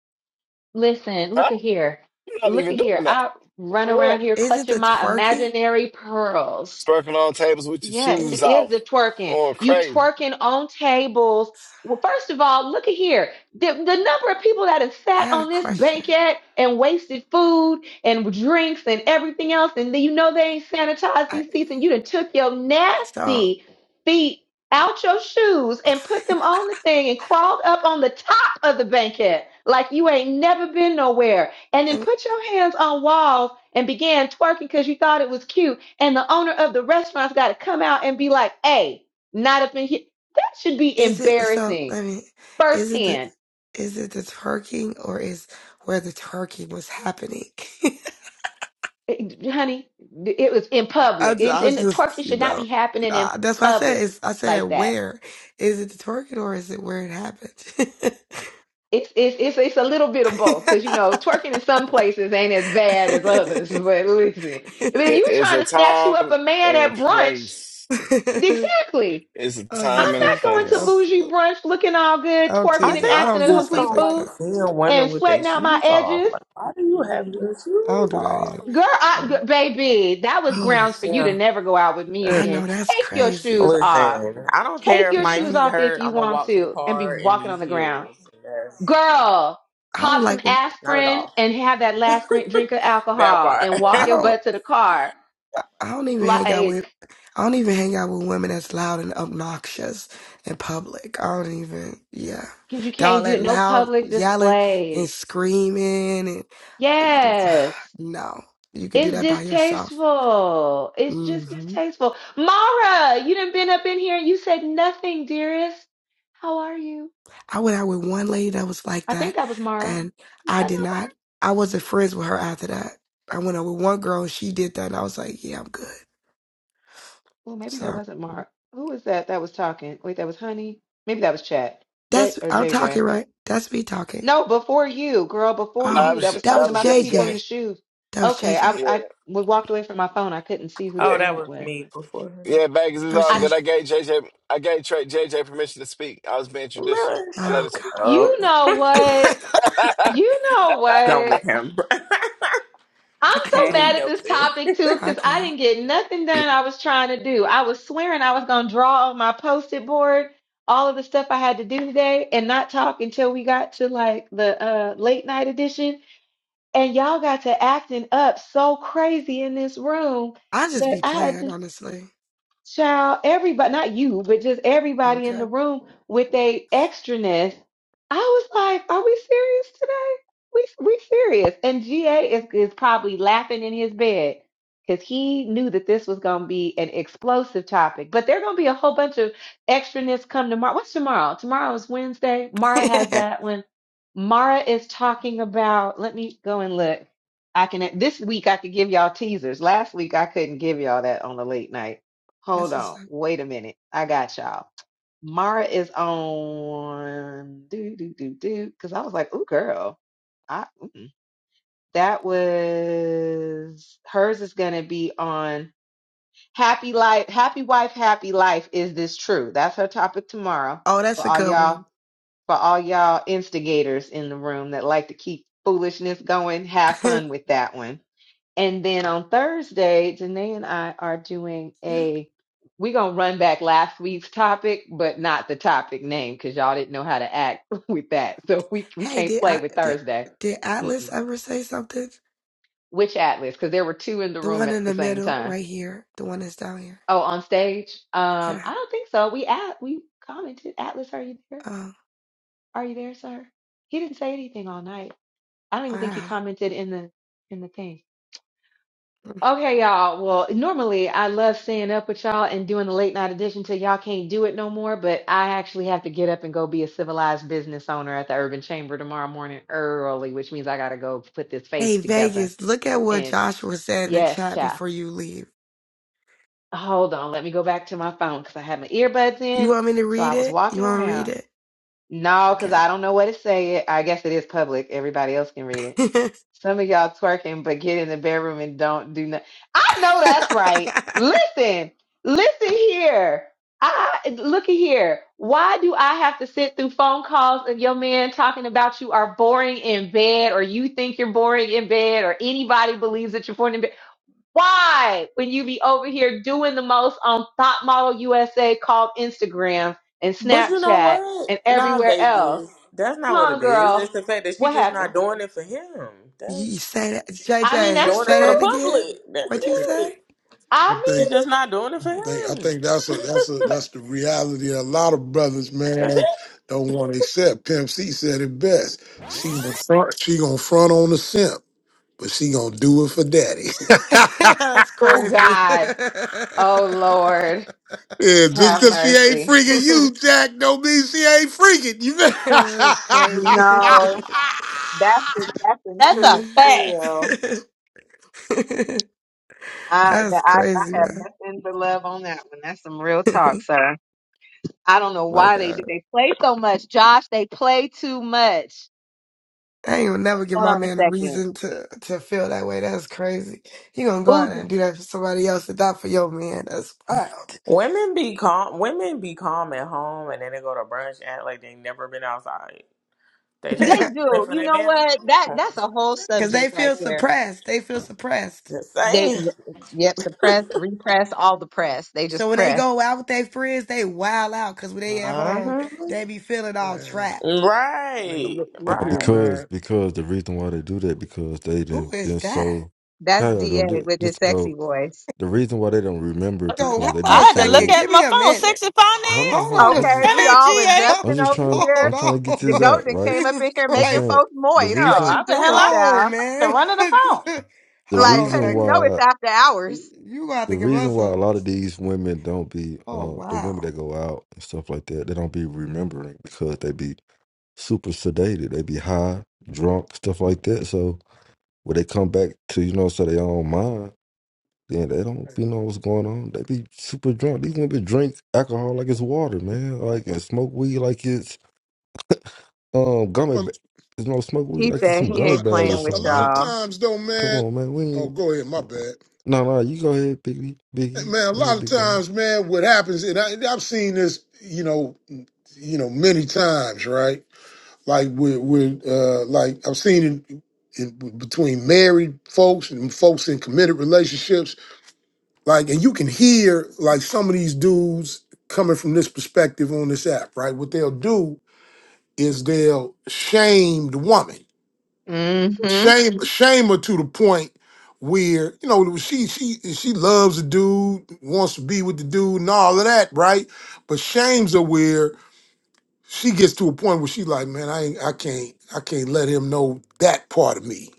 S5: Listen,
S3: Huh?
S5: look at here.
S3: You're not
S5: Look
S3: even
S5: at
S3: doing
S5: here.
S3: that.
S5: I run
S3: Yeah.
S5: around here
S17: Is it
S5: clutching
S17: the
S5: my
S17: twerking?
S5: imaginary pearls
S3: Twerking on tables with your
S5: Yes, it
S3: shoes
S17: Is
S5: is the
S3: off,
S5: twerking.
S3: or
S5: You
S3: crazy.
S5: twerking on tables. Well, first of all, look at here. The, the number of people that have
S17: I
S5: sat
S17: got a
S5: on this
S17: question.
S5: banquet and wasted food and drinks and everything else, and then you know they ain't sanitized
S17: I
S5: these seats, and you done took your
S17: so
S5: nasty feet out your shoes and put them on the thing and crawled up on the top of the banquet like you ain't never been nowhere, and then
S17: let me
S5: put your hands on walls and began twerking because you thought it was cute and the owner of the restaurant's got to come out and be like, "Hey, not up in here." That should be
S17: is it so
S5: embarrassing
S17: let me is it the
S5: firsthand,
S17: is it the twerking or is where the twerking was happening?
S5: Eh, honey. It was in
S17: I
S5: public.
S17: just,
S5: It's
S17: I
S5: in the
S17: just,
S5: twerking
S17: you
S5: should not
S17: know,
S5: be happening in
S17: uh, that's why I said.
S5: public
S17: It's, I said,
S5: like that.
S17: where is it the target or is it where it happened?
S5: It's it's it's, it's a little bit of both because you know twerking in some places ain't as bad as others. But listen, I mean, if
S3: It-
S5: you
S3: It's a
S5: trying to snatch you up
S3: time
S5: a man
S3: and a
S5: at brunch,
S3: place.
S5: exactly.
S3: It's a
S17: I was
S5: I'm
S3: time
S17: just
S3: and a
S17: being
S5: not going
S17: funny. I
S5: to
S3: place.
S17: was,
S5: bougie brunch looking all good,
S17: I'm
S20: I
S5: twerking
S17: teasing.
S5: and
S20: think
S17: I
S20: I
S5: acting
S17: don't
S5: a
S17: do
S20: just
S17: stuff
S5: complete
S20: don't
S17: like
S20: like
S5: fool
S17: that.
S20: seeing women
S5: and
S20: with their
S5: sweating out my
S20: shoes off.
S5: edges.
S20: Like, why do you have your
S17: I don't
S20: shoes
S17: do that anyway.
S20: off?
S5: Girl, I,
S17: No.
S5: g- baby, that was
S20: Oh,
S5: grounds for you to
S20: yeah.
S5: never go out with me
S17: I
S20: Mm,
S5: again.
S17: know that's
S5: Take your
S17: crazy.
S5: shoes off.
S20: Listen, I don't
S5: Take
S20: care if
S5: your
S20: my
S17: Yeah,
S5: shoes
S20: feet
S5: off if
S20: hurt.
S5: you
S20: I'm gonna
S5: want
S20: walk to the
S5: to and be
S20: car in
S5: walking
S20: these
S5: on the ground.
S20: heels. That's
S5: Girl,
S17: I don't
S5: pop some
S17: like. when-
S20: not at
S5: aspirin
S20: all.
S5: and have that last gr- drink of
S20: that
S5: alcohol
S20: part.
S5: and
S17: I
S5: walk your
S17: don't.
S5: butt to the car.
S17: I I don't even hang out
S5: Like,
S17: with I don't even hang out with women that's loud and obnoxious in public. I don't even yeah.
S5: 'cause you
S17: They all
S5: can't do
S17: that
S5: it. no
S17: loud
S5: public
S17: yelling and
S5: displays.
S17: screaming and
S5: Yes.
S17: no. You could do
S5: It's
S17: that by yourself.
S5: distasteful. It's just
S17: hmm
S5: distasteful. Mara, you done been up in here and you said nothing, dearest. How are you?
S17: I went out with one lady that was like
S5: I think
S17: that
S5: that was Mara.
S17: and
S5: Was
S17: I
S5: that
S17: did
S5: not Mara?
S17: not I wasn't friends with her after that. I went out with one girl and she did that and I was like, Yeah, I'm good.
S5: Well, maybe that
S17: So
S5: wasn't Mara. Who was that that was talking? Wait, that was Honey? Maybe that was Chat. J
S17: that's
S5: or
S17: I'm talking,
S5: JJ.
S17: right? That's me talking.
S5: No, before you, girl, before
S3: No,
S17: Oh,
S3: that
S5: you.
S3: was
S5: That was
S17: that
S3: that
S5: talking
S17: was
S3: was
S5: about the
S17: J
S5: people in
S3: JJ.
S5: the
S17: J.
S5: shoes.
S17: That was J
S5: Okay,
S17: J.
S5: I
S3: Yeah,
S5: I we walked away from my phone. I couldn't see whose
S3: yeah,
S20: oh,
S5: name
S20: that
S5: it
S20: was
S5: was.
S20: me before him.
S3: yeah. Vegas is all
S5: I
S17: Okay.
S3: good. I gave JJ, I gave Trey, JJ permission to speak. I was being traditional.
S20: Milton,
S3: I let
S17: Oh
S3: it
S20: shut
S3: speak.
S17: God.
S20: up.
S5: you know what? You know
S20: Done
S5: what?
S20: with him.
S17: I
S5: I'm
S17: can't
S5: so
S20: hey,
S5: mad
S17: die.
S5: at this
S20: Milton.
S5: topic too
S17: I
S5: because I
S17: can't.
S5: didn't get nothing done I was trying to do. I was swearing I was going to draw on my post it board all of the stuff I had to do today and not talk until we got to like the uh, late night edition. And y'all got to acting up so crazy in this room
S17: I just
S5: that
S17: be
S5: I had to.
S17: playing, honestly.
S5: Child, everybody, not you, but just everybody in
S17: Okay.
S5: the room with a extraness. I was like, are we serious today? We we serious. And GA is, is probably laughing in his bed because he knew that this was going to be an explosive topic. But there going to be a whole bunch of extraness come tomorrow. What's tomorrow? Tomorrow is Wednesday. Mara has
S17: that's
S5: that one. Mara is talking about, let me go and look. I can, this week I could give y'all teasers. Last week I couldn't give y'all that on the late night. Hold
S17: what's
S5: on.
S17: up.
S5: Wait a minute. I got y'all. Mara is on do do do do because I was like, "Ooh, girl, I mm-mm." that was hers is gonna be on happy life, happy wife, happy life. Is this true? That's her topic tomorrow
S17: Oh,
S5: for
S17: that's a
S5: all
S17: good
S5: y'all
S17: one.
S5: for all y'all instigators in the room that like to keep foolishness going. Have fun with that one and then on Thursday, Janae and I are doing
S17: you
S5: a, we're going to run back last week's topic, but not the topic name because y'all didn't know how to act with that. So we, we
S17: hey,
S5: can't
S17: did
S5: play
S17: I
S5: with
S17: did
S5: Thursday.
S17: did Atlas
S5: Mm-mm.
S17: ever say something?
S5: Which Atlas? Because there were two in the
S17: The
S5: room
S17: one
S5: at
S17: in
S5: the
S17: the
S5: same
S17: middle
S5: time.
S17: right here. The one that's down here.
S5: Oh, on stage? Um,
S17: Yeah.
S5: I don't think so. We at we commented. Atlas, are you there?
S17: Oh
S5: Are you there, sir? He didn't say anything all night. I don't even think he
S17: wow.
S5: commented in the in the thing.
S17: Mm.
S5: Okay, y'all. Well, normally I love staying up with y'all and doing the late night edition till y'all can't do it no more, but I actually have to get up and go be a civilized business owner at the Urban Chamber tomorrow morning early, which means I gotta go put this
S17: Hey,
S5: face together.
S17: Vegas, look at what
S5: And
S17: Joshua said in the
S5: yes,
S17: chat
S5: child.
S17: before you leave.
S5: Hold on, let me go back to my phone because I had my earbuds
S17: You
S5: in.
S17: want me to
S5: So I
S17: read
S5: was
S17: it? You
S5: walking
S17: want to read
S5: around.
S17: it?
S5: No, because
S17: Okay.
S5: I don't know what it said. I guess it is public. Everybody else can read it. Some of y'all twerking, but get in the bedroom and don't do nothing. I know that's right. Listen, listen here. I look at here. Why do I have to sit through phone calls of your man talking about you are boring in bed, or you think you're boring in bed, or anybody believes that you're boring in bed? Why, when you be over here doing the most on Thought Model USA called Instagram and
S20: But you know
S5: Snapchat
S20: what?
S5: and
S20: Nah,
S5: everywhere else?
S20: Vegas. That's
S5: Huh,
S20: not what it is.
S5: girl.
S20: It's the fact that she
S5: What
S20: just not
S5: happened?
S20: doing it for him.
S17: you
S20: That's
S17: say that,
S5: I mean,
S20: she
S17: JJ,
S5: that's
S20: doing it
S17: say
S20: for
S5: true.
S20: the
S17: that again?
S20: public. That's
S17: What you
S20: it.
S17: say?
S18: I
S5: I
S20: She's
S18: think
S5: mean,
S20: just not doing it for
S18: I think I
S20: him.
S18: think that's a that's a
S5: but
S18: that's the reality. A lot of brothers,
S20: That's it.
S18: man, don't want to accept. Pimp C said it best. She gonna front, she gonna front on the simp, but she gonna do it for daddy.
S17: That's
S5: oh
S17: crazy.
S5: God, oh Lord,
S18: Yeah, just
S5: have
S18: because she ain't
S5: mercy.
S18: freaking you, Jack, don't mean she ain't freaking you.
S17: That's
S5: You
S17: crazy.
S5: know, that's that's in
S21: That's a
S5: truth for
S21: fact.
S5: real. I
S17: That's
S5: that I,
S17: crazy,
S5: I have
S17: man.
S5: nothing but love on that one. That's some real talk, sir. I don't know
S17: my
S5: why they do.
S17: God.
S5: They play so much, Josh. They play too much.
S17: I ain't gonna never give
S5: Hold
S17: my
S5: on a
S17: man a
S5: second.
S17: reason to to feel that way. That's crazy. You gonna go out there
S5: Ooh,
S17: and do that for somebody else and not for your man. That's wild.
S20: Women be calm. Women be calm at home, and then they go to brunch, act like they never been outside. They just
S5: they
S20: not doing it
S5: do.
S20: for
S5: You
S20: their
S5: know
S20: man at
S5: what? That
S20: home.
S5: that's a whole
S17: Cause they
S5: subject right
S17: feel
S5: there.
S17: suppressed. They feel suppressed.
S20: Just
S5: They
S20: saying.
S5: yep, suppress, repress, all the press. They just
S17: So when they
S5: press.
S17: go out with their friends, they wild out. Cause when they at home,
S20: hmm
S17: they be feeling all
S18: Man,
S17: trapped.
S18: man,
S20: Right.
S18: look, look
S22: Uh,
S18: here,
S20: Right.
S22: because
S18: man.
S22: because the reason why they do that because they
S17: Who
S22: done
S17: is
S22: been
S17: that?
S22: so
S5: That's
S22: hell
S5: Da
S22: don't do,
S5: with his
S22: just go
S5: sexy voice.
S22: the reason why they don't remember
S17: Yo, hold
S22: because they be
S17: on a
S21: I had to look
S17: second.
S22: so
S21: at
S17: Give
S21: my
S17: me a
S21: phone.
S17: minute.
S21: Sexy
S22: hold on
S21: finance?
S22: hold
S17: Hold on
S22: on
S17: a
S22: I'm
S5: Okay,
S22: just,
S5: we
S21: That
S17: second.
S21: ain't
S5: all
S21: GA.
S22: I'm
S5: adjusting
S22: just
S5: over
S22: trying I'm
S5: here.
S17: Hold
S22: trying
S17: on.
S22: to get
S5: The
S22: this out
S5: golden
S22: right
S5: came up
S17: Jesus
S5: in here
S22: I'm
S5: making
S17: Christ.
S22: saying
S5: folks
S22: the
S5: moist.
S21: No,
S5: What
S22: reason
S21: I
S5: you
S21: the hell
S5: doing,
S21: I
S17: Oh,
S5: child?
S21: the
S17: man.
S21: run of the phone.
S22: the
S17: Hold
S5: Like,
S17: on a
S5: how
S22: reason
S5: do you
S17: second.
S5: know it's
S22: why
S5: after hours?
S17: You got
S22: the
S17: to give
S22: reason
S17: us
S22: why
S17: a.
S22: a lot of these women don't be
S17: Oh,
S22: uh the
S17: wow.
S22: women that go out and stuff like that they don't be remembering because they be super sedated they be high drunk stuff like that so when they come back to you know so their own mind Yeah, they don't be know what's going on. They be super drunk. These women drink alcohol like it's water, man. Like and smoke weed like it's um gummy. Ba- it's no smoke weed
S5: He
S22: like it's
S5: said
S22: some
S18: But a
S5: he
S22: gummy
S18: lot,
S5: ain't
S18: a
S22: bears or
S5: playing
S18: lot, a
S5: with
S22: something,
S18: lot
S22: man.
S18: of
S22: Like,
S5: y'all.
S18: times though,
S22: come
S18: man.
S22: on, man. We
S18: Oh,
S22: ain't...
S18: go ahead. My bad,
S22: no, no. You go ahead, Biggie. Biggie,
S18: man. A
S22: go
S18: lot
S22: ahead,
S18: of
S22: big dog.
S18: times, man. What happens, and I, I've seen this, you know, you know, many times, right? Like with, with, uh, like I've seen it in, between married folks and folks in committed relationships. Like, and you can hear like some of these dudes coming from this perspective on this app, right? What they'll do is they'll shame the woman
S5: Mm-hmm.
S18: Shame, shame her to the point where you know she she she loves the dude, wants to be with the dude, and all of that, right? But shames her where she gets to a point where she like, man, I ain't, I can't, I can't let him know that part of me.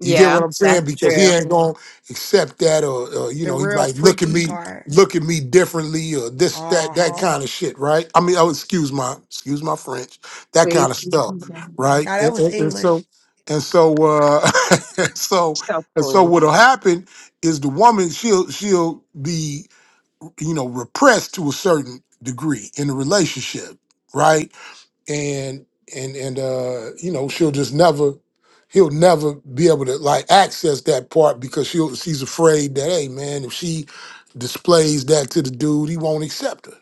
S18: You get what
S5: Yeah,
S18: I'm saying?
S5: that's
S18: Because he
S5: true.
S18: ain't gonna accept that, or, or you
S17: The
S18: know, he
S17: real
S18: might look at
S17: freaky
S18: me,
S17: part.
S18: look at me differently, or this,
S17: Uh
S18: that, that
S17: huh.
S18: kind of shit, right? I mean, oh, excuse my, excuse my French, that
S5: Please
S18: kind of
S5: keep
S18: stuff,
S5: me down.
S18: right?
S17: Now, that
S18: And,
S17: was
S18: and- and
S17: English.
S18: so, and so, uh, and so,
S5: So
S18: and so,
S5: fools.
S18: what'll happen is the woman she'll she'll be, you know, repressed to a certain degree in the relationship, right? and and and uh you know she'll just never he'll never be able to like access that part because she'll she's afraid that hey man if she displays that to the dude he won't accept her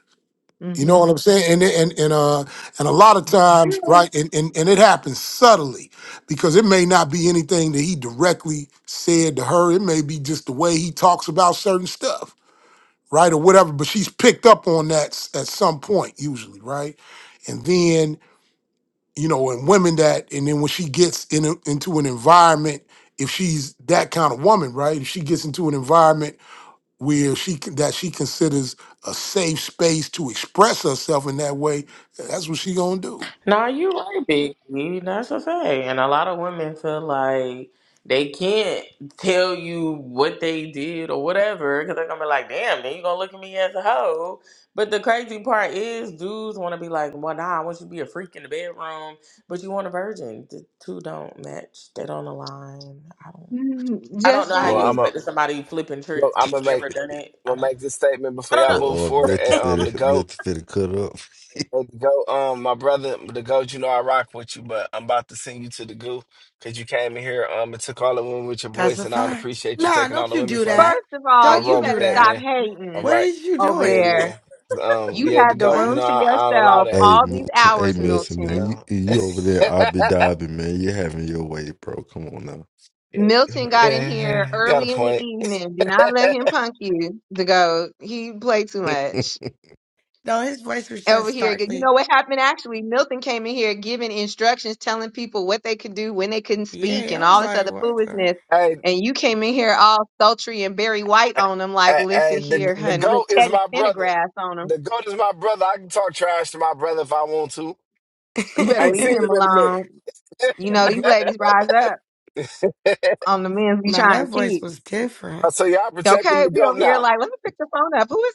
S18: you know
S5: Mm-hmm.
S18: what i'm saying and it- and and uh and a lot of times right and and, and it happens subtly because it may not be anything that he directly said to her it may be just the way he talks about certain stuff right or whatever but she's picked up on that s- at some point usually right and then you know, and women that, and then when she gets in a, into an environment, if she's that kind of woman, right? If she gets into an environment where she can, that she considers a safe space to express herself in that way, that's what she gonna do.
S20: Nah, you're right, Biggie. That's a fact. And a lot of women feel like they can't tell you what they did or whatever because they're gonna be like, "Damn, then you gonna look at me as a hoe." But the crazy part is, dudes want to be like, "Well, nah, I want you to be a freak in the bedroom, but you want a virgin." The two don't match. They don't align. I don't. I don't
S5: Just
S20: know how
S5: like,
S3: well,
S20: you
S3: I'm a,
S20: expect somebody flipping
S3: well,
S20: tricks,
S3: I'm
S20: but they
S3: gonna make,
S20: never done it.
S3: I'm
S20: I
S3: gonna
S20: don't.
S3: make this statement
S20: I
S3: before
S20: don't
S22: Uh
S3: y'all
S20: know.
S3: move
S22: oh,
S3: forward.
S22: Milton
S3: At, um, the
S22: finna,
S3: goat.
S22: Milton finna cut up.
S3: Hey, the go, um, my brother, the goat, you know I rock with you, but I'm about to send you to the goo because you came in here, um, and took all the women with your
S17: That's
S3: voice,
S17: a
S3: and I don't
S17: fact.
S3: appreciate you
S17: Nah,
S3: taking all
S17: don't
S3: the
S17: you
S3: women
S17: do
S3: from me.
S17: that.
S5: first of
S3: I
S5: all,
S3: don't
S17: Don't
S5: you
S17: you
S3: roll
S17: do
S3: with
S5: better
S3: that,
S17: that.
S5: stop
S3: man. All
S5: hating
S17: What
S3: right,
S17: is you
S5: over
S3: yeah,
S17: doing?
S5: there.
S3: man. Um,
S5: You
S3: yeah,
S5: had
S3: the
S5: the
S3: goat,
S17: What?
S3: you
S5: room
S3: know
S5: to
S3: I, I don't allow
S5: yourself
S3: that.
S22: Hey
S5: all these
S22: Milton, hey
S5: hours,
S3: Yeah,
S22: Milton,
S3: you
S22: man,
S5: Milton.
S22: you
S3: know,
S22: you over there, obby dobby, man. You having your way, bro. Come on now.
S3: yeah,
S5: Milton got in here
S3: yeah, got a
S5: early in the
S3: point.
S5: evening. Do not let him punk you to go. He played too much
S17: No, his voice was
S5: over
S17: just
S5: here. You
S17: starkly.
S5: know what happened actually? Milton came in here giving instructions, telling people what they could do when they couldn't speak
S17: Yeah, I
S5: and
S17: was
S5: all this
S17: like,
S5: other
S17: what
S5: foolishness.
S3: Hey,
S5: And you came in here all sultry and Barry White on him, like,
S3: hey,
S5: listen
S3: hey, the
S5: here,
S3: the
S5: honey, look,
S3: goat is
S5: Teddy
S3: my brother.
S5: Pendergrass on him.
S3: The goat is my brother. I can talk trash to my brother if I want to.
S5: You
S3: I
S5: better
S3: ain't
S5: leave
S3: seen
S17: the?
S5: him
S3: him in a
S5: alone. You know, these ladies rise up
S3: minute.
S5: on the men's we
S17: nah,
S5: trying to
S17: that voice
S5: keep.
S17: was different.
S3: so y'all protecting
S5: Okay,
S3: the
S5: we over
S3: goat now.
S5: here like, let me pick the phone up. Who is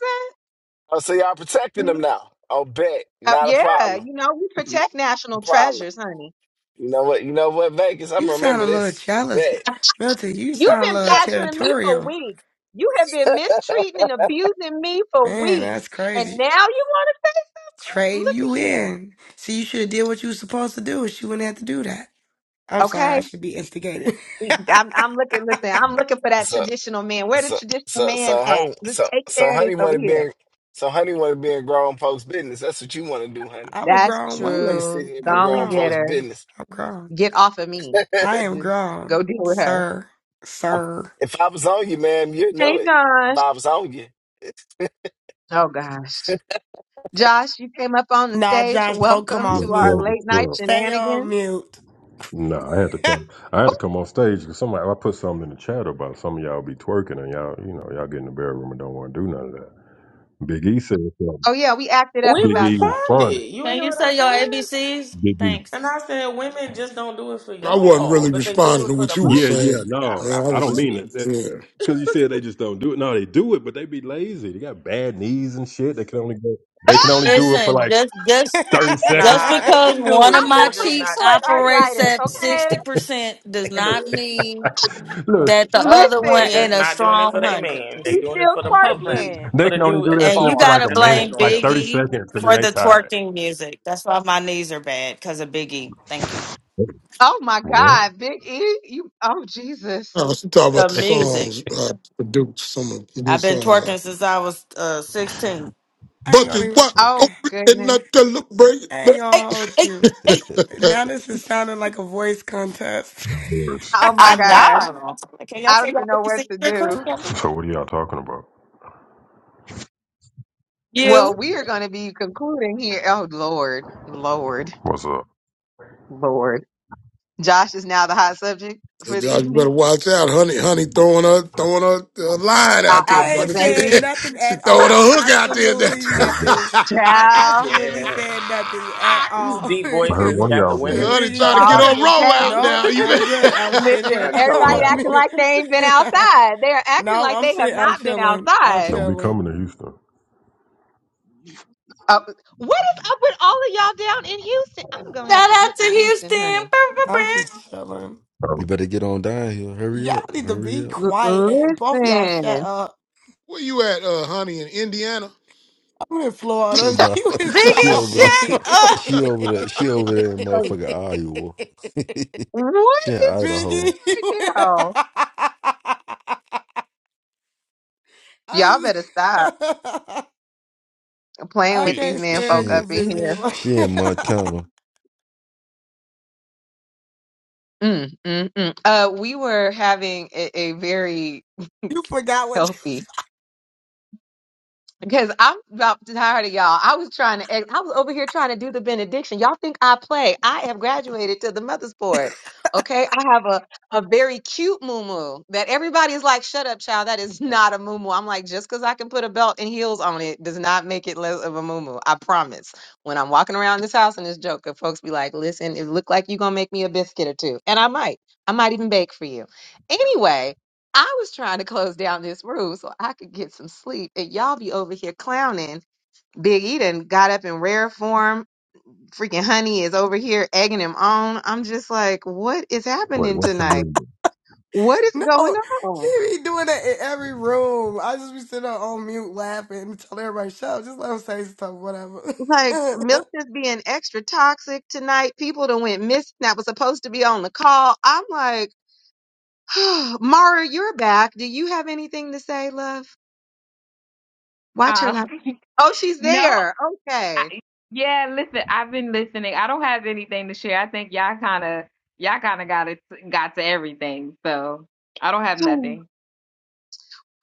S3: Oh, so y'all protecting
S5: that?
S3: them now. Oh, bet.
S5: Uh,
S3: Not a
S5: yeah,
S3: problem.
S5: you know, we
S3: Not
S5: protect
S3: a
S5: national
S3: problem.
S5: treasures, honey.
S3: You know what? You know what, Vegas? I'm
S17: You
S3: gonna
S17: sound
S3: remember
S17: a little
S3: this.
S17: jealous,
S3: Bet.
S17: Milton. You
S5: You've
S17: sound a
S5: been
S17: little
S5: badgering me for
S17: territorial.
S5: weeks. You have been mistreating and abusing me for
S17: Man,
S5: weeks.
S17: that's
S5: And now
S17: crazy.
S5: you want to
S17: Trading
S5: look at
S17: you
S5: here.
S17: in. See, you should have did what you was supposed to do. She wouldn't have to do that. I'm sorry. I
S5: Okay.
S17: should be instigated.
S5: I'm, I'm looking, listen, I'm looking for that
S3: So,
S5: traditional man. Where the
S3: so,
S5: traditional
S3: so,
S5: man
S3: so,
S5: at?
S3: honey,
S5: Look,
S3: so,
S5: Take
S3: so,
S5: care of this
S3: honey, want
S5: over
S3: to be
S5: here.
S3: in, so, honey, want to be in grown folks' business. That's what you want to do, honey.
S17: I'm a
S5: That's
S17: grown
S3: You want to
S17: woman.
S3: sit
S5: true.
S3: here and be
S17: I'm
S5: Go and
S3: grown
S17: grown.
S5: get
S3: folks'
S5: her.
S3: business.
S17: I'm grown.
S5: Get off of me.
S17: I am
S5: Just
S17: grown,
S5: go deal with her.
S17: sir. Sir.
S3: if I was on you, ma'am, you'd
S5: Hey,
S3: know it. If
S5: Josh.
S3: I was on you.
S5: Oh, gosh. Josh, you came up on the
S17: Nah,
S5: stage.
S17: Josh, don't come
S5: Welcome
S17: off
S23: Yes,
S5: to
S23: sir.
S5: our
S17: mute.
S5: late
S23: What's
S5: night
S23: up?
S17: Stay on
S5: shenanigans.
S17: mute.
S23: No, I had to come. I had to
S5: Oh,
S23: come on stage because somebody. I put something in the chat about some of y'all be twerking and y'all, you know, y'all get in the bedroom and don't want to do none of that. Big E said something.
S5: oh yeah, we acted up
S20: We
S23: Big
S5: about
S23: E
S5: that.
S23: responded.
S20: responded. You ain't
S21: Can
S20: hear
S21: you
S20: what I
S21: say your
S20: said?
S21: ABCs?
S23: Big E.
S21: Thanks.
S20: And I said, women just don't do it for
S18: I wasn't
S20: y'all,
S18: really
S20: but they do
S18: responding
S20: it
S18: to
S20: for
S18: what
S20: the
S18: you were
S23: Yeah, yeah.
S20: public.
S18: saying,
S20: I,
S23: No,
S18: man.
S20: I
S18: I
S23: I
S18: was
S23: don't
S18: just
S23: mean
S20: responded.
S23: that. That
S18: yeah.
S23: because you said they just don't do it. No, they do it, but they be lazy. They got bad knees and shit. They can only go. They can only do it for
S21: Listen,
S23: like
S21: just just
S23: thirty
S17: I
S23: seconds.
S21: just
S20: Nah, they
S21: because
S20: can do
S21: one of
S5: I
S20: it.
S21: my
S20: They just
S21: cheeks
S20: not
S5: have
S20: doing it for
S21: operates
S5: rheumatoid arthritis,
S21: at
S20: their men.
S21: sixty percent does
S20: They can do
S21: not
S20: it.
S21: mean
S23: Look,
S21: that the other
S5: okay?
S21: one
S20: They
S21: ain't
S5: Listen,
S20: just
S21: a
S20: not doing it for
S21: strong
S20: their
S21: hundred
S20: man. They
S5: he's
S20: doing it
S5: still
S20: for the
S21: percent.
S20: public,
S5: twerking.
S23: they
S20: for the
S23: can only
S20: dude
S23: do
S20: at the
S23: that
S21: And
S23: shit
S21: you
S23: for like
S20: bar.
S21: gotta
S23: a
S20: That's what they
S23: minute,
S21: blame
S20: doing
S23: like
S20: it
S23: thirty
S21: Biggie
S23: seconds, and then
S21: for
S23: they
S21: the
S23: tired.
S21: twerking music. That's why my knees are bad because of Biggie. Thank you.
S5: Oh my God, Big E, you, oh
S18: I
S5: Jesus.
S18: was talking about
S21: The
S18: the
S21: music.
S18: songs I produced, some of the
S21: I've been
S18: songs.
S21: twerking
S18: I,
S21: since I was uh, sixteen.
S17: ain't
S18: but
S17: gonna.
S18: the
S17: Even,
S18: what?
S5: Oh
S17: I
S18: Open and
S5: goodness.
S18: not
S17: ain't
S18: celebrate.
S21: Hey,
S17: gonna hold
S21: hey,
S17: you.
S21: hey.
S17: Now this is sounding like a voice contest.
S23: What?
S5: Oh my
S21: I
S17: I
S5: God.
S21: know. Can y'all
S5: I
S21: say
S5: don't even
S21: that?
S5: know
S21: You
S5: what
S21: see,
S5: to
S21: you're a
S5: do.
S21: Christian.
S23: So what are y'all talking about?
S5: Well,
S21: You.
S5: we are going to be concluding here. Oh Lord, Lord,
S23: What's up?
S5: Lord. Josh is now the hot subject
S18: Hey,
S5: for the
S18: Josh, you
S5: evening.
S18: better watch out, honey. Honey throwing her throwing her uh, line
S5: Uh,
S18: out
S5: uh,
S18: there,
S5: the
S17: ain't
S18: brother. She
S17: said
S5: baby,
S17: nothing
S18: she
S17: at
S18: throwing
S17: all.
S18: her hook out there.
S17: Absolutely nothing.
S23: I
S17: I
S5: child.
S20: for.
S17: absolutely
S20: Yeah.
S17: said nothing at
S20: These
S17: all.
S20: deep
S23: heard
S20: voices
S23: one of
S20: got the
S23: y'all was
S18: hey,
S23: in
S20: women in
S18: honey,
S17: Biggie,
S18: trying to get
S5: All
S20: choco.
S18: her
S23: Houston.
S17: said,
S5: the
S18: roll out
S5: okay.
S17: no,
S18: now. You
S17: I'm
S18: been-
S17: good. I'm sitting here.
S5: Listen,
S20: A
S17: I'm
S5: everybody
S17: on
S23: Uh,
S20: choco.
S5: acting
S17: mute.
S5: like they ain't been outside. They are acting
S17: no,
S5: like
S17: I'm
S5: they have
S17: sitting. I'm
S5: not been
S17: chilling. I'm
S5: outside.
S23: don't be
S17: chilling.
S23: coming to Houston.
S5: Uh, what is up with all of y'all down in Houston? I'm gonna have
S21: Shout
S5: to
S21: out
S5: get
S21: to
S5: to Houston,
S21: Houston.
S5: honey.
S21: Brr, brr,
S17: I'm
S21: brr.
S17: just chilling.
S22: you
S23: Oh,
S22: better get on down here. Hurry
S17: Y'all
S22: up,
S17: need to
S22: hurry
S17: be
S22: up.
S5: L-
S17: quiet.
S5: listen,
S17: Both of y'all shut up.
S18: where you at, uh, honey? In Indiana?
S17: You in
S22: She
S17: Florida.
S22: nah.
S17: You is
S22: she
S17: wild,
S21: Biggie
S22: over the.
S17: Biggie.
S21: shit.
S22: She over the. She over there in motherfucking Iowa.
S5: what
S22: she in
S5: is
S17: Biggie,
S22: Idaho.
S17: you
S5: right now?
S17: I,
S5: Y'all better stop
S17: s-
S5: playing
S17: I
S5: with these
S17: can't
S5: men
S22: She
S5: folk
S17: stand you,
S22: in
S5: up in
S17: Biggie.
S5: here.
S22: she in
S17: Like,
S22: Montana.
S5: Mm, mm, mm. Uh, we were having a, a very
S17: you forgot what you
S5: healthy Because I'm about tired of y'all. I was trying to, I was over here trying to do the benediction. Y'all think I play. I have graduated to the mother's board. Okay. I have a, a very cute moo that everybody's like, shut up, child. That is not a moo I'm like, just because I can put a belt and heels on it does not make it less of a moo I promise. When I'm walking around this house in this joker, folks be like, listen, it look like you going to make me a biscuit or two. And I might. I might even bake for you. Anyway, I was trying to close down this room so I could get some sleep, and y'all be over here clowning. Big E done got up in rare form. Freaking Honey is over here egging him on. I'm just like, what is
S23: wait,
S5: happening
S23: what's the
S5: tonight?
S23: name?
S5: What is going
S17: No,
S5: on?
S17: you be doing that in every room. I just be sitting there on mute laughing and telling everybody, shut up, just let them say stuff, whatever.
S5: Like Milk is being extra toxic tonight. People that went missing that was supposed to be on the call. I'm like, Mara, you're back. Do you have anything to say, love? Watch her
S24: Um.
S5: not. Oh, she's
S24: no,
S5: there. Okay.
S24: I, yeah, listen, I've been listening. I don't have anything to share. I think y'all kind of y'all kind of got it got to everything. So, I don't have nothing.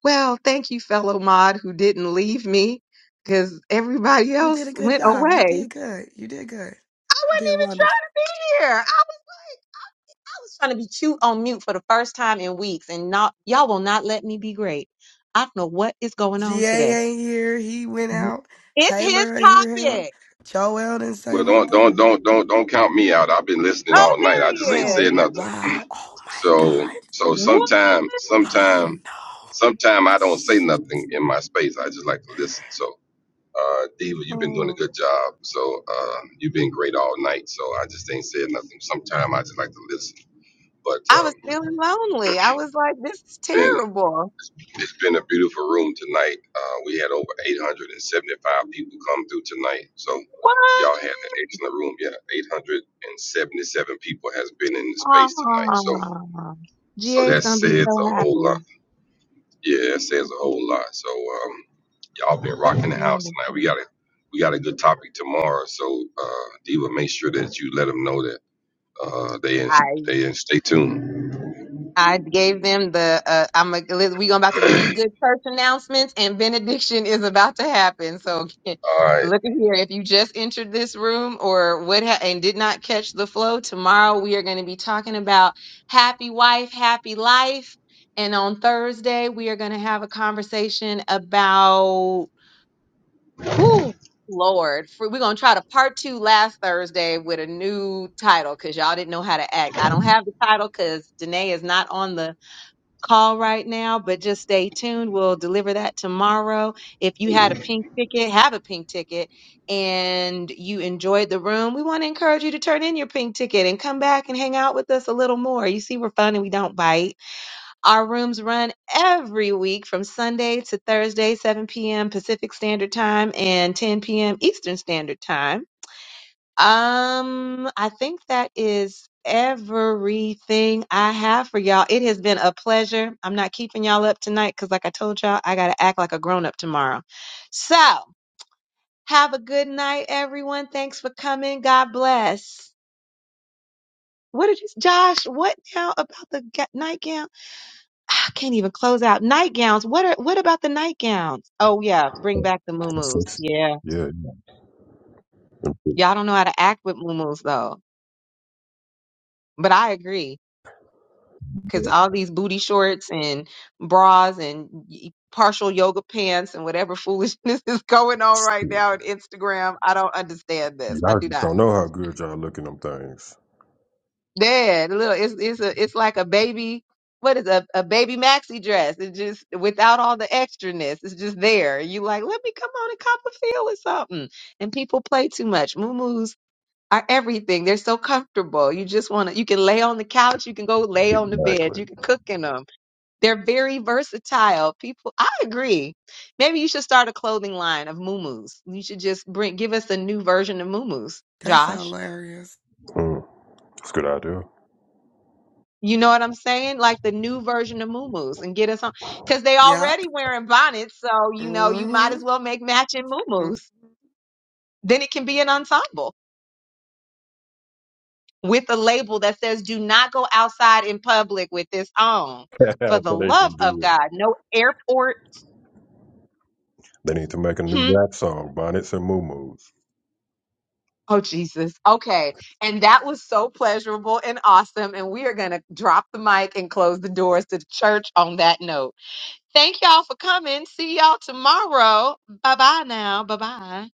S5: Well, thank you, fellow mod, who didn't leave me because everybody
S17: you did
S5: else
S17: a good
S5: went
S17: job. You
S5: away.
S17: did good. You did good.
S5: I
S17: You
S5: wasn't
S17: did
S5: even
S17: wonderful.
S5: trying to be here. I was, I was trying to be cute on mute for the first time in weeks, and not y'all will not let me be great. I don't know what is going on
S17: GA
S5: today.
S17: ain't here. He went out.
S5: It's his
S17: Taylor ain't hear him.
S5: topic.
S17: Joel didn't say
S6: Well, don't
S17: nothing.
S6: don't don't don't don't count me out. I've been listening
S5: Oh,
S6: all night.
S5: there
S6: I just ain't
S5: he is.
S6: said
S17: Oh
S6: nothing.
S17: wow. Oh my
S6: So
S17: God.
S6: so
S5: What?
S6: sometime
S17: Oh
S6: sometime
S17: no.
S6: sometime I don't say nothing in my space. I just like to listen. So. Uh, Diva, you've been doing a good job. So uh, you've been great all night. So I just ain't said nothing. Sometime I just like to listen. But
S5: I was
S6: um,
S5: feeling lonely. I was like, this is
S6: been
S5: terrible.
S6: it's been a beautiful room tonight. Uh, we had over 875 people come through tonight. So
S5: What?
S6: y'all had an excellent room. Yeah, 877 people has been in the space tonight. So
S5: Aww.
S6: so
S5: GA's
S6: that
S5: gonna be
S6: says
S5: so
S6: a whole
S5: happy.
S6: lot. Yeah, it says a whole lot. So um, y'all been
S5: That's
S6: rocking the house tonight. We
S5: wonderful.
S6: got a we got a good topic tomorrow. So uh, Diva, make sure that you let them know that uh, they in, they in, stay tuned.
S5: I gave them the uh, I'm like we going about to do these good church announcements and benediction is about to happen. So
S6: All right.
S5: look at here if you just entered this room or what ha- and did not catch the flow tomorrow we are going to be talking about happy wife, happy life and on Thursday we are going to have a conversation about who Lord, For- we're gonna try to part two last Thursday with a new title because y'all didn't know how to act. I don't have the title because Danae is not on the call right now, but just stay tuned. We'll deliver that tomorrow. If you had a pink ticket, have a pink ticket, and you enjoyed the room, we want to encourage you to turn in your pink ticket and come back and hang out with us a little more. You see, we're fun and we don't bite. Our rooms run every week from Sunday to Thursday, 7 p.m. Pacific Standard Time and 10 p.m. Eastern Standard Time. Um, I think that is everything I have for y'all. It has been a pleasure. I'm not keeping y'all up tonight because, like I told y'all, I got to act like a grown up tomorrow. So, have a good night, everyone. Thanks for coming. God bless. What did you, Josh? What now about the ga- nightgown? Ah, I can't even close out nightgowns. What are what about the nightgowns? Oh yeah, bring back the
S23: of it?
S5: muumuus.
S23: Six.
S5: Yeah,
S23: Yeah,
S5: y'all don't know how to act with muumuus though. But I agree. because all these booty shorts and bras and y- partial yoga pants and whatever foolishness is going on right
S23: you-
S5: now on Instagram. I don't understand this. I
S23: y'all
S5: do
S23: just
S5: not.
S23: don't know how good y'all look in them things.
S5: Yeah, the little it's it's a it's like a baby. What is a, a baby maxi dress? It's just without all the extraness. It's just there. You like, let me come on and cop a feel or something. And people play too much. Moo are everything. They're so comfortable. You just want to. You can lay on the couch. You can go lay on the bed.
S23: Exactly.
S5: You can cook in 'em. They're very versatile. People, I agree. Maybe you should start a clothing line of muumuus. You should just bring give us a new version of muumuus,
S17: That's
S5: Josh.
S17: hilarious.
S23: Mm, that's a good idea.
S5: You know what I'm saying? Like the new version of muumuus and get us on because they
S17: Yep.
S5: already wearing bonnets, so you know you might
S17: Mm-hmm.
S5: as well make matching muumuus. Then it can be an ensemble with a label that says "Do not go outside in public with this on." For the
S23: so they
S5: love
S23: can do
S5: of
S23: it.
S5: God, no airport.
S23: They need to make a new
S5: Hmm?
S23: rap song, Bonnets and Moo
S5: Oh, Jesus. Okay. And that was so pleasurable and awesome. And we are going to drop the mic and close the doors to the church on that note. Thank y'all for coming. See y'all tomorrow. Bye bye now. Bye bye.